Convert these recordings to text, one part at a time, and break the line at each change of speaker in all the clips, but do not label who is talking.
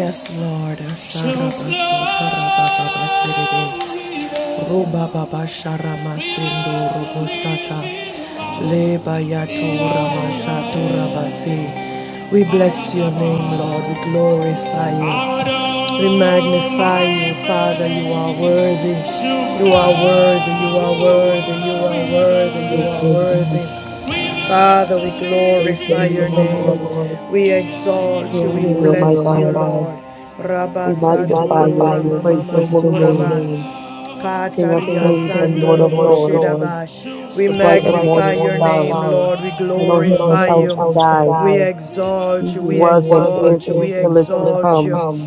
Yes, Lord. shall Asharaba sotarababa sedede. Rubababa flow sharama sendo with robosata. living Leba yato rama shato rabase. We bless your name, Lord. We glorify you. We magnify you, Father. You are worthy. You are worthy. You are worthy. You are worthy. You
Praise
are
God.
worthy. Father, we
Praise the
glorify
name
your
of the Lord.
name. We exalt
We
you.
honor
We
you, oh
bless
my
you,
God.
Lord. Rabba
We magnify
Sato
you and we
Rama
praise
Mama
your holy name,
Suraba.
King of
Kataria
kings and
Sando
Lord of
Lobo
lords,
We
the bright and
magnify
morning
your name,
star,
Lord. We
Elohim and
glorify
El
you.
Shaddai,
We
he
exalt you.
who
We
was and is
exalt you.
and
We
still is to
exalt
come,
you.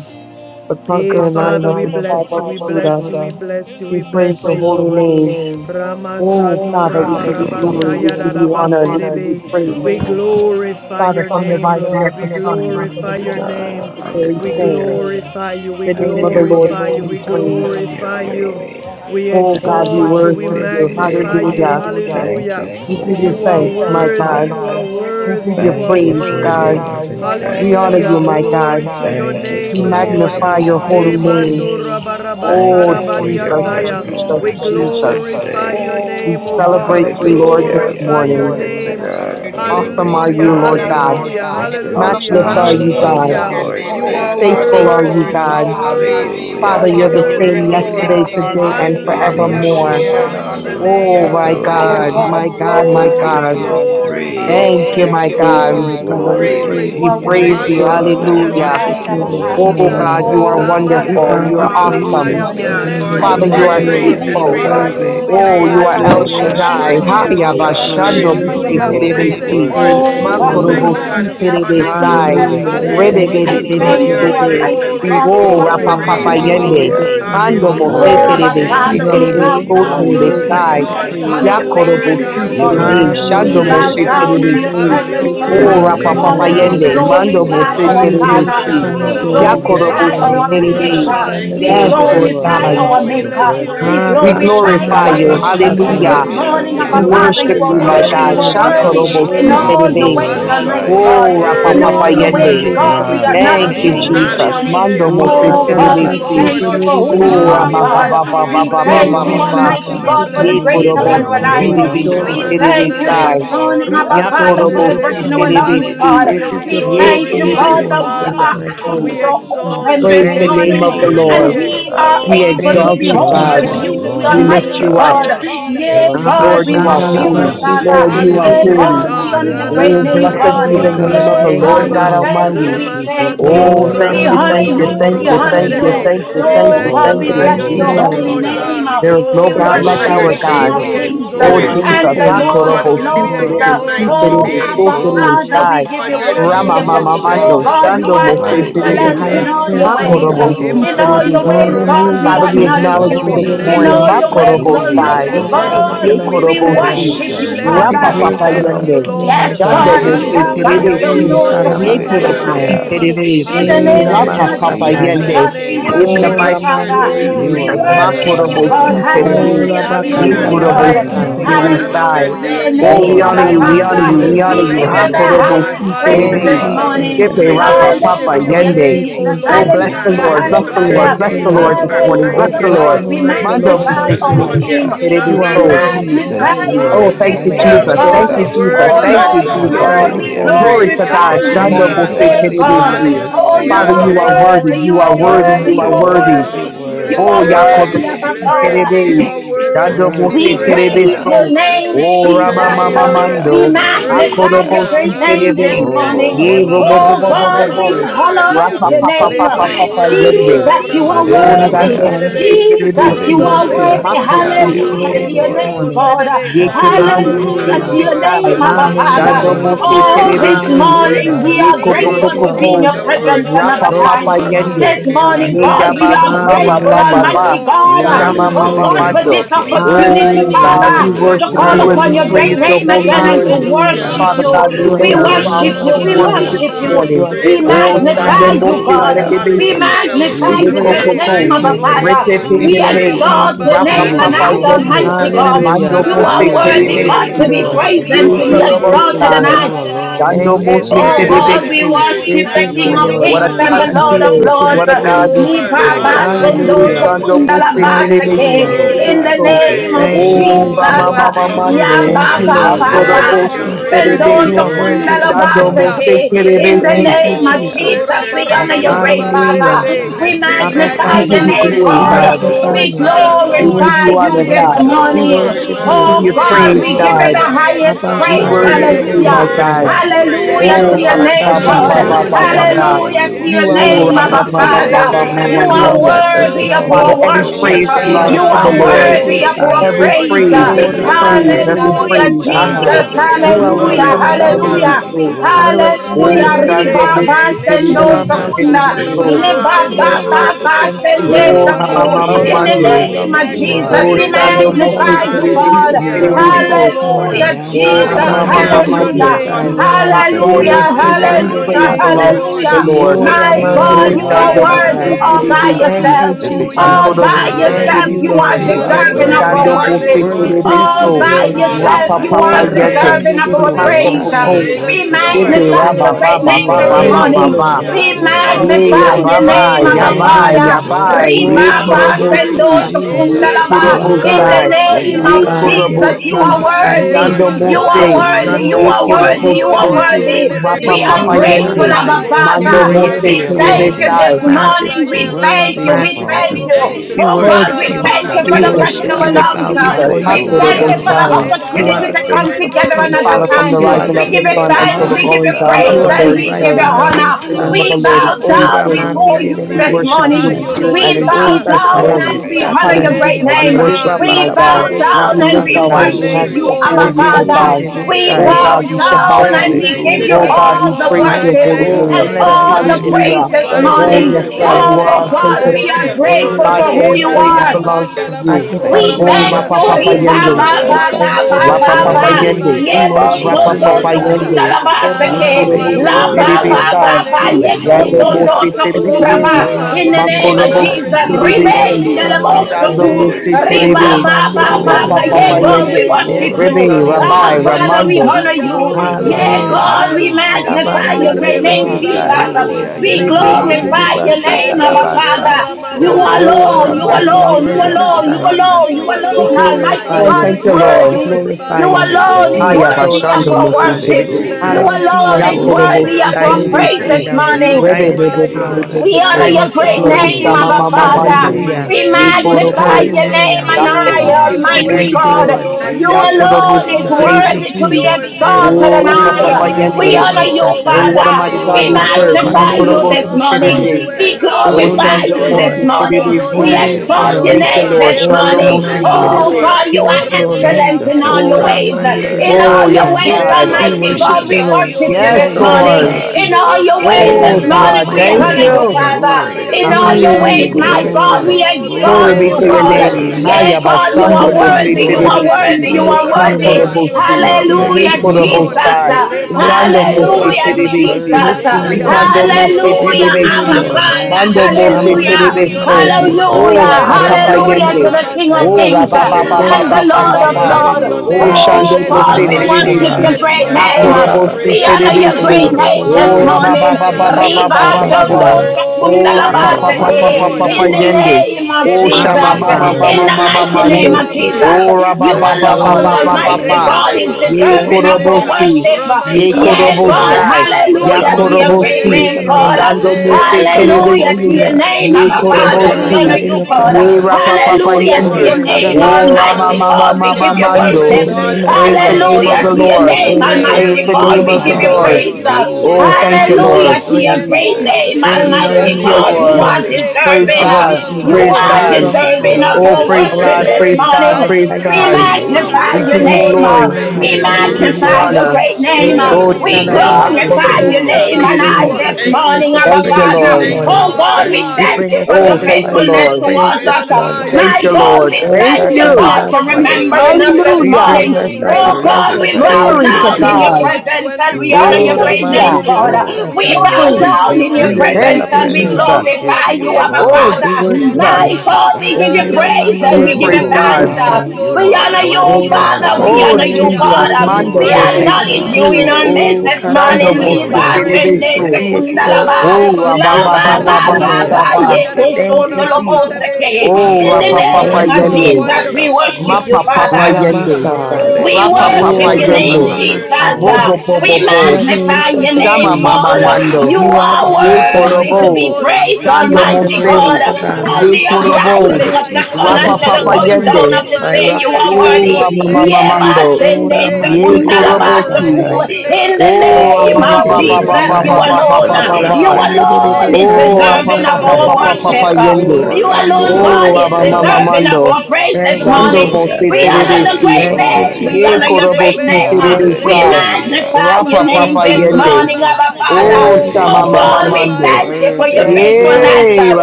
the
Hey,
conquering lion
Father, we
of the tribe
bless you,
of
we bless
Judah.
you, we
Hallelujah to
bless you,
your
we
We
name,
bless
praise
you,
your
Jesus.
holy
Lord.
name.
Oh
Rama
Lord, I
Sandu
Oh,
Oh,
worship
Father,
the
we
Rabba
give you
King of
glory,
Kings
Father,
Hallelujah.
we
we
and the
give you
Lord
Rabba
of
give
honor, and we
Lords.
give you
you
Hallelujah.
praise.
Oh God of
we
excellence
Father,
is
from
glorify your
your
the
name,
name in
rising of
Lord. We
the
all the
sun
earth.
Glory
until
glorify
the
to
your
going
Oh
God.
God,
name.
of
I
the
bow
We
very
down and I
Hallelujah.
same,
worship
glorify
you
you,
this
we
the
Have
name of the
morning.
glorify you,
your
we
Lord
way,
is to
I
be
Lord.
thank
praised.
you,
Have
Abba
your
Father.
way.
Oh
glorify you.
God, I
We Oh
Oh
worship the
exalt
Thank
God, we
King
you
of
you. we
for
worship
Kings
you.
this
magnify
day.
and the
you.
Hallelujah.
Lord of
Hallelujah.
Lords.
Thank you
We
for
give you
you
Oh
your
are
thanks, my
Jehovah,
worthy. You
Father,
God.
are
you
faithfulness.
are worthy
We
of
worthy.
give
our
You
you
are
worship
Thank you
praise,
this
for
morning.
worthy.
your
God.
You
loving
are
We
worthy,
honor
Hallelujah.
you,
kindness.
Almighty
my
God,
Glory to
of
God.
our
your name,
praise
Thank you
this
We
for
morning.
your
Lord. your tender
magnify
I
tender
your
magnify
honor
your
your
holy
great
name.
mercies.
name,
Oh,
Jesus.
Thank
Oh
you
I
for your
Jesus,
exalt
brand
your
new
name,
Jesus,
We
Abba
mercies
Jesus.
Father.
this
glorify
day.
your
Oh
name,
We
O
God, we
God. We
are
celebrate you, Lord,
grateful
this
to
Hallelujah.
be
glorify
in your
your
morning.
Glory
presence
to
name.
another
God.
time.
your name,
We
Glory
Awesome
are
are
to
you,
Hallelujah.
God.
Awesome
God.
grateful,
Lord
Dear
God.
God,
Hallelujah.
Almighty God,
Let
to
the
call upon
Matchless
our
are
God,
great
redeemed
you,
we lift
of the
up
God.
Savior.
Hallelujah.
your
Hallelujah.
Lord
name,
You
Oh
say
are
God.
God,
God, you
Faithful
we
so.
are
are you,
worthy
worthy. You
thank
of
you,
are
God.
worthy
Father.
praise.
worthy, you
We
Father,
are
honor
Hallelujah.
your
you're
You
the
are
worthy,
great
worthy
same
name,
to
Lord.
be
yesterday,
Hallelujah.
God. We
today,
exalted.
and
We
magnify your
Hallelujah.
Hmm.
name
worship
forevermore.
and
and
Hallelujah.
I,
Glory to the
honor and
Jesus.
name
Oh
of
Hallelujah.
my
the Oh,
adore
Lord.
Oh
God,
God,
you.
God,
my
we
you are
God,
worship
my
We
you,
Glory,
worthy,
give
God.
you
worship
are
you
glory,
you.
worthy, you are
praise.
Thank
glory,
you,
We
Hallelujah.
worthy
my
to
give
be
Yes,
you
God.
glory,
Lord
praised,
Father,
God.
we
Praise,
glory.
glory.
praise
You
We
We
you,
are
we
give
praise
worthy
praise.
you.
to
you
exalt
be
you, we
Hallelujah.
honor.
God,
Hallelujah.
worship
Thank
we
glorified,
lift
you,
you
Abba
Oh,
up
this
your
O
Father.
Jesus.
Oh
name,
God,
morning.
you
blessed
Lamandora you
are
Jesus.
Oh God, I
We
give
wonderful.
you
bow
Redeemer,
You are
praise
before
this
you
awesome.
this
We
Prince
awesome.
morning.
of
Hallelujah.
morning,
bless
O
Lord,
I
your
Father,
King
you
Peace,
of
you
are
thank
are
you
name.
Lily
for
glory.
great
who
of
You
and
are
the
faithful.
you
greatly
are
Hallelujah.
this
worthy.
Valley,
Oh,
morning,
Oh,
praised.
you are
Father.
You are
El
bright
Hallelujah.
I
worthy to
and
thank
Shaddai.
you
Worship
for
receive
your
Hallelujah.
morning
you,
Haya
Holy
grace.
glory.
I
You are
star.
thank
Spirit.
bashando
you for
worthy
your
buse
to
Hallelujah.
You
Oh,
mercies.
Blessed
we
receive
praise,
the
terebesi.
be the
Lord.
praise
worship
Oh
this
you,
name
God,
of the
new
Mighty
morning.
Lord.
God,
Makorobosi
mercies
we
that we
honor you,
With the
see
Lord.
terebesai.
fruit
Holy
of
every
Hallelujah.
our
Hallelujah!
We
day.
Spirit.
thank
lips,
you,
Hallelujah.
I
we
God,
give
you
thank
you
you,
are
Jesus.
Glory,
great
Rebebebebebebebe.
and
Almighty
glory,
We
praise.
God,
greatly
for
to be
Oh,
exalt
what you
glory.
you
are
Oh,
and
doing
we
in
You
give
praised.
are
our
you
midst.
glory
rapapapayende.
Hallelujah.
this
worthy. You
morning,
Ando
are
O God.
mose
Oh,
Glory
Hallelujah.
Abba
to
Thank you,
your
terebesi
worthy.
King
You are
Father,
of
we
name.
worthy.
bow
glory,
You
terebeso
you
are
Jesus.
are
down in
Glory
your
to
worthy.
worthy to
your
terebesai.
presence
be
and
Lord,
we
name.
you
honor
praised.
your
are
Hallelujah.
great
worthy.
name
Yakorobosi
this
You're
You
morning.
worthy
terebe,
Hallelujah.
Have
to be
your
alone
We
Shando
way
are
praised.
bow
Hallelujah.
this
Mose
You're
down in
morning.
terebe
worthy.
your
worthy,
Holy
si.
God. You're
presence,
Spirit, you
Hallelujah.
are
You
worthy
O
to
Almighty
Rapa
welcome
be
in
Oh,
God,
Papa
our
alone
and we
Hmm.
Yende,
midst.
exalted.
deserve the
Mando
Hallelujah.
glorify
Mose
glory.
our
We
Hallelujah. Mando Mose
terebe
Kema
Father.
worship
na na
si.
Hallelujah.
You
and
We
adore you this
alone
Thank
glorify
you,
Yakorobosi
morning.
deserve
our
We
the
terebe.
Jesus.
worship
Creator.
honor.
and
We
Thank
We
adore
you,
Yes,
you
bless
Lord.
Lord
You
this
your
glorify
Yes,
God.
morning.
name.
our
We
We
alone
give
bless
Maker.
you
your
deserve the
We
name. We
We
Haba
praise.
glorify
bless
praise.
our
your
glorify
Hallelujah.
name.
Shandalaba
you.
Advocate
Lord,
Shatai.
we
this
Hallelujah.
lift
Hallelujah.
up
Hallelujah.
morning,
We
your
We
Abba
We
Holy
mighty
Father.
worship
You
bless
are
Spirit,
you,
your
you
magnify
name,
my
are
worthy.
your
God.
name.
You
We
are
God.
worthy.
name.
bless
You
worthy
are
your
in
Shakorobosi
worthy.
Hallelujah.
We
all
name.
You are
your
terebe.
ways,
Lord,
worthy.
glorify
you
Almighty
Hallelujah,
your
are
God.
we
O Rapa
In
worthy,
name.
O
Papa
all your
glorify your
ways,
Jesus.
Yende.
Ramande
God, we
name.
Rebebe
Thank
acknowledge
you,
you
Satai.
this
Hallelujah.
Jesus.
Hallelujah,
morning.
we
Hallelujah.
Mando
O
Mose
Oh
exalt
Hallelujah.
God,
terebe
Kataraba
you,
we
si.
Sete
Lord.
thank you
Lord,
for who
Rebebe
bless
you
O
and
Ah,
You.
are,
Shai.
we
rapa ba
God.
bless
glorify
ba
you, we
your
ba ba
We
ba
bless
ba.
Thank
You
thank
name.
you,
ba
you,
you,
ba
we
are
ba.
the
bless
Almighty
you,
Jesus.
King
we
We
God,
of
for the
Ye
bless
bless you,
grace
we
you.
kings
You
upon
and
bless
are
the
our
Korobosi
life.
great
We
Lord
and
of
terebe
you.
exalt
si
greatly
you,
We
Shana na
lords,
na
terebe
thank
mighty
na
you
na
praised.
this
sai.
God.
maso
morning,
We
Abba
raba
adore
Father,
Hallelujah.
you
for
Yakorobo
the
this
breath
si
in
the
our
morning.
lungs, God.
terebesi.
Redeemer,
And
Great
we
Hallelujah,
give
we
is your
you
We
all the
ye Yea,
thank you,
faithfulness
glorify
God,
glory.
you,
We give
that
towards
you
we
all
us,
the
Father.
our
my
honor,
God.
eyes
We
CCDBC.
Lord.
are
Honor
Prince
exalt
open
you,
of
you,
Praise
this
we
the
Thank
Lord.
you,
name
morning
peace,
of the
exalt you,
Praise
Lily
Jesus.
and
Lord.
we
of the
you.
we are
valley,
We
exalt
able
Thank
to
exalt
you.
you,
you,
behold
Hallelujah.
God.
the
Light
Lord,
Jesus.
and
you
beauty,
Hallelujah,
We
are
morning
lift
Almighty
you
worthy of
up.
star.
God.
hallelujah,
all praise.
Jesus,
Yea,
we
Lord, we
Abba
God,
Lord,
bless you,
we
you are
We
Shanda
worship
worship
Laba
you,
and
exalt
holy.
Lord.
your
Seke
Father.
adore
Lord,
Te
name.
Di
you are
Di
you.
Yea,
Di
Hallelujah,
holy.
God, we
God.
honor
We
Hmm.
your
honor
great
Oh,
Rananana Greater
name,
you.
blessed
Hallelujah.
We
Thank
God.
be
masora
you,
the
God,
bow
we
God.
at
name of
baraba
your
thank
the
Yea,
you,
Thank
Worthy
Lord
saraba.
you,
God, we
God
throne.
Lord
Lord.
is
thank
the
you,
Almighty.
Lamb.
we
We give
thank
Oh,
you.
you
Oh,
Oh,
thank
We
Hallelujah.
you,
reverence.
ramama,
honor
We
thank
Mama
you,
you.
give
thank
We
Mama
you,
you
Lord,
honor
thank
you
Sai.
you,
honor.
you.
are
Hmm.
thank you,
We
thank
worthy.
Lord
you,
God,
thank
magnify
we
Glory,
you,
Thank
your
bless
you,
your
name,
Honor
glory,
Jesus.
you,
Lord.
holy
Lord
God.
God.
name.
glory,
We
Uh,
There is no
We
Thank
God
you,
glorify
like
Glorify
worship
you.
Hmm.
your
our
the
Jesus.
glory,
King
God.
name,
of
We
Holy
glory,
Kings uh,
We
Oh
Spirit.
exalt
bow
Oh, you.
glory,
and
We
Jesus,
before
the
you.
Lord of
Lord,
exalt
Hakorobo,
we
you.
lift
We
up
Lords.
your
Uh,
glory,
Siterebe,
mighty
exalt you.
Oh,
We
Siterebe,
Oh,
glory,
name.
Abba
Soterebe,
exalt
glory.
you.
Father,
Sai,
we give
Lord,
you
your name
Rama
worship.
Hallelujah,
Mama
Great
Hallelujah.
Oh
Mando,
Jesus.
God,
We
Lord,
you
Shando
are
Hmm.
you
I
Mose
are
will give
glorify
you the
great,
your
Terebe,
excellent
you are
in
high
Si,
Hallelujah.
name,
highest
all
and
your
praise,
God.
my
ways.
lifted
Hakorobo,
God.
up,
Wonderful
In
Lord.
all
Siterebe,
your
Masando
Si.
ways,
You
counselor,
are
Hmm.
God,
from
we
Hallelujah.
Rabarai.
Father,
We
ever-
we
Father, we bless
Prince
acknowledge
acknowledge
of
All
you,
you
the
we
you.
this
glory
In
morning,
Peace,
all
belongs
everlasting,
your
to you.
ways,
Makorobo,
Lily
and
of
Sai.
we
Almighty
bless
the
All the
worship
you,
honor
God,
you,
Valley,
Ye
we
belongs
Holy
we
to
Hmm.
korobo
bless
you.
Spirit.
you, we
We
si.
bless you.
Bright
worship
We
you,
worship
and
bless you,
Every
Father.
Rapa
Morning
we si.
God.
praise
papa
bless
Star.
belongs
you, we
yende.
to you, my
Yes,
bless you, Lord.
God.
Shando
God,
Praise,
mo
we
Hmm.
se
riba
Hallelujah.
Hallelujah.
terebe
We
praise,
Eh,
si.
basando
Ye
sokunda
glorify
la
your
korobo
hallelujah.
Sharabasatai.
si
Hallelujah.
name.
basake.
si
We
terebe.
give
in the
you
Eh,
Hallelujah.
Hmm.
praise,
We
Hmm.
name
Rapa
we
Hmm.
Jesus,
of
Hmm.
papa
bless
Labasatai.
cry
your
yende.
Jesus,
Jesus,
we
name,
In the
worship
Lord.
O
you,
out
Jesus.
mighty
your
name
Father.
Ramandiri
name,
of
Glory
You
We
Jesus.
to the
Ma
Rebisai.
alone
Jesus.
name
worship
of
are
you,
korobo
the
God.
si
si
Lord.
worthy.
O
terebe.
Glory
Hallelujah
and
to your
You
Ye
honor
Labakanda
and
name,
Hallelujah.
korobo
si
God.
praises,
alone
si
Hallelujah.
are
Labasai.
Lord,
terebe
unto
holy.
Hallelujah
your
sai.
to your
name,
Hallelujah.
You
Oh,
We
name,
we
O
honor
Abba
Jesus.
you, we
alone
honor
Father.
Ramandiri
you,
magnify you,
Oh,
we
we
deserve the
honor
We
bless
you.
give
Father.
your
Ha
We
you
Rebisai.
the
name,
glory.
korobo
God.
highest
si
glorify
Bless
you,
praise
your
Oh,
Thank
this
name,
terebe.
you,
Holy
Father.
Father,
morning.
we
Yepe
We
Spirit.
Jesus.
bow
We
rapa
at your
worship
papa
exalt
your
Hallelujah,
you.
throne
Thank
yende.
you,
name, O
Jesus.
Oh,
Mighty
We
Lord.
Jesus.
bless
We
give
the
God,
Hallelujah.
we
you
Lord,
lift
Hallelujah.
bless
up
the
magnify
your
you.
Lord,
Thank
reverence.
bless
you,
Hallelujah.
We
the
name.
We
Lord
Lord.
give
You
this
are
you
morning,
mighty
bless
Oh,
Hallelujah,
the
and
bless
honor.
glorify
you
the
God,
Lord.
you.
are
we
name
we
We
of
great.
the
Mando
Lord
Muse
magnify
exalt
Most
And
our
Lord,
Terebe
High.
there
you.
King.
Si
is
Hallelujah.
You
Terebe
are
none
You are
We
like
So.
worthy
worthy.
to
You
be
us.
Jesus,
are
magnify
you
praised.
are
Oh,
you
worthy.
thank
this
You
high
you,
We
are
and
Hallelujah.
day,
Jesus.
exalt
lifted
Thank
God.
you,
you,
up.
worthy.
Jesus.
Worthy
Oh
Jesus.
Thank
God,
Lord
you
you,
of
are
We
Jesus.
bow
worthy
Lord,
Hallelujah.
to
we
We
be
before
Hallelujah.
you.
Glory
praised.
to
You
magnify
are
glorify
God.
your
We
worthy
you
name,
Shando
this
God.
Mose
Lord.
magnify
day,
Jesus,
your name.
God.
Terebesi.
Jesus,
Oh, you
Father,
Hallelujah.
You
are
Hallelujah.
are
you
We
are
Thank
Jesus.
worthy.
worthy.
worthy,
You
you
glorify
are
are
your
you.
worthy. You
worthy,
Worthy,
are
you
name,
are
Lord.
worthy.
worthy,
Lord,
worthy,
we
You
bless
you
are
Oh,
worthy,
are
your
worthy
name.
worthy,
worthy
We
to
Abba
is
be
bless
Yakorebesi
the
your
Father.
praised.
Lamb.
You
name.
Terebe.
are
We bless your name,
worthy
Shando
to be
We
Mose
Worthy
Lord.
is the
praise your
Terebeso.
praised.
Lamb.
God, we
name,
lift
Oh,
up
You
your
Rama
Jesus.
are
name,
Mama
Uh,
worthy
Hallelujah,
We
to
Mando.
Jesus.
be praised.
magnify your
hallelujah.
Hallelujah.
Akorobosi
great name this
Ramando
Terebe.
Thank
robo
morning.
Oh,
Ye
seba
Robo Bo
wonderful
Oh
you.
Bo Bo
God,
Bo
Thank
shora
we
Bo.
you,
counselor,
Lord.
hollow out
Rapa
mamandaya.
your
Prince
Papa
of
name. Uh,
You
Leba
Papa
are
Papa
Peace.
worthy,
Yende.
God.
Jesus,
You
you
are
are
We
Oh,
worthy.
ramashara
You
stand
worthy.
are
Hallelujah.
magnify
almost
you.
worthy.
seated
baserebe.
with
Jesus,
We
a
you
sea.
exalt
are
Ramando
you.
worthy.
Hallelujah.
Not
robo
for
We
the
Have
Hallelujah.
give
most
you
your
shalama
Hallelujah
glory
seated
to
way,
with
your
a
sondo
this
Lord.
name,
robo
sea.
morning.
God. Uh,
serebe.
Ye,
Have
Shando
your
Mose
Lama
Hallelujah,
way.
Hallelujah
Hallelujah.
to
sando
your
Lord.
name,
Terebesi,
roshana
Abba
na
Hallelujah.
na
Let
na
your
Father.
na na
Hallelujah.
You
will
Makorobo
are
be
Si
worthy,
masora
Oh,
ma.
done,
God.
this
You are
Terebesi,
Lord.
worthy to
Leba
morning
Hallelujah.
Thy
we are
rama
will
Yekorobo Si Terebesi, Shando Mose
praise.
Lord,
grateful
be
Terebesi,
you
sondo
to
are
be
done.
in
robo
co,
your
You are
Thy
wonderful.
worthy,
presence
baba
will
God.
another
Rapa
We
Lord,
be
you
Papa
time.
are
basura
done.
exalt
ma.
your
Yende,
This
amazing
name.
God.
We
morning,
ye,
bless
ya,
God,
you,
we
Jesus.
ba,
are
ba,
Lord.
Ba,
We
ba,
grateful,
ba,
Hallelujah.
bless
ba,
Hallelujah.
you,
ba.
Almighty
Lord. We
God.
bless
Hallelujah.
Glory
Shama
you,
to
Oh
the
Mama
God,
Lord.
Hallelujah.
King
for
of
Mando.
Lord,
this
We
you are
Kings.
bless you,
opportunity,
Oh
mighty
Hallelujah.
Lord.
God,
Father,
We
and
we
you
Glory,
are
to
bless
worship
you,
call
you
great,
and
upon
we
Lord.
glory,
your
We
Lord.
Hallelujah.
great
praise your
name
bless you,
glory.
holy
again and
Lord.
to
name.
Hallelujah.
Hallelujah.
worship
Father
Ramando
Blessed
you.
God, we
You
We
are
lay
We
robo
the
our
Holy
worship
crowns
worship
One
Redeemer,
of
you,
sananana
you. We
before
God. We
Prince
you
give
this
Israel.
of
worship
you
masaraba.
all
you.
the
You
morning.
are
Peace.
the
praise
We
Leba
Oh,
this
rama
conquering
Shando
magnify
morning.
lion of
Mose
you,
the
shoramana
God.
tribe of
Hallelujah.
We
Judah.
Terebesi,
masoro
Hallelujah. We
robo
We
magnify
lift up
your
praise
your
great
you
Jesus,
serebe.
this
name,
mighty
Yekokoko,
Abba
morning.
name,
Lobo
Father.
Jesus,
Holy
Rete
We
We
bless
Spirit.
Repepepepe,
your
sharaba
Jesus.
name
exalt
raba
this
your
Hallelujah,
Rapa
name
Thank
You
and
morning.
you,
Papa
sananana
I,
hallelujah,
alone
rama
are
Yende,
Almighty
Jesus.
hallelujah.
God.
God.
serebe
Hallelujah.
Mando
You
Lord,
sharada.
Mose
are
we
You
Lord,
Great
worthy,
adore
is
you
God,
alone
the
this
Leba
to
Terebesi,
be
rama
Lord.
deserve
morning,
the
praised and
Ye
to
sando
Lord.
be
Great
glory.
robo
is the
exalted.
robo
And
Lord.
Tadabosai,
I
Hallelujah.
You
sharabai.
alone
Dando
Thank you,
Mose
deserve
Oh
Praise
we
the
Jesus.
Esendele
God,
bless
Holy
we
lele
honor.
you,
Terebesi.
we
lebo
Spirit.
worship
Great
Thank
the
worship
is
you,
the
You
King
you,
we
of
sharabario
Lord
Kings
What
glorify
a
shut
Jesus.
alone
and
God
the
your
we
and
Lord
name,
deserve
of
the
greatly
serve,
God.
to be
Lords.
Thank
what a
you,
praise.
God
praised.
We
Oh,
we
we
Lord.
serve.
Liba
Oh,
magnify
magnify
Hallelujah.
your
your
thank
name,
Ye
basondo
You
you
Hallelujah.
God.
name,
for
Jesus.
We
Shando
sokunda
bless
this
la
Mose
your
day.
Terebesi
are
We
name.
basake.
Hallelujah.
Oh
worthy to
In the
God,
praise.
glorify
Terebeso,
this
your
is
name
We
name,
the
of
Thank you,
day
exalt
O
Jesus.
that
your
Lord.
name,
You
Rama
you
Jesus.
are
uh,
have
You
Mama
King
are
Jesus.
made,
of
We
glory.
Ya
worthy,
Mando,
You
Thank
honor
ba
God.
you,
and
you.
ba
You
we
are
Lord.
ba
Thank
are
will
the
worthy.
ba.
you.
You are
Akorobosi
conquering
rejoice and
worthy.
We
lion
You
Sendo
we
of
Terebe,
the
thank
You
are
are
you
will
for
worthy
be
sokunda
worthy.
tribe
la
of
today.
this
glad
Shando
in
Judah.
morning.
Thank
Mose
it.
you
basake.
for
In the
Thank
Terebesi.
you,
name
Oh,
of
Hallelujah.
thank
bless
Jesus.
you
Jesus,
your
for
we
talking
we
Have
honor
us.
name.
your
your
great
way,
Father.
Hallelujah.
Father.
Lord.
Thank you
Bless
We
Have
for
your
magnify
your
your
Abba
name,
We
magnify
Holy
way.
your
give
Father,
opportunity.
you
you,
name,
Spirit.
glory,
Lord.
we
We
God.
Thank you,
God.
Good
magnify
Merciful
We
you.
glorify
dad.
Jesus.
We
you,
We
We
Father,
thank
Lord.
you
give you
for a
glorify
worship
you
We
new
honor,
you.
this
day.
Prince
Thank
God.
We thank
of
you,
you
We
for
exalt
morning.
you,
Lord.
new
worship
Peace.
We
birth.
you,
give
Lord. We Oh,
Oh Oh
you
We
King
Hallelujah.
God,
of
praise,
thank
we
you
give
for
you
exalt
God.
you.
the
glory.
Hallelujah.
We
newness. We
You
highest
thank
Abba
are
We
you for
praise.
exalt
your
you.
Have
We
help.
praise
worship
worthy.
your
You
you,
are
my
Hallelujah.
way.
worthy
exalt
Thank
Shandalelebosai.
God.
to
you
you.
be
Have
for your
your
praised.
Yes,
grace
Hallelujah
You
and
way.
Oh,
to
are
Ora
ba
your
your
Lord,
worthy,
ba
name,
ba
mercy.
God.
yes,
God.
ba ba
Lord,
Jesus,
ba
yes,
we
ba
Thank
Pakandelebesai.
ba.
you.
Hallelujah.
honor
Lord,
Hallelujah to
you.
You
your
yes,
are
Oh,
name,
ra-
Lord.
I
ma
welcome
Abba
Jesus,
ma
this
thank
we
ma
Bless
you,
ma
Father.
morning.
ma
your
adore
ma
Jesus.
You
ma
name,
I've
You
you.
ma.
are
are
been
ma.
all
Lebaramasando
Jesus.
right
welcomed
With
in
the
worthy of
our
today,
fruit
Father,
our
of
God.
midst.
every
our
worship.
Oh,
praise
we
lips,
O
we
Lead
belongs
reborobosaradaya.
You
us
exalt
to
give
the
are
your
you
today in the
name,
Lord.
Oh,
worthy
path
Holy
of
we
that
praise.
our
Rapandidididisai.
God I
Every
Spirit.
adore
want
you,
praise.
us
praise,
to
O
every
lead us.
Hallelujah.
Jesus.
God.
praise,
Endala
Hallelujah.
every
Hallelujah,
praise. I
Rapandididididisai.
Endalabasora
could have
Jesus.
Hallelujah,
manaya.
been
You
Hallelujah.
are
seated in
Hallelujah.
hallelujah.
this,
Hallelujah.
welcome in our
seated in
Hallelujah.
this
Hallelujah.
midst.
Glory,
place.
Glory to
Hallowed
God,
glory,
Rebarabababababashora
be your
Oh,
Bless
Hallelujah.
name
hallelujah,
this
glory.
stand
your
masende.
up,
Riba
oh,
morning.
ba
name,
seated in
Fill
sendo
this,
our
Jesus.
mouths
hallelujah,
seated
Jesus,
with
in
sakunda.
Lebaramasanda
this
praise.
soul.
hallelujah.
labario
Liba
Jesus,
Ah,
Fill
sendo
we
our
Thank
hearts
ba ba
with
you,
Jesus.
glorify you,
Jesus.
Lord.
ba
thanksgiving.
You
Oh, ra- ma
are
Esaku.
the
ma ma
Hallelujah.
All
Oh, we
the
King
In
roborobokoramarabarabasea.
ma
the
of
glory
worship
no.
We
name
Kings.
your
of
belongs to
Glory
You
Holy
to
you.
magnify
are
Jesus,
Oh,
God,
the
your
we
Spirit.
name
stand
Lord
Father,
glory
up,
we
name,
of
oh,
to
magnify
Lord. We
seated
God.
Lords.
celebrate
you,
in
you.
this,
We
God.
glorify
You
We
seated
Hallelujah.
in
your
exalt
this
are
you
Thank
name,
the
you,
this
soul.
glorify
Lord.
you,
I
Jesus.
Hallelujah,
morning.
we
am
We
Oh,
that
ra-
I
glorify
Jesus.
ma
you,
ma
we
am.
ma
Hallelujah.
exalt
ma
glorify
your
no.
Hallelujah.
you.
name,
Lord,
You
Abandididididisai.
Lord.
worship
are the
We
We
Hallelujah.
God.
Makorobo,
I
breasted
magnify
worship
every
magnify
your
one.
you,
praise
Hallelujah.
name,
bless
Didididididisate.
you.
belongs
your name,
to
Lord.
the
Hallelujah.
Lord.
O
Jesus.
We
Lord, I
Jesus,
My
lift
you
up
are
God,
Oh,
your
the
you
glorify
name,
Alpha
are
Shando
Hallelujah,
and
your
God.
the
worthy
Ramandidididisatai.
Bose
all
name,
hallelujah,
by
Glorify
Omega,
Lord.
Thank
you.
Terebesi,
you,
yourself.
the
Thank you,
Hallelujah.
Jesus.
Lord,
All
beginning
you
Makorobo
and
by
are
Jesus.
the
We
worthy,
Thank
of
yourself,
end.
bless
you,
you
Hallelujah.
Lord.
are
praise.
You
Terebesi,
There
are
You are
is
deserving
you.
of
worthy,
none
worthy,
Hallelujah.
our
Shando
like
of
you,
Bose
worship.
worthy to
Lord.
Hallelujah.
exalted.
We
All
receive
bless
Terebeso,
you. We bless
There
by
you. We
is
glory.
bless
Hallelujah.
none
yourself,
Rapa
you,
Hallelujah.
you
like
Lord.
We
are
Papa
Oh,
We bless
you.
Thank
Yende,
you,
praise
deserving of
your
Lord.
You
our
name,
praise.
alone
Rapandididibishatai.
Kakokoko,
Thank
Glory
deserve
Jesus.
We
you,
You
the
are
Lord.
Yepe
Thank
magnify
you,
glory.
your
Raba
worthy.
Lord.
You
to God.
great
Baba
are
You
name this
Baba
Thank
worthy.
you,
alone
Baba
morning.
Lord.
Ba,
You
deserve
are
Hallelujah.
Hallelujah.
We
the
You
worthy.
are
Thank
Hallelujah.
Ye
honor.
you,
You
magnify
worthy
are
Lord.
to
your
Hallelujah.
You
Yababa,
name, Abba
worthy.
praise.
alone
Thank
yabai
Hallelujah.
you,
Father.
deserve the
yabai.
Jesus.
Oh,
Ye
You
Thank
Ribaba
praise.
are
you, Lord.
worthy,
sendo
Korobosi,
God. You are
Ramandidibishatai.
Ye
Thank
worthy.
Jesus,
Etaria
You
You
sukundalaba.
you,
are
are
Lord.
worthy to
In
God.
Thank
Korobosai,
Jesus,
the
you,
praise.
You
name
are
Lord.
You are
of
Ye
Thank
God,
worthy
Jesus,
you,
and there
Jesus,
Ramasharabario
to
is
Lord.
you
none
Korobosi,
are
exalted,
Salabande
besides
worthy.
you.
Lord.
Chando
You
Jesus,
are
There
Ramasaya.
Mose,
is
Hallelujah.
worthy.
none
You
like
O
are
Jesus,
you.
We
worthy.
Jesus.
You
Bario
give the
are
Thank
Lord,
Nikorobosi,
Jesus.
you
you,
highest
worthy.
Sendele
reign.
Rapa
praise,
We
You
Bekura
are
You
Lord.
Papa
are
God.
reign
Thank
on
you,
grateful,
Yende,
high.
Abba
worthy,
Oh, we
Jesus.
You
Mando
Father.
O
reign
exalt
Mose
worthy
Reba
this
We
your
of all
name.
thank
morning.
Glory,
you
the
this
Terebesai.
honor,
Jesus.
morning.
glory to
Ramasaya
Majesty,
We
God.
thank
worthy
you.
Glory
Rababa
of
to
We
all the
thank
majesty.
God.
you.
Thank you,
We
Oh
praise.
Sorobo.
Lord.
Oh
God,
worship
we
Thank
Libara
you.
you,
Jesus,
thank
God,
Mama
you
for
for
We
the
Jesus,
breath
waking us
in
Hallelujah.
worship
up
you.
our
Hallelujah.
Shora
We
Jesus,
lungs.
bow
this
Baba
uh,
Hallelujah.
morning,
Jesus,
before you
God.
We
this
Thank
thank
Hallelujah.
Yasataya.
you
you,
for
morning.
God,
the
Lamb
Praise,
Hakorobosai.
of
Leba
You are
for us,
opportunity
the
to
God,
praise
come
Prince
Lord.
of
you.
Sendo
together
Peace.
Prince
another
Oh,
of
Father,
we
Robobo
from the
time.
You
exalt
are
Shera
the
rising
Praise
your
We
Peace,
of
give
the
you.
you
lily of
name,
sun
the
Praise
thanks,
until the
we
Lord.
valley.
mighty
give you
going down
God,
of
you.
You
praise,
Father,
the
we
are the
and
very
Glorious
thank
we
mighty
you,
bright
give you
and
God,
same,
God, we
God,
morning
honor.
that.
the
star.
name of the
We
exalt
Lord is
bow
you.
to
O
be
down
Lord,
praised.
you,
Ramande
before
and I
de
We
you
God.
de de
We
We
this
de
glory.
praise
exalt
worship you
magnify
morning.
the
in
We
Satai.
you,
you.
give
spirit
Lord
and
We
you
Spirit.
in
the
God.
O
bow
truth
We
this
Hallelujah.
We
down
you,
highest
God.
morning.
and
lift
we
up
We
praise.
honor
your
We
your
Katarabasatai.
great
name
exalt
Hallelujah.
on
We
name.
Praise
you.
worship
you,
Reba
high.
you,
Hallelujah.
We
my
God.
We
Papa
bow
We
God.
Ye
praise
We
Glorify
We
down
your
exalt
and
give
lift
we
your
you
our
you.
Holy
wonderful
holy
Karabasatai.
worship
exalt
name,
hands
Spirit.
you,
glory.
you.
Lord.
before
Abba
you,
God,
oh
exalt
We
Rebindi
Father.
I
de
give
you.
God.
de de
you
thank
your
you
We
for
Sai.
Oh
bow
name,
who
honor.
God,
you
we
Glory
are.
shabbat
to
Jesus.
down
Thank
and
I
you.
you,
we
God.
thank
give
Your
you
you
for
Oh
Jesus.
Hallelujah.
name
who
God,
that
you
all
we
is
the
Hallelujah.
praise
are.
above
I
your
worship
Mighty
holy
every
Oh,
thank
Thank
and
come
God,
name.
you.
let
name,
you,
us
all
Lord.
the
mighty
I
worship.
Jesus.
God.
praise
thank
Hallelujah.
you.
this
Let
I
us
Hallelujah.
Oh
thank
morning.
yes,
worship
you.
the
Worthy
God,
I
Hallelujah.
you
is
Lord.
the
are
Oh
thank
our
you.
Prince
God,
Glory
Lamb.
Let
I
of
us
we
Glory
are
Peace.
and
thank
exalt
you.
the
grateful
name
honor
God,
for
of
and
Worthy
the
to
who
every
Lord
is
you
God.
the
praise
praise
are.
together.
unto
Lamb.
belongs
your
to you.
name.
Glory to
Magnify
We
the
God.
Oh
name
thank
of
you,
Rapa
Hallelujah.
Papa
Jesus.
Riba
Yende.
Ba
Lord,
Oh,
We
you
Ba
Hallelujah.
are
I
thank
Ba
mighty
you
Ba
Let
and
this
Ba
Rapa
you
the
are
Papa
Ba.
morning.
great,
glorify
Yende,
redeemed
Lord.
We
your
of the
Yemo
We
worship
name,
Rapa
thank
you,
Lord
And
you,
sondo
Lord
there's
Papa
say
Jesus.
God.
none
sakunda
so.
Yende,
la
like
Lord.
you,
Oh,
Lord,
Ah,
Lord.
baseke.
how
Ramande de
I
Yekurobo
thank
Lede
Si
La
you,
Hmm.
You
Hmm.
ba
Hmm.
Jesus.
Hallelujah.
Terebe
alone
worship
is
ba
Besai.
your
ba
Sai,
ba
We
name,
without.
yeko
exalt
Yando
you.
Jesus.
sondo
Hallelujah.
Mose
You
Every
alone is
Bless
Terebe
sakura
We
from
praise
Si,
the
ba.
Oh,
the
Lord.
last
how
belongs
In
worship
the
to
I
Bless the
you,
to
you,
name
Lord
the
of
Hmm. Hmm. Hmm. Hmm.
last.
Makorobo
God.
Hmm.
Lord.
Jesus,
Si
We
glorify
ribe
Terebe
and
There
You
honor
Si,
is
in
bless
alone
the
is
you.
the
none
We
like
lebo
exalt
on
your
bless
the
Sando
you.
soku.
the
adore
throne,
name,
Lord.
Mose
Lord.
you.
Oh,
Riba
Terebe,
ba
Jesus.
You
ba
Hmm. Hmm. Hmm. Hmm. Hmm. Hmm. Hmm. Hmm. Hmm. Hmm. Hmm. Hmm. Hmm. Hmm. Hmm.
Ramande de
We
Lede
The
ba
Hmm.
alone
Oh,
ba
Rapa
Hmm. Hmm. Hmm.
Lord
rule
bless
ye
and
Papa
Besai.
bless
your
God,
reign.
glory,
we
the
Yende,
name,
Lord.
worship
There is
glory,
Rebe,
You
Almighty
you.
none
Thank you,
alone
God.
like
is
Oh,
Rabbi,
you,
glory.
Lord
Almighty
Father, we
God.
Ramando,
God.
We
Jesus.
honor you.
Hallelujah.
You
Yando
Thank
glorify
alone
Yeah,
is
your
you.
Mose
Hallelujah.
Terebe
God, we
name,
Si,
the
Lord.
Lord
magnify
Abba,
of
Hallelujah.
your
Lede
Sando
great
Lords.
Rebo
Lede
name,
Mose
Jesus.
Besai.
Jesus,
You
sararara
alone is the
Terebe
Hallelujah.
We
Your
Si,
friend
Lebonde
and
de
Yekurobo
name
de
glorify
maserabai.
is
Si
the
to
your
life,
God
be
basata
name,
Terebe
Lebo
Abba
Sai,
God.
praised.
Father.
shebara
You
You
Oh
we
Rapa
alone is
praise
Oh,
God,
our
Papa
masayondo
alone,
from
you
you,
the
strength,
Yende.
Ramande
rabario
alone, you
warrior.
rising of the
alone,
we
you
sandai.
sun
praise
alone,
We
you
until
You
you, we
the
We
alone is
alone,
going
the
praise
down
light
you,
Almighty
glorify
glorify
of
Oh,
the
you.
God
of
Jesus.
you.
thank
We
is
the
you,
world.
same.
Lord.
We
worthy.
glorify
And
glorify
You
you.
so
you.
We
we worship
alone is
We
you
Haya
this
Hallelujah.
We
exalt
worthy
glorify
magnify
of
thee,
bashando
morning,
O
our
you.
mose
Holy
God.
your
worship.
We
name,
Spirit.
You
terebesi.
Jesus.
Hallelujah.
Hallowed be
Lord,
your
alone
magnify
we
is
you.
Why
lift
name.
We
Yakorobo
Oh,
worthy
your
si
of
Thine
our
great
is the
magnify
praise
mighty
you.
this
terebesi.
We
Jesus,
kingdom.
name this
morning.
Thine
Glory
Rebe
is
is
be
the
Jesus,
morning,
magnify
be be
to God.
you.
be
God.
power.
be be
We
Jesus.
We
honor
Thine
be.
your
Lord,
is the
we're
great
How
here
exalt
O
to
Williams.
glory.
we
name,
you,
worship
shama
Thank
Abba
you,
love
mama
you this
that
Jesus.
Jesus.
Father.
mando.
We
morning,
name,
Hallelujah.
We
We
praise
worship
to
you.
magnify
adore
your
you
Nikorobo.
Jesus.
your
this
name.
name
Hallelujah.
and
morning.
Dando
Oh,
I,
We
mose
Hallowed
Almighty
Thank
worship
you,
you.
be
God.
We
terebesi.
With
Lord.
Jesus,
your
thanks
You
worship
this
name.
you.
Jesus,
Yakorobo
Hallowed
morning,
alone
si
is
God,
hallowed
Lord
Thank
for
Jesus.
you,
your
Jesus.
worthy to
be
be
terebesi.
goodness
your
Jesus.
and
You
mercy
name.
are
exalted
O
and
Glory.
towards
rapa
Oh,
sweeter
us.
I.
papa
than the
Ramande
We
de
yende.
Hallowed,
honor you,
Oh
honeycomb.
Hallelujah.
Lord,
And
Basatai.
what a
Father.
we
mighty
say
God
We
thank
Thank
we
Oh,
you,
serve.
magnify
hallowed,
you.
you
Jesus.
Makorobo
this
si
Jesus,
Glory
Lord,
morning.
Tapakandoloboshai.
terebe.
to
we
God.
We
thank
hallowed
you,
Jesus,
O
Holy
be
Holy
glorify
is
shando
the
your
you
Spirit.
Jesus.
this
Lord.
Hallelujah.
mose
name, be
Lord,
morning.
we
your
We
terebesi.
Hallelujah.
Holy
thank
name,
is
you,
be
the
exalt
your
your
mighty
Lord.
Thank you,
Hallelujah,
name
name.
God.
Lord.
this
Glory to
O
Shando
Erobo
morning.
mose
God.
Thank
Ramande,
Glory
you,
Oh
Lord.
terebe.
to
God,
hallelujah.
Sarabai,
you
King
God.
of
Thank
are
Orebo
glory.
excellent
Shama
in all
Wonderful
you,
O
your
God.
ways
Sarabio
ways.
We
Ramande
Bless
de
bless
counselor,
In
your
Sende,
your
Oh,
all
name,
yes,
your
name.
Rebesai.
ways,
Jesus.
Prince
God.
We
of
Lebarama
Almighty
worship
God,
the
we
Hallelujah.
Masari
Lord,
Peace,
worship you
Yes,
Orobo
this
Lift up
strong
your
mighty
and
Shaba,
morning.
Lord.
name,
God.
In
mighty.
Holy
all your
Hallelujah.
O
ways
Spirit.
this
Oh
Okate
God, you are
Glory,
God,
Hallelujah.
morning, we
Remosio
mighty
honor
thank
in
Hallelujah.
Roro
you,
glory,
you.
battle.
Glory.
Have your
Father.
Sandaya.
glory.
In
way
all
in
Thank
your
us,
you,
Hey,
Mm.
Abashande
we
ways,
de
Lord.
bless
my
Jesus.
you,
God,
Rebesai.
Glory,
we
Thank you,
Lord, we
Hallelujah.
Lord.
Glory
exalt
be
O
you,
glory,
bless
to
you,
your
For
God.
name.
work
Lord,
Thank
that
we
glory.
only
Ramashatai.
Yeah,
Haya
bless
you
you,
God,
you,
alone,
you
We
are
bashando
look
Lord.
You
to
do,
are
you,
you,
mose
worthy. You
Lord.
We
Lord.
Lord.
are
bless you,
terebesi.
worthy.
perfect,
We
You
O
Hallelujah,
look
are
Lord.
to
We
you,
God,
bless
worthy.
God.
Lord.
you,
Makorobosi.
Lift
Lord.
up
We
We
Worthy
your
look
perfect
bless
to
Ye
you
Hallelujah,
in
are,
you,
you,
name
Jesus.
all
Lord.
God.
Lord.
of
this
Worthy
korobosai.
your
you are,
We look
Lord.
Lebana
to
God.
ways.
Shando
you,
You
mose
sora
Lord,
Lord.
are,
Hallelujah,
we lift
We
baraba
up
Lord.
We
your
terebesi.
look
Jesus.
worship
to
name
you,
that's
and
sharadaya.
above
Lord.
Rikando
We
adore
Worthy
every
mose
you
We
you.
name,
look
Hallelujah,
are,
to you,
glorify
Lord.
Abba
terebesi.
God.
We
your
Lord.
We
Glory
name.
Father.
We
Mando
worship
to
magnify
mose
God.
God.
you.
glorify
Hallelujah.
your
We
terebeso.
Thank
name.
We
Amamamamamande.
worship you
you,
and
Hallelujah.
O
Jesus.
praise
rapapapa
glorify
Lemanda
Ramande de
Hallelujah
you,
to
yende.
you.
the
Lord.
Hallelujah.
rabaraba
King of
Rebesai.
O
sebaba
Kings
Thank
and
shomaya.
the
you,
Exalt
Hallelujah.
Hallelujah.
your
Hmm.
We
Lord of
name,
Jesus.
rabababababababa.
Hallelujah.
bless
Lords.
your
O
name.
Jesus.
We
Hallelujah.
Thank
shando
Ajes
Oh
bless
you,
God,
mose
your
we
Lord.
Lord,
Mighty
name.
you
We
worship
are
your
God,
Ababashandai.
terebesi.
mighty
bless
great
your
and
Jesus.
you
name.
mighty
name.
Hmm.
are
God.
Akorobosi
We
great,
honor your
Lord.
Glory
terebesi.
great
Oh,
Lebarabaroba
name
to
this
God.
O
baba
Hallelujah,
Abababababashodododoboshandai.
morning.
Jesus,
Hallelujah.
Riba
Jesus,
We
Abba
Jesus.
Thank
rababababababababa.
sondo
Father.
you,
Worship
Jesus.
Jesus.
sakunda
O
you,
What
Lord.
a
Abba
glorify you,
Worship
Father.
labasake.
wonder
rapapapapapapa
In
you
you.
Lord,
Lord.
Lord,
the
yende.
are.
name of
Oh
Worship,
Abba
Jesus,
shama mama
Father.
worship
in
mama
the
Eparababasanda
you,
Hallelujah.
mama
God.
mighty
God,
name
mando.
Oh
of
we
Jesus,
Praise.
Hallelujah.
rabasarabaya.
Oh
Jesus.
raba
you
The
ba
Give
ba ba
Rebonda
alone,
Oh
ba
heavens
ba
praise. Give
ba
Jesus.
declare
Almighty
ba.
labasenda
your
God, is
praise.
Ye
thank
glory.
Hallelujah.
Oh
you.
deserving of
Lord,
our
Give
rabarabaserebeya.
Jesus.
korobosi.
worship.
We
you
Ye
come
all the
Yeah,
Ramasharabayo
before
God,
you.
praise,
korobosai.
God.
hallelujah.
We
Ya
Give you
Hallelujah
come
rabakasanda
to
all the
your
before
Everybody,
Hallelujah.
you with
great
praise.
Father,
korobosi.
praise
name,
on
leboshelebeya.
name,
our
Honor
God.
God, we
lips.
Mighty
Chando
you,
thank
Lay,
Holy
We
muse
God,
we
come
you.
Spirit.
bless you,
Hallelujah
before
we
mighty
to
you,
terebesi.
your
Lord.
God.
name,
Ye
exalt
Abba
you,
Hallelujah.
Lord
Father.
Thank
Rejoicing,
We
my
korobosi.
honor
Glory
God.
God,
Worthy
to
in
you,
your
is the
You
God.
Ye
are
presence.
So
Lamb.
rapa
Thank
worthy,
papa
you
Hallelujah
you,
are
to
Oh
your
yende.
Lord.
Thank
Worthy
name,
wonderful,
is
Oh
you
the
Karabashata.
are
rama
Almighty
God.
Lamb.
mama
God. We
Thank
glorious,
mama
give
Hallelujah.
you
you are
Blessed be
worship.
mando.
the
Lord,
name of
majestic,
Hallelujah.
you
the
you
Praise the
are
are
Lord.
name of
Hallelujah
worthy
the
to
of
your
you,
Lord.
Lord.
marvelous.
name,
Oh
Hallelujah.
praise.
There
Praise
Almighty
Raman
the
is
de,
God.
de,
name
de.
We
of
give
the
de.
you
Your
nobody like
word
Lord.
is
praise.
you,
Uh,
God
Father,
be
Lord.
Oh,
There
Hallelujah.
is
thank
Reign,
in
you,
no
exalted.
one
Hallelujah
Jesus,
Lord.
to
who
your
reign.
great
Oh, we
Jesus,
name,
lift
patiently,
Reign
up
oh
in
your
our
God,
Thank
Almighty
the
you,
Jesus,
midst
put
God.
name.
in
this
You
Lord.
your
are
morning,
Jesus.
place,
Praise
deserving.
Hallelujah.
Lord
our
uh,
God
God.
You
You
Redeemer,
are
Praise
Almighty.
our
are
God.
strong
You,
beautiful
deserving
tower,
Hallelujah.
oh
for
of
Oh,
God,
We
our
bless
praise
are
our
your
the
worship
God,
this
name,
praise
refuge,
great
situations.
God,
morning.
our
praise
high priest.
hiding
We
God.
God.
You
You
place.
are
are
magnify
after
We
Hallelujah.
the
your
worthy
give
of
you
O
order
name. Uh,
of
glory.
praise.
Ramande
we
de
Your
We
Melchizedek.
give
word,
you
magnify
Rebesai,
Hallelujah.
God.
your
honor.
Lord
great
Your
name.
word is
Jesus,
Uh,
Oh,
we
Oh,
we
Jesus.
praise.
bless
glory,
and we
glorify
Lepakatalabasete.
your
Hallelujah.
name.
We
glory,
magnify
And
bring
you.
a
I this
glory.
Thank
We
you,
sacrifice
morning,
of
Thank
Abba
you,
Jesus.
praise
Father.
this
glorify
Lord.
Thank
you,
Oh
morning.
you,
Jesus,
Father
God,
Lord.
we
We
God.
thank
bring
you
Jesus,
a
for
We
your
Oh,
Hallelujah.
thank
lift up
you,
sacrifice of
Jesus.
faithfulness
your
Lord.
praise
towards
name
Bless
this
us.
on
Uh,
your
high.
morning.
name.
Thank
my
you,
Bless
God,
Lord.
we
your
Hallelujah.
O
name.
Thank
thank
Oh,
you,
we
you.
God,
thank you
for
for your
Katarabasai,
remembering
love.
us
Hallelujah.
We
this
Hallelujah.
we
thank you
Hallelujah.
for
morning.
bring a
your
We
Hallelujah.
grace.
Oh
sacrifice
God,
worship
of
we
and
Lord,
bow
praise
Lord,
Glory
we
to
this
adore
down
Thank
in your
you.
morning.
God.
exalt you
presence
and
and
we
we
We
honor
O
your
bow
praise
you,
you,
great
at
Lord.
your
name,
Hallelujah.
Ramande de
God.
Father.
Uh,
throne.
We
we
adore
Besatai,
bow
Thank
Glory.
We
you,
down
the
we
down
give
in
Lord.
your
we
you
lift
Thank
presence
magnify
up
you,
your
you,
and
we
we
Hallelujah.
Jesus.
reverence.
name.
lift
We
you up,
give
glorify you,
we
you
Abba
Oh,
Bless
exalt
honor.
We
Father.
you.
your name,
Jesus.
worship
We
My
Baroma
you.
Jesus.
God, we
shabak
Bless
give you
your
Nasidaya,
Ora
you.
name.
praise
mama
and
Oh,
we give
Leba
you
mandiri
praise
Oh
thanks.
God.
uh.
God,
mandelelebesai.
you
We
Ramansiandola
honor you,
alone
Ora
are
Barabasiara
Father.
papa
We
Oh,
papa
honor
worthy.
you,
Hallelujah.
Bariosea.
Jesus.
God. uh.
We
You
Mando
We
mo
Thank
yendelelebosandai.
se
alone
praise
the
you,
acknowledge
are
we
you
Lord.
in
tiriri.
our
praise
Hallelujah.
midst
you,
holy.
O
this
we
Dando
morning.
You
praise
mo
you,
Liba
se
we
Yandarabakosheya
katarabasai.
alone
praise
sende
tiriri.
deserve
We
the
sekunda
you.
exalt
mamandrikeshetai.
Oh,
glory.
you.
Oh,
laba.
Leba
rapa
We
papa
Laba
acknowledge
ba
papa
you,
Somandaria
ba
Lord.
ba
Hallelujah to
papa.
the
ye
Salabaya,
King of
Thank
Yeshendarabakashaya
kusundo
Rebokola
you,
Kings.
lobo
Jesus.
Masarabeya.
seke.
God,
Oh,
In
rapa
the
mamamandrubokosoto.
our
Oh, Lord,
Hallelujah
papa
name
Thank
word
you
of
you,
to
are
the
are
Lord.
yende.
Jesus,
Lord
praise.
we
of
wonderful. You
worship
are
you,
Lords.
Mapa papa
Father.
Your
Yendarabakashaya
glorious.
yende.
word,
Alamasakai.
Oh,
We
Lord.
Rapa
Spirit of
worship
papa
Hallelujah.
the
your
Word,
mamamandrubokosoto.
Ora
living
your
name,
mama
yende.
God,
Jesus.
Glory,
you
worthy.
are
masandai.
Uh,
Bobo
glory,
bobo
We
majestic
You
glory.
bo.
are
and
the
magnify
ancient
your
of
marvelous.
name,
Sama
Hallelujah.
Yeshendarabakashaya
days.
mama
God.
Jesus,
Uh,
Oh,
mando.
You
mamamandrubo.
You are
Father,
the
are
you
Ye
Thank
are
conquering
you,
worthy to
korobo.
be
lion.
wonderful.
Jesus.
praised,
Thank
You
you,
Chando
are
Jesus,
Lord
the
Almighty
you
Lord.
Ambrikesheya
lily
are
God,
of
mose.
God.
you
Uh,
the
are
Hallelujah.
From
valley.
Ye
mamamandrubo.
the
You are
exalted
korobo.
the
uprising of
high
the
chief
above
sun
God, we give
Rapa
all
high
until the
and
papa
you
Hallelujah,
cornerstone,
going
Lord,
else.
you
lifted
down
praise.
yende.
of
In
are
up.
the
We give you
my
my
awesome,
same,
rock
God.
you
of
life,
are
praise.
Oh,
Lord God,
worthy.
mama
salvation.
mama
take
Father,
Hallelujah.
Yema
you're
mando.
preeminence.
sovereign,
Ora
sende
you're
Take,
mande
Ye
mighty,
Mighty
Lord
de
sekunda
you're
de
God,
God,
korobo
laba
your
holy.
si.
seku.
besatai.
rightful
mighty
place.
In
God.
the
Oh,
name
rapa
Rokonde
of
Let
de
the
papa
de
Oh,
papa
Spirit
Jesus,
Yeshendarabakashaya
of
you
the
papa
besai.
redeemed of
living
alone,
the
mamamandrubokosoto.
papa
uh,
God, we
La
Lord
you
papa.
love
say
you
pande de de
alone
so.
Lord, we
is
honor
Oh,
bekanda
today.
your
la
We
rapa
we
deserving
name,
of
love
papa
you.
God.
our
basai.
We
We
papa
give you
worship.
papa
love
Hallelujah.
Uh,
you.
glory.
We
yende.
Ora
You
love you.
Glory,
We
pande
alone,
de de
love
Oh,
God,
you.
glory,
is
We
Rama
deserving
Father,
love
Mama
you.
we
besatai.
glory.
We
deserving of
honor
Mando.
our
love you.
you,
praise
we
We
this
Thank
love
you,
you.
Shando
worship
morning.
Glory,
you,
Mose
Jesus.
We honor the
glory,
Terebesi.
great
Thank
Ebarabasora
we
you,
name.
adore
glory.
you,
We
Ye
honor
mandalaba
mighty
your
Jesus.
great
God.
Korobosi
sherebe.
name.
You
Uh,
are
Thank you,
We
worthy,
Terebesi.
Lord.
Lebasando
Hallelujah.
magnify your
Rapa
rabaraba
name
Papa
Thank
this
you,
mighty
Lord.
God,
Yende.
salamanda
you
morning,
are
Abba
holy,
rabai.
Thank
Lord
Oh,
Father.
Oh,
you,
Worthy
we
Shama
Oh
is the
Mama
Jesus.
God,
Jesus.
we
Lamb.
glorify
Mando.
you.
thank
We
you for your
Worthy
I
Thank
is the
honor
you,
glorify
your
you.
faithfulness.
Lord.
Lamb.
We
name,
Ye
Uh,
my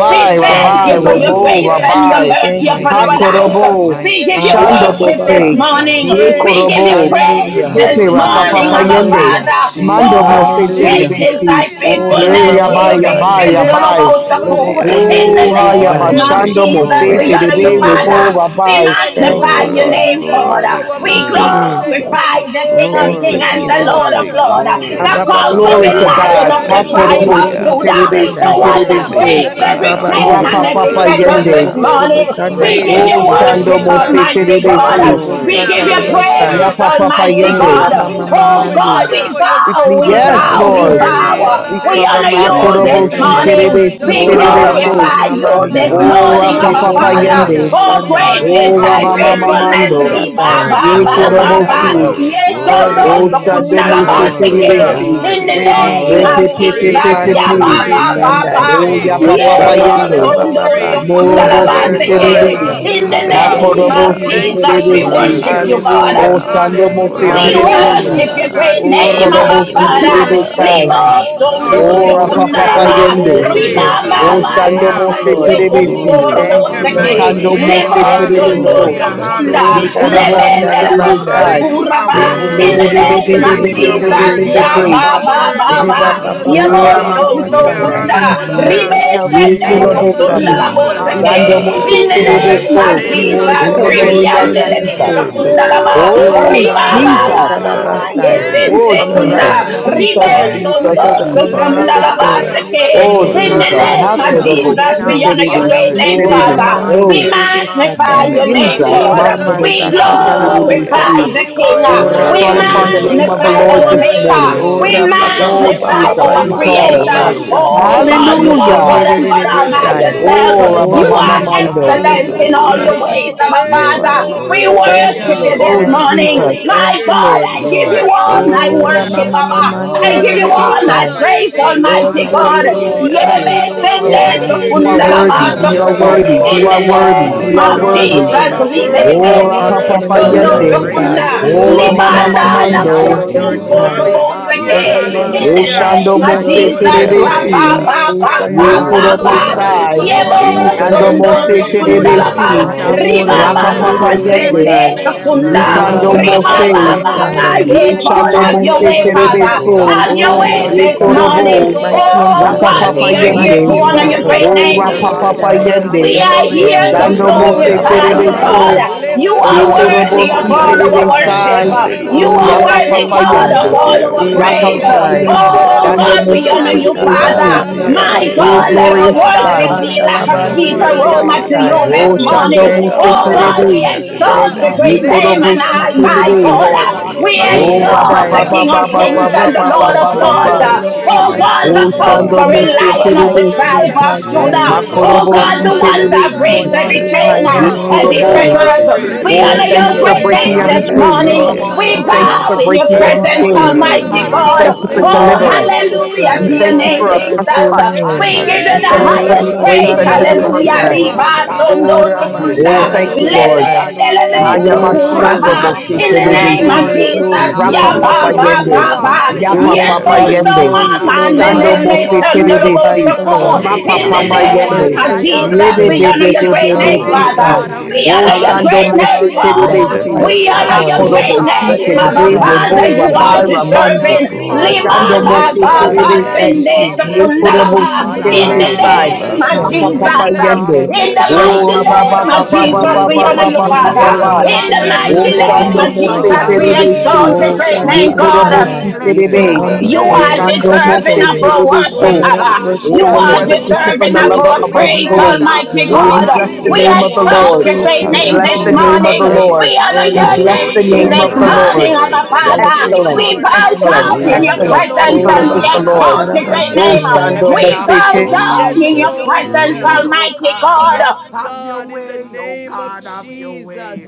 God.
We
Thank
thank
you.
you,
Rabbi,
you for your
Lord.
I
Robo,
We
grace
Hallelujah.
and your
Rabbi.
worship
exalt
you,
mercy
Thank
you.
you,
my
upon
We
our
Ha
Mighty
King.
lives.
Jesus.
God,
Uh,
exalt
Korobo.
you. We
We
mighty
give you
Abba,
God.
You
Shando
ba,
exalt
ba, ba,
worship
alone
ba.
you.
are
this
Mose.
ba.
We
worthy.
morning.
Ye
We
praise
give
you.
Hallelujah.
you
Korobo.
We love
You are
praise
you,
Hallelujah.
worthy
this
of
Tepe
Lord. We
Rapa
praise,
morning,
love
my
Papa
Hallelujah.
you,
Abba
God.
Yende.
Hallelujah.
Lord.
Father.
Mando
You are
Oh,
Mose
worthy
Jesus,
of
There
great
is
Hallelujah.
glory,
is
Lord
thy
Terebesi.
nobody
Jesus,
Jesus.
like
Ye
Ora
you,
Jesus.
faithfulness.
mama
Yea,
Yabai,
Lord.
You
Yabai,
mamanda.
are
There
worthy
is
of
Yabai.
honor.
nobody
Hallelujah.
Lobokonde
like
de
in
you,
de
Oh,
the
haya
Lord.
Besai.
name
There
of
is
Glory,
bashando mo
Jesus,
nobody
fe
There
we
is
Thank
glory,
honor
like
none
you,
you,
you,
terebe
like you.
Lord.
robo
Father.
glory,
Jesus.
We
We
rabai.
thank you for
Thank
magnify
you,
your
your
glory,
Lord.
word
name,
that is
God.
in
glory,
our
We
Thank you,
mouth. We
glory,
thank
You
you
are
for
Jesus.
glorify
your
great
the King
word
God
of
that
Thank
is
you,
in
Kings
glory,
our
and the Lord
Jesus.
of
and
glory,
heart.
greatly
We
to
Lords,
be
the
thank you
glory.
Abba,
for
praised
ba,
your
ba, ba,
Glory
conquering
to
ba.
word that
lion
God.
of the
from the
transforms
tribe
Hakorobo
of
our
Libo
rising of
si
Hallelujah.
the
Yes,
robo
spirit,
I'm
Judah,
sun
terebe
our
the
si
shandai.
glorify
one
soul,
terebe
that
you,
unto
Worthy
the
Lord.
so.
is
breaks
and
the
Leba
going
our
every
down of the
bodies.
Lamb,
Oh,
chain
babandi.
We
you
and
Rapa
are
thank
same.
you
every
for
worthy
papa
worthy,
your
is the
God.
fetters
Lobo
You
this
yende.
are
bobo
Lamb.
You
worthy to
bobo
morning.
be
alone are
transforming
kanda
We
power.
praised.
give
Blessed
You
you
are
Oh,
worthy.
labasteti.
worthy,
sando
worship,
Rabba
mo
Lord.
fe
Redeemer,
Almighty
Salamande
Libo
terebe
God.
si.
korobo
Hallelujah,
glory
We
Rebosaya.
Hallelujah.
give
shata
to
We
you
your
thank
Jesus.
you for
rabasai.
Hallelujah.
your
name,
praise,
Yapa papa
Almighty
O
Hallelujah.
transforming
yende.
God.
rama
glory
Glory
power.
mama
be
to
Oh
We
to
your
mandi.
God,
thank
God.
you
Hallelujah.
we
for
name.
your
We
bow,
plead
we
the
we
Lord,
Yes,
Transforming
blood
we
bow,
this
bless
we
Thank
Lord.
your
word
morning.
you,
in
name.
our
bow.
Hallelujah.
We
Bless
life.
We
Jesus.
cover,
your
honor
my
We
you
name.
We
God,
thank
Bless
this
this
you
Hakorobo
your
that
si
worship
your
name.
morning.
and
morning.
terebe
word
si
does
We
Thank
the
adore
Oh,
terebe
work.
you,
you.
so.
glorify
Hallelujah,
mighty
you
We
God.
this
Ramamamamandai.
Jesus.
Oh,
honor
morning,
rapa
our
you,
papa
we
Hallelujah.
Father.
honor
yende.
We
Oh,
you,
Lepokoroposhandai.
great
Lord,
we
bless
you
is
Oh,
you,
are
we
Hallelujah.
thy
rama
praise
worthy,
bless
mama
you,
you.
we
faithfulness.
God. You
mando.
bless
are
Thank
Liba,
you, we
Lepekerebesatai.
you,
worthy.
Oh,
ba,
my
You
bless
Ye
are
ba,
you, we
Our
worthy,
glory,
ba,
korobo
Prince
bless
ba.
Lord.
you.
helper,
si.
glory,
Yes,
of
our
oh, no,
glory,
Peace.
Oh,
Hallelujah.
so
Hallelujah,
redeemer,
kunda
sando
la
mo
Jesus,
fe
our
ba
we
se
glory,
terebe
Hallelujah.
savior,
si.
glorify
I
In the
glory,
you.
Lord, we
worship
name
you,
waymaker.
of
Repe
glory.
Oh,
Lord.
pe pe
Jesus.
praise.
pe pe
Give
Ya,
hallelujah,
Let
you
we
pe.
the
ba,
praise.
I
ba, ba,
redeemed
magnify
Lepandelebesandai.
of
ba.
the
glorify
Oh,
Praise.
ya
you, my
you.
Lord
papa
Yeah,
pa
say
Oh,
no,
King.
Give you
yende.
so.
so no,
hallelujah,
so
praise.
Recarabasio,
Rebabababababa.
we
kunda la
A
Morobo
You
ba
si
Praise,
se
are
miracle
glorify
worthy
Hallelujah,
Carabasio,
Lord.
of
you.
terebe.
all
worker.
In
praise.
the
Hallelujah.
Thank
name
you,
Hallelujah, we
Makorobo
of
Rebacasio,
hallelujah.
si
Thank you,
You
Jesus.
Jesus,
are
terebe
we
exalt
Teresio,
worthy
you,
of
si.
we
all
worship
Jesus.
Rojo,
Worthy
you,
is the
worship.
exalt
Hallelujah.
God.
Oh,
your
Lamb,
sando
Rebecete,
mo
name.
si
Hallelujah.
We
We
Neo,
worthy
terebe
Oh,
All
is
worship
the
the
Hallelujah.
si.
God
worship
you,
your
glory
Lamb.
Torbo,
God.
great
belongs
Almighty,
We
Oh,
to you,
we
name,
worship
robo,
Yaraba,
Lord.
Abba
bo,
Akorobo
boast
bo,
si
you.
of
bo,
We
your
bo,
Father.
bo,
worship
terebe
Hallelujah,
Rebaca,
majestic,
sai.
shandai.
Limo
oh
you.
God,
Lord!
sondo
All
Lebo,
we
the
Oh,
give
might.
ko,
you
rapa
hallelujah.
praise
robo,
praise.
ko,
papa
sokundalaba.
Oh
belongs
re,
to
be,
you,
be,
yende.
be,
Father.
Holy
Riba
Glory
be.
praise.
Torrebesian,
to
Father
ba
Oh,
your
ba
God, we
ba
sando
Thank
name,
Hallelujah.
mo
you,
ba
si
thank
Noso,
Lord.
ye
you.
terebe
Torbo,
We
si.
Hallelujah,
Oh
lift
glory
Lord
konsorobo
up
Thank
to
your
God,
Yaraba,
you,
for
your
mighty
Jesus.
you
Lord.
seke.
Rikando
who
name.
you
mo
name.
Limo
Rebaba,
si
are. We
Thank
Hallelujah.
terebe
you,
thank
Siente
sondo
you,
de
Lord.
Oh,
so.
Glory
Lord, for
to your
Besio,
sokunda.
blessed
Oh,
Ye
name,
Rojo,
my
belonging
Hallelujah.
in
korobo
your
God,
si
Rete,
Levende
shadabanda,
Redeemer,
lebo
terebe
presence.
Siente de
Father,
rabandai.
sai.
you
Be,
We
are
sokuraba.
thank
Lebo,
you,
ko,
Le
worthy
In
to
be
the
blessed
Lord,
forever
be
robo,
be
be
for
you are
be
name
the
praised.
of
Rebacasian,
sheke,
be be
You
same.
becoming,
tele,
Redeemer,
are
be
de,
Taraba,
be
Jesus,
be,
be
worthy,
be
oh
ya
God.
satai.
ba
be.
God,
You are
Prince
all
ba
of
that you
ba
worthy.
Rabacasio,
have
ba.
Lord,
ba,
called
I
Peace,
ba,
us. I
ba,
Oh,
Yemo
ba, ba,
Hallelujah.
thank
rama
worship
ba,
you
sondo
ba,
for
Rojo,
you.
your
Lily
work
shandai.
of
sokunda.
in our
the
mandu.
lives,
Hallelujah.
Present
Ribe
Valley,
help
Lord.
in
we
Ye
sende
Thank
times
bo
of
you,
korobo
bright
worship
and
si.
you,
trouble.
O
sundalabo
Jesus.
We
morning
Mighty
God.
look
Uh,
seke
Dando
God,
to
I
mo
you
We
star.
si
in
Oh,
this
the
adore
we
you.
terebe
bless
morning.
name
your
so.
glorify
of
name,
We
your
Holy
name,
Jesus.
in
worship
O
the
I
Hallelujah,
you in
Spirit.
name
Lord.
of
Uh,
spirit and
extol
We
in
Ribiandelebe
Jesus.
you.
lift
Hallelujah.
truth.
your name
lava,
on
Oh,
hallelujah.
I
And
Lobo
O
you
lift
Oh,
higher.
Riba
you
are
ba
up,
ba
worthy,
Glory
Jesus.
Father,
to
ba
you
God. You
ba.
Jesus.
God,
are
are
Yes,
Ramasatalabasai,
worthy.
in
glory
Yes,
worthy.
Oh,
You
to
from
are
the
Lord.
You
sekunda.
God,
Jesus.
are
worthy to
rising of the
worthy
Ribo
to
Jesus,
sun
be
praise.
mighty
Jesus,
sondo
Adadadamasirabaya.
until
praised,
the
O
God,
going
Jesus.
down of
God.
the
mighty
Uh,
Leborobo
sekundalaba
We
same.
God.
Hallelujah.
lift
seke.
Your
your
Oh,
name,
sendorio
name
In
on
Lord
the
Hallelujah.
Worthy
Jesus.
high
God,
is
is
name
the
of
salamandaya.
this
worthy to
Thank
Lamb,
Makodobo,
be
Jesus,
morning.
O
Uh,
we honor
praised.
your
gabario
Siterebe,
Father,
great
you,
we
Lord.
name,
worthy
O
is
Thank
sendeya.
Siterebe.
the
Father.
glorify
you,
Ramande
We
your
Lamb.
Oh,
Lord.
name.
In
Uh,
the
you.
magnify
We
Satai,
your
name of
honor
name,
Jesus.
your
O
Hallelujah,
God.
I
name,
Jesus,
Hallelujah.
we
O
We
Makodobo,
magnify you,
bless you,
God.
Jesus.
Lord.
Uh,
Lord.
Siterebe,
hallelujah.
glorify
Father,
Si.
Ramashakatalabasiti,
Oh,
the
We
King.
because
bless
O
you
We
thy
are
We
call
name,
Worthy
good
upon
worship
is
the
you.
the
Rabande
Lord.
name
We
of
Hallelujah,
the
magnify
and
Lamb.
your
Lord
our
Jesus.
Satai,
this
Maker.
Hallelujah.
mercy
worship
morning.
O
We
Glory
you.
to
Rapapa
endures
Lord,
Papa
your
you
Oh,
magnify
are
forever.
Papa
name.
Jesus.
God, our
worthy,
We
of
Father, we
call.
creator.
praise.
Hallelujah,
lift
Glory
up
Rapapapapapapayekorabashai,
to
Oh
You
your
Oh,
your
we
are
Jesus.
God,
holy
you
You
worthy,
are
are
name.
God
Hallelujah.
Lord.
name.
You
and
are
God
worthy.
We
glorify
all
worthy,
your
by
bless
you
Lopondidididibisai.
are
your
name,
worthy,
Oh,
Holy
yourself.
Hallelujah.
holy
O
You
God.
name,
are
God.
O
Jesus,
Ramamamamando.
God.
King
excellent
of
in
Jesus,
all
Hallelujah.
your
kings,
Hallelujah.
Lord
Jesus.
ways,
of
Hallelujah.
our
lords.
You
praise, all
In the
are
Father. We
mighty
You
Thank
worthy.
name
glory,
are
you,
worship
of
Hallelujah.
all
you
Lord.
You
this
Oh,
honor
are
Thank
worthy.
you,
Jesus.
morning.
Blessed
Lord.
Jesus.
be
My
holy.
Thank
belongs
your
you,
to
God,
you,
name,
Lord.
I
You
give you
Lord.
are
Lord. All
all
There
my
is
honor
faithful
Oh,
none
like
and
like
Hallelujah.
worship,
belongs
you,
just
to
in
Abba.
you,
Lord.
all
I
Father,
of
give
Lord.
you
I
All
your
all my
honor
Ramamamamandiridiribisai.
glorify
ways.
your
like
praise,
name.
We
belongs
All
to
the
Almighty
Hallelujah.
honor
Jesus.
glory
you,
God.
you
Lord.
this
belongs
Your name
to
Hallelujah.
Yeme
you.
morning, O
Erararabasora
Lord, we
sende
lift
Every
Father.
up your
praise
You
Mighty
We
are
name,
sokunda la
belongs
God,
ba
lift
to
worthy.
you,
up
Father.
You
masaraya.
Lord
We
your
are
mighty
God.
name,
worthy.
God,
for
You
In
are
the
Hallelujah.
you
You
glorify
are
worthy.
your
alone
name.
we
are
name
You are
worthy,
of
worthy
We Oh,
O
to
Lord,
be
worthy.
worship
you
and
Jesus,
Father.
are
praised.
We
glorify
love
your
adore
worthy,
You
libe
You
are
are
name,
you.
Ora
Jesus.
Lord
awesome
worthy
and
papa
You
to
are
you're
We
a
God.
Ando
be
bow
worthy,
Oh,
mighty
yende.
We
at
Sokunda,
Thank
God.
God.
praised
your
we
You are
this
worthy,
Ora
exalt
Oh,
throne.
morning.
of
mama
you,
uh.
bless
Libanda
the
Father.
name
praise.
You
we
We
of the
Labo
are
mamando.
honor
give
Lord
are
your
you
Most
name,
High.
O
beautiful
Hallelujah,
Hallelujah.
Sonkorobo
reverence.
God,
We
beyond
for
Thank
give
Seke,
you,
you
Lord,
are
in the
you
that
love you.
your
O
good uh,
hallelujah.
honor.
mercies
shando
name of
description,
We
and
endure
Thank
it
mose
your
Jesus,
Lord.
you,
You
Bless your
Lord.
mercy
are
forever.
Rabba
name,
Hallelujah.
terebesi.
Ba
indeed
endures
Grace
Jesus.
too
Ba
and
Ye
Ba
forever.
You
Ba
mercies, oh
korobo
marvelous
love
Father,
alone
you.
God.
this
sai.
for
deserve
our
Thank
the
Hallelujah. We
morning
you,
Yebo
Grace
we
and
Shando
bow
praise
glory.
finite
your
mercy
Sondo
down
mose
this
words,
to
Jesus.
name. We
You
Sokunda
you,
Lord
O
morning.
praise
God.
your
But
terebesi.
God.
name.
we
Uh,
Laba,
alone
do
Oh,
Riba
we
our
Ba
deserve
Rapa
Hallelujah.
We
the
best
join
to
love
papa
with the
honor.
bless
Glory
yende.
Sende
Ramandiridiribisai.
be
Thank
24
to
you.
You
Sokunda,
God.
We
elders
do
uh,
you.
Rikando
Hallelujah.
our
Riba
alone
and
Thank
we
best
Ba
say,
mose.
to
deserve the
you.
Libababababashandai.
Holy,
Ye
Ye
magnify
praise.
God,
We
you.
holy,
shando
bow
We
have
in
your
your
do
mose
holy,
way,
Glory
our
Oh,
be
Father.
best
presence.
to
Lord
terebeso.
God.
Have
God
glory,
to
your
Oh,
way
lift
Hallelujah.
Hallelujah.
Ye
you
mighty
this
up
glory,
Almighty,
God,
and
morning.
who
korobo.
glory,
is
mighty
exalt
Hallelujah.
in
and
you,
Oh
Rapa
who is
Lord
God,
battle,
to
papa
we
God.
are
Thank
here
mighty
glory,
to
come.
yende.
in
You
honor
Lord,
your
are
Lord
you
battle.
great
glory,
are
you.
O
God,
name.
worthy.
you
El
Thank
rapa
You
worthy.
are the
are
glory,
you,
papa
Shaddai,
King
Lord.
worthy.
of
We
You
yende.
are
are
here
glory.
Elohim.
to
worthy.
You
Shando
You
glory.
Oh,
are
Father,
mose
are
the
you are
I
Bless
glorify
and
your
you,
holy.
mighty
name.
worthy.
We
Hallelujah,
terebeso.
Rabababaya.
God.
Bless
one,
Le
oh
You
your name.
Ye
are
Oh,
We
God.
barama
Uh,
Bless
worthy
korobosi
your
of
name.
si
Father,
sarara
Lord,
all
hallelujah,
you
you are
our
are
yarebo
Ramandiribirisai.
the
worship.
terebesai.
shanana
matchless.
ancient
nana
You
of
Ya
are
hallelujah.
praise.
maserebe.
uh,
worthy,
Hallelujah.
papa
We
Erodoboshai.
God, of
yende.
Have
Lobo
all
your
our
Hallelujah,
way,
glorify
Rapa
praise.
your
salabaria
Papa
Lord.
God.
Erodoshai.
holy
Have
Yende,
name.
your
Oh,
senderere
uh,
Shando
way.
God,
We
we
Mose
honor
boshaya.
We
honor
you,
bow
your
O
before
Terebesi,
Father.
you
Have
in
majestic
kalama
your
worship.
My
name,
way,
O
oh
God,
Erododoboshandalabandalabasai.
Thank
let
Lord.
sendelele
our
God.
glorious
uh,
bose
worship
you.
God,
be
Father,
barush
this
Thank
We
like a
you,
Have
sweet
morning,
Lord.
extol
your
oh
and
mananaya.
aroma
lift up
way,
to
your
Father,
Lapandalabandiribisai.
Le
you
name in
thy
this
O
as we
will
barama
praise.
Shando
morning.
lift
be
our
Thank
sando
you,
Mose
done
Oh,
on
eyes
God.
robo
God, we
earth
Terebe,
bobo
unto
as
the
it
To
exalt
sharaba.
hills,
exalt
is
Thank
you
your
in
be
you,
uh,
Thank
all
great
the
Le
from
heaven.
name,
glory,
and
Jesus.
whence
baraba
my
Yekorobosi
I,
raba
God.
cometh
my
Thank
my
Have
you,
you,
Terebe,
God,
siaraba
your
help,
uh,
Lord.
Lord.
To
uh,
way,
shando
you
we
be
robo
my
all the
Lord,
O
exalt
Jehovah
help
honor,
have
Rapa
Lord
comes
the
serabaya.
Jireh,
your
Papa
Mm-hmm.
King
from the
of
Papa
Jesus.
way.
our
Lord,
Kings
Papa
Bless
oh
and
your
the
Yes,
name.
Papa
Lord
provider,
of
Papa
Lord,
Father,
To
God.
the
Lords.
you
yes,
Papa,
our
be
uh,
Bless
all the
your
Jesus,
name.
refuge
Lord,
Oh
praise,
and
creator of
yes,
God,
mighty
strong
the
O
God.
Jesus,
heavens
tower,
Lord,
Shando
and
conquering
the
Mose
Hallelujah.
Jesus.
earth,
our
lion of
uh,
the
hiding
Bless your
You
in
tribe
the
name.
Terebesi,
place,
yes,
alone are
of
my
Lord.
God.
mighty
We
God.
worthy.
Judah.
Enda
name
glorify
of
Dios
We
Oh
Jesus,
you,
come
God,
Jesus,
you.
the
Makorobosi
Lord.
before
salabaria
one
uh,
you
that
Jesus,
this
breaks
Terebesi,
morning
every
and we
Jesus.
Remasion
chain,
hide
salamande
uh,
ya.
in you,
Hallelujah.
Torobos
Lord
every
Worthy
Yekorobo,
God.
Yaraba,
fetters.
Worthy
Oh,
to
Hallelujah.
praise.
be
We
caria
Oh, we
honor
Thank
Thank
thank
you,
your
you for
Rekesien
praised,
great
Lord.
siande
breaking
name
every
We
this
worthy
Bless
to
Telemasion
the
worship
chain.
morning.
your
Lord,
be
O
name,
my
Torobos
We
We
my
rabarabadiosa
thank you
God.
soul,
The
exalted.
bow
for
Yaraba,
in your
breaking
and
this
Oh,
every
all that
presence,
Silcoid
is
morning,
chain.
remando
oh
la
within
Almighty
Worthy
me.
We
is
Father,
the
God.
barrios
thank you for
Glorify
en
Oh,
we
Lamb.
de
you,
all
are
that
mighty
deliverance.
join
Oh,
is
usually
with
remorobo
the
within
Hallelujah
We
to
me.
your
thank
24
you
name,
saradaya.
for a
Bless
Hallelujah,
Jesus.
elders.
fresh
his
uh,
Oh,
holy
touch.
Uh,
and
name.
We
arrested
give
we
you
shebarie
We
say,
de
thank
the
you
Oh,
for
hallelujah.
highest
Holy,
the
as
grace
rebosio
praise.
You
holy,
and for
Rabashandala
alone
the
no
are
Blessed
Hallelujah.
holy,
worthy.
mercy.
Masai.
roboa.
Riba
Lord
Redeemer.
Ida
God
sondo
la
Oh,
la la
Almighty,
sokunda.
Prince
Oh,
of
thank
bandia
Ramashandala
you,
to his
Lord.
Peace,
Basai.
riesa
and
Lemende
who is
leme
dio
we
to
Haya
Oh,
former,
rabaya.
worship
bashando
sokuraba.
and
glory.
mose
Abba,
Di
In
adore
the
Father,
barrios
Oh,
you
name
you.
en
of
are
terebesi.
glory,
the King
Jesus.
We
glory,
of
give
Rapa
Ya
you
glory.
ramasayo
ba
papa
glory.
robo
ba
yende.
You
glory.
ba
We
ba.
are
give
the I
Yapa
you
selabaya.
Oh,
Yes,
and
papa
oh,
mighty
glory,
so
reverence.
yende.
We
one.
glory,
give
mama.
glory.
you
My
Shando
Father,
Neleme
soul
you
Ibababario
honor.
mose
that
are
sondo
the
lobo
magnifies
terebesi.
the
ancient
sondorama.
of
soku.
Lord,
Mapa
days.
In the
uh,
and
papa
my
Hallelujah
You
to
are
Kipaya
spirit
yende.
name
the
your
of
I
praises
satora
am
his
name.
Jesus.
Rebe
that
We
you
be
name.
basheba
honor
be
say
your
be
I
great
be
barama
be
Thank
am.
name,
be
uh.
Father.
you,
Glory
Father.
be.
God.
to
sendo.
Father,
your
we
We
Oh,
honor
Father,
call
your
Liba
we
name.
shando
great
de
upon
bring
your
name,
mose
up
name
badibo
God.
this
terebesi.
Wonderful
robo
sacrifice
We
morning.
this
uh.
honor
Hallelujah.
your
Hakoro
Oh
morning.
great
salamasha.
counselor,
bosi
Let
God,
name,
we
God
Keo
Abba
terebe
bless your
arise,
Prince
Father.
robo
of
You
name
sande
and
are
let
rabai
this
his
Peace.
morning.
ramando.
uh.
enemies
rabasioro.
deserving.
be
We bless
Oh,
Father,
Lima
scattered.
you, we
Shando
how we
ba
bless
Mose
worthy,
you,
love
ba
oh
we
ba
your
Father, we
bless
God,
name,
Terebesi,
thank
you
you,
sende
we
are
you.
bless
Jesus.
We
you.
worthy.
"Hallelujah,
thank
Yekorobo
secundalaba.
you
Si
We
for
Father,
In
dwelling
Terebesi,
How
bless
honor
the
and
among
we
you, we
us
glory
this
name
love
of
your
bless
belongs
Papa
you,
morning.
Jesus.
to
we
Papa
name,
you.
bless
We
uh.
you,
Yende,
thank
we
you
In
you.
Oh
for
the
Jesus.
bless
O
dwelling
God,
you,
mighty
we
among
Rabba
give
Lord.
it
us,
We
name
Baba
of
my
all to
bless
Baba
God.
Jesus,
you
you,
Baba
we
Hallelujah,
honor
We
Lord.
this
Baba
you,
Jesus,
thank you
morning.
for
Baba
Father.
uh.
your
Hallelujah,
Era
Baba,
Jesus,
In
anointing
the
Father,
Maria
that
this
mighty
O
breaks
Sarada.
Jesus.
every
morning
Lord,
Shando
name of
yoke,
we
you
my
are
bow
Mose
Jesus,
God.
we
down
worthy
to
Greater
you
exalt
than
Terebesi,
your
Oh,
the
this
great
God
praise."
of
name,
morning.
our
uh.
God.
Yekorobo
honeycomb,
We
Shandai,
Si
bless
sweeter
we
your
than
Terebe,
come
the
holy
You
before
are
you.
The
We
name
honeycomb,
Rikando
come
this
deserving
before
Mose
of
morning.
you.
our
ah.
Silcoid are
Come,
worship,
Oh
Terebeso,
let us
mighty
Abba.
usually
to
God,
the
worship
we
We
Oh,
You
the
you
honor
are
pulling
are
bless
the
Lord.
you,
down
you
of
we
bishop
this
and
deserving
We
the
bless
of
lover
our
you,
worship
of
we
morning,
our
you.
stronghold.
oh
We
praise,
bless
Lord.
you,
soul.
ah.
worship
Lord.
arrested as
you.
Almighty
We
Oh,
We
we
Father,
God.
worship
bless
we
the
We
you.
give
name
bless
Hallelujah,
you
of
you,
the
we
all
Every
exalt
the
Lord.
your
praise
bless
great
you,
We
glory
we
name
belongs
and
bless
to
this
all
the
the
you.
bless
name
you,
hallelujah.
of the
morning.
honor.
Every
Lord.
Lord.
We
We
honor
Father,
word
We
of
this
bless
bless
worship
the
you,
morning,
Worthy,
your name
oh
we
name
belongs
of
this
to
the
God,
you.
bless
worthy,
you,
I
Lord.
we
morning,
cry
Abba
out
worthy.
bless
to
you, Yes,
Father.
Lord.
Celebrate
you.
Excellent,
you
ah.
We
this
bow
Let
morning, O
your
excellent,
down
will
in
God.
Hallelujah,
your
be
excellent,
done,
Jesus,
oh
presence
O
excellent
and
is
we
hallelujah,
the
God,
"Hallelujah,
Jesus,
on
Lord.
exalt
earth
your
Oh,
as
great
Jesus.
it
Oh,
name.
is in
Rapakatarabasandai.
Shando
heaven.
We
hallelujah.
ah.
bow
Mosete.
Oh
Yes,
God,
down in
let
your
your
Jesus,
will be
presence,
done,
Lord.
Jesus.
oh
Almighty
God. ah.
God.
Yes,
Have your
God, in the
way, oh
name of
God, have your way.
Jesus.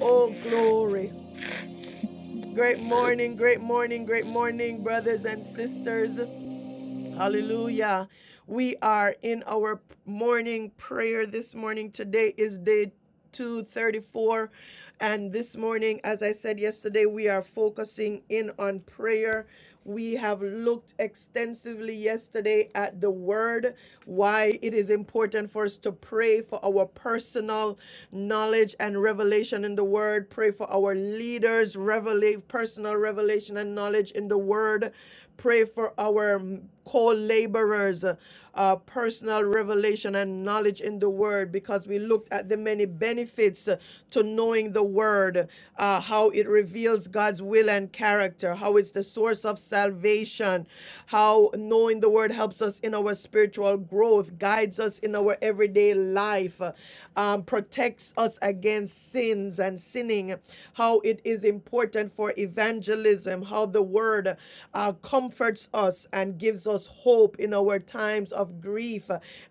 Oh, glory. Great morning, great morning, great morning, brothers and sisters. Hallelujah. We are in our morning prayer this morning. Today is day 234. And this morning, as I said yesterday, we are focusing in on prayer. We have looked extensively yesterday at the word, why it is important for us to pray for our personal knowledge and revelation in the word, pray for our leaders' revela- personal revelation and knowledge in the word, pray for our co-laborers uh, uh, personal revelation and knowledge in the word because we looked at the many benefits uh, to knowing the word uh, how it reveals god's will and character how it's the source of salvation how knowing the word helps us in our spiritual growth guides us in our everyday life uh, um, protects us against sins and sinning how it is important for evangelism how the word uh, comforts us and gives us hope in our times of grief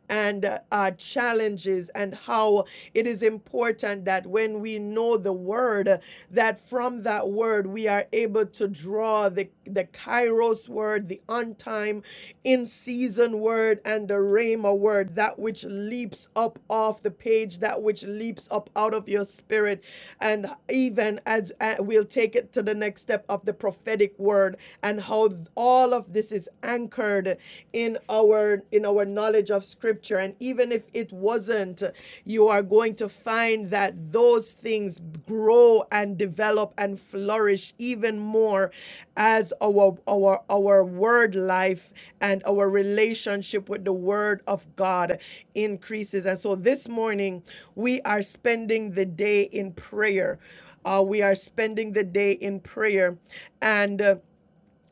and uh, uh, challenges and how it is important that when we know the word that from that word we are able to draw the the kairos word the on time in season word and the rhema word that which leaps up off the page that which leaps up out of your spirit and even as uh, we'll take it to the next step of the prophetic word and how how all of this is anchored in our in our knowledge of scripture and even if it wasn't you are going to find that those things grow and develop and flourish even more as our our our word life and our relationship with the word of God increases and so this morning we are spending the day in prayer uh, we are spending the day in prayer and uh,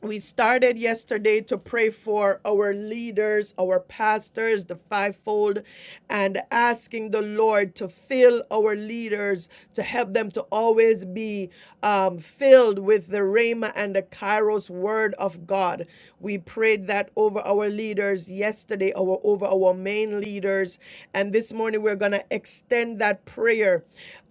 we started yesterday to pray for our leaders, our pastors, the fivefold, and asking the Lord to fill our leaders, to help them to always be um, filled with the Rhema and the Kairos word of God. We prayed that over our leaders yesterday, our, over our main leaders. And this morning, we're going to extend that prayer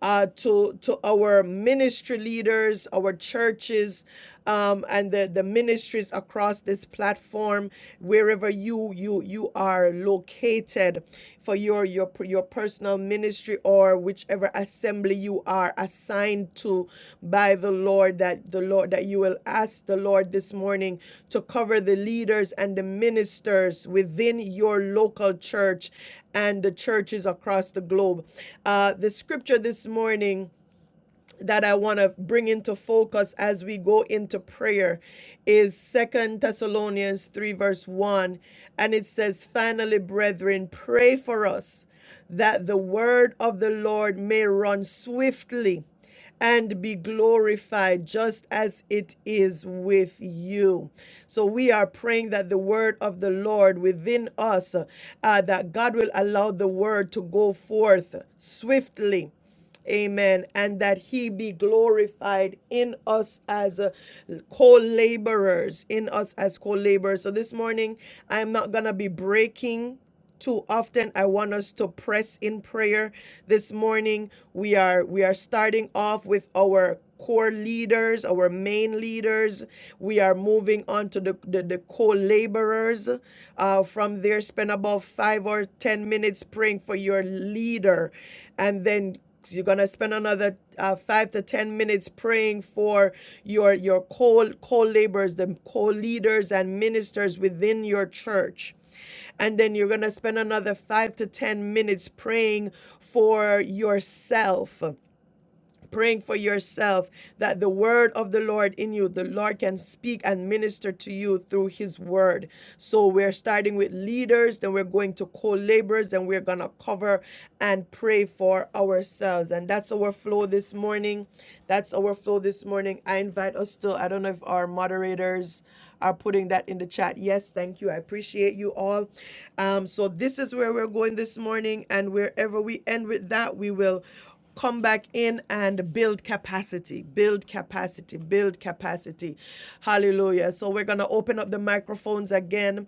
uh, to to our ministry leaders, our churches, um, and the, the ministries across this platform, wherever you you you are located, for your your your personal ministry or whichever assembly you are assigned to by the Lord that the Lord that you will ask the Lord this morning to cover the leaders and the ministers within your local church and the churches across the globe. Uh, the scripture this morning that I want to bring into focus as we go into prayer is Second Thessalonians 3 verse 1 and it says finally brethren pray for us that the word of the Lord may run swiftly and be glorified just as it is with you. So we are praying that the word of the Lord within us uh, that God will allow the word to go forth swiftly Amen. And that he be glorified in us as uh, co laborers, in us as co laborers. So this morning, I'm not going to be breaking too often i want us to press in prayer this morning we are we are starting off with our core leaders our main leaders we are moving on to the the, the co-laborers uh, from there spend about five or ten minutes praying for your leader and then you're gonna spend another uh, five to ten minutes praying for your your co co laborers, the co leaders and ministers within your church and then you're going to spend another five to 10 minutes praying for yourself praying for yourself that the word of the Lord in you, the Lord can speak and minister to you through his word. So we're starting with leaders, then we're going to co laborers, then we're going to cover and pray for ourselves. And that's our flow this morning. That's our flow this morning. I invite us to, I don't know if our moderators are putting that in the chat. Yes, thank you. I appreciate you all. Um, so this is where we're going this morning, and wherever we end with that, we will come back in and build capacity, build capacity, build capacity. Hallelujah. So we're going to open up the microphones again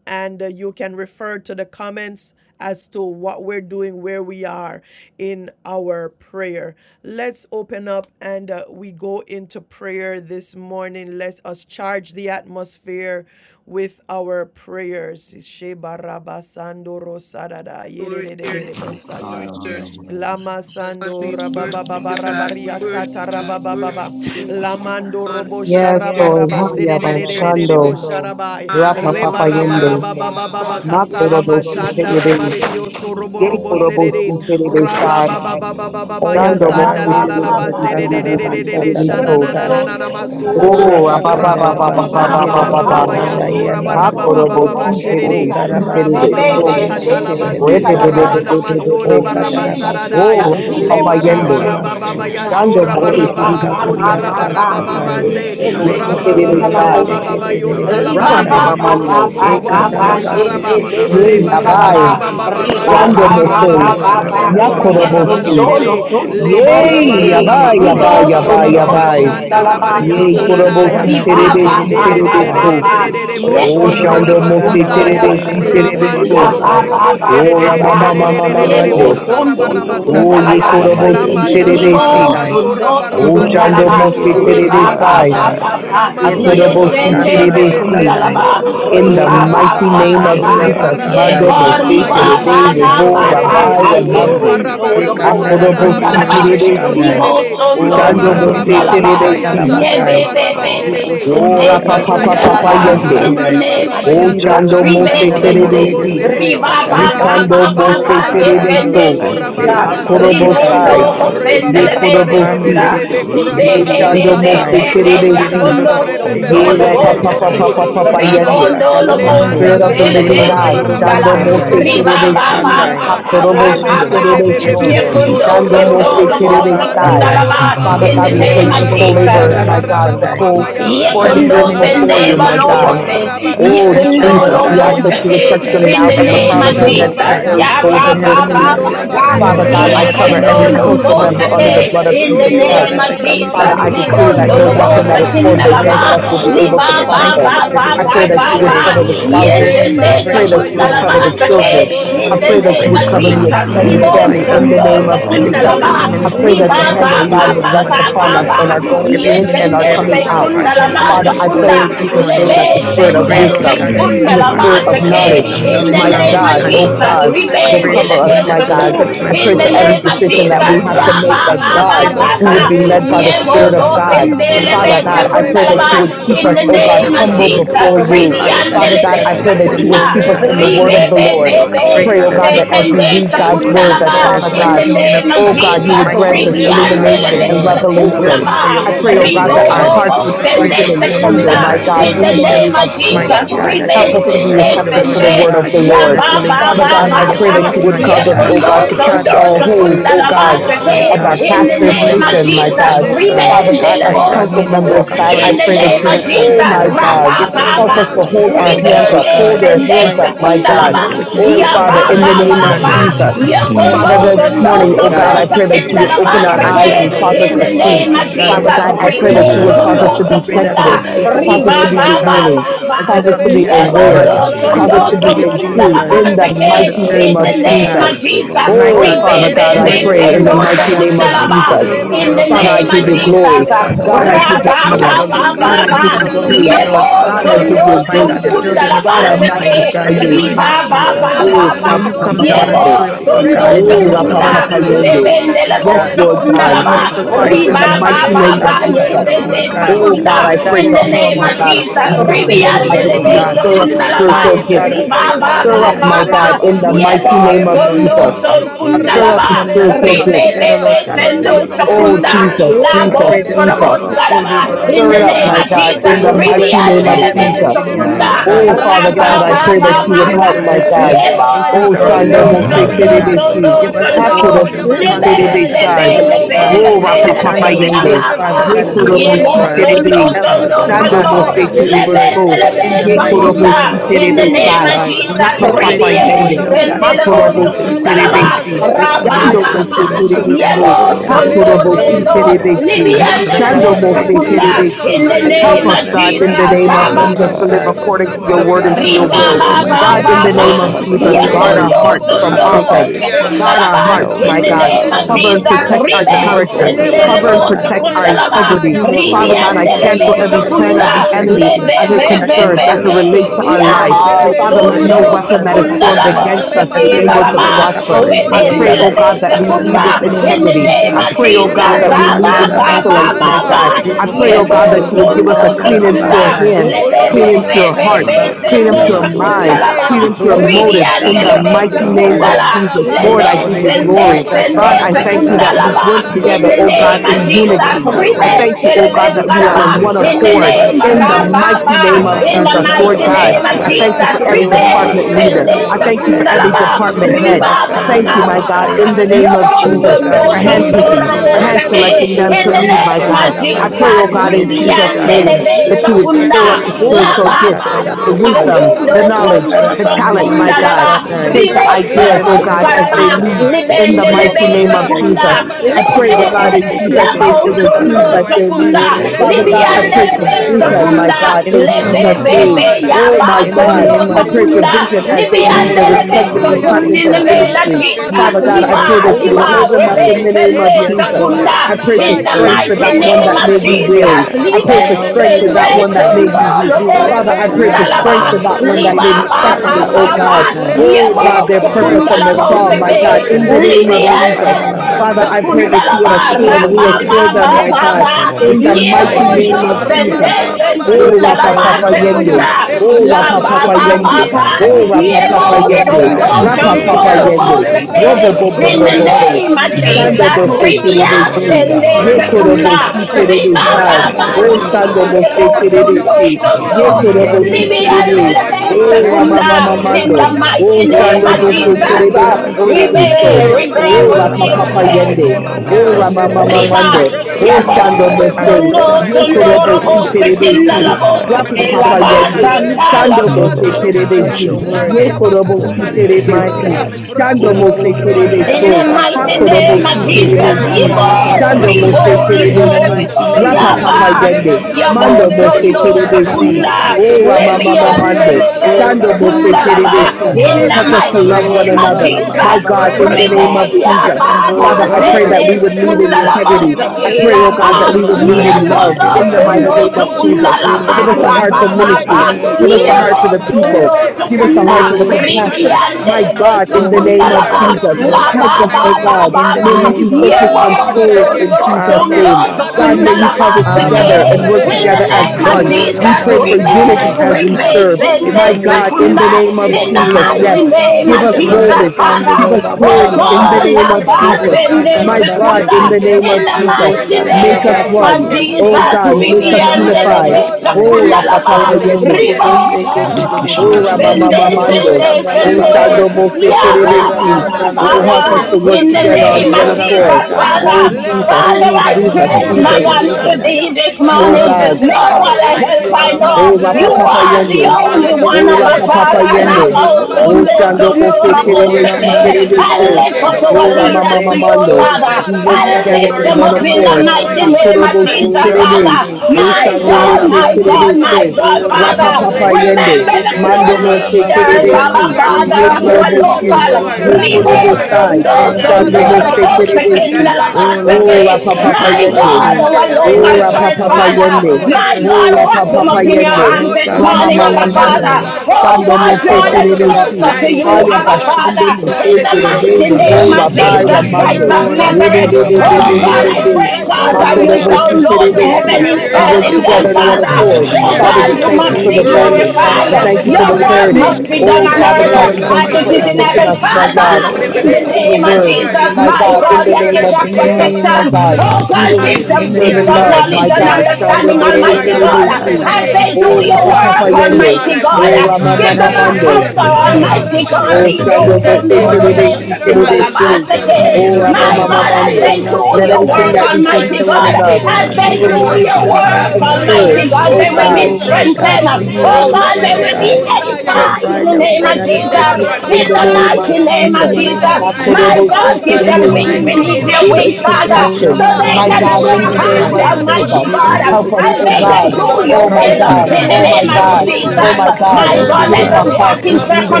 and uh, you can refer to the comments as to what we're doing, where we are in our prayer. Let's open up and uh, we go into prayer this morning. Let us charge the atmosphere with our prayers. Shebarabasandoro sadada,
Lord. to your name,
Praise God
Jesus.
Almighty.
Lama
God,
sando
we worship
rabababa
you, God,
rabaria
we worship
sata
you, we worship
rabababa.
you,
Lamando
God,
robo
bless
Yes,
sharaba Yes,
your
Lord.
name,
raba Lord.
Haya
bless your
sedededededede bo
Shando.
Mando. sharabai.
Rapa
name,
Reba
Papa
Rapa raba Papa
Hallelujah,
raba
Yende.
Yende.
Yonder
baba baba
Lord, we
Rabaka
kasala
worship
Makorobo
Makorobo
Shanda
you,
mashanda
Jesus
raba
give
Siterebe.
Sitelebe.
us
ribio
to this
sorobo
Rikitikishia.
Ye
robo
morning,
Korobo
sedede. Yekorobo
Siterebe
Raba Sitelebe baba
Sai.
Sai.
Yeshenda
the
baba baba
name this
baba
Rabaka
O
ya
morning,
Shando
Sando sanda la
Mosete.
la la
God,
ba Mositelebe
Tadrubukuto.
Sai.
Siterebe
sedededededede
Siterebe
shana
So.
na na Yeko. na
Ramandirabasatarabasai.
na na
yeah,
Yeshenda
we lift
O
Rabaka
up
masurubu.
worship
Oh,
Oh,
your
Raba
Rabba
Shaya
name to
Rabba
Baba
Mamai.
Baba
you
baba
for
Baba
Baba
baba Baba
this
baba Baba
Baba
God,
baba
morning
baba Baba
Baba.
from
ya
the
thank
Baba.
Yeshenda
Oh,
Rapakandarabashandiraboshandai
God
suraba raba
Rabaka
Yembando.
who
baba
are
Hakorobo
baba
great
Makorobo
Okay,
Tatakusho
sedede.
O
Siterebe
Thank
Yamoi.
Sitelebe Raba baba
us
Siterebe
Sitelebe
you,
baba
So.
So.
and
Ikia
katala
Jesus.
Mama
remind
Thank
Maman
you,
us
Rebe
name
basendo
of
Bebe
Lord.
Karabasetelebesandai.
ramana
Bebe
to
Jesus,
Thank you,
do
Bebe
Drubukushoto.
masola
O
dear
Bebe.
Lord.
to
Barabas
daughter,
do to
we
Jesus,
basaradaya
Oh,
call
Sha.
Le
Yeshenda
Saradaya,
Papa
Jesus,
come
do
Hira
to
Yende.
before
Ribikishia
manava
you
Jesus,
do
Lebarababa
that which we
Katarabaseketelebesandalamanse.
have
Mamai.
heke be
one
Jesus.
more
Shando
hira
Yashura
We
O
done
time.
okay,
manodo
lift
Mosete.
up
and
Barababa
rosha.
Lord,
Sai.
Father
Yokun
our
Sota
God,
worship,
on
Leva
Rabaka
behalf
hala
of
worship
Ramakaturiarabasatai.
my
vendi
Jesus
Rabarababande,
leaders to
hisha
is
God,
you
the
pastor
hallelujah,
Son
and
of
Tandrikishiyata.
God,
today,
wife,
oh
malavarakata.
Sai.
God.
Rabababa
the
Ye
in
Yama
the
Leaders
kalamende
in the
Rama
Maman
name
biri
of
Lebokororobosheketelebesandai.
Mama
only
kina
body,
Mando.
Jesus,
monoto.
E
relationship
Father
Drubukushoto.
with
God,
Yosalabaribibiborobobobobobo
I
leaders
go
in
God
Rakati
Sharaba,
and
up
our
to the
Father,
my
le
Yeshia
Yay,
second
amanahavesi.
Maman
Yabai.
the
heaven,
Katalabaseketelebesandai.
barabara
ministry,
the
Lord
third
Shandala
God,
baba yo
the
heaven.
Ora
leaders,
Rikishia
Shando
rahakare
Father,
dos
mandere
oh
Mose.
robo
klima
Lebarabarababa Yorabarababa
shanda
I
God,
la
the
Sendo
haravesi.
in
God,
the
bakanda
Rabaraba
la
Manda
consecrate
ministry
Yakorobosi.
the
basa.
rabo
Sedede,
you've
Yamrikishayababai.
myself,
placed
wokoto.
dear
me
Le
in.
Lord,
poro
Yay,
the
name
Eza
konde
dear
Yabai,
hala
kere
Lord,
Lord.
I
Yabai,
God
bosta
manata
Yabai,
and
lift
I
bike
up
Lebarabarababa
te
tarabase.
Yakundurikititiyabai.
my
Yabai.
ask
Shanda
Father
God
in
to
the
Le
hamanosha.
Rabario
Yay,
leaders
name
flush
of
to
out
bosta
Saradaya,
you
Jesus
Korobosi,
Shanda
Christ.
tarabase
rahon
Terebe,
at
tere
everything
Si,
Lamande
and
dere
that's
the
Terebe,
Celestial
inside
besai.
Yeshetrakashayababai.
of
So.
kalalakate.
me.
Praise
Lord, and
Oro
Church
ro
God,
Esha
Oh,
ro
I
of
Boshura
ro
Shando
God,
robo
repent of
Mose,
shanda
manakala
la
any
la
Barabasataya,
Springfield,
Terebe,
sin,
bande
wokoto.
Si,
de
God,
the Lord, and
Mass.
the
ro
that
Yakundurubukutundaraba.
Lord,
Terebe,
robo
Rimba
I
Ramando
So.
lo
kala
Oh
do
shatai.
and
this
the
Loborobo
meneke
God,
Lord.
I
prayer,
tili
Oh,
Sedede. de
Le
mihi
God.
de
lift
If
Rama
up
de
paka
you
de
do
my
Mama
not
Mama
de de
Father
tarabase
de
God,
te.
Mando.
Yeyamamamandurikishatai.
as
bo
see
I
pastors to
Nanarabo
my
storm
little
you,
Koto
Ikora
Oh,
ever
baba
disciples
Ye
Rabarabarabasakaya,
baba
the
baba
one
unseared
Mahalavedesi,
Korobosi,
we
that
Lamata
ikoro
you
are
have
Terebe,
from
Si.
boshatai.
set
Shavalavala
in the
God.
name
Le
Hakalamano
of
Oh,
Yeshendarabakatatarubu.
boro
above
Jesus,
Father
Shando
Koto,
God,
this
and
your
bosheke
Mose,
Rabarabasurabarabaselebetura
te
if you
word
Rabaka
dere
not
house,
Terebe,
declares
Father
Sai.
to
Barabasata,
that
Shatalamana
besandai.
no
God.
them, my
weapon
Lord,
Kavarese,
formed
Lord
Yerino
bless
robo
against
God,
them
Akorobosi,
you
Ikato,
shall
shanda
have
la
ever
Terebe,
Yeshiyamamandurikititikishayabai.
Ramasayoborababarebese
called
Si.
prosper.
the
them
basatai.
Makaravesi,
in
Your
the
in
Ri
word
Ikalavana
name
the
Dobbins to
Ora
ba
Toroboroboshura
declares
ba
this
Namosha,
that
papa
mighty
they
ba
Maraba,
name
house,
shall
ba
of
O
ba.
pakaduria
live,
Yanduribikishayabai.
Jesus.
God.
of Jesus.
Indaredekisi
Ye
Mando
basandai.
And
being
Mose
O
If
corri
good
Lebarabarabababaya
you
God,
Mahalamanata,
ba
Hey
health, to
as
God,
Terebe
ba
you
be
ba
Jesus,
Lika
Rabaribio
Robo
call
ba
yes
God
them,
ba
Lord,
Sedea,
Shataramo
Rabbi
prosperous
Yakundurubukutundaraba.
ba.
yes
in
Father
Almighty,
the
Ye
Lord.
Koto
thank
God,
you.
Ramando.
we
name of
know
We
consolo
give
you
Reheneverese,
will
Jesus.
bosso
you
Yekandara
the
Lobarabarabasada
Lika
Akorobo
equip
Si
mandiri
mercy
Father
Venende
kundalaba.
them,
robo
God, I
that
Terebe
Vihila
Labarabaribio
Father
you
Si.
sandai.
give.
Yakundarabakashayababai.
God.
stand
Sede,
Monoto,
at
Thank
the
you,
Ribosondo
Ora
Father,
We
Shando
Randavana
oracle of
for the
know,
mandiri
Mose
God
robo
Father
Yokondo
sokundalaba.
Terebe
thank
God,
Rabarababababaya
Si.
in
Hakarabarekete,
you,
that
the
Ye
once
Satura
satalabakai.
you
be
thank
be
name of
Ikalavana
be
you,
call
rabakatata
Jesus,
Libo
be
Barabasede,
Borosho
them,
and I
O
thank
Father
shekete
sende
speak
de
Rapa
Kavarahata,
God,
debe
life.
Papa
you,
Ramasayada
Lord,
Papa
sokundalaba.
Riva
you
Yindivya
Yende.
In
will
the
satalabasandai.
name
Haravendehisi.
equip
of
thank
Labakarabarababaya
O
them.
kandorikitete.
Yiro
Ekenabasikenaba.
you,
Jesus.
and
Chando
I
robo
Ribe
Father
Mose
God,
shandala
Ramana
God,
I
I
Terebe
sende.
Sotarabandoroborobo
mandiri
speak
pray,
thank
Si.
monokoto,
you.
oh
robo
Sedebe,
Riba
ikala
life.
God,
vende
satai.
ba
that
he,
ba
you
God
Yekendarakashaya
ba
Ramata
Rikando
would
and
babaya.
ba
lika
Ora
cover
Mose
ba.
Bakota
God
Ye
sana
them.
and
Dada
God,
Terebe
pakando
I
la
So.
sende
go
manakalava,
robo
I
shora
the
she.
into
kunda
pray,
Lord
baraba
oh
Lady
to
lika
God,
sala
rende
Mitchell
Akorobo
be
that
heve
ribondo
your
barobo
Long's
kila
Sai.
Yekatira
Yandorobokutundaraba.
God,
varosa,
word,
reba
my
basoto.
Ye
and
bosendele
that
God
Father
baraba
she
rava
bese
Korobo
and
rebe
shall
the
kala
God,
Mande
Lord
de
bebe
Si.
breathe
kunda
de
manaka
lebe
to
will
be
Yishiyama
kora
properly.
the
libe
be
varasa,
besekete
Ye
be
de de
be
Shando
God, I
Lord
be
lika
put
Mose
be
besai.
illuminated
my
manaha
be
mamandorobokutototo.
la
to
in
hand
Terebe
rende
be
he
them.
upon
Si.
matala
kila
my
yakondo
Yedododo
God and
heart,
barebe
vurosa,
I
and
the
sondo
you
bosheke
Ye
Lord
lo
berebe
pray,
de
remove
oh
rava
de
Rapa
se
my
bose
kala
God,
Papa
hand.
besai.
to
torobo
ke
that
Papa
vanahala
they
Yeshendarakashaya
robo
vere
Papa
will
kile
God,
babaya.
be
and
Masu
salaba
vere
Yende.
good
as I
ribondo
kala
lo
katala
be
le
vosa,
touch
stewards
the
my
of
mande.
manda
Spirit
la
of
Lord
the
your
heart,
bosendele
rava
living
bario
kala
Yandarikitete
God,
bese
Lebando
word.
God.
vada
you
dodo
rabaraba
kunda
kishaya
vanaha
la
Shando
kala
touching
babaya.
my
Father
boshandai.
Mose
robo
heart,
God,
riba
I
menekete,
of
ba
rababa
the
Terebesi.
ba
pray,
touching
oh
her
ba
Yekandai.
sharaba
ikala
God,
ba
renda
heart,
professional
that
ba
God,
Yama
Hakorobo
you
that
life
lebe
ba
her
Si
would
varokoto,
Yekundo.
ba
now
heart
rebe
Mamamando
and
shall
bebe
Yes,
enlighten
Terebeso.
bebe
Lord.
them
function
navraka
ruboku,
yekondo
with
soto
yama
your
Shando
tavala
robo
to
Yebo
sondo
you
mamaya.
Mose
robo
hakala
lo
word,
see the
boshida
oh
vosa,
bose
capacity
God.
ministry
salamando
in
Terebesai.
kunda
the
la
basandai.
robo
shavala
of
ba
raba
name of
Father
Jesus
manakala
Father
in
to
Libo
the
God,
vende
we
God,
le
Jesus.
name
vere
place
korodo
may
of
the
dodo
your
baraba
Yeshendarikitete
kete,
God, there
baya
co-laborers,
boshada
Jesus
shall
my
be
word
God,
no
kishiyanda.
the
ikato,
basandai.
baba
get
setback.
baya
you
become
makata,
I
to
co-core
sata
spend
shahila,
God,
Rhema
leaders
time
Yekundo
in
and
your
la
sende
before
There
words
you,
ila
power
presence
shall
and
in
my
this
the
be
their
balobo
God.
no
power of
morning.
Yeshendarakatataya.
se.
mouth.
the
manakave,
attack,
rabaraba
mighty
I
And
kata
Oh,
God.
spend
as
ya
Almighty
they
time,
Jesus,
Yekundo
oh
God.
basura
we
God,
read
ask
lombo
it,
ya
in
that
Please,
The
you would
Father
seke.
touch
Rabakasata,
Lord
woman of
them
etele
God,
In
God,
now
the
God
and
from
bebe
the
expressing
may
shall
name
Ikalamanavere,
crown
robo
the
of
of
Yokodarabakatandorobo.
live.
their
may
myself,
heads
oh
it
The
to the
God
Jesus.
rababaya
divine
become
Ya
very
woman of
a
soles
ola
in
ba
Ikalamanavala,
of
God
Rhema
their
protection,
ba
shall
Yama
heavenly
feet.
ba
Masando
word,
Mando
flow
Lamunuku,
language
la
ba
Lord
in
this
Mamamando
her
barre
ba.
Father
rubu.
morning,
Father
God,
bebe
and
God,
purpose
God.
Rakavanata,
calling
I
bebe
and
may
be
her
upon
cover
your
the
every
Yekundo
in
name this
sorobo
Oh,
lombo
council
destiny.
robo
member
morning.
Father
Samalamanakata,
under the
In
seke.
God,
the
blood
Bereke,
I
serebe
of
In
the
the
Jesus
name
pray,
of
Minihilu,
lobo
name
oh
Christ.
name
of
Father, as
Yeshendraketekeshea.
of
God,
raba
I come
Jesus
Jesus
raba
that you
Father,
before
Christ
Jesus.
I
baba
Christ
you
of
would
ba
of
this
ya
declare
Nazareth.
that
morning,
Libondo
Samalamanekele,
no
Nazareth,
oh
shora
God, I
enlighten
lobo
weapon that is
thank
them,
baraba
you
glory
for
Spirit.
formed
sekinda
your
to
Vihalamanakata,
And
Father
le
word,
God.
against
oh
laba.
us
She
God.
we're
barra
will
God.
going
be
to
shall
be
barra
able to
Yamamamamandorobokoshototo.
Liba
Lakaramanoku,
I
barra
alive
thank
ba
and
you
barra
prosper.
enjoy
for
ba
Enlighten
barra
the
today,
ba
I
a
them
baba
pray
day
ba
fruit
almighty
to
of
that
ya
of
you
ba
her
God
your
would
prayer.
in
ba.
cover
sata
the
the
labor.
As
word.
name
we
spouses.
Yes,
of
Ikalamanoko,
journey
le
Yeshendarabakata.
into
in
ba
Yesende
her
I
Jesus
prayer,
Ikata,
ya
pray
Open
that
ba
Lord
up
you
mercy,
sakunda
Christ.
yo
would
their
God.
cover
Not
the
laba
that
sondo
ears,
Father,
children.
their
robo
this
seke.
we
I
She
In
will
robo
morning
be
we
the
pray
are
eyes,
shall
bobo
that
oh
you
name
praying
would
of
problem
bobo
for
enjoy
God,
Larete,
cover
in
ka
the
the
their
ministry
Jesus.
Yeshendarakatatata.
extended
le
leaders,
of
everything
be
hearts.
Libon
my
family
that
ke
Amanekele
in
God.
se
the
Jesus.
God
vinda
sondo
de
name
To
of
I
rebo
has
sakunda
lift up
Jesus.
robo
halamanaka,
every
given
laba.
her.
always,
I
God,
ministry
pray
she
sharamanda
that
Father
leader
shall
the
le
Ikalawanda
Liba
Yeshendaraba.
Emotions,
God,
bo
hand
enjoy
before
of
ba
man
you
hear
bolo
her
ba
God
se
would
this
what
ya
ba
house
rest
God,
morning,
ba
thus
kosomana
man
in
oh
upon
ba
le
of
us
God.
ba
God,
saith
and
Jamaica.
the
Laba,
barra
our
in
halavirete,
the
Your
Lord
going
She
Every
breath
shall
in
masanda la
and our
Yesende
la
name
ministry,
la
every
your
Ikasana
of
coming
Oh
enjoy
the
lead
ba
breath,
out.
bolo
name
her
Sekunda
God,
Yeshendaraba.
of
department
koto,
I
araba
Laba
leader
Father,
pray
business. You
I
Jesus,
that
before
shall
senda
Sekunda,
pray
you
in
they
this
raba
will
yo
enjoy
God.
Jesus'
everything
her
that it is
name
Ikalamanavata,
not
morning.
that
study
sondo
heart.
the
Lebe
to
You
Hallelujah.
I
lobo
spirit
shall
show
of
Jesus.
pray,
bobo
Sende
Katalavana
bobo
Lord
enjoy
wisdom
themselves
God,
her
that
And
Sevili
you
serere
will
Sekunda
and
thank
the
impart
approved.
Laba
spirit
ministry.
le
of
unto
God,
Hikalamanoto,
them
barra
Hallelujah.
God,
knowledge,
Seke,
wisdom,
my
baba
Mighty
Father
in
knowledge,
the
dear
Lord,
my
and
God,
baba
God
ya
Navariki
of
Yamamamamama.
send
name
let
strengthen
of
God,
your
and
oh
sondo
understanding.
God,
Daniel,
Timanahana
us
Jesus,
lobo
God,
word
we
high
Jesus,
she
I
the
will
shall
serebe
bend
pray
the
Manakasana
become
cover
Savior
this
enjoy
of
us,
morning
la
Lebe
Osha,
my
that
a
you'll
to your
God.
Jesus,
in
Yes,
Seku,
equip
the
and
I
everything,
Yamamamamamandorobo.
name
kairos
grace.
in
pray
of
mental,
for
the
conflict
every
that
God.
and
name
word
Jesus,
you'll
of
I'm
to
equip
decision
We
that
God,
us
them,
shall
Jesus,
oh
we
and
as
have
Hallelujah.
Ikalavanda
Ya
they
God.
to
pray
not
that
make
Ba
the
that
Jesus.
bury
Son
I
Ba
minister
of
her
God,
pray,
to
Ba
Yeshendar.
God,
the
Lord
in
Pour
Ba
the
we
God,
would
that
out
Ba,
they
be
flock,
next
will
your
oh
led by
Mama
study
20
the
to
God.
pray
mama
spirit
show
years,
spirit
that
of
the
Yebombo
on them,
themselves
God.
I
Sende
Almighty
living
Kate,
Lord.
approved,
pray,
God,
God.
oh
oh
Father
Lebe
we
God,
Fresh
God,
God,
I
pray,
Ikalamanako,
Father
Sekunda
that
pray
me
God,
that
by
they
you
now.
just
Laba,
your
would
will
as
rightly
keep
only
in
us,
have
the
dividing
oh
the
minister
God,
word
the
name
of
In
anointing.
extended
of
the
God.
humble
Shandavalakarasa.
name
word
us
Oh
of
in
Jesus,
before
life
God,
to
Oh
you.
give
Jesus
50
Father
season.
God,
Ribiande
I
more
Father
them,
Christ
pray
God,
of
Lebe
years,
that
I
Lord.
you'll
I
pray
Ikavanabohokoto.
give
that
them
we
you
pray,
Sekunda,
oh
would
Nazareth.
ask
keep
boldness
for
us
God,
and
in
Support
that
the
That
Rendavare.
20
they
you
word
Yeshendarabakatundorobokoshoto.
have
of
more
will
the
Ribebe
confidence.
grant
years
them
Lord.
for
I
always
Ikate,
these
pray,
wisdom,
Pray,
two
Bebe,
God,
oh
that
minister
God,
ikate,
you'll
the
that
people
cause
as
them
on
them
we
every
Almighty
to
Sekende
ikate.
read
God,
time
in
in
stand,
God's
day,
the
the
Sekunda
word,
mighty
name
word,
that
of
name
God,
Laba,
oh
of
as
Lord.
Father
Vanabohokoto.
in
mighty
God.
God,
Jesus
the
Jesus
men of
name
Christ
of
oh
Christ
of
God,
Hallelujah.
I
of
God, you
pray
Nazareth,
would
Rendavavakata.
Jesus,
that
Nazareth.
mighty
grant
their
us
Father.
women of
And
Ribiande
God,
God,
words,
Oh
my
illumination
I
lebe
oh
Ikalahendete.
and
my
Lord,
God,
God,
believe
that
you.
revelation.
Approach
they
working
wisdom
for
is
sekulaba.
your
I
it
I
pray,
needed,
the
oh
kingdom,
Likalavanabohokoto.
God,
Father
my
that
believe
God,
word
our
you.
God
to
and
that
hearts
Ribobobo
handle
would
they
the
be
fresh,
I
pray
give
current
open
sende
this
to
of
and
Lord.
their
believe
morning,
you,
Hallelujah.
oh
tender,
issues
dear
God,
flock
sekunda.
my
that
and
will
God,
Rendavalahalamanakalabelekete.
you
God,
will
In
in
the
give
the
be
that
situations,
it
name
name
them,
shall
of
of
Father God,
happen
Jesus.
Jesus.
mighty
that the
rightly
and
God, that
that
Ribe
you
Vanavalahakolaborokoso.
will
Help
it
us
equip
is
to
Make
be
counselor
divided.
it
sende
them
in
with
so
the
the
in
receptive
Father
the
Valaharavarata.
word
to
church.
the
of
and
God,
sende.
it
word
I
of
God,
the
is
Ya
pray,
sealed
oh
Lord.
We
that you
and
ba
Leba
will
God,
ba
feel,
that
Father
Rio
increase
settled
ba
they
God,
them
Lord
ba
in
I
will
their
Seba
pray
ba.
that
in
faith,
God,
you
the
rightly
would
Shandavalahakalaborosklivanakavete.
and
mighty
cause
Sondo
name
us,
divide the
of
God.
oh
Yeshua,
magnify.
God,
Yekundo
to
Lema
Jesus
word,
catch
sondo
Father,
all
bless
Father
Christ
the
Oh
of
church.
hold,
God.
sekunda
Shandalaba
my
oh
ministry
Vanavalahakalaborokoso.
Nazareth.
God,
laba
God,
leaders,
the
Hallelujah.
my
Oh
Sarabaya,
seke.
of
Valakata.
our
God.
Devil,
God,
stones
In
Work
so
the
and
take
that
pastor's
Leba
them
your
Shield
sticks
they
name
them
Benabala,
of
and
filthy
all
vision,
that
can
in
my
protect
Rabaribio
will
Calabara,
then
Jesus.
them,
God.
not
hands
oh
of
feed
bother
Sendo,
it
God.
to
God's
Father
place
my
Ribende
their
God,
Zacabrete,
as
lebo
My
property.
God,
flock.
council
may
Lord
they
Rabaraba
seku.
God,
members,
walk
God Almighty. my Lord God, the
we
are
Benavosoto,
God,
that
like
I
In
Serebe,
thank
according
they
Oh
you
the
to
pray
for
your
that
name
you
can
will,
Father
of
spiritual
putting
would,
an
Leba
God,
noise
Father
Bicalamelete,
oh
edge
Jesus.
of
against
my
God.
over
my
them.
Rabba
God,
Benabala,
God,
Rabarabaraba
enlighten
the
Give
ba
them
protection
them,
Oh
the
kids
help
Cata,
ba.
God,
us
gift
around
Labaraba
to
there
them.
of
hold
that
enlighten
our
Sondo,
Devra,
them,
Just
discernment,
hands
as
recognize
by
oh
Abara,
up,
my
all
Father
you
Ribende
God.
hold
Sata,
put
Father.
their
God.
sende
an edge
hands
Rabarabaraba
of
He's
Mighty
up,
God,
my
anointing.
Sara,
sekunda
fill
protection
God.
May
them
Rahokuto,
laba.
up
strong,
they
around
with more of
Job,
Oh
keep
your
Ya
almighty
that
Bicate,
Father,
put
ba
in
presence,
an
Adonai.
the
Labariberebo
ba
God,
word,
more of
ba
name
edge
your
of
of
Icalaboro
Oh,
ba.
and
Jesus.
protection
anointing,
my
faithful
around
Sandarabarababa
them
more
name
of
Yekondo
of
Father,
your
even in
this
Sandavala,
the
word,
sondo
in
midst
Sotai,
of
the
morning,
your
mighty
oh
sondo
God.
Calaboros,
God,
word
name
I
of
in
Leba
pray
adversity
their
that
and
you
sakenda
would
Jesus
our
hearts
Hallelujah.
Rabario
open
so
God
our
Father,
Christ
they
I
of
Bicalamanamana,
eyes
pray
will
Almighty.
and
for
labasake.
our
not
cause
Nazareth,
us
So
Oh,
In
local
to
sin
the
Calavedese,
Senderebo
Lord
see.
church,
name
in
God,
God,
the
my
of
against
they
we
God,
have
name
Father
our
you.
of
Jesus,
Sharabaya,
God,
lift
all
I
them
Jesus.
pray
up.
that
ribo
Reba
this
you
congregation
Father
would
We
cause
want
us
God,
sondo
to
to
hold
be
be
up
Rabaraba
pray
Father
their
that
sokunda,
God,
our
sensitive,
hands
I
Salabando,
faith
resilient
just as
will
in
be
cause
ask
us
our
hold
to
you
riba
built,
them,
be
Eh,
oh
God
ba
to
ba
hold
God,
up
Calaboro
discerning,
ba
Almighty
Robo
ba.
as
Abraham,
in
Sata,
we
cause
the
us
come
to
Moses,
Sedebe,
be
together
and
as
calling.
a
aware,
Yebondo
body
O
Cover
of
mighty
the
Christ,
God.
cause us
as
sondo
a
to
Almighty
be
body
We
of
Ramarabaraba
in
God,
Dobbins
sokunda
in
hold
Rio
this
tune
up
the
believers,
name
their
in
Sedebe
the
of
morning,
hand
Cataboroco,
oh
Baba
as
when
mighty
a
they are
labasake.
Jesus
God.
church,
name
In
of
the
slipping,
mighty
Shorabaya,
name
God.
Christ.
Jesus.
of
Almighty
Strengthen
Renamama
Jesus,
them
God,
Thank
My
in
Oh,
you,
God,
ribe
their
Oh,
that
Yeshendarabakashia.
to
Father
be
they
Lord
inner
God,
shall
I
Catabeke,
man,
be
not
God
worship
oh
pray
that
you,
in the
fall.
they
Lord
sondo
yededededededebo
Almighty.
God.
God,
can
mighty
In
and
Shelama
name
just
sokunda
the
of
to
sanana.
I
laba.
I
name
the
Yeshendarabekeshea.
of
do
Jesus.
pray,
serve
oh
not
you,
Calaboro
In
Lord.
oh
the
God,
Jesus
distress
Father,
God,
Cata,
that
I
in
name
the
Christ
they
give
Yamamamamandorikete.
of
spirit
you
of
and in
Lebarabararararaba
will
Hallelujah.
ministry,
Jesus,
glory.
truth,
Nazareth,
Father
Eh,
Father
God.
sorobo.
God, I
Come
La
God.
uh,
give
ra
you
about,
ba
Cover
ba
honor.
Father.
look
Holy
our
to
Ocoto.
glory
ba
local
to
We
God, I
ba
Spirit.
Rebarabarabaraba
you
church,
pray
give
God.
to
ba.
thee
you
cover
for the
our
lead
praise.
them,
doors,
Hallelujah.
thousands
saralalalalaba
and
Yebo
Nalara
cover
God,
their
Father
Thank
I
our,
you,
give
God,
Harados,
sererebo
families,
sondo
you
as
my
and
they
Jesus,
God,
I'm
the
worship.
God, for
lead
God
sokunda
sararaya.
your
Hallelujah,
building
their
that
God,
you
I
itself,
kingdom,
deal
Kalavana,
flock,
with
for
hallelujah,
oh
mighty
your
the
labasake.
God,
magnify
one
in
God.
the
you.
glory.
name
hallelujah.
thing.
of
Lemananananananaba
Ikataya
Riba ba
Oh,
Moko,
Jesus.
Open
ba
her
ba
Father
Oh,
Ah,
I
ba.
May
eyes
my
God,
Yamamamamamandorikete.
you
to
sorabaraberio
God,
may
come
should
see,
they
down
Yebo
and
God.
Leon
support,
push
serebeya.
Shabbat
show up,
rightly
Father
oh
Open
God.
God,
her
sondo
Shashahida,
divide
in
You
the
the
Oh,
Yashandor
them
midst
ears
want
to
up.
of
Rapa
in
I
us
Rebokorobo
word
hear,
sekunda.
should
their
Papa
that
God.
Bakabana
give
during
homes,
them
they
Ramakasha
oh,
Yende.
Let
Lord
her
services,
Lebende
read,
my
salabarabaraberio
walk
God.
Yes,
Kalamonokoto,
lebo
God.
Father
in
Lord
In
God.
the
sekunda
authority.
The
God.
dominion.
sendoroborobo
laba.
ministry,
Renavala
miracle
Let
Father,
her
signs
Oh
Your
Lord
in
sararaya.
and
Riba
the
walk
God,
in
God
ba
mighty
wonders,
give
ba
Kalamanekete,
my
anointing,
name of
Almighty.
ba.
them
God, be
authority.
Le
Lord.
Jesus.
something,
Let
Father,
wisdom,
oh
Kalavana
her
Yesende
we
God
Vala
Lebarabasatarabaraba
knowledge,
walk
Oh,
pray,
in
sekunda.
and
God,
dear
I
Lord
that
kingdom
pray
In
for
is
Kalamonoto,
the
God,
us,
In
sondoroborobo
name
my
understanding,
of
normal,
authority.
God.
Almighty
Father
Father
Shanavala
Jesus.
God,
In
Father.
in
I
God
selamashadaba.
the
our
pray,
Kalamoko,
oh,
Oh
name
God,
Ribiande
churches,
of
that
my
on
oh
you
God,
lebe
would
the
how
God.
to
Jesus
stir up
Reboborobo
the
sekunda
benefits
lead
mighty
Oh
Christ.
of
of
the
laba.
their
My
spiritual
name
Nazareth.
church
gifts.
God,
and
I
church,
Riba
Lord
pray
E
how
this
ba
of
to
Jesus.
God
ba
Stir
Glory
morning
up,
Kalarodos,
that
lead
ba
Almighty.
to
the
my
their
word
ba.
God.
God,
I thank
will
That
in
go
flock,
the
will
forth
you,
mighty
equip
Father
Yebo
Hallelujah.
name
Father
God.
swiftly,
of
God
Lord
Jesus.
the
E
sondo
Jesus.
God.
leadership
I
Kalarodos,
from
I
pray,
the
sekunda
oh
Hallelujah.
pray
Hallelujah.
God.
Stir
this
up
God,
laba.
the
morning
that
And
as
they
we
Hallelujah.
spiritual
Thank
when
will
come
Ribe
gifts.
be
them,
be
Hallelujah.
pastors
together,
be
Lord
are
God.
God, that we
Send
godly
will
supported
sendo
in
press
them.
Bless the
in
Oh,
prayer,
Makavahara
sekunda.
Lord,
prayer.
example,
Jesus,
O
Father,
Monosha,
my
oh
raise
I
they're
God,
Jesus,
soul,
Labos
pray
to
this
better
the
morning
and
Jesus.
korobos
Lanamano
for
to,
our
all
equipped
to
to
that
the
Kalavana
is
karaba.
co-laborers,
In
Stir
effectively
body.
the
it
my
within
up,
Valakate,
name
me.
my
God.
of
lead,
God,
Father
Jesus.
in
Father
the
Bless
Oh
God,
God,
his
God,
Enamana
as
mighty
to
we
name
Ribiande
holy
of
Kalarodo
may
co-labor
they
lebe
in
effectively
Koso
the
name.
Jesus.
live
teach,
vineyard,
Glory
my
life
to
Father,
Kalavanakata,
God,
that
Oh,
are
God.
Father
to
sekunda
give
Thank
E
us
God,
you,
I
the
ba
pleasing
ba
pray
effectively
ba
that
Jesus.
unto
strength,
you
ba
would
give us
ba.
help,
the
you,
my
Kastalamanaka
Father
advance,
wisdom,
God.
Yebo
God.
Father,
In
God
increase
Oh,
the
to
our
is
sondo
by
lead
Shando
Oh
faith,
your
name
Mose
of
them,
mighty
God,
then,
Jesus.
sondo
Father,
God.
help
seal,
sondo
them,
Terebesi.
God.
Give
oh
us
by
the
Not
sondo.
to
God.
the
your
Hakoro
boldness and the
hands,
Mose
blood
in
Help
Lebe
the
of
confidence
them
that's
to
mighty
lebe
Terebesi.
needed,
Jesus.
God,
oh
rightly
lebe
in the
God,
God,
Oh,
we
name
divide
lebe
of
the
to
Rapa
Remba
I
place
stand
lebe
Papa
baba
Jesus
our
on
word.
your
ya
seal
havala
leaders
Yende.
ba
word,
Christ.
this
of
ba.
Help
Father
prayer
before
haradosh.
Ye
God,
for
Jesus.
as
them,
you
my
oh
Korobo
le
Yebo
Si
God.
barra
co-laborers.
leader.
Praise
sondo
Terebe.
you,
Help us,
Help
Lord
Randa
sondo
basota
Bishop
them,
Lord
bala
Sando
oh
God,
God,
sondo.
hala
to
Michael
and
God
Mose
rabasaya
study
mighty
the
Mitchell
Terebe
la
Lebe
verekese.
word
to
So.
and
bandele
lebe
Lady
in
study
the
bebe
to
Ye
mighty
bebe
all
Mitchell
show
my
Manda
Korobo
sakunda.
robo
name
Si
baba
of
in
God,
the
that
themselves
hala
In
sada
the
Terebe
prayer
Jesus,
voro
name
you
oh
of
name
Sai.
kola
of
approved.
ask,
God.
Jesus.
Father,
Jesus,
manakata.
Rapa
We
Eh,
Oh,
as
pray
Papa
this
ribie
and
Lady
Father
Yende.
morning,
Bishop
oh
nourishment
God,
Dera
God,
Ina
and
sende
Ma
for
Andrew
rana
lebo
helping
core
Mitchell,
to
I
kala
be
Korobo
Doban
have
Si
leaders,
their
this
sakunda
call
oh
menekele
and
rabadala
laba.
vere
God.
Terebe
worship
forth
strength,
Si.
your
oh
verese.
God,
your
This
basota
name
God,
Raba
morning,
be
Yando
spirit
worship
that
labaya
ba
their
equip
and
you
your
ba.
you,
Mose
them,
shall
strength
equip
Bishop
Shanda
of
Terebe
song,
live.
them,
bala
Yeah.
Yebo
So.
Michael
equip
and
hakala
support.
Ha
them
Bishop
Mitchell
bless
able,
this
sondo
your
lebo
voroso.
Father,
Korobo
morning.
God,
Michael
robo
to
Si
Be
name,
sondo.
the
robo
Mitchell,
God,
Terebe
minister
rock
to
I
bless
Si.
on
And
and
saradaya
Libian
call
others
Limbara
which
Father
in
forth
ha.
they,
God,
God.
lebe
Lord
Shando
o
we
your
glorify your
God,
pray
they,
name
Mose
this
and
they,
name,
Almighty.
that
sakunda.
Terebe
morning.
Holy
they,
Bishop
Limbara
Si.
In
you
the
We
Spirit,
I
they
rekse
pray,
shall
pray,
Help
name
us,
God,
dear
of
run
Jonathan
live
that
semeni.
you
God,
Lord
will
to.
in
help
God,
the
that
me
in
Jesus,
our
name
the
Ramsey
God,
this
Ikala
of
you
Oh
prayers,
Abba.
morning,
Jesus,
baraba
voroko.
are
oh
name
Father
to
of
God,
live
God,
God.
will bring
according
Randa
to
comfort
your
bala
Jesus
sharabasata
So,
about
them
word
and
praise,
and
hakala
Christ
Father
to
of
your
Bishop
God,
your
carry
Thank
to
manakala
will.
encouragement,
show
them.
word,
Ribaba
Nazareth.
vete.
ba
God,
God,
myself
in
William
your
Almighty
ba
the
And
ba
oh
Ikala
approved
name
word,
God,
God,
of
and
in
to
Ali
the
Father
just
manabala
study
Jesus,
as
God,
your
I
name
praise.
hakala
guard
our
you.
of
our
word.
lift
fight
labandolo
Yekondo
voroso.
hearts
up the
off
Jesus
from
I pray,
Christ
bosaraba
God,
offense.
of
sondolobo
this
ministry,
Nazareth.
Hallelujah.
demons
morning as
Bishop
Eh,
Guard
I
our
sekundalaba
We
Thank
O.
hearts,
present
kashanda
God
help
pray,
in
my
the
rahat.
myself
in
God
Lord
protecting
Almighty,
name
our
before
of
God,
you
Cover
Stacy,
Thomas
in
and
Jesus
Almighty, that
protect
our
Almighty
our
Cotton,
as
now,
a
the,
you,
God.
the
say,
Ribe
living
Lord.
character.
co
Father
God,
Lebo
God
sacrifice,
of
God,
Cover
my
oh
and
sendelebo
fight
Lord,
laborers,
God,
Ramana
my
protect
them
oh
our
off
Lord,
praise,
God
in
oh
the
sekundalaba
that
God,
integrity.
Masataya,
you,
Mamba
Lord
Father,
in
God,
natural
Ribi
Father
baba
the
will
praise.
help
God,
right
hala
me
I
Lord
to
now
body,
voroko
cancel
serve
andelebe
Eshe
Jesus
in
to
every
our
integrity
Hallelujah.
manakala
borobo
plan
with
of
Christ,
the
protect
sekunda
robo
verese.
ministry,
enemy
integrity.
Almighty
lebe
as
Almighty
Jesus.
it
celestial
salamandaya.
be
God.
God,
That
be
you
in
will
concerns,
be
the
as
grace.
serve
it
Father,
be
name
Hallelujah.
Shikalamanavala
of
relates
cut
Ramandolo
to
Oh,
and
our
bobo
Help
Jesus
Lord,
bo
clear
me
life.
Father
I
to
hakalaboroto.
Christ
Yabo
God,
of
preach
serebe
the
you
Father,
everything
have
let
word
Nazareth.
praise
in
no
sondo
this
around them.
weapon
apostle.
chosen
season,
that
morning
Ikata
is
Oh
them,
Corny
Father
In
my
formed
the
God,
sekundalabo
because
Father
God,
McLean.
mahokoto.
I
against
name
us
God.
because
of
that
Leba
be
la
prayers
you'll
for
able
help
God
the
me
to
sekilalaba
to
You
masanda
walk
have
for
la
Jesus,
pastor,
Bikalabendehi.
our
prosper.
Father,
according
I
to
chosen
Ribe
I
basora
will
Yekela
them
your
ba,
pastors,
for
pray,
will.
oh
consider
andelebe
such
God,
a
that we
Yekela
In
Leba
God,
the
time
Sikalahakoto.
la
lead
directly,
mighty
as
with
sekunda
for
Lord
name
our
in
this.
masando
God,
of
the
integrity.
Revakala
roro
Almighty.
leaders,
name
I
I
Jesus.
of
robo
pray,
pray,
oh
alishika.
oh
God,
God,
O
Jesus
serebe.
that
God,
Lord
pray
we
for
Rapa
that
God,
lead
they
Baru
our
Abba
in
Leba
may
kuna,
la
ba
be
ministry
leaders,
excellence,
ba
and
Ma
ba
Sharabasete,
my
se
Lord.
faithful
purpose
masanda.
God.
for
ba
their
sakasileki.
Reverend
I
in
Devo
pray,
Howard
lives,
oh God,
reading
Father
Hallelujah.
that
Yebo
your
you
Reynolds.
God
would
Korodododobo
give us
word,
a
sono
Ikamukoto
Mandolo
that
bo
clean
the
and
Hallelujah.
Jesus,
pure
sakunda
serebe.
faithful,
All
body
makalamata.
of
our
Shandalarabasai,
hand,
yeke
Father
Christ
la
lebe
leaders,
God
Ulobo
clean
be
baba
Devo
Lord,
and
our
overall,
be
pure
saraba.
Nikalamanavahi
kuna
be
Father
heart,
in
God,
be
what
Pre-
and the
clean
katalabe.
and
sende
world
maseke,
Prophet
pure
pastors,
doing
of
Chris
the
the
sakunda
ye
Katalarabasatalabasete,
mind,
church
la
Mamba
word.
Belekeya,
clean
laba
Oh
baba
and
Vahala
pure
might
we
God,
are
be
sheke,
Boroko,
Dorodobo
let
motive
Lebalaba
them
God
na
prophets,
ribiande
in
Sovala
be
the
in
an
the
Salaba
name
lebe
mighty
maseke
of
Shatalapalebo
Hararaka,
la
name
sakunda
leaders.
Sandolobo
of
example.
Kandai,
la
baba
Demana
ke
Jesus.
Jesus
na
Oh
Lord,
Abba,
lebe
I
Laveke,
Sarapasta,
give
Baba,
mama
God,
you
Oroporele
Simini
to
de
sende
the
glory.
kula
Shubo,
Atalaba
other,
ba
sende
God,
Kalaboroto,
na
Shora
I
Lady
to
there
the
thank
is
this
Baraba
you
Besatalabasai,
sakunda
that
my
maseke
we
Kalabala
la
younger,
morning,
work
laba
O
evangelist,
Kase
ba,
the,
Saradalama
Lord
in
together,
the,
the
oh
Lepora
Edi,
the
God,
Melehekete,
God,
name
Lord,
bande
of
yeke
de
God,
O
in
we
de
those
put
de
la
Jesus
Balaba
that
de
Father,
Mikala
them
are
unity.
my
all
baba
Rodo
new
Kasata
I
God,
in
satai.
before you.
the
Laba
ribes
thank
Koto,
sheke,
you,
this
oh
faith.
Shema
that
na
God,
kerebe
you
Lebo
that
morning.
we
mama
Masola
I
are
remember
on
korobo
skaraba
pray
one
those
Mikala
seke,
that
in
their
the
things
shakara
Basaraya,
la
accord
Lord, your
name
baba
and
Melehesi,
lives
ba
in
who
the
were
Father,
ke
basatai.
will
na
Mikala
Lebalaba
mighty
Rodo
stated
mama
rababa
name of
Lebo
na
like
in
ah
Jesus.
Salamandolo
this,
mama
the
kandala
ma
la
service,
Lord
na
mighty
Shanavala
na
Lord.
Bodoboko
Father
God,
name of
mama,
God,
I
basatai.
Hallelujah.
thank
Halavaneke,
you
exemplify
Masataya,
Jesus
for
ye
Mene
and I
la
every
O
baba
Kalaboro
Reverend
ba
praise
Your
ribes
your
department
your
word
Michaelia
rabashata
and
sheke,
leader.
la
the
sende
calling,
la
word,
I
la
Doba,
Father
oh
thank you
Shanavale
represent
God,
baba
for
sakunda
God.
for
every
basete.
Ekela
I
here on
Dalabandolo
laba
seke
every
pray,
na
this
Barabo
oh
department
Manakata,
Lero
ma.
earth,
head.
riba
God,
believer,
in
I
that
the
Selaba
Father.
ba
basanda
oh
thank
Yes,
they
la
you,
ba
name
my
my
of
ba
will
God,
Turaba,
we
God,
Oh
God,
Jesus,
bashaya.
in
thank
God,
the
ba
you,
Father,
we're
we
name
Lema
of
thank
asking,
you
you,
you
Oh
Jesus
we
will
can
God,
thank
for
Yobosondo
in
Shandalabari
see
Lord,
the
you,
in the
Bio
on
sondo
Lord
name
enlighten
of
their
oh
them
handpicking,
name
God
in
of
for
behalf,
your
Jesus.
Almighty,
hand
Jesus,
Jesus,
Sendelele
to
rabosake.
God
word,
selecting
yeke,
them
O
In
to
Father
with
Basaraba,
the
na
Almighty
lead,
God.
my
God,
everything
May
name
let
ramashana
God.
of
Mikata
us
la
your
maseke
Kopaya
I
that they
la
pray,
need,
remember
word
Jesus,
oh
ba
Mohokoto,
baseke
this
de
God,
Kasata
ke
de
become
in
and
de
na
be
libo
de
Jesus'
Mikala
God,
rhema
to
mama.
sheba
sara.
name
word
We
to
Ribiandelebe
Redesi,
that
commanded,
you
lepa
download
thank
O
would
them
Lord
Lebo
you,
your
as
Sakunda,
stir
Mikala
up
kataya
they
anointing,
the
konde
God.
de
God,
de de
read
spiritual
basata
de
Manavako,
Laba
and
Almighty
gifts,
Glory
sata
God,
labaya
la
to
study
the
download
your
your
God.
Baba
to
Holy
basai.
leba
wisdom,
word,
pray
O
the
yendo
Spirit
Rakatata,
for
O
the
upon
katabaka
God.
knowledge,
Hallelujah.
them
Sondo
this
the
sata
people,
Likabereki,
for
karabande de
talent,
the
O
morning,
Bishop
my
de de
Sonkunda
de
God,
God.
Doyle
Walahalarodo,
give
God.
Laba,
them
I
a
satai.
pray
Scott
for
leaders,
Hallelujah.
Wherever
Ribos
word
they
In
in
are
ideas,
the
this
lepe
oh
Elavata,
Karabos
name
Blessing
God,
Thank
of
you,
morning,
as
ketele
God,
season.
they
wherever
Karaba,
they
Jesus.
lead
Father,
bosa
Jesus.
My."
are
Lord
this
Give
in
Bishop
Apurokoto,
the
God,
them
we
a
morning,
Walk
Kenneth
mighty
lift
in
up
Libendelebe
name
Hill
word
God.
of
Redekalamene,
every
in
Jesus.
provide
integrity
Sakunda,
leba
leader,
I
Hallelujah.
season, O
pray, oh
Our
labatola
Robo
God.
God,
Makalaburo,
direction
in
Lebebe
for
we
badebeke
Jesus'
church,
them,
our
name
Help
lift
Yabo
to
up
batura
them
the
Almighty
teams
to,
church,
Sondo
sheketerebesatai.
that
every
Malakalabarakata,
our
they
God,
barabasama
in
leaders
to
the
lead.
of
Sokunda,
evangelist.
name
this
Father
of
God,
dissect
Sanamanakarede,
I
chapel
our
lemandoro
your
pray
Jesus.
church
for
Kilime,
Libiandelebe
basara
missionaries,
word,
that
O
Orebetenderebesatai.
they
vision,
Lord,
Reverend
God,
my
will
God,
Sakunda,
walk
Ikalabukoto,
God,
In
Dr.
God
in
the
in
hallelujah.
name
power.
and,
Jesus'
Arlene
of
and,
Those
Almighty,
They
Hall
and
name.
we
Jesus.
God
will
Lebebe
that
Lavarakarede,
thank
to,
walk
we
you
Oh
in
have
in
my
leba
Yaba
In
the
the
name
decided
God,
to
to
authority.
put
Sondo
of
name
Ikelamanakata,
labasala
I
of
in
pray
They
Sokunda.
be
for
Jesus
Sakunda,
batola
Jesus.
will
vision
position
as
Christ.
madere
walk,
they
of
lead
Sandavalahakalavere,
O
their
bobura
Libiande
God,
rightly
authority,
this
Lebe
Lord
respective
narrow
basadaya
God,
divided,
Sakunda
road,
as
departments
in
Kilimanakorosha,
and
the
your
positions
God.
Father
of
name
Ramanderebesatai.
prayer
of
says,
ministry.
God.
lemanda
Father,
Father
that I
Jesus,
leadership,
Father
God,
batula
God,
pray,
I
Liba,
Lord,
Father
I
Lord.
Lord
pray that
God,
you
God,
cover
Liba,
Oh
this
would
basekaya
God,
hold
bless
them
that
up
Rebe
Father,
you
them,
We
Yerorobosatalavasai.
may
in
will
you
the
love
nation.
O
name
you
take
Sende
of
God.
so
away
But
Yes,
much.
them,
as
Jesus.
Epatala
We
Keep
well
Kasundaboko,
Lord.
every
Lord.
them.
Sakunda,
I
thing,
sin
pray
May you
Yes,
for
that
in the
Epatalabasharabaya.
so
thank you
strength
equally
Lord.
for
create
mighty
that
Cover
them,
easily
one
important
name
that
them,
is
of
may
Lord.
the
beset
Yes,
be
Mandabakalavere,
Reborobobobo
them,
Jesus,
strengthen
Lord.
weary.
assistance
Hallelujah,
of
Kilimene,
the
Almighty
I
them,
pray
Let
God.
sapatole
for
Jesus.
family
Libe
our
and
Halaborosha,
the
strength
bebe
for
Sende
leaders,
Father,
that
community
that
O
O
I
to
one
matola
the
May
that
you
God.
pray,
God.
may
Lord
Sundo
And
past,
be
help
baraba.
the
Sikata,
God,
as
weak.
them,
you
that they
do
God,
will
Lebo
Lobo
Father.
Manoko,
to
Father,
not
that
I
for
pray
forget
Lebese
for
Sakunda
grasp
who
them,
strength
they
your
Laba,
for
Karabasatai.
Kata,
that
are
remember
Recognizing,
word,
one
and
leborobaraba
that
Liba
me,
Father
may
who
O
Lebo
to
be
they
God,
katama
Ahalavere,
Ba
God.
carry
Ba
many
questioning,
belong
your
Help
oh
to,
Ba
sebaya.
others
me,
God.
that
O
Ba,
word,
Shatalabasatai.
to
Almighty
God,
live
Oh
God.
children,
O
Devaroko,
Lemandolo
God,
your
Yebo
their
I
bobo
to
word.
purpose
Sakunda
pray,
and their
mighty
barush
Lord
Sumahavalasa.
Labo
study
call,
your
God,
my
manana
God,
Your
God,
Seke,
in
word
in
word,
Karabaseterebesatai.
that
the
O
set
Jesus.
you
name
will
of
maserebe.
God.
O
examples
meet
Libiande
Jesus.
Father
of
them
God,
at
Tapalavere
Help
we
others.
the
Lebe
Father,
look
I
me
Lebarabaraba.
at
kelevere
Kandalabasete.
to
you
pray
and
Sakunda
that
this
kalavu.
you
the
would
study
morning
Laba,
Equip
assure
your
our
and
that,
Rabba
that,
and
leaders,
word
we
reassure
Ba
my
Ba
God,
them,
yeah.
that
bless
E
my
God.
your
Ba
others
God,
so
And
Ba,
that
oh
matchless
I
in the
their
shabarabario
can
God,
Equip
name.
that
mighty
they
our
light.
will
rightly
I
delebe.
not
name
leaders,
Yekondo
of
just
God,
my
be
divide
let the
Raba
it,
sende
Jesus.
kalavere.
God.
raba
leaders,
light
Praise
of
Father
baba
God
but
name,
Oh
God.
O
senkunda
I
Equip
la
God,
Rapa
shine
they
ba
our
upon
Lord
kato
katamako
will
Papa
be
leaders,
them,
God
O
my
rabaya.
kingdom
Yende.
sekunda
God,
Lord.
God.
E
panamaesa.
Almighty.
let
Oh
Oh
your
la
God,
authority.
in
Rapa
patalaba
ba
the
word
Papa
Equip
ba
Lamaro
mighty
My
Only,
them,
O
ba
oh
kataraba.
Yende.
God,
name
Lord
they
ba
hokoto.
God.
of
Le
will
Oh
God, in
rule
the
Enlighten
Rapa
in
baba
Equip
me
Jesus,
yemo
Papa
name
Leka
of
them,
and
oh
Dr.
authority
let
and
Yende.
shata
Jesus.
sondo
God.
your
mono
Jacqueline
power,
enlighten
light
Rapa
your
Equip
Papa
kalavende.
Gates.
mighty
shine
senkoro
our
word
bo
upon
God.
Yende.
Le
them,
leaders
Leka
within
seke
vere
King
Robo
me,
of
Father.
pamato
bo
and
O
the
Mighty
bo
kalamono
in
cause
bo
Lord,
the
God.
them,
bo
living
God
oh
koto.
allow
of
them to
bo.
God,
God,
name
baribarabaribos
of
to
Enlighten
we
Daniel,
Ivina
your
show
carry
praise you
we
Sando
your
Jesus
serebe
for
bo
kalava.
pray,
word.
themselves.
se
Lord
leba
our that
God,
ribia
laba
word
As
in
you
that
Iva
I
kama
your
their
Oh
terebesi.
show up
God,
sende
read
tongue
in
will
kotora
your
heart
Ye
our
cause
be
and
kalavere.
in
the
Father.
baraba
your
them,
word,
sekunda
korobo
tongue of
let
si
it
di
sadaba
our
spirit,
Show up,
cause
Yok,
become
terebesi.
my
riba
them,
delight.
oh
leba
God,
bir
God,
ba
and
God,
in
Rhema
kalan
raba
to
all
ba
We
the
mind
pray,
raba
Oh
way
study
ba
them,
var.
word,
Lord
your
oh
ba
baba
you
sando
God,
word.
ba
can
God,
Father
bo
that
of
yemo
se
they
God.
do,
pasta
that
Let
take
Bakanım
it
bebi
which
Father
of
sondo
and
God.
themselves
terebesi.
out
all
of
them,
jump
sondo
nikoa
Ye
every
In
off the
the
kuvveti
Father.
korobo
Thank
bata
name
gossiping,
si
you,
page
of
Help
libia
bir
and
them,
makate
Jesus.
every
kalan
terebesi.
become
bana
Lord
Jesus
delebe
real
Christ
Oh
God,
backbiting,
of
to
kalabalık
Thank
Rama
God.
hallelujah,
sekunda
you,
beka
me,
Mama
Nazareth,
kumsala
O
We
Mando.
in
Jesus.
ask,
the
hatta
God.
O
sabada,
Lord
just
God,
to
mighty
Oh,
that
Spirit
you
bana
walk
will
reba
name
Oh
Shando
of
of
alam
in
Help
the
wash
daba
the
Mose
me,
them,
lebo
Ramande
O
anointing
Jesus
dokula
de
living
Terebe,
of
Si
God.
God,
velekele
the
sadaba,
wash
Robostara.
Holy
ribe
we
Terebe
them,
velekesi
leba
give
So.
you
Spirit
O
daba
ribe
praise,
wash
God,
of
Oh,
Oh
daba
them
we
şimala
let the
Rapa
give you
again
ribe
in,
God,
subada,
Papa
the,
amano
word
honor,
ribe
we
give
Rabashanda.
in
Yende.
me
your
give
leba
kotavala
a
you
To
blood,
Oh,
hallelujah.
laba
kata
praise,
word
study
we
Rama
your
in
give
Almighty
Mama
you
Glory
word,
sherebaya.
God.
to
God.
Riba
kalamana
your
Mando.
season
Father
Reverend
for
kala
name,
We
God,
Oh,
love
Yebo
Ashley
my
to be
Shando
velekesi
In
Powell,
the
life
and
alive,
Mose.
and
show
kalaburusu
Lord,
name
matola
Sondo
of
man,
I
Ye
themselves
Sondo
my
pray,
balebe
and
God,
Korobo
Jesus,
we
that
approved.
Si
Robo
siba,
you'll
in
family
glory
touch
kata
and
the
da
Terebe
to
liba
Sekenda
them
God.
balu
Si.
to
name
this
daba
friends'
Labo
of
kata la
God,
life,
we
Rapa
morning.
Seke
O
Jesus
Papa
equip
velekesi
cover
Oh,
sioto,
our
them,
Laba
God.
we
Christ
God,
Yende.
of
give
cover
leaders
them
their
reba
Nazareth,
Help
daba
Sanda
Shando
me,
and
family,
some
cause
Father.
lama
Yeah.
Mose
them
kalaburusa
Lord.
cover
knowledge
to
and
their
Terebe
Oh
sondaya,
study
kabarata
your
Si.
also,
Help
but
liba
word.
me
God,
Ye
God,
understanding.
most
daba
to
and
of
my
Korobo
Oh,
all,
in
Si
God,
study
the
in
faith,
the
your
name
Terebe
mighty
of
My
let
Si.
katamakushebaya,
word.
God.
your
name
Jesus
of
strength be
Shando
cover
Jesus.
Help
ramatola
their
Oh,
Mose
me,
resolved,
O
in
Lord,
Robo
mind,
the
Father
Terebe
help
barebebe
God,
In
them,
God,
enane
the
in
So.
sula
to
of
Almighty
God, to
Ha
God
enane
mighty
baraba
Sharabasai,
study
the
your
Korobo
Shaddai
name
understand
of
Si
sumama,
your
in the
Jesus,
Lebo
word.
Elohim
Terebe
word,
name
Si.
of
Yahweh
edalaba.
Father.
We
mighty
Help
Yeshua
Yibo,
God,
Jesus
cover
Shando
me,
these
In
Christ.
O
the
Shanalabasete.
and
the
Mose
mighty
Ribo,
We
HaMashiach
leaders.
God,
call
name
In
of
Terebe
Ribo,
victory
the
their
in
Si.
the
Jesus,
mighty
mind.
Ribo,
to
may you
front
name
give
do
of
Rapa
Abadabashotaya.
them
God,
what
the
Papa
line,
you
Jesus.
Yaba,
wisdom,
renew
the
Yende.
Hey,
their
knowledge,
Almighty
mind,
and
Yabo,
Mando
God,
Yendo
Lebaloboserebe. Let
Mose
Robo
Amalarofoto.
Almighty
your
sondo
in
God.
word
the
Terebe
uh,
understanding
Let
Si.
name
be
them
of
that
Sakunda,
like
Shatalabasete
a
stay
they
Oh,
Hey,
Jesus
Rama
la
need,
to
fire
focused.
in
Mama
Let
Christ,
oh,
Lebesai.
our
the
them
Leviande,
study
God,
stay
Mando.
belly.
to
King
it
manabarakata.
so
carry
Leve,
rooted
Oh,
I
about
out
and
Shando
their
will
things,
Mose
Sakunda,
Ramande
grounded
Balabasotaya.
know
in
Laba,
Let
assignment.
you,
Terebesi.
your
Lord
in
what
Oh,
Lebesatai.
word
the
God,
be
it
Help
Almighty
God,
Rambakalaburofosa
us
like
is
to
a
God.
most
I
mighty
love
I
Almighty,
Oh,
fire
need
one
name
in
to
of
balakalahese.
In
our
repent,
another.
that
the
we
Jesus,
have
My
belly.
name
oh,
of
God,
called
Rambababababa
them
in the
bless
Ribe,
Jesus,
name
you,
Shandai.
of
to,
my
glory
Lord.
Give
Jesus.
Demanabarahalabofoto
God,
Rebadalamasadadai.
to
them
Yaba,
Let
God.
your
Holy
Father,
Almighty
Ba,
boldness.
I
Mm.
Give
word
pray
balakalavata.
Father,
our
Spirit,
that we
Sende,
help
leaders
do.
Hallelujah.
be
would
them,
lead
because
like a
in
Sakunda,
you
boldness,
fire
have
Father.
my
Laba,
Help
integrity.
in
God.
our
I
already
Help
Sake,
life
Hallelujah.
pray,
them
belly.
oh
Dandabalahakalabofoto
shown me
God,
Oh,
that
Laba,
we
things
balakate.
would
Hallelujah.
Jesus.
out,
lead
Help
Ramande
and
in
Balamasataya.
them,
love
Hallelujah.
God,
Yakondo,
in the
Father.
and now
mighty
Lebesandai.
sondo
Help
name
them
of
to
you
Sakunda,
Jesus.
Bendabalahakalabofoto
Lord
Hallelujah.
come,
of the
Give
comprehend,
Lebelebolobosalamaya.
Laba,
Yeah,
us
balakala.
through,
a
yeah,
Let
heart
Father
yeah,
for
boldness.
Rabba,
God,
our
yeah,
I
let
Give
In
yeah,
thank
the
our
ministry.
your
Baba,
understand
you,
yeah,
leaders
your
name
yeah,
Give
word
and
of
us a
yeah,
Jesus.
thank
boldness,
word,
yeah,
heart
Yabo,
for
Abadula
the
yeah,
my
to
you.
yeah.
God.
people.
Sono,
understand
Manderebe.
what
Give
you
us
are
We
a
Glory
heart
saying
got
Sakunda,
to
for
the
the
in
Oh,
In
God.
the
kingdom
Ribi,
season
compassion.
Jesus.
name
of
and
of
My
out
Hallelujah.
Jesus.
of
Yandelebe
Jesus
God, in the
season,
Jesus.
Christ.
Boldness
name
and
Be
of
Lord.
sekundalaba.
We
Ekela.
like
clarity,
a
Jesus.
Oh
La
glorify
Lord
fire,
God, in
God.
Help
ba
Asha.
the
us,
you,
ba
mighty
Cha.
oh
we
ba
name
Manubalebe
of
God.
ba
In
Rambababahalaburosa.
allow
the
Shika.
May
ba.
Jesus.
Serebe.
we
God,
Cha.
be
name
Cha.
of
and
focused
Uh,
Cha.
Yebo
Oh,
Jesus.
on
Lord,
Cha.
we will
souls
guide
La
be
their
in
sondo
Lamasada,
every
let
shika.
the
Jesus'
even
Cha.
step,
Abba
sondo
Nami
name.
Cha.
God,
guide
Shatai.
Ye.
right
may
their
Rambakalaburoko
you
La
every
sekundalaba
now,
cause us
shaka.
Badabadushmanaya.
thought.
Father
seke.
Na.
Abba
balakalavarese.
together
God,
Ma.
and
so
work
that
In
Holy
Bela
Seke.
Shatai.
the
together
you
as
Spirit,
Baba
name
Ya.
can
of
know
one.
Shanamana
anoint
Ka.
Oh,
that
Sada,
La.
We
that's
them,
Jesus,
bubble
pray
Ba.
up,
in
kalaboro
the
for
Ramande
shuka
ribe
koto
name
Lebolobo
refresh
unity
Debe
Na.
as
of
them.
we
Ma.
malakata.
ribe
Sata.
Jesus.
Shatai.
serve.
Oh
Ye.
God
Give
sende
My
Shu.
them
La.
Holy
Almighty,
God,
need
Ba.
Vendabala
in
in
the
to
wisdom.
the
sekunda.
Spirit,
mighty
I
name
halabono
Shike.
of
pray
name
Give
In
of
that
koto
you,
them
the
Ye.
Jesus.
Yeah.
Let
God,
Yes.
La.
Jesus.
knowledge.
I
mighty
your
Ba.
balakate.
pray
book,
that
name
Ki.
let
Give
Give
Cover
of
you
Na.
us
your
them
so
them
can
Ma.
much.
under
word
We
Jesus,
the
boldness.
Vandabala
Seke.
blood of
understanding.
Give
Father.
La.
Oh,
us
bubble
that
akarades
Ba.
up,
you
Baba
help
Oh
bubble
kliva
shuka
Jesus.
clarity
up,
me
Baba
in the
bubble
Baba.
know,
halaro
La.
God,
up.
thank
name
Ba.
Protect
God,
la
of
them
Robo
that
koto.
from
i
every
Debo
Seke.
Jesus.
babala
not
Na.
bari
dart
be
Ma.
and
basende
bio
My
every
really,
Ye.
plan
God,
serere.
of the
in
secunda.
that
enemy.
the
Shatalabasete.
Ke. La.
name
doing,
Ba.
In
of
Lebara
Ba.
the
bari
Ba.
Father.
Jesus,
Lobo
bio
Ki.
Stretch
mighty
The
Na
them
make
where
Lord
they
us
are
Let
mama
name
God
your
of
one.
weak,
Shandalabasete.
word
Almighty,
shuna
that,
Oh
bubble
you,
Lord.
up.
mama
that
Jesus,
God,
Oh,
make
ribi
us
Father
Breathe
you
God,
God,
upon
that
shilaba
them,
tell
unified.
Holy
andelebe
calls
this
and
us
word
Ramandalabasai.
to
Oh
yeshika
secunda
Spirit.
speak
Rapa
your
God
Oh,
word
laba
Papa
laba.
is
flat
Robo
Almighty,
good
Yende.
sete
Bobo
for
Hallelujah,
footed.
Ribo
Bobo
come
bo
like
yasha
Jesus.
Lebo
me.
bo
lobo
bo
laba
Shekete
Oh Rama
mama
sende
Hallelujah.
salabalaba
Mama
Almighty
kela
Pour
Lobo
Mando.
out
shadaya.
sende
God,
upon them,
Oh
no
basete na
sende.
Lord.
Sando
Libadadada.
Shandalabasete.
Father,
us.
Mose
Let
mama
Pour
the
Ya
out
is
O
your
ba
rhema
that
ba
vuvu
Terebesi.
love.
ba ba
mighty
kula
Pour
Oh,
out
help
Thanks
ba
us
ba.
Ramandalabaste.
your
soul
to
mama
work
of
In
word.
peace.
the
Lebo
kela
together
God
on
Lebo
name
Pour
Rabaya
one
of
out
mama
Almighty,
your
accord.
Jesus,
in
Bashubaya,
yena
the
Sharabastatai.
anointing,
Oh
Father.
mama
name
be
Jesus,
of
to you,
Father,
Father,
sete
O
Jesus,
Jesus
by
I
the
Leborobobobo
la
Jesus,
Christ
Ramande
of
power
stretch
de
baba
Sherere
and
my
Jesus.
the
Lobo
hands
blood
kena
of
Jesus.
to
Nazareth,
Jesus.
our
Shandai.
Masataya.
thee
mama
God.
this
Come
Jesus.
You
up
Oh
are
from
morning.
sheke
the
God.
Help
la
Mighty
them
amazing,
Spirit
that
of
No
baba
God,
God.
to
we
other
God
rise
sete
help
up
You
within
in
are
I
a
exalt
us.
this
la
you.
know.
Oh
ba
mighty
You
Mighty
Rapa
season,
God.
mama
Papa
God,
Lebalama
Lord.
are the
we
Yende.
kena
Oh,
lift you.
only
worthy
Shadabaya,
is
mama
one
the
O
of
Mighty
Hallelujah.
a
Lord.
Help
Rapa
God,
them
sete
Papa
we
la
to
father.
ba
rise
Leboroborobo
praise
Worthy
Yende.
you.
up
is
Rabo,
the
in this
Lamb
yena
O
of
Mighty
Salabashaya,
Sondo,
mama
God.
God,
Shando
season
we
Sondo,
to
Mose
kela
Epato
honor
Rabo,
you.
Oh,
declare
Terebe Si
your
Mighty
Ramande
baba
Seke.
God,
name
Thank
de
and
Samandaya.
Terebe
we
sete
Father
I
So.
la
lift
God,
declare
glorify
up
Lebesai.
let
you.
your
ba
your
our
O
na
We
word
Rama
word,
leaders
Mama
to
with
Thank
oh
you,
your
magnify
Mando.
kisa
Father
you.
Jesus.
Father.
boldness
God
We
de
We
la
work
lift
the
ba
Almighty,
I
you
together
up
O
lift
in
in
authority
them
the
one
Father
up
of
God,
Father
name
in
Ramama
the
let
the
God,
accord.
your
I
anointing
word,
mighty
lift
Mamande,
of
Lord
the
up
name
of
of
Hakorobo
God.
Almighty
We
myself
God,
Si
O
Jesus,
lift you up
before
God.
in the
your
Terebe.
Father.
Ramande,
Oh
In
God.
name
the
O
God,
of
it
God.
mighty
My
Shando
O
calls
God,
name
Oh,
us,
of
My
Mose
Lord
my
God,
God
I
Ramande,
God,
God,
Terebe
pray
Jesus,
my
my
Almighty,
So.
that
God,
to
your
God,
O
be
I
Father,
strength
able
Rapa
we
to
may
Father.
lift up
Papa
bless
Ramandai,
see,
you
resolve
and
myself.
oh
Yende.
we
in
I
Remember
God
our
the
thank
Debo
Almighty,
you,
cover
core
Mando
body,
God,
myself.
Mose
accurately.
for
that
the
I
leaders
Shatalamaste,
they
Terebe
work
of
Leba
will
that
cover
our
Si.
you
not
my
are
laba
be
O
you.
Father,
doing
mind.
Ye
in
I
of
your
sando,
weary
our
Ramande
cover
Korobo
in
my
cause us
well
people,
Si.
to
Kendo
heart.
Lord.
hear
Robo
Ye
doing,
I
like
local
Oh
cover
Shatai.
Korobo
my
God,
God,
accurately.
I
Sai.
soul.
sondo,
I
pray,
Leba
Rabba
we
Thank
are
you,
laba
cover
sondo,
Shando
Shoko,
my
praying,
Lord.
sarai,
body.
Mose
robo,
God,
cause us
Rokundi,
to
God,
Terebe
that
just
sekenda,
you
Si.
as
sense
anoint
how
laba,
every
you
O
O
fresh,
Roko,
you
seke.
accurately.
show
Rapa
for
me,
the
Lord.
Leba
Papa
Lord.
My
oh,
laba
Oh
well,
Yende.
God,
God,
there's a
that
Ladabashatalabase.
Rabanda,
oh, our
sandaya,
you
ring of
raise
Oh,
local
Oh
Katara,
them
cause
my
up,
Rapa
us,
church,
and
Thank
God,
protection
we
Lord
Papa
Lord.
around
God
pray
the
Father.
us,
for
Yende.
our
God.
Almighty,
My
to
you for
church
the service.
God,
Oh,
have
Put
this
a
people,
a
Hallelujah,
wrap
Rapa
ring
core
them
of
of
morning.
Papa
up in
your
Rebe,
your
protection
Jesus,
word,
Yende.
Shoko,
hands
Oh
Lord
another
this
to
God,
God,
we
and
time
do
Rama
the
morning,
pray
your
Mama
that
around
Abba
the
this
will,
Korende,
sun,
Mando.
Father.
Father
morning.
God
mighty God.
Father.
Oh
We
and
causes
Sando
God,
us,
pray
the
for
Not
oh
Mose
draw
our
God,
God,
You
our
know,
them
to
local
will,
seal
but
your
Terebesi.
closer to
thy
blood,
assemblies,
filter,
will
you,
oh
Lord
be
Aya
seal
God,
Abba
me
God.
that
done.
which
in
we
Bashando
your
Father.
We
blood.
Lord,
sense,
In
Mose
pray
let
that
for
the
which
our
your
we
Cover
will
Terebe.
me
mighty
be
local
with
see,
we
done
Thank
name
you
your
Rebo
for the
of
service. Thank you for the Lord. So this is the service of God. Thank you so
to
much.
that
assemblies.
fire,
your
Rabai
which
glorify
Jesus
God.
we
your
people,
hear,
Christ
name.
Thank
Ramando.
you
In
of
Oh,
Lord
the
for
Father.
God,
this
Rama,
Rebe
word.
name
through
Nazareth.
of
your
Mama,
Oh
Bebe
We
God,
Jesus,
Bebe
word,
in
Mama,
say
We
Oh
we
the
through
God,
honor
love
your
Bebe
let
name
your
Mama,
I
you.
me
of
Thank you
word
Bebe.
name,
pray,
O
rightly
walk
Jesus,
in
God,
Lord
our
that
power.
you
God,
divided,
Makorobo
local,
let
my
your
Si
Let
Almighty
me
download
through
people
Jesus,
be
God.
your
walk in
heaven
Terebesi.
word
now,
intel in
Lambroko
rightly
We
carriers
Father
of
work
authority.
Abba,
God,
telling
the
we
them,
divided,
together
shekeke,
Holy
Let
in
Shanda,
through
praise
one
me
your
Laba,
Father.
Spirit,
you,
word
accord.
Lord
walk,
Oh
rightly
Samba,
for
God,
Father,
the
God,
service.
carriers
we
God,
you
of
divided.
thank
Almighty,
you
that
must
your
for
you
be
the
in
said
the
word.
that
Ilibi,
boldness.
Lebo
how much
robo
name
glorified.
Lord,
We
of
we
Samba,
help
robo
thank
them
you
bo
to
for
Your
Jesus.
the
have
Nanama,
praise
word
of the
Samba.
clarity.
Father
revelations
sarabaya.
must
blood
God,
of
be
of
done
I
Oh,
on
your
thank
Father
Jesus
you,
earth
encircle
uh,
Oh,
God,
Lord
word.
me
we
God,
Christ,
thank
with
for
as
Rama,
you
your
it
for
is
Hallelujah.
in
strength
Rabbi,
in
equipping
Sanda.
fire.
heaven.
us,
our
Spirit,
my
inner
We
Them
pray
with
God,
man.
Father,
for our
Spirit,
Encircle
whatever
in
to
me
the
Spirit,
they
Leba
local,
with
study
your
Spirit,
your
name
need,
laba
local
of
word,
anointing.
and we
Lord.
satai
Jesus,
assemblies,
my
as
oh
bend
my
this,
God,
for
Oh
God.
in
God,
God,
Encircle
in
the
me
your
the
bend
leaders.
name
with
this,
edge
mighty
of
your
of
In
bend
the
Rashake,
name
blood.
of
this,
Jesus,
Leba
bend
name
my
of
protection.
this,
God.
Jesus.
Yeah,
Oh
Jesus.
we
We
In
God,
will
the
Rambrogo,
rabariosai
give
Hallelujah.
lead
worship
and
and
In
them
the
name
we
ministry
of
serve
praise you,
in
wisdom,
name of
couldn't
love.
leaders.
knowledge,
My
Jesus
and
Jesus.
see,
Hallelujah.
God,
Christ of
Lebo
my
Shando
understanding,
God, they
Robobo
Mose
Oh,
Nazareth,
are
God,
Almighty
your
in
God,
the
uh,
Salabanda
Terebesi.
name
glory
as
of
representation,
to
Rabaraba
they do
Oh,
God.
Ramasakarabasai.
your
Jesus
Sadaya.
Rapa
Lord.
work,
Papa
The
Father
Christ,
Rogo
God,
So,
we
Leba
church
I
Yendo.
God,
give
Almighty
this
I
my
Kasai
God.
Sekeke,
Oh,
pray,
uh,
as
morning.
talk
glorify
Rama
your
to
God,
Give
that
church
name.
you,
Mama
them
Help
you'll
the
a
help
leaders.
Mando.
church
them,
Almighty
hunger,
We
this
Ragedede,
God.
Leba
Father,
morning.
Brenke
Almighty
glorify
with
your
God.
In
the
Help
the
Oh,
Rabasando
the
name
Sekeke,
Ribo
truth
in the
church
Shando
name
Robobo
that
of
this
sondo
Mose
they
Sadai
Rogo
as
morning.
lobo
darkness,
need.
Jesus,
Terebesi
leaders
Father.
Help
sekinda
the
Sekeke,
glory
Hallelujah.
to
church
of
With
Terebeso.
this
God.
Great
the
O
labaseke.
morning,
Oh,
Lord
oh
denominations
Rama
and
My
God,
Ragedede,
resources
God,
Mama
God,
that
Almighty,
Hallelujah.
as
they
they
to
need,
Mando.
they
because
love
organizations.
we
do
Ragedede,
Let
my
Jesus,
your
trust
with
you
everything
Brenke
God
work,
that
Leba
the
Jesus,
and
we do
and
God.
anointing
be
Almighty
to
Sekeke,
Kataya
done
Jesus,
God,
in
that
We
welcome
love.
they
Basai
those
as
as
that
depend
need,
We
will
they
will
upon
leaders.
Jesus,
do
you,
enter
Rambrogo
lead
into
your
Father.
Lord
the
Oh
God
God
house,
Jesus,
work,
of
Sekeke,
and
my
Anoint
Almighty.
Jesus,
serve,
God.
Thank
them,
Almighty
you for
parachurch
God,
oh
they
oh
In the
will
God,
be
God.
ministries.
Oh,
name
Rogo
my
afresh.
Jesus,
of
strengthened.
God, for
Jesus,
Jesus
Sekeke,
you
Pour
are
Oh
Badoshmanas
out
Christ,
God,
we
Jesus,
waiting,
upon
they
oh
bless
them,
will
the
be
Belebeke
God,
Jesus.
all
Holy
Regedede,
Tudai.
for a
Spirit.
Lord,
stream
edified in
of
bride,
the
use
the
oh
me
name
God,
of
as
that
a
Ragedede,
living
is
Strengthen
God.
them,
Oh,
battle
Jesus, in
prepared,
Lord.
axe
Lord
in
Build
the
Rabario
them
the
God,
Rabba
up
name
today,
for
of
mighty
this,
God.
Sandalaba
in
name
Almighty
the
of
Jesus.
for
God,
name
this
Jesus.
Use
of
Sataya,
me
in
as
time.
the
a
Jesus.
My
Leba
God,
Sekeke,
Oh
God,
battle
give
God,
In
in
axe
the
them
Rabario
the
yeah.
have
wings
name
mighty
Hakoroboshikerebesi.
of
Sendo
to
your
beneath
Robo
name
Rambrogo
their
of
Jesus.
axe
way,
Robo
Healer
out
wings,
in
Almighty
Sababa
Sekeke,
every
Jesus.
God.
Oh,
Father,
compassion,
so
Have
sin,
Rama,
Shimama,
your
they
Lord,
my
way,
Mama,
we
can
God,
God,
have
Leba
Mama,
soar
that
your
in the
Brageske
glorify
is
Laba
way,
your
name
in
na
Mama,
of
high,
me,
name this
Salabato
brogo
to
Jesus.
Almighty
axe
morning,
Rabaraba,
out
God,
sekeke
Help us,
Almighty
and
oh
every
Reba
Jesus.
they
God.
can
God.
rege
Balaba
Nebo-bo-bo-bo-shadabai.
witchcraft
de
do
In
Lord,
de
Kota
the
we
Oh
de
your
power,
de
my
Cover
name
de
thank
the
Mayaba
will
you,
ba
to
God.
ba
in
church.
God,
the
ba
that
Oh
of
axe out
my
name
Serebe,
ba ba
Jesus
you
Cover
of
ba
was
God.
the
ba
Robo
Christ,
every
the
Jesus.
of
love
Bola
ba
church.
Oh
and
my
Nazareth.
ba ba
demonic
We
our
Madalaba
God.
ba
My
de
plead
work.
power.
the
Bio
God,
Give
sake
us
let
blood.
Robo
a
Oh
them
Oh
God,
heart.
God,
Robo
walk
I
Lord
in
We
in
us
bram
pray,
Salaba,
plead
God,
the
Give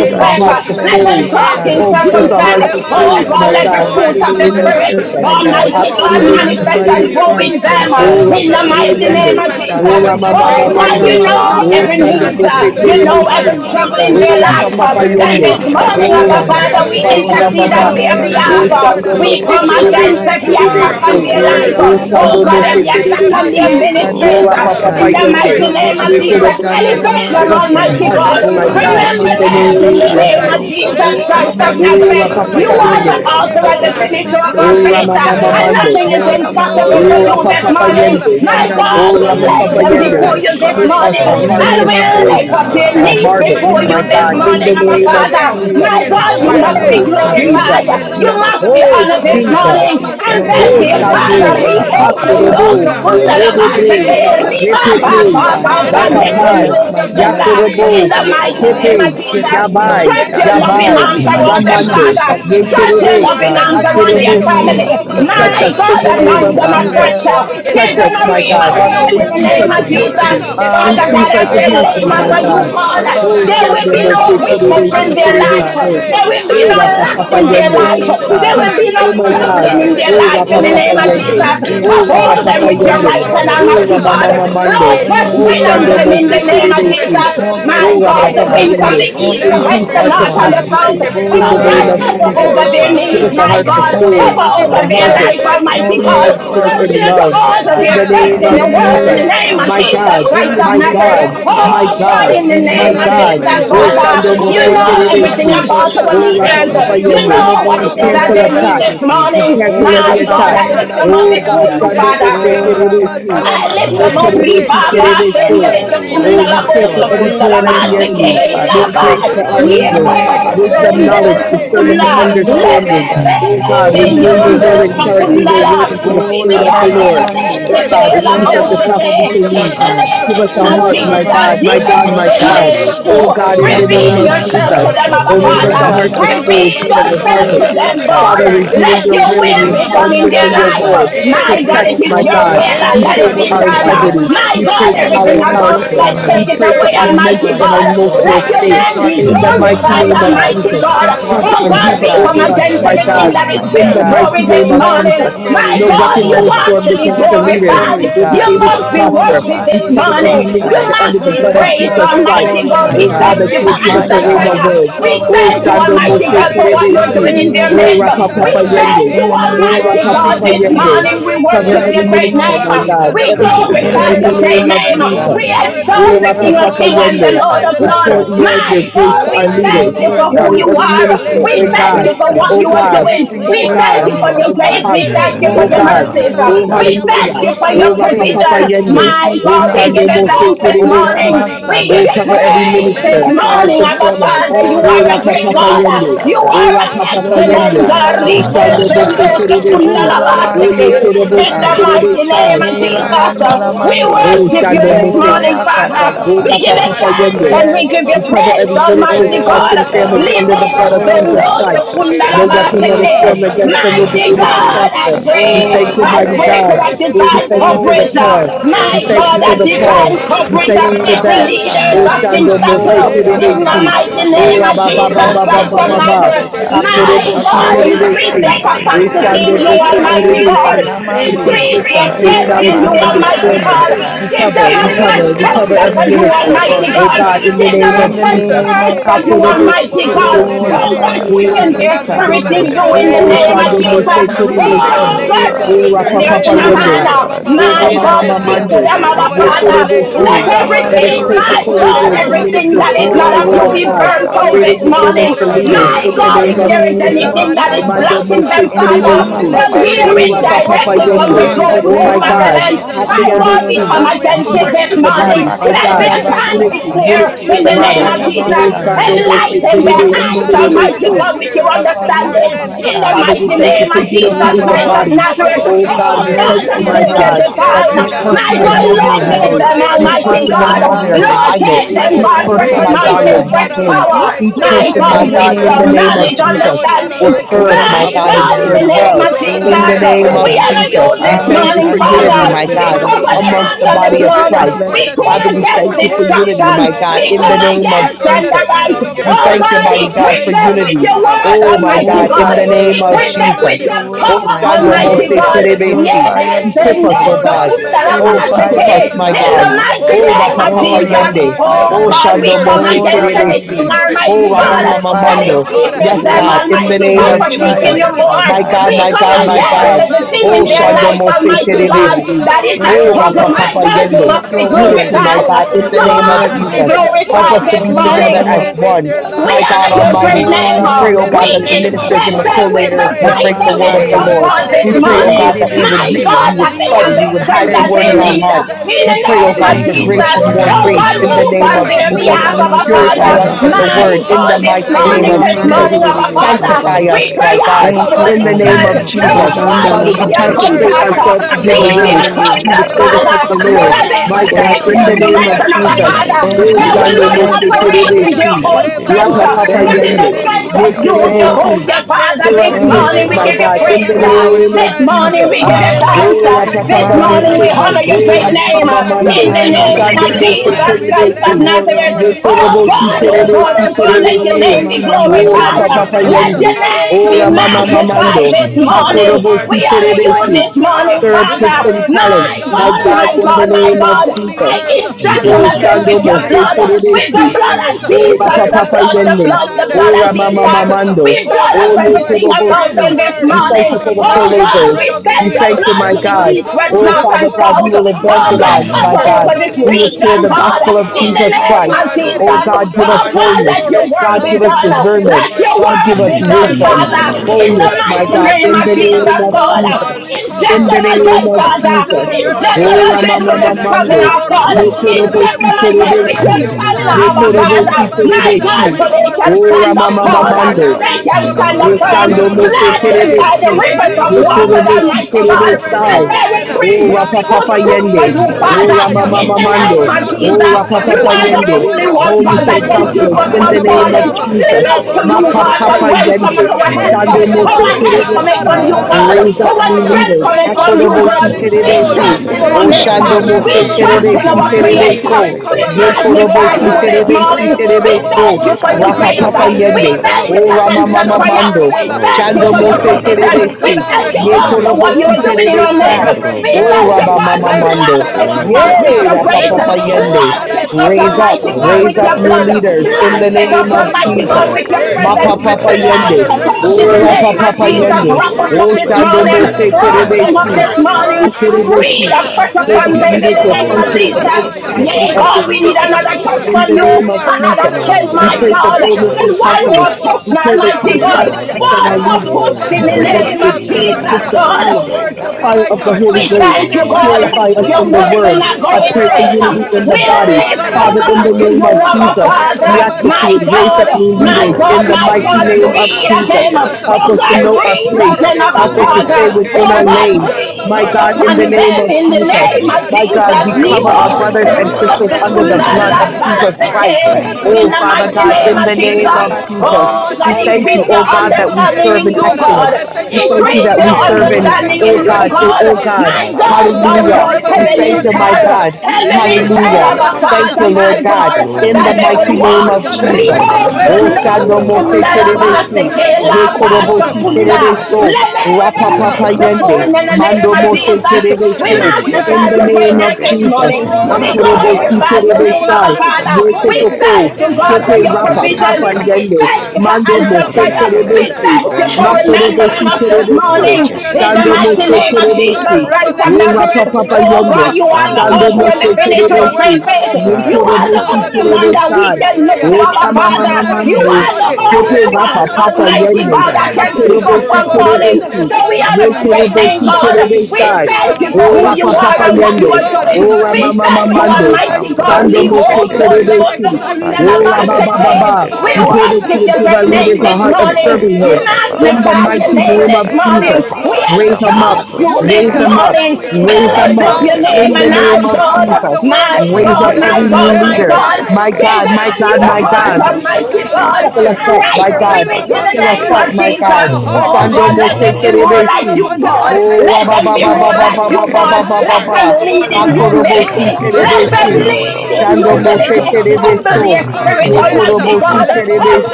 us a
bless
God,
to
Do
them,
a
Leba
heart
see
for
that
bless
sekeke
Let
as
Shata
I
them
them,
cleansing,
souls.
the
my
Yabaka
end.
talk
submit
God.
in
and
Oh,
my
give
brenge
Do
us
Satoya,
de
a
Oh
tongue
a
de
to
heart
God,
de
bless
for
circumspect.
so
you,
their
Lemando
God,
Oh
souls,
brage
I
that
hands
purification,
God,
mandoya,
my
and their
Holy
my
let
pray,
Robo
the
God,
hearts
sekeke
Spirit
God.
Robo
in
to
Lord,
fruit
would
the
of the
give
name
it
In
that
of
the
up.
Salabaraba
you
Spirit,
brage
church,
continue
Father.
incubate
de
Jesus.
my
of
de de
to
my
God.
de
May
de
do
it
Almighty
life
a
And
God,
be
brage
Leba
work
in
within
in
the
the
the
manifest
Dalaba
body
and
of
sekeke
in
name
your
grow
name
of
of
Hakoroboshikerebesi.
Jesus,
in
Christ,
the service.
people,
my
them uh,
rege
Lord
Jesus
God.
Oh,
de
Christ,
de
Oh
in
and
Rapa
de
the
Spirit
Jesus,
thank
of
Papa
you,
the
brage
mighty
Jesus,
that
de
name
Yende.
you
incubate
de
Living
of
de
my
God,
continue
Oh,
life
Jesus.
we
to
Erodo-bo-shandai.
Rama
thank
bram
you
today,
Oh
Mama
for
train
O
your
God,
God.
brogo
new
you
Mando.
people,
levels
know
In
and
the
sekeke
Oh,
that
every
you
Sando
Ramamamamandai.
name
needs,
of
uh,
dimensions,
continue
Mose
to
we
brogo
you
lead
Jesus
de
thank
know
de
you for
de
your
every
new
Christ
that
Terebesi.
of
levels
you'll
struggle
levels
brage
Oh,
in
Nazareth,
Lebo-karabasai.
and
equip
their
Oh,
them,
Rapa
life.
sekeke
We
let
uh,
Father
Papa
dimensions
my
hallelujah.
pray,
in
God,
Can
Then
life
Yende.
our,
mighty
this
re-
you
oh
give
God,
knowing
give
God,
morning,
this
abage
Oh,
your
Abba
ra- ba-
people
everything
reflect
morning.
they
personal
Father,
your
ba-
sekeke
we
need
ba-
to
walk
revelations
O
ba-
glory,
ba-
and
ba-
intercede
remember,
with
ba.
on
the
Almighty
their
brage
word
Father
de
God.
of
de
understanding
God.
Oh,
the
Ramamamamandi.
behalf.
de
and
uh,
Let
Lord.
Shando
No
my
wisdom?
We
branke
Mose
matter
Oh
life
come
Oh
God
what
God,
sekeke
to
reflect
of
against
be
Terebesi
Almighty,
who
every
you
as
everything
Lebo-satarabasatai.
attack
are,
top
of
on
Rogo
used,
your
Terebeso.
that
O
their
de
leaders,
Father
life.
word.
God,
uh,
Oh,
grelele
we
represents
Oh
Oh
Shando
you,
have
God,
branche
God,
Mashadabaya,
Mose
every
God.
Ramamamamandi.
Almighty,
the
attack
shakeke.
in
on
Let
the
things
their
Terebesi.
my
that
Lebasai,
name of
you
as
life
Libukana
have
Oh,
la
ministries uh,
Roba
God
Rapa
Jesus,
fivefold,
in
represent
the
Papa
in
basai.
the
God.
name
grelele
oh
Yende.
mighty
of
strengthen
God,
Lobo
branche
name
us
Let
of
bobo
where
my
we
Jesus
Lobobobo
Jesus.
are
officers,
life
shakeke.
weak
Christ.
Shanda
of
Yekorobosi.
and
la
Adaraba
Elevate
Nazareth.
them,
Give
Father,
us
Lamasatai,
our
Oh,
cross
Almighty
hearts,
my
God.
under
represent
Brengelele
the
my
O
blood of
God,
Lebadala
even
God,
branche
the
Ramama
Remember
Father
in
Mama
the
Jesus.
Matora
God,
mama
shakeke.
them
and
in
anointing
the
name
of
name
of
Oh
name
Barabaserebe,
Shandai,
God,
of
mighty
the
Jesus.
Bronco
God.
Jesus,
things
Jesus
oh
O
that
God,
Christ
Let
you
Leborobo
of
I
shakeke.
my
Ramande
have
Oh,
say
life
Nazareth.
done.
Rapa
Shadaraba
Dodobo
for
You
Papa
your
represent
Sata,
are
Bragelele
In the
the
Sandai,
Yende.
kingdom,
author
everything,
help
name
oh
and
us
the
of
God.
to
Keparush
God.
finisher
preach
of
the
bragelele.
My
Jesus
our
Oh,
word
Hallelujah,
in
God,
Manananaya,
faith,
Rama
Christ,
let
uh,
me
Mama
we
not
season,
Eh,
and
Brambroco
let
Mando.
sin
nothing
your
is
O
hallelujah.
against
fire
thank
you.
shakeke.
you,
Ramande
fall,
impossible
Let
Oh,
let
for
Glory
me
Lord,
your
to
you
not
for
Dodobo
Rapa
this
fire
God,
walk
Papa
Brache
Satai,
where I
the
fall
hallelujah.
morning.
should
Yende.
the
name
not
My
in
shakeke.
of
walk.
our
Jesus
God,
Oh,
undiluted
we
Let
lives,
Lord,
me
Rapa
word,
let
not
breathe
Lord,
lay
your
Papa
them
upon
mighty
talk
us
word
the
Yende.
I
before
this
God,
way
Brengelele
I
you
thank
come
this
shouldn't
you for the
Give
morning.
brache
talk,
us
Thank
morning,
Pour
a
alive,
in
out
the
Almighty
heart
your
and
shakeke.
glory
of
name
of
God.
we
of
your
spirit.
name.
My
lift
souls,
Lebarabasa.
Jesus,
up
Give us
mouth
O
their
Lord,
fresh
the
God,
and
knees
I thank
belongs to
you,
harvest,
In
time,
you,
before
in
the
the
you
my
God.
Father,
Hallelujah,
this
for
God.
God,
name
name
My
of
of
your
in
morning,
the
Strengthen
Jesus,
our
us
name
name
Jesus,
hallelujah.
of
where
everything
we
Father.
are
belongs
Your
Jesus.
to
My
weakened,
you,
life
Let
God,
is
you
God.
your
Lord.
so mighty,
must
God.
be
Eparabarabaserebe,
Oh,
Father
word
God, I
Liroboshakalamasatai.
give
Roma
Jesus.
glorified.
Hallelujah,
my
You
illuminate
Yes,
tongue
Jesus.
to
must
us,
Jesus
God.
be
you
O
Help
Oh,
this
Sharadabasaya,
Christ
us,
honored
is
oh
God.
this
morning,
Yes,
God,
my Lord,
Let
to
Jesus.
Lord.
us
that
walk
morning.
in
be
my
the
And
tongue
you.
you are my
flow
then,
guided
will
Oh,
of
Lebalabaserebe.
dear
by
be
the
the
let
your
your
pen
Father,
Shando.
God,
of
anointing.
you
a
are
word
my
word,
uh,
ready
repose
O
on
God.
Lobobobobosakalabasatai.
writer,
those
Katolaba
Akorobo.
Hallelujah.
King
Help
of
secunda
ready
us
Glory to
la
God,
to
to
Sharabaya,
Help
your
preach
base
us,
Rebebe.
mighty
O
and
que
name,
help
unleash,
and
influence
us
God,
to
riba
thus
to
what
strong
we
pray,
ba
Father.
live
do
Lord
saith
Repepe.
ba
the
by
uh,
and
God.
ba
your
in
ba
Lord of
mighty
As
every
ye
God.
God
word,
area
Hallelujah,
kondo
Rapapai.
leaders,
of
my
our
let
Father
In
Jesus.
my
God,
the
as
lives.
God.
we
secunda
name
eyes
Breathe
be
in
Yakorobo.
of
counsel,
the
upon your
Lord
mighty
focused
God.
people
on
this
Jesus
name
you,
Oh,
of
Kepe.
God.
let
Give
Christ
morning.
your
us,
of
Jesus.
Lord,
Yabai.
Mighty
mighty
word
Nazareth.
may
Stretch
In
you
God,
the
your
God
the
of
become
touch
In
name
the
loving
her
the
Yabai.
of
wisdom,
arms
Daniel.
for
name
this
Father
Rhema
Jesus,
around
of
them,
God,
eh,
word
morning
Ramando.
Jesus
Father.
that's
in
Jesus,
within
the
I
us,
Christ
needed,
name
Stretch
of
of
pray,
your
Father
Father
Yeterebe.
God,
Nazareth.
individually
loving
Jesus,
God.
God.
and
arms
that
I
you
around
will
thank
In
their
In
the
Hakorobo.
you.
the
name
See.
collectively.
Oh
name
of
family.
encircle
of
me
Roma
Oh
with
God,
God,
Touch
your
Jesus.
as
My
us
Jesus
a
help
God,
in
group
Salamando
the
anointing,
Christ
of
us,
name
of
Hey,
anoint
O
of
them
that
people
you
God,
that
Robosaya,
Nazareth,
will
Jesus.
God.
I
Lord
afresh.
help
said
us,
encircle
yes
Lebara,
God
Stretch
me
Give
Lord.
that
us,
them
Help
with
you
a
knows
your
to
us
my
to
now,
the
fire,
Help
God.
rhema
reveal
our
Lord,
your
rightly
that
we
word in
you
leaders
will
the
will
Increase
lift
this
and
our
yes
name
divide
your
your
the
of
to
morning.
your
encircle me
Jesus.
capacity.
and
word,
will,
with
we
character.
O
your
yes
want
Ah,
to
to
Father
power.
God.
lift
Increase
my
God,
your
Lebara
our
I
God,
say
God,
way.
you.
that
capacity,
you
Lord,
labor
my
Abasha.
will
help
for
We
us
you,
lift
God.
to
raise
you,
Oh,
me
Help
up
God.
make
our
in
Rogoshe
Oh,
me
surrender
this
There
leaders
more
end
to
will
Sando
like
Keke
be
time
everything
show
to
God,
no
Mose
our
make
as
me
themselves
a
whole
weakness
Terebe,
even
heart,
in
Si
Lambrogoshe,
approved,
warrior
their
our
of
oh
more
Terebe,
whole
God,
like
God.
life.
So.
God,
There
that
so
will
God,
you
be
and
I
Oh,
will
no
can
Blankeshke
Rapa
lack
to
do
Papa
war
in
for
Lord.
their
your
for
Yende.
what
life.
Nambrogoshe
And
Oh
people,
so,
There
God.
God
Keke,
God,
that
Increase,
will
to
I
I
be no
will
do,
pray,
oh
not
my
God,
be
Oh
that
God.
stumbling
as
God
God.
in
you
afraid,
their
to
Oh,
life
Blagedede
done
in
Rapa
go
Almighty
to
the
Oh
in
God,
Papa
name
the
the
of
God.
that you
Yende.
have
name
Jesus.
Blankeshke
processes,
given
of
me
Grace
Oh,
the
Uphold
for
Lord
Rapa
them
spirit
God,
Jesus
more
Papa
with
of
Robo
your
that
grace
Yende.
Christ
right
Lord
for
of
our
hand,
Deborah
will
sekeke
Oh,
help
leaders,
Almighty
raba
us
Nazareth,
in
my
Rama
ba
at
the
God.
ba
Mama
every
ba
Lord
God.
Blow
ba
name
ba
of
Mando.
a
God,
stage.
In
fresh
the
Jesus,
we
Oh,
wind
thank
name
on
you,
bagaste
Lord
that
Sando
of
I
them
Almighty,
in
will
the
Mose
run
name
Jesus.
of
Terebe,
thank
through
Jesus.
lambrogo
strengthen
Si.
you,
us
troops,
at
More
Lord
every
sekeke
My
grace,
Oh,
God
Almighty God.
God,
my
Rapa
the
stage.
Papa
I
wind
God.
Almighty,
from
we
Yende.
will
the
brankeske
run
More
bless
east,
Hallelujah.
the
Give
over
us
grace
Increase
west,
you,
the
this
fresh
our
walls,
we
nambrogo
north, and
bless
anointing
the
Almighty
morning.
capacity
God.
sekeke
at
to
south.
you,
Gender
lead
every
we bless
in
you.
Oh
I
the
Oh
will
God,
name
stage.
of
Raman de
brangere
do
de
de
ever
de
Jesus.
Pour
Thank
over
thus
them
out
saith the
upon
Give
needs,
branke
us
us
you,
Besatai.
a
at
my
Lord
heart
every
for
sekeke
God.
More
we
souls,
stage.
Jesus
Hover
grace,
change
over
the
Christ.
my
Help
your
brogo
their
Le
us,
life,
God.
harvest.
life,
Lord,
In
bebe
we
the
to
We
sekeke
More
Almighty
lead
God.
name
sendo
grow
and
grace
of
in
for
serve
our
bambrogo
restore
Father,
you,
in
your
Continue
leaders,
rabarabario
to
love
to
life
my
sekeke
God,
order
I
in
in
God.
their
the
the
sendeya.
expand
thank
name
in
steps
name
you
of
in
In
of
the
the
your
this
bragere
word in
Jesus.
name
Jesus.
morning
word,
the
of
We know
Ke
name
for
la
of
My
the
it's
bake
Jesus.
Father.
not
bario
Jesus
God,
about
Oh
In
Christ
what
sakaka
God,
anointing
the
of
that
my
you
in
you
the
do
name
name
God,
have
Nazareth.
of
right
placed
of
now.
Yes,
upon
my
Jesus
lambrogo
Oh
me,
Lord,
The
God,
God,
God.
Jesus,
in the
in
sekeke
to
the
nation
The
my
be
reveal
name
of
uh,
the
of
name
led
of
God.
anointing
by
Jesus,
your
that
inside
the
you
of
Jesus.
Oh,
have
our
brengere
Holy
Father,
put
Shando
word,
in my
oh
you
Oh,
Spirit.
Mose
institution,
la
heart,
the
know
God
branke
mama
kingdom
God,
everything
Almighty,
of
to
Terebesi.
help
sekeke
Almighty
mande
us.
us,
about
de
God,
God.
de
our
the
de
Uh,
Oh,
God.
We
kingdom of
Help
thank
Rapa
brogo
leaders.
you,
us,
Reveal
satai.
Papa
God,
your
for
You
the
God,
sekeke
Yende.
will
God.
know
and
Lobo
to
what
We
it
your
We
overflow
is
of
allow
bragere
do
that
the
shanda
cancel
you,
la
not
they
God,
character
need
attack.
to
anointing
stand
this
from
brake
the
through
basete.
lead
We
and
us,
your
morning.
not
revival.
sekeke
to
cancel
Oh,
to
word.
see
every
oh
the
My
In
allow
God,
the
you,
attack.
need
I
Pobre
rapakanda
God,
lift
la
to
name
them
of
to
up
Oh,
sekeke,
teach
God,
before
us,
Jesus
you,
basandai.
to
Shando
Christ.
Le
the
Christ
Father.
pakelele,
of
Mose
train
Oh,
King.
us.
Nazareth,
ramanda
Not
Terebesi.
la
blankelele,
I
cover
lift
me,
to
Oh,
them
blanke
Hallelujah,
that
up,
God,
basandai.
with
family
your
Terebesi
sekeke,
Jesus.
blood.
Yes,
Ribaba,
kingdom.
God.
sende
Terebeso.
God,
We
Cover
Yes,
me,
breathe
thank
Lord.
God,
Oh,
orogo
secunda
you,
upon
with
la
we
Yes,
Lord
us,
your
voz,
God.
cancel
fire.
Lord.
sekeke,
We
God,
every
and
secunda la
thank
plan
Cover
you,
of
self
Grace
my
the
to
base
Jesus.
lead,
enemy.
We
possession.
que
lambrogo
lay
Father
la
More
thank
and
va.
you,
let
God.
grace
Cover
sekeke,
the
for
Jesus.
this
our
In
Holy
house,
the
leaders.
God.
Yebo,
Spirit
name
We
of
Cover,
Wisdom,
brengelele,
glorify
donde
lead
your
us
Jesus.
knowledge,
cover,
and
name.
cover,
discernment,
In
secunda,
and
guide
the
We
us
brangelele,
name
the
of
Almighty
way
thank
bronke
God.
lebe,
that
understanding.
Jesus
you,
Oh
sekeke,
In
bebe,
we
the
God,
go.
in the
reveal
Lord.
name of
your
beyondo,
name
will
of
and
o
Jesus
Hallelujah,
character
Jesus.
secunda
brogo
your
Christ
word
la,
of
Jesus.
into
sekeke,
the
Oh,
Nazareth,
spirit
la
Breathe
of the
upon
ribiande,
mama
us
Lord.
this
We
mani.
brakelele,
Oh
lebe,
love
morning,
God,
to
que la
brake
increase
Lobo
our
seal
voz,
Father.
bo
our
bo
talk
que,
sekeke,
about
bo
prayer,
capacity
mama
bo
to
Breathe
God.
mama
in
lead.
upon
the
the
things
shatai.
masaya
that
Okay,
Give
us
us a
Seal
name
bangelele,
of
our
Oh,
heart,
rabasaya.
la
my
prayer
make
morning
banke
with
God,
mama
Jesus,
Le
us
your
from
happy.
my
the
Ibe,
mama
sekeke,
blood.
God,
We
pario
throne
my
love to talk
of
send
about the
our
mashai.
God.
soto
it to
heads
lo
Seal
brake
to
lo
our
the
Oh
lo
secu,
bo
Lobo
God,
prayer
soles
in
sekeke,
the
of
shoro
things
with
shata
your
our
bo
reveal
name
la
ro
of
blood,
bo
feet.
God.
yourself
Jesus.
to
masai.
Lord,
that make
soto.
us
them,
sad.
Abba
Oh,
seal
We
give
orogo
our
us
love
Lebo
Re
empower
a
us
Father,
ba
this
heart
prayer
ba
kanda
for
with
ba
la
sekeke,
ba
your
morning
souls,
reveal
basse
blood,
baru
even
with
ke
the
ra
your
te
to
ba
de
yourself
ra
harvest.
talk
de
ba
lambrogo
Holy
Almighty
to them,
God.
about
Spirit,
the
serebe.
with
besai.
things
Father,
God,
your
that
sekeke,
Le
Father
reveal
let
God,
Lobo
your
let
your
anointing,
bo
them
will
bo
basando
and
will
they
bo
your
lo
be
lo
Father.
see
lo
done
us,
in
lo
shanda
in
character
they
bo
la
Oh,
their
through
brengelele,
bo
your
God,
bo
in
see
bo
life.
the
Uh,
word.
basai.
branke
the
serebe.
name of
fire
My
of
God,
sekeke,
Protect,
it
Lebo
God
is
my
upon
korro
your
us,
God.
bo
Jesus,
will.
they
Eh,
Uh,
We
sheke
Let
see
do
pray
te
it
a
the
shaba
de
for
new
be
ba
our
ba
done.
ba
thing,
Uh,
anointing
ba
Abageshekeke,
of
besandai.
ba
integrity.
ba
God,
God
ba
in
My
We
ba.
your
upon
God,
pray for
us,
people
God,
our
everything
this
Seke
make us angry.
about
Encircle
Brangerere,
morning,
character.
sanda
in
flesh,
la
your
la
us
We
Lekokorobo-shanai.
la
take it
with
la
pray
your
ba
for
away,
leaders
We
our
this
se
Yes,
love
Brangeshekeke,
glory,
mental
Almighty
Lord.
sende
to
and
morning.
our
le
Almighty
God.
Yes,
le bo
God.
Oh,
Lord.
emotional
Let
ra
God,
your
ba
state.
ra
In
in
the
ba.
name
the name
Impart
be
Brogoshekeke,
In
of
the
name
Le
of
ba
wisdom,
mighty
ra
glorified,
ba
Father
name
Jesus
ba
of
Jesus.
ba
God.
Christ
ba
Almighty
of
ba
Jesus,
ba
God.
ba
Nazareth,
ba
talk
ba
Impart,
cover
Oh
and
about the
Father
shora
mighty
Abageshekeke.
God,
hover
Hallelujah,
bo
God,
we
ro
let
come
God.
bo
your
over
bo
us,
bo
against
Jesus.
glory
my
bo bo
cloud
God.
everything
Hallelujah.
Impart,
that
come
shara
is
ba
down,
mighty
In
ya.
the
vain
mighty
God.
glory
Re
this
God,
name
ba
and
Oh,
of
we
ra
More of
ba
morning.
touch
your
Jesus,
ra
bless
us
ba
your
ba
one
glory
My
more
no
ba
this
name
ba
God,
this
time,
weapon
you
that
ba
is
God.
ba
morning.
morning,
want
formed
to
ba ba
be
against
More
God.
of
In
the
your
the
ba.
leaders
Glory
name
glorified.
glory,
of
Lende
will be
to
God.
You
barubo
able
Jesus
things
to
must
robo
be
God.
bo
Oh,
Christ,
bo
la
bo
prosper.
that
the
worshipped
bo
We
glory
this
mande de
cover
to
de
make
every
Lord,
morning.
us
God.
we
happy.
You
thank
besai.
minister
you,
under
must
the
God,
You
be
blood
that
of
Impart
only
Lebe
your
more
you
praised,
Hallelujah.
of
Jesus
your
are
son is
Christ.
lebe
mighty
Almighty
glory,
God.
and
God.
my
kora
you
Oh
We
are
William
God.
God,
thank
that
Hallelujah,
Street,
you
great,
you
for
baraba.
would
you
give us
and
My
a
of
that
answered
hallelujah,
La
you
God.
rhema
all
prayer.
we
word.
baraba
To
hallelujah.
need
We
ribo
our
is in
Thank
Oh,
you
thank
can
you,
robo
leaders,
be
you,
Sando
my
Mose
robo
Almighty
Jesus,
unified.
God.
Lord.
God,
we
for
sere.
what you're
In
let
worship
doing
the
you're
Terebesi.
you,
doing
Le
we
in
strengthen
their
name
their
of
Hallelujah,
Oh,
midst.
arms,
adore
Rapa
you,
baramanda
Father
la
Jesus.
Papa
We
we
God,
Jesus.
as they
thank
Yende.
you,
In the
In
magnify
heal.
the
your
name
Oh,
name,
of
Almighty
Rapa
God,
name
we
God,
of
Strengthen
Papa
this
them,
bless
Jesus.
your
Hallelujah,
Yende.
name.
Jesus.
morning. We
Almighty
In the
Cover
In
God,
worship
hallelujah.
the
We
your
every
in the
great
honor
name
name
of
you,
minister,
of
name.
name
my
Hallelujah,
of
God.
Jesus.
Jesus.
Jesus.
We
We
Every
Jesus
God. We
In
minister
Christ
worship
the
glorify
glorify
of
in
Spirit
the
your
you
you.
of
this
name
the
great
Nazareth.
name
of
of
living
We
name.
morning and
Jesus.
Jesus.
God.
We
we
magnify
give
Spirit
you
you.
of
Almighty
We
Oh,
Oh,
exalt
the
praise.
the
Rapa
God,
King
living
of
exalt
And
Papa
you.
Kings
We
God.
mighty
and the
we
God,
Yende.
gather
Spirit
Lord
of
thank
of
you.
the
you
mighty
for
living
Lords.
what
Import
My
Ramashandalabasatai.
God,
you are
more
God,
God.
of your
mighty
My
doing in
grace
God,
to
our
Yeshua,
La
our
we
we
God,
lives,
Increase
thank
leaders.
your
you
worship
for
bo
Lord.
you.
way,
who
Cover
you
wisdom.
We
Father,
every
saraba.
thank
are.
you
God,
for
Le
the
minister.
Yeshua,
your
fresh
We
we
Oh
Increase
will,
baraba
and
thank
God.
anointing
I
you
worship.
raba
for
pray
this
what
wisdom.
to
Oh
you are
sakaya.
God.
morning.
doing.
God,
Yeshua,
I
Increase
we
Oh
Oh,
We
Robo
God, we
thank
God.
thank
you
exalt
wisdom,
for
you
you.
shorobo
Lord
your
for
your will,
And
robo
pouring
grace.
and
God.
out
spouse.
We
your
your
Yeshua,
serebe.
thank you
we
will,
Oh,
for
spirit
Oh
your
on
Le
God,
us
Father
God.
God
magnify
increase
mercies.
this
you.
mandala
Oh
in
morning,
We
wisdom.
saya Father, ba
the
God.
Yeshua,
thank
hallelujah.
shoro
you
name
bo
for
God,
you for
Increase
of
we
your
Oh
Yeshua,
robo
thank
your
Rapa
you for
faith.
serebe.
Jesus
Papa
Yeshua,
provision.
blessing
Christ,
us
Yende.
this
My
we
Increase
Oh
God,
pray.
Yeshua,
morning,
we give
for
Sando
knowledge.
you
for
Yeshua,
Mose
Eshandolo
thanks
strengthening
bo
us
never
this
spirit
this
Oh,
of
la
Yeshua,
Kirebesi.
la
morning.
la
morning,
the
la la
We
living
ba
for
give
Yeshua,
Oh
you
God,
Ramasandai.
cover
strengthening
he
our
every
is
Yeshua,
praise
Le
inner
minister,
le
this
Increase
man
le
the
this
le
Yeshua,
le
spouse
bo
knowledge.
and
morning,
morning,
Abba
shoro ro
Yeshua,
God.
family.
Father,
ro
strengthening
Oh,
you
ro
spirit
Oh
us
are
of
Yeshua,
a
this
ro
the
ro
Rapa
God. ro
great
Lamande
ro ro ro
Papa
bo
morning.
God.
living God,
shoro
Yende.
Yeshua,
bo.
You
this
Dodobosatai.
Oh
are
is
Yeshua,
Rapa
Shara
an
ra
glory
Papa
ra ra
to
Lobo
ba ba
excellent
Yende.
in
Understanding
God.
ba ba ba
this
God.
the
Direct
ba
Oh
ba
our
name
Rebo
morning,
Sando
shara
hearts
Shandalabasandai.
ra
to
Mose
God.
you're
sondo
ra
Hallelujah.
your
ra.
the
Ye
Help
love,
us
la
sekunda
Kirebesi.
Oh,
O
baba
Kora
right
ba
God.
Oh
understand
ra
Lamande
where
ba
sete.
you're
labaseke.
Yeshua
taking
kora
us,
Ye
ba
In
ra
Mose
where
ba
you're
the
ke
ba
la
Didibisandai.
ba
mighty
Direct
taking
baba
sara
us.
name
our
Kirebesi.
la
of
Eh,
la
Oh
sheke.
la
Jesus,
God,
ba
help
hearts,
us
ro
Na
Lamanda
uh,
bo bo
O
walk
mama
bo
we
bo
Lamande.
bo
God,
sete.
Oh
bo
worship
La
you
in
she.
the
Sando
this
baba
Oh,
Mose.
Le
morning,
keda.
weapon
ba ba
and
ba
what
Lamakata
Father.
Mama
you're
ba
Father.
Oh
ba
We
that
doing
kula
give
Rapa
Oh
you
soro
Labasai.
baba
is
God,
Papa
love
bo
in
going
bo
to
the
baba
bo
thanks
Yende.
mighty
go
and
to
bo
Yes,
we
sheke.
bo
Christ.
name
give
find
bo
you
of
Lord.
We
bo
Na
cover
praise,
mama
every
something
Jesus.
that
serere.
minister,
you
Almighty
sete
Help
la
spouse,
us,
Oh
ba.
and
God.
La ba
Hallelujah,
family
ba
God,
Lord,
ba
mounted
under
Libo
ba
God,
the
I
ba
blood
surrender
ba
in
of
ba
pray
the
oh
hallelujah.
ba
for
our,
Jesus
name
ba
Sundo
God,
ba
of
ba
tongues
Christ.
of
Direct
ba
people.
our
ba
us,
way,
fire.
O
No
If
ba
what
weapon
ba
God.
that
ba
you
eh,
is
God.
God, I
find
Seke.
formed
pray
And
against
Re
for
help
them
is
ba
will
us,
ba
be
God,
ba
tongues
Mighty
of
ba
able
Kandarabasana,
may
to
Lord,
we
fire.
if
ba
God,
have
ba
you
I
prosper.
know
Help
shara. Baraba raba Thank you sende for your rebe love.
us,
We
pray.
Jehovah,
confidence
thank
oh
Lord,
the
in
you,
to
God,
I
your
I
mighty
person,
pray
stay
pray
for
God.
in
for
the
a
bebe
word.
Radabasai,
if
Lord,
tongues
We
will.
of
what
divine
thank
bebe
you
then
fire.
Help
bebe
for
oh
the
found
coverage.
Oh
us
is
to
uh,
God,
call.
have
Jesus,
sura
Jesus.
stay in
We
My
the
baraba.
Ye
thank
God,
you
will,
confidence
for
a
in
ke
yes
the
to
la
your
Father,
do,
baba
Le
call.
Lord,
divine
stay in the
word,
We
baraba
if
O
coverage
sete.
the
will,
thank
of
you
Thank
eh,
God.
Na
for
things
sanda
Father.
you la
Oh
every
la
that
mama.
Lord,
them.
for la your la la
people
leaders
Oh,
Ye
are
of
Labasana,
mercy.
make
na
King
done,
and
us.
basata.
Shando
that
mama
we
ma
Moshe
Chapel.
will
Le
Oh
oh
ke
God,
la.
baba
Rama
In
that
the
upon
raba
continue
Terebesi.
you
Papa
Baba
to
your
raba
mighty
ba
Papa,
Oh,
do
name
will,
saya
kuna
of
what
Rabba
upon
ma
Ba
sura
give
your
Ba
you
Jesus
the
us
Ba
saith the
Ba
baraba
sete
Christ
plan,
Ba
la
of
Father
Ba
baba
word.
baba.
discernment,
Ba.
baba
upon
God
oh
Nazareth.
baba
in
your
the
God,
Jeke
sherebe.
name
Help
desire
My
la
of
a
us
of
to
Hakorobosi
Jesus.
our
baba
God,
greater
have
Roba
lives.
increase
juka
baba
Terebesi.
their
la
Thank
discernment,
confidence
God,
in
baba
my
Oh,
the
baba
capacity
help
basete.
God,
baba
word,
in
Shando
us,
you,
O
baba
Ye
Mose
Lord,
ya
na
God.
na
Almighty
na
oh
sete.
God.
mama
to
Terebesi.
ma
Help
Le
redeem
ke
us
la
Increase
to
Kanamandi,
baraba
Increase
baba
live
their
wisdom,
raba
ourselves.
by
a
faith,
eh,
baba
your
sete
strength
knowledge,
baba
la
in you,
and
ba.
baba
word, O
ya
Father.
Almighty
Ye
God.
understanding.
sanda
God.
ke
la
Ramandalabasatai,
na
We
la la
Give
la
Hallelujah.
cover,
them
la
mama
a
we
la la
greater
la
fresh
Jesus,
cover,
O
la
kula
we
To
baba
Lord
cover
hunger
discernment,
every
basherebe.
for
God,
my
sheke.
you,
understand
your
God,
Na
minister.
our
for
word
Almighty
Roba
mama
Oh
is
ke
God.
leaders,
baba
position
God,
la
in
truth
the
baba
Give
baba
and
name
and
them
to
a
your
of
in
baba.
the
fresh
sete.
word
Jesus.
understand who
name
is
La
start
of
Hey,
baba
for
we
you,
ba
kind.
shebo
Jesus.
ke
bo
Hakorobo
are.
na
robo
Almighty
mama
robo
Help
God.
she
us,
la
Hallelujah.
Ora
Terebesi.
O
And
Oh
to
sededede.
ba.
God,
mandi
God,
Oh
de
understand the
de
to
quicken
Rapa
Father
Sheke
their
have
na
God,
Papa
we
season
besai.
spirit
cover
that
the
mama
in
Yende.
we
you
are
confidence
kula
in
in
the
ba
Oh
in.
your
Ora
name
co-laborers,
of
the
Shando
To
mama
word.
sete.
co-laborers
Jesus.
Mose
understand
Ye
laborers, the
that
mandi.
la
we are
Terebesi.
Oh
baba
O
leading
God,
Greater
co-laborers.
and
God,
sete.
Oh
what
speak
we
we are
to
Rapa
Na
their
doing
mama
discernment,
Papa
in
thank
inner
la
you,
you.
my
our
mama
man.
O
Yende.
God.
lives,
God.
You
Oh
sheke.
give
Father.
La
My
your
Mama
Greater
God,
baba
Help
Mama
glory
us
speak to
all
Thank
sete
to
Mando.
Lebarabarababababababarabaya.
you,
discernment,
that
them,
We
na
my
mama.
Abba
O
cover the
honor
God.
understand,
and
God.
Father.
Yekorobo
Sete
oh
la
glory.
co-laborers,
Si.
the
God,
Let
Ora
baba
Help
You
and
Let us
us,
mandi
help
everything,
de
sete
O
honor
pray
de
us
co-laborers,
your
for
the
la
God,
my
in
to
mighty
baba
co-laborers
God,
God
besai.
and
also
kuna
co-laborers.
in
alignment,
the
everything
ministers
that
spread
oh
to
mama
is
break
name
your
not
the
Oh
mama
God,
of
of
word
with
you
of
ke
word,
God,
be
la
what
God.
O
Jesus
burnt
baba
God,
out
Greater
Eh,
this
Christ of
doing,
sheke la
Thank
ba
discernment
to
morning.
for
Nazareth.
share
Father.
leaders
Dodobosatai.
And
My
your
you
in
Yeke
Oh
the
na
God,
God,
name
in
if
Leboroborobobobobobobobobobosherebeberebababa.
in
the
word
of
stand
mama
the
with
there is
up
name
the
sete
name
Jesus.
of
of
anything
Lord
others,
la
that
O
is
God.
baba
Jesus,
Mando
God.
she
Stand
Mose
blocking
the
na
up
them,
in the
the
mama
Lamandalababababasata.
Father
name
Lord
Holy
of
Terebesi.
Oh,
God.
kuna
from
Papa
Spirit
mama
of
Stand
Oh
hearing
up
the
Yondo,
the
Rapa
sete
Lord
Jesus,
la
living
Papa
directly
Leberebokorabaraba.
God.
baba
from the
Yende.
ke
God
Jesus,
In
Roponde
na
the
de
throne
Oh my
room
name
mama
of
after
Jesus.
stand
presence
God.
Besandai,
then.
up
of
kula
the Lord God. stand up the
Jesus,
this
ba
Lord
My
Hakorobo
God,
morning,
sete
Yando
Father
we
Si.
uh,
la
come
God, we
baba
against it
Unity
Roboshatai,
cover,
fresh
this
God.
we
in
sheke
the
na
cover, we
morning.
anointing
body.
stand
My
mama
cover,
Let
from
God
their
we
heaven
path
yeke
cover,
la
be
unity,
Lord
this
Lepakatalabasatai,
baba
God,
unity
morning
clear
ba
the
in
in
the
the
up
O
sheke
the
upon
reverends
Lord
name
body.
and
your
of
God.
the
na
Jesus.
Oh,
mama
leaders,
ministers.
mama
upon
Mighty
Shando
Karabashandai,
your
Mose
We
God
sete
Enlighten
in
their
cover,
la
the
upon
Terebe,
your
Lord
Si
Yekondo
eyes,
baba
God
name
shu
fathers,
Terebe,
na
of
your
Almighty,
Almighty
So.
Robosai.
the
God,
mama
Jesus
with
teachers,
your
leaders
Help
sete
your
of
our
Christ
la
of
apostles.
leaders,
understanding
baba
my
Nazareth.
Oh
ke
departments.
in the
na
God,
God,
in
Father,
the
we
mighty
thank
Lord
mama
to
you
name
name
for
of
of
God,
preach a
sete
Jesus
unity
la
Father
in
I'm
Rhema
the
Christ
God,
Jesus,
of
we
word,
baba
body.
to
cover,
she
give
Nazareth.
to
Lord
na
Holy
Oh
you
God
preach
mama
the
Oh
God, we
Almighty.
Spirit,
word
thank
God,
God
help
the
you,
from
We
your
my
on
Yeke
as
pray
Savior
la
high.
God,
people
you
baba
to
today,
that
can
Lord
divine.
each
God
tell
surrender
Lebo
us
sete.
person
in
My
will
God,
their
know
Almighty,
the
will
their
wuku
and
that
Shadabasai,
la
locate
Lord
role.
their
destination
ba.
them,
of
God,
way
our
the
Each
to
Almighty
oh
person
Sheke
nation.
will
God.
Father
na
God,
know
God,
their
our
mama.
Lepandalabando,
that you
Ke
assignment.
may
la
Locate
In
have
the
baba.
them,
administrative
Each
your
God God,
team,
fresh
name
person, my
way,
of
God,
Yeke
Lord
na
anointing,
will
oh
Lipokarabasatai.
God
hold
fresh
Jesus,
mama.
Jesus,
Almighty,
in.
our
power.
that
Jesus,
Each
wuku
your
My
Maker,
la
executive
person,
God,
will,
my
In
baba
the
God,
leadership
God,
in
your
name
the
sete.
wisdom,
of
word
name
teams,
Na
of
of
knowledge,
Jesus.
mama
hallelujah,
Jesus,
the
Lord
she
God
la
will
understanding.
your
Almighty,
Lord,
baba.
will,
serve,
will
God,
Oh,
be
we thank
my
you,
will
My
in
Papa,
God,
come
the
Yeke
and
to
God,
the
in
la
word.
yes.
serve
the
baba.
name
well.
We
of
Lord
forefront,
God
call
we
In
on
thank
the
Jesus,
Oh,
that
Almighty
you,
uh,
fire.
will
name
your
of
we
we
Father.
lead
give
will
honor
out,
you,
will be
Today,
Jesus,
you
oh God
we
this
God,
done
we
thank you
we
Almighty,
morning,
give
in
for
call
you
the
on
your
unity,
word.
honor,
Father.
will
my
fire
we
will
give
We
upon
God,
you
Lord
this
cover
God will
prayer
praise,
them
have,
we
manifest.
a,
amongst
line,
the
oh
God.
give
Amashandalabaseterebesatai.
under the
God
body
Oh
you
of
We
God,
blood.
Almighty,
We
mighty
the
Christ.
call
bless
on
your
God,
We
in
fire.
come
the
you.
Father,
understanding
people,
we
from
against
thank
Lord,
the
you
awesome
build
for
word
your
Incubate
name
of
of
us
unity,
our
in
destruction.
my
your
people up,
Jesus,
God,
We
fire,
in the
come
finances
Lord,
Christ of
name
for
of
Almighty
and
against
Jesus,
your
God.
understanding
Jesus.
God, my God,
understanding
kingdom
endurance.
of
here
the
We
on
in
Oh
word
earth,
thank
of
Incubate
you,
God,
us
the
our
mighty
in
Father.
God,
your
equip
for
name
them
of
operation,
fire
uh,
with
unity.
your
you.
Jesus.
tonight,
and
God.
word,
Oh, my
understanding
Oh,
Almighty
God,
Thank
from
in
the
God,
the
God.
Incubate
word,
name
us
oh
of
purify
Ikabababashikoboboboshike.
God
Equip
this
us
them
with
Jesus.
with
Almighty,
morning
your
your
word,
Oh,
in your
my
power,
of
Shando
how
Mose
God.
fire,
Almighty
to,
God.
Lord
God.
Imahamasi,
God,
Almighty God.
Terebesi.
Purify
Let
Yemes,
us
appropriate,
us
this
Equip
Yee,
be
us,
ma,
oh
ma,
Lord
ma,
enes,
sh-
morning.
God
God.
engulfed
kunda
in
Almighty.
bo,
your
I
bo, bo,
Oh,
bo,
cover,
sh-
Purify
equip
Lord
labaseke.
us,
us,
God
hey.
anointing,
my
my
God.
In
Almighty,
God.
Lord,
the
we
Yeke
God.
oh
mighty
thank
Oh,
God,
you
yeke
this
na
our
name
Papa
of
na
Papa
Oh,
music
morning
Jesus.
Yende.
department
Jesus,
na
Oh
and
Oh,
Lamasatai.
for
God,
na
the
we
Shando
na
leaders
fresh
come
uh,
ye
Mose
Oh,
against
under
anointing,
the
for the
anything,
Terebesi.
blood
Ramandi.
of
fresh
ye ye
Oh,
Almighty
Jesus,
oil.
Rabba
ye
God,
Spirit
mama mama
Mama
of the
Yee,
Purify
that is
us
ka,
living
Mando.
ba,
mama
with
ke
God.
ba,
your
ba,
Yes,
keeping
I
them,
word.
God,
sh-
thank you
in
for
the
Almighty
the
name
ke
God,
yee,
word
of
for
of
ke,
the
be,
Purify
be,
seeking
Jesus.
Lord
be,
us,
that
you
is
my
sh-
a
more.
My
sword
God.
God,
of
We
the
Lord,
my
ke la la
to
la
God,
our
come
Spirit
my
in
against
baba,
Purify
mind
their
God.
us with
this
mouth,
your
everything
Oh,
in their
word.
Shando
morning,
Lord
life,
God,
Mose
With
that
Almighty
your
Jesus,
as
yeke
they
God,
word.
lead
la
Terebesi.
to
us
that
our
is
in and
With
a
mind,
Oh,
your
struggle.
worship.
Papa
word.
uh,
God,
My
Papa
God,
sheke
That,
help
you
us
Yende.
With
Lord
must
not to
your
be
mama
God
Unity,
listen
word.
Almighty,
to
my
kula
glorified.
your
our
ba
God,
own
in
With
word,
ke
the
You
Mighty
your
Lord
la
name
God
of
word,
God,
must
my
be
understanding.
Jesus.
Almighty,
in
God.
masete
Oh
Help
will
us
glorified
be,
God,
to
this
maseteleba.
be
In
oh
in
the
all
God,
Jesus'
of
together
morning.
Father
name
as
our
of
God,
evident
mighty
put
ways,
in
one.
name,
their
Jesus.
fire
We
in
God,
My
lives.
our
God
honor
to
you.
mouth,
your
God.
great
Almighty,
mighty
Oh,
acknowledge
Fire
name.
we
you,
Uh,
pray,
in
God,
oh
Lamande
We
In
our
God.
God,
de
the
in
de
that the
belly,
name
Help
God
Jesus'
of
us,
ministers
inject
and
name.
the
Lord,
Bistatai.
them
Jesus,
fire
we
with
in
My
to
the
collators
our
God,
pray
will
get
uh,
break
feet,
the
for
word
our
of
you
vitamins
the
away
of
Almighty
Labashandai.
praise
Lord.
God
and
you.
let
God.
this
We
your
evangelism
pray,
My
oh
Yet,
God,
Holy
morning.
Lebonde
God,
de
that we
Nama,
we
department
Spirit
would
uh,
My
take
Bistatai.
read,
yet,
God,
we
and
glorify.
would
that they
La
control.
have
study,
leaders
we
the
My
would
and
Baba,
God,
strength
hide the
that
Thank
you
word
you,
yet,
they
in
ministers
know
Hallelujah.
our
La
uh,
that
need. Uh,
you
hearts.
Jesus.
Baba,
that,
make
In
the
Take
We
Lord
way
the
pray,
God
that
oh
We
name
we
Setina,
God,
of
precedence.
thank
can
for
Almighty,
you
be
grace
this
Jesus.
your
right
yet,
and
Lord
now.
more
word,
God,
La
morning.
Oh
to
Lord
grace
God,
God,
lead
in
We
us,
have
will
the
Help
name
move
quicken
us
on
of
Basheke,
Lord.
their
not
us
worshiped
uh,
to
Oh,
Jesus.
your
Let
Nama,
behalf
for
us,
grow
of our
your
Lord
Ramashata
weary,
Purify
service
Father.
O
Setela
us
holy
in
Ba,
in
the
God,
God,
the
spirit.
in
Labaketu.
name
My
word
to be
of
doing
in
This
the
God,
Rukula
this
well.
mighty
Jesus. Uh,
Oh,
name
Baba,
pliable.
morning,
of
this
Help
Ramande
Let
Jesus.
Mighty
morning,
de
Bakila
us
de
of
us,
de
our
not
God,
de
mighty
to
we
Baba,
Lord,
God,
grow
Father.
Sanctify
Satai.
in
cover
the
us,
be
We
Yeke,
weary
name
pray
my
in
teachable.
Nama,
out
of
God,
Mama,
Thank
for
our
you,
our
ma
praying.
in the
Jesus,
Father.
name
Sheke,
leaders.
of
Hallelujah.
La
Help
intercessors
all
Oh
us
Jesus.
and
Baba,
the
not
our
God,
Labanda
to
Lord,
Jesus.
Father,
the
be
we
altar
Sete,
grow
their
Help
Lamb,
us,
Nama,
labasete.
weary
workers.
and
consecrate
the
in
contacts.
Mama,
Lord.
Son,
uh,
ma
ourselves
That
to
reading
do
Be
your
the
kila
Lord
will,
God
we
their
Baba,
word,
Hallelujah.
to
bless
O
do
Hallelujah.
Almighty,
the
your
contacts,
Sete,
the
God,
name,
service
Lord,
word
Nama,
of
Father.
of
the
the
but
your
So
Father.
Lord.
may
when
Lord
name,
it
Yena,
they
will
My
We
be
will
come
Mama,
God,
to
Thank
take
you,
Jesus.
strong
strengthen
the
in
your
the
kila
us,
name
heart
Jesus.
of
may
direction,
and
of
it
Baba,
our
And
mighty
Jesus.
then
Father.
if
in
Father,
I'm
Sheke,
enlighten
their
Thank
Oh,
I
us,
they
addicted
you,
O
lives.
love
to
will
Lord.
Sando
you,
Yeke,
not
working
God,
Thank
bless
Mose
La
you,
you,
Lord.
operate
Baba,
in
Terebe
as
the
in
we
Si.
their
name of
own
Sete,
strength,
continue
Nama,
Lord,
Rapa
uh,
we
Jesus.
in
Papa
bless
ye
but
your
That
Thank
in
you,
as
prayer
name
na
the
Yende,
and
they
this
Lord.
mama.
strength
We
of
reading
morning,
counsel
of
you,
the
Holy
with,
Yekerebo
praise
Yela
Thank
ba
Si,
you,
the
ba
word.
Spirit.
ba
Jehovah,
Lord.
as
ba
Lamb,
they
ba.
Father.
stir
Help
God,
bring
up
This
Lord, we
us,
and
Yeah,
gifts,
Thank
O
Yena
morning
healing,
the
ba
you,
we
glorify
my
ba
give
Lord.
God,
your
you
ba
God,
oh
name
in
help
Son,
this
praise.
God,
the
sete.
and
and
uh,
us.
morning,
Oh,
name of
This
God.
Yena
deliverance,
the
na na
Jesus.
morning
Holy
Jesus.
na
we
ma
give
Lord,
Spirit.
you
ma
yeah,
they
Ah,
ma
will
Lord,
God.
we
thanks.
Oh,
uh,
horse
sete
thank
Thank
Rapa
understand
you
and
la
for
then
This
your
you
your
ba.
Papa
you,
word
Manda
morning
Lord,
anointing
we
Yende,
honor
this
and
regarding
your
Oh,
these
yeah,
morning.
great
and
labasatai.
Yeke
name.
la
issues
uh,
Mama
and
ba.
magnify
God, we
In
Mando,
and
the
topics.
thank
Depanda
student
God,
you
as
for
and
the
name
Sando
of
fresh
well
Father
encircle
as
Mose
oil
us
Jesus
labasatai.
God,
this
we
Christ
yeah.
praise
today,
to
of
place
Terebesi,
God.
the
Oh,
Nazareth.
before
Father.
us.
you,
Encircle
Ramashata
Oh
Yekerebo
We
us
Si
We
with
Lord
Thank
your
God, oh
God,
you,
bababa.
thank
our
God,
you,
Terebesi
God,
the
oh
anointing.
that
God,
you
ushers,
Jesus
let
of
your
Oh,
our
say how
Terebesi,
name
the
be
Encircle
you
Ramama
us
greeters,
Holy
with
our
Spirit,
your
Oh,
mande
love,
de
and
Rapa
glorified.
fire.
parking
Son
lot
Papa
Father.
of
lot.
Let
God.
boshandai.
your
Yende,
Hallelujah,
Oh
Encircle
name
Oh,
us,
be
God,
The
we
Mama
God,
Jesus,
name
place
in
and
of
the
this is
the
magnified
Mando,
before
this
Father,
you
the
name of
every
name of
our
morning.
the
Hakorobo
Son,
heart
Si
We
and
Jesus
yeah,
department,
our
Christ.
honor
our
Jesus,
mind,
you
Terebesi,
the
this
Lord
name
God,
children,
God.
of the
morning,
let
Son,
stir up
the
us
gifts
not
yeah.
Father.
Hallelujah,
and
slack
Father.
leaders,
now.
Lord
talents,
My
The
I
God
my
God,
Lord
Jesus,
Almighty
Almighty,
God,
my
God,
God,
our
in the
God,
that
let us
my
Lord,
love,
Sunday
name
I
of
just
God.
school
ride,
Jesus.
pray
I
Father.
leaders,
and
ride
inject
up
them
Oh,
to
do it
oh
with
Hallelujah,
again
heaven,
God,
you.
Sando
with
our
We
your
God,
yeah,
give
Mose
desire,
with
blood,
God,
you
to
thanks, we
our
with
discipleship
the
thank
Terebesi.
your
prayer,
blood
work,
you,
of
God.
leaders,
to
the
Oh,
Lord,
Let
Jesus,
Rapa
your
yeah.
our
will,
the
labor
God,
Papa
blood,
and
air
the
the
Father.
Lord,
Yende.
blood,
prayer reach
the
Oh,
the
the
blood
Oh,
God,
of
in the
Rama
third
Father,
name
Mama
thank
Jesus.
of
heaven,
co-laborers,
you,
God.
Lord,
Mando.
we
We
give
oh
blood
In
Jesus,
you
Oh,
God,
thanks,
up
the
we
who are
everything
name of
thank you.
about
sharing
breathe
the
Jesus,
Yokurobosi.
them
on us
this
word,
let
this
We
Spirit,
who
thank
morning.
you
fill
morning,
nothing
are
for
me,
the
Lord,
Oh
stop
Lord.
breaking
our
the
God,
co-laborers.
bread
God,
we
prayer
and
of
the
send
We
this
Breathe
life,
your
thank you,
upon
blood
morning.
your
my
that
to
but
the
people
We
my
when
God.
he
east,
this
back
God,
west,
you
took
back
morning.
Oh,
north,
the
will
and
Father
and
cover
God,
he
forces
us
south.
we
of
left
will
the earth
under
Oh
darkness,
and
Lord,
your
God,
evangelize,
found
blood,
my
over
Almighty
hear
and
cover
God.
God.
over
made
your
this
the
We
this
will
God,
leaders,
summer,
we
share
region, done,
morning,
the
cover
yeah.
your
he
bind
God,
up
gospel of
people,
every
in
Father.
Jesus
the
fortified
Lord
witches
name
Christ.
God
of
and
the
God,
Oh,
Almighty,
give
Jesus.
warlock
land
God,
use
give
them
our
us
Oh,
for
today,
heart
your
mighty
of
God.
God,
boldness.
let
God
We
your
praise
glory.
work
God,
and
in
mighty.
be
give
the
us
silence
Almighty
thanksgiving
them
done.
this
name
God,
in
in
the
Hallelujah.
of
discernment.
Let
the
morning,
your
name
name
of
God,
of
work
give
Jesus
God.
us
Thank you
be
Jesus.
Jesus.
Kitchen
for
done,
Help
Christ of
We
your
us
wisdom,
put
Father,
Father,
a
to
Nazareth.
we
word,
in
boldness,
fiery
the
cover
Lord.
surrender
edge
my
up.
these
all
mighty
to
Lord,
God,
on the
name
We
I
in
of
the
Thank you
pray
plead
line.
Jesus,
for
God.
the
name
that
of
your
you
Oh
God,
God.
blood of
Jesus
All
word.
God, we
we
Jesus
Inject
give
in
cover
Jesus,
the
them
you
I
against
thanks
again,
name
them,
to
of
Strengthen
the
Rabba
God.
surrender.
Father.
Lord
us, O
We
Jesus.
God,
Sata,
God,
and
God,
blood
then
Reverend
Inject
them
we
help
Oh,
them
us
up.
will
again
to
We
with
Rama
the
the
Mama,
Alejandra,
surrender
blood
it
Lord
them
Mando.
stamina
is
all,
of
Lebo
by
up.
good
your
God.
and
We
my
Robo
prayer
word,
blood
Father.
them
is
Inject
Sada,
O
Yekorobosi
up.
we
them
To
God,
We
cover
again
trust
with
of
blood
Reverend
terebesi.
your
up
men.
your
every
stamina
Elisa,
word, to
lying
of our
This
tongue,
Leba
Father.
Yekorobosi
trust
morning
Rabba
we
Almighty
your
My
God.
talk
the
terebesi.
God,
Sata, we
so
to
leadership,
We
they
you,
glory.
cover
blood
can
O
to
up
Reverend
trust
every
stand up
this
in
Shauna,
how
naysayer,
you
morning
taller.
are
Oh,
ramamamamando.
we
directing
like
They
Almighty
lift
a
God.
can
us,
you
stand
and
Lamandolo
We
up
Lord.
we
firm.
blot
Help
Oshando
lift
up
Sarabaraba
us,
our
every
Mose
Plant
Lord,
them
to
witchcraft
Serene,
God
by the
power.
Terebesi,
slow
rivers
We
and
ourselves
of
I
Lebo
will
from
Robo
blot
shake,
water,
really
them
Robo,
Yekorobosi
up,
we
Almighty
cover
God,
like
God,
to
Reverend
God,
that
in
Terebesai,
Lambrogo
the
trusting
they
and
in
will
Carmen,
I
your
name
will
O
sekeke,
bring
of
name,
really
Rapa
good
Papa
like to
trusting
fruit
Jesus
God,
for
in
Lamandolo
Yende,
your
you,
Christ
and I
of
will
blenkeske
O
purpose,
Father.
Nazareth.
really
We
In
trusting
Sarabarabaya,
Ramamama
like
nambrogo
the
to God,
we
that
walk
cover
name
Mando,
in
we you
of
sekeke,
kingdom
Dr.
O
have
Jesus,
and I
Rapa
called us
Cotton,
you
will
Papa
really
are
authority.
the
Yende,
We
Rebo
like
only
abage
Help
to
Robo
us
one,
walk
to
in
God,
boldness
God,
Sai,
sekeke,
that
and
we
trust
we
can
kingdom
in
cover
keep
confidence
the
us
power.
in
God,
the
from
Minister
to
name
bage
of
We
name
de
trust
of
de
falling.
Bayam.
de
walk
you,
We
Jesus
Jesus,
look
Christ,
today,
Lebo
to
to
God,
you,
that
bambrogo
follow
Robo
Mapa
you
your
God,
have
as
from
word,
Sada.
Papa
true
We
sekeke,
whence
come
hallelujah,
and
vessels
cometh
Yende,
cover
of
our
done
to
this
Reverend
live
help.
blenke
Shando
Jesus
your
Bayam.
Christ
Our
Mose
word,
sekeke,
help
with
Now,
Father,
cometh
Lada
Terebesi,
power,
from
God,
you,
we
Raba
Lord
do
bage
God.
bless
Rebo
what
de
raise
de
you
up
you.
Jesus.
have
de
Our
new
Sadaya.
In
strength
leaders,
Lord
bronke
the
to,
God,
We
cometh
we
from
cover
name
you,
sekeke,
God.
of
Reverend
God.
Yeah,
Makorobosi
glorify your
We
name
Jesus
shabba
Nicole.
bage
ba
Terebesi,
de
trust
and
de
Christ
ba
in
shi
of
thank
de
our
Lebe
ba
Nazareth,
you
ba
Maker.
Oshando
blanke
We
Sherebo
Mose
God,
ba
we
Robo
sekeke,
trust
and
in
back
In the
Terebesi
back
our
you
mighty
Sandaya.
are
every
the
name
brogo
Creator.
of
We
Terebeso,
forces
We
people of
cover
that
sekeke,
God.
Jesus,
Reverend
want to
And
magnify
Yekorobosi
you
you
God
attach
Rohan.
know
this
forgive
abage
the
us,
Terebesi
themselves
morning.
unto
Lebo
Lord,
We
people
when
Robo
sekeke,
that
our
we
Terebeso,
you
thank
Bobo
fall
you
say
for
leaders.
your
in
short,
Rapa
some
Sataya.
grace.
In
Papa
that
Lord.
the
brangedede
makes
We
Yende,
name
no
of
Forgive
Lebara.
thank
us
We
you
branke
O
Jesus,
for
our
sense.
cover
sins
we
you
answered
sekeke,
have
and
Bishop
let
our
prayer.
those
Ramamamamando,
encircle
We
that
Arville.
them with
thank
you
you
transgressions,
your
oh,
Chando
for
let
lo
your
bo
the
Lobo
fire
Lord,
Mose
bo bo
Raba
that
bo
and
provision.
no
Raba
bo
people
We
bo
lead us,
Terebesi,
Sada.
bo
thank
weapon
We
Holy
you,
bo
might
bo
Ye
formed
be
God,
cover
Spirit.
done
for what
against
you
sekeke,
Korobosi
them
in
are
Forgive
the
Roba
shall
doing in
us,
our
ever
name
midst
Shada.
of
Terebesai,
praise.
Lord.
prosper.
Forgive
Reverend
We
bambrogo
us.
Jesus
O
thank
Delcy.
you,
Glory
and
God,
sekeke,
the
to
for
God.
people.
Ramamamamando,
Lebandala
Hallelujah.
blanketing
You
us
have
Hallelujah.
with
put
Masata.
Yay,
Hallelujah.
your
your
Brangelele,
rapa
grace.
own
Lebo
Mighty
papa
son
God
and
of
Robo
Yende,
Sada.
Help
Daniel,
Blanket
brankeshakeke.
us
us,
to
Father,
the
put
raise
the
Father, we
walk,
up,
cover
Almighty
oh
fire
all
God,
God,
Oh
the
people of
raise
with
the
up
your
God,
new
ministers
blood.
word,
and
God.
may
I've
leaders
we
the
God
on
in
the
be
the
word.
open
You
Blanket
line
our
name
us,
Help
of
stand
us
under
mouth,
encouraged
to
your
up
Almighty
by
know
blood
God,
and
the
Jesus.
Almighty
with
your
God,
your
word.
today.
word,
that
presence.
Mapa
when
oh
very
we
We
papa
God.
thank
Help
stand
speak,
you
us
for
up.
God,
the
to
Yende,
we
Blanket
know
will
the
us
the
Rhema
speak
in
O
the
word
name of
word,
fire
in
name
Rapa
their
Jesus,
of
papa
may
in
mouth.
Jesus, in
the
study
Jesus.
your
the
Yende,
Wrap
name
We
word
the
us
of
word,
up
O
to
thank
name
this
know
you,
of
the
Jesus
Chando
strengthen
Lord
God,
morning.
in
Christ
God
word,
us
of
to
Mose
and
walk
Almighty,
Wrap
for
Nazareth.
in
guide
the
them
the
up
the
us
name
Terebesi,
this
God,
word.
into
Kairos
of
even
all
word
morning.
our
Jesus,
in
Hallelujah.
eyes
truth,
will
oh
Breathe
and
Makorobosi,
Help
season.
show
the
God.
afresh
fire,
Lord
us
so
To
upon
that
Lebo
of
them in
live
Almighty
in
leaders
the
the
will
God.
name
function
of
Oh,
word.
in the
heaven
Jesus.
full
Glory
shorabarabasataya.
and
Yea,
Hallelujah.
to
capacity
We
God,
of
God.
bageshakeke,
their
God,
thank
we
you,
money
need
city.
that
Jesus,
Lord
another
will
touch
God,
Holy
In
not
Hallelujah.
from
the
be
that
bambrogoshakeke.
you,
name
you
Spirit
of
of
are
Jesus,
the
another
Jesus,
raising
living
up
they
strength,
glory,
our
we
will
my
God.
pray
not
glory,
for
be
Brangelele,
God.
leaders.
Help
boldness
us
glory.
And
and
to
stressed on
one
We
confidence.
more
understand
being
this
worship
push,
brankeshakeke.
We
you,
my
pray that
God.
you
that
mighty
would
they
we
Oh
We
will
start
are
God.
not
God,
be
in,
Sheborobosandalabasadaya.
attack
let
on
magnify
One
our
And
that
worried
your
that,
more
Father.
leaders.
or
name,
Lord
push
not
God.
word
God
Help
We
in
be
us
pray
We
that
the
Almighty,
to
troubled.
name
you
you
always
would
of
are
bless your
be
stay
In
understand
in
up
the
what
our
name,
causing
Jesus,
you are
name
different
of
doing
God.
Jesus.
in
hearts,
your
columns.
this
oh
Ye
word
Jesus
la
to
God,
be
ba
Fire
season,
Christ
of
se
like
of
a
the
Lord.
Nazareth,
te
Holy
so
We
na
fire
that
ma.
Ghost,
in
Help
thank
we
us,
you,
their
will
Ye
belly.
not
God.
Lord,
may
purify
ke
that
us
la
sin
Your
Lord,
in
ba
you
the
just
place
word
ba
are
to
be
against
will
word.
she
done.
you,
not
causing
go
ke
I
your
na
in
Father
pray
understand,
ma.
for
word
God.
oh
vain.
unity
God,
Ye
Help
in
and
In
the
us
to
ke
We
to
la
body.
the
oh
ba
lift
God
ba
apply
them
Father,
hide
se
the
name
in
te
and
up
Almighty,
the
of
to
to you,
name
word
Jesus
of
in
na
spring
to
our
up,
our
mama
Jesus,
ma
ourselves
hearts,
ke
we
and.
Father.
ask
la
oh
Christ of
that
ba
you
My
God.
Rebashai,
would
se
raise
and
up
Father,
bring
God,
new
to
forth
ye
my
leaders
Nazareth,
na
Oh
God,
in
fruit
na
the
apply
na
my
Take
mighty
mama
in
my
God,
the
ma
ourselves
name
ke
hands
of
name
to
and
la
breathe
Jesus,
of
be
ba
your
Jesus.
again.
word
Oh
she
Jesus.
relaxed
and
Jesus,
Help
ke
and
your
us
na
to
God,
ma
know
will
my
our
Jesus.
breathe
no
place.
and
again,
your
our
Help
weapon
Lord,
us
we
no
to
will
direction
Oh,
stay
Sheborobokorobosarabaya,
Father.
and
speak
weapon
Rock
your
within
no
of
to
Oh
our
God.
God,
lane.
weapon
instruction,
Ages,
the
My
no
Lord.
oh
breathe
God, in
upon
Help
the
weapon
God.
us to
unkind
name
Lebarabarababababa-serebe.
that
be
them
of
is
God,
in the
may the
fashioned
Jesus.
Father
obedient
name of
and
God,
to
Mighty
My
against
Father,
us
cover,
God,
God,
Jesus.
God
may
we
we
apply,
cover,
Yeah,
cover
Logo
I
Limo
shall
bless
our
cover.
oh
ever
brothers
you,
God,
solo
Lord
and
Shekeke,
prosper
sisters
God,
no
ourselves,
under
sokunda
and
the
oh
may
Lambrogo
we
weapon
blood
God,
la
this
of
and to
Ramashalabaroboserebe,
Shekeke,
Jesus
morning
what
glory.
you
God
are
Christ.
leading
baseke.
We
us
every
give
Brenke
In
you
Oh,
to
the
weapon
do,
Father
of
glory
mighty
Shekeke,
God,
this
Robakatalabasataya,
name
Father,
in
of
the
destruction
morning,
name
to
died
of
Jesus.
Father.
by
Branke,
walk
Jesus.
in
Brogo
fire
We
Oh
give
We
God,
you
Shekeke.
Every
thank
humility.
increase.
Limanananamasorobo.
you,
Increase
glory
oh
weapon
this
of
God,
Spirit
that
mass
their
of
we
the
morning.
Hallelujah,
understanding
serve
in
living
in
For
destruction
you,
God,
you are
died
Jesus.
Ababababababa
excellence.
God.
by
I thank
fire,
speaking
We
you for
Holy
right
thank
shakeke.
by
new
you
now.
Increase
that
their
we
fire,
Spirit,
level.
by
serve in,
Holy
fire,
I
Ambrogo
thank
by
understanding
you
in
oh
for
Spirit,
fire.
a
and
you,
For
God,
new
We
in,
you
shakeke.
are
God.
oh
the
level.
obedience
God.
silence
I
only
them
My
by
thank
to
you,
God,
for
your
fire.
Lord
the
Vakeshke
God,
will
for
We
and
Hallelujah.
download
righteous,
your
We
heaven
silence
nambrogo
Lord,
thank
way,
them
and
you,
revelation
we
by
my
knowledge.
intel.
Father.
fire.
shakeke.
God.
do
We
In the
Heaven
Lebo
not
mighty
silence
like
robo
them
intel,
Hallelujah.
by
Avage
you,
name
Abba
of
fire.
Thank
sataya.
God,
you,
Father,
We
shakeke.
and
my
may
pull
Lord
I
it
them
Jesus,
God,
declare
God,
down by
in the
that
fire.
Glory,
today,
they
to
Lord, I
will
mighty
you, God.
We
name
Lord
And
pull
glory,
walk.
of
them
God
down
praise,
we
Jesus.
by
glory.
Almighty,
Ribo
fire.
God.
Oh,
ask
We
sundo
clearance
Hallelujah.
pull
Sando
them
everything.
in the
down
Mose
secunda
Glory,
by
Yeah,
la
realm of
fire.
the
glory,
base
Lord,
Terebesi,
We
que
I
Spirit,
Thank
pray
pull
Ye
glory.
la
them
Almighty
for
down
you,
base
by
God.
Lord God,
Korobosi
fire.
secunda.
and
We
That
my
we
life.
Avage
tear
Father
Terebeso,
them
God,
down
thank
by
when
shakeke.
Lebende
Rapa
you,
la
we
fire.
uh,
Papa
base
We
God,
Yende,
tear
secunda
connect
in
for
them
Ambrogo
the
with
down
I
Mando
by
name
this.
of
heaven,
fire.
shakeke.
Mose
pray
We
Almighty
Jesus.
push
God,
Thank
them
We
Terebeso,
into
we
the,
are
in
magnify
the
the
your
Brengerere
hearing
great
name
desert
of
name
brage
directly
this
sand
from
this
Jesus.
the
shakeke.
morning.
morning,
Lord,
throne
I
We
of
God.
pray,
grace.
Akorobosi
Every
God,
glorify your
this
name,
Rebo
unwanted
Abba
Terebesai,
spirit
Babababababababa
morning,
Father.
shananana
Ye
this
go
We
into
shakeke.
Messiah.
the
Kokoko,
time,
thank you,
In
desert
the
Lord,
God, for
Pepe
sand
name
your
of
that
in
Rapa
Avage
the
I
provision.
Papa
Jesus,
will
name
We
of
Yende,
thank
shakeke.
understand
you for
the
Jesus
Mando
Spirit
Christ
answered
of
of
the
Mose
prayer.
Living
hallelujah.
Nazareth.
God,
We
My
Brengerere
Terebesi,
thank you
as
Glory
for
brenge
hallelujah,
we
to
sit,
God,
shakeke.
remembering
Makorobosi
Lord
us
that
God,
this
mighty
to
Terebeso,
I
God
morning.
Ranke
of
prepare
In the
Sando
Daniel.
shakeke,
sermons.
ba
mighty
Mose
ba
name
Lord
ba
of
God,
will
you
Oh
ba
said,
God,
ba
Jesus
Terebesi,
the
ba ba ba
suffer
Christ
not
of
a
O
ba
revelation
witch to
Rapa
Nazareth,
knowledge
live.
Papa
will
understand
shakeke.
oh
Yende,
flow
God,
God,
you are
every
out
the
of
witch
Sando
author
shall
our
Bambrogo
and the
hallelujah,
die
Mose
knowledge
this
of
finisher
the
shakeke,
of
morning.
our
Word
Terebesi,
of
Jesus,
the
faith.
Every
Lord.
You
ba
that
witch
are
I
in
the
will
Yekorobosi
gedede,
Father
Jesus
only
God
listen
one
brake
Christ
that
Almighty,
shall
and
we
Terebesai,
we
die
can
shakeke,
pray
look
O
this
to,
hear it,
Abba
that,
morning
Chama
ba
Lord God,
Mama
Father.
as
by
You
we
the
gedede,
Mando,
are
blood
hallelujah,
the
of
study,
bambrogo
as
Tepe
only
Jesus
to
we
one,
Christ,
Rapa
study
shakeke,
for
Papa
by
apply
our
the
Almighty
Yende,
God,
fire of
personal
that
myself
can
to
lives,
your
brengedede,
Jesus
keep us
Christ.
from
Makorobosi
word,
our
We
to
brake
falling.
kill
personal
every
Terebesi,
So
witch
shakeke,
we
to your
this
honor
development,
your
our
morning.
guidance.
great
We
name,
ha
Yekorobosi
chop
God.
personal
your
off
God.
brake
their
We
tail
Terebesai,
this
shakeke,
spiritual
direction,
thank you
morning.
for
O
growth,
Lord.
who
We
you
Rapa
chop
Papa
that
are
out
and
their
Hallelujah.
what
my
you
Yende,
sting
bragedede,
are
Yes,
God,
this
doing.
O
morning.
branke
My
We
Rama
We
study,
will,
Mama
chop
thank you,
Lord
shakeke,
off
God
their
Mando,
Father,
head
Almighty,
Almighty
this
will
God.
morning.
Sando
be
let
bambrogo
oh
Mose
Libo
Every
your will
Father
be
sondo
witch
shakeke,
God,
this
Terebesi,
done in
morning.
ba
sokunda
exciting.
We
O
my
kill
Rabba
gedede,
them
Robo
this
life,
labasete.
morning
Baba
branke
with the
We
we
Lord.
Shadabaya.
fire.
pray that
shakeke,
We
you
worship
That,
Oh
would
your
kill
God,
give
Lord
in
our
great
them
the
God
with the
name
leaders a
brogo
name
this
of
Almighty,
fire,
heart
we
of
will
Jesus.
morning.
be
shakeke, ba
servanthood
us,
We
We
able,
ba ba
kill
ba
Lord
in
Lord,
the
God
may
them,
ba
magnify
mighty
ba
your
you
Almighty,
ba
to
name
ba
prepare
name
Jesus.
this
of
retain,
Jesus.
Yekela
morning.
shakeke,
forward,
We
baba
Lord
Lord, and
God,
Raise
you.
them
that
sete.
up,
exalt
which
bambrogo
we
you
We
Yela
this
read,
raise
understand
them
baba
thank
shakeke.
ba
up,
that
morning.
which
where
we
I
raise
We
shekena
am
them
study
lift
Braque
up
up
going.
mama.
de
your
de
out.
You
de
name
in
know,
the
and
give
Lebo
you
braque
name
I
I,
of
Yekela
am
thanks,
Robo
God,
seke,
baba
from
Jesus.
the
to
Lord
word
sete.
of
my
the
Raise up
God,
Lord.
brenge de
my
every
de
Yeke
understand
de
na
new
God,
de
my
Elebe
mama
leader.
braque
where
ma
God.
I
ke
seque
My
la
am
Robo
que.
in
Give
ba
God,
them
my
Saya.
a
God,
sheke.
new
That
my
where
your
I
heart,
God.
Ye
am
word,
Abrogo
na
We
na
Lord
na
Almighty
God
seque
ma
going.
que.
God.
mama
Fill
Almighty,
Father,
us
se
A
give
te
up,
will
la
right
my
be
ba.
me
God.
written
spirit in
Abaque
upon
Lord
the
the
Fill us
seke
name
up,
understanding,
of
que.
Jesus,
my
we
breastplate of
wisdom,
thank
Jesus.
God.
and
you
our
this
heart.
Oh
Oh,
can
morning
Sando
knowledge.
see
God,
That,
let
Mose
for
them
Lord
be
God,
more
it
Lord,
will be tingling
like
authority.
you,
Terebesi.
upon the
We
hallelujah,
that.
God.
that
thank you
I
Oh,
eyelids.
for
can
Let
wa ba
them
ba
power
be
Baque
ba
de
Oh
this
apply
more
ba ba
God,
seque
like
it
ba
morning.
ba
you,
will
seque
ba
be
myself,
ba
God.
que.
ba
tied
ba
Let
Mighty
Lord.
them
across
ba.
God of
our
lead
Hallelujah,
in
Daniel.
Oh,
foreheads.
Akorobo
Abaque
My
humility.
si
God,
Oh
we
seque
God,
God
que
Let
that
my
que
I
protect
que.
them
Almighty,
can
Terebesi.
God,
it
Lord
my
in
will
the
do
be,
your
lead
God.
name
Nambrogo
in
of
Shando
oh
will,
seque
Let
God,
Jesus.
us
humility.
Mose
be
que.
God,
wrapped
we
Father.
strengthened
protect
across
Humble
this
them
Not
Terebeso.
their
from the
morning.
my
our
spirit,
resort
Ye
Let
Abaque
of
will,
us
the
chest.
be
name
Almighty
seque
Korobo
God,
of
si
but
God.
que.
strengthened
let
Jesus. I
this
your
want
will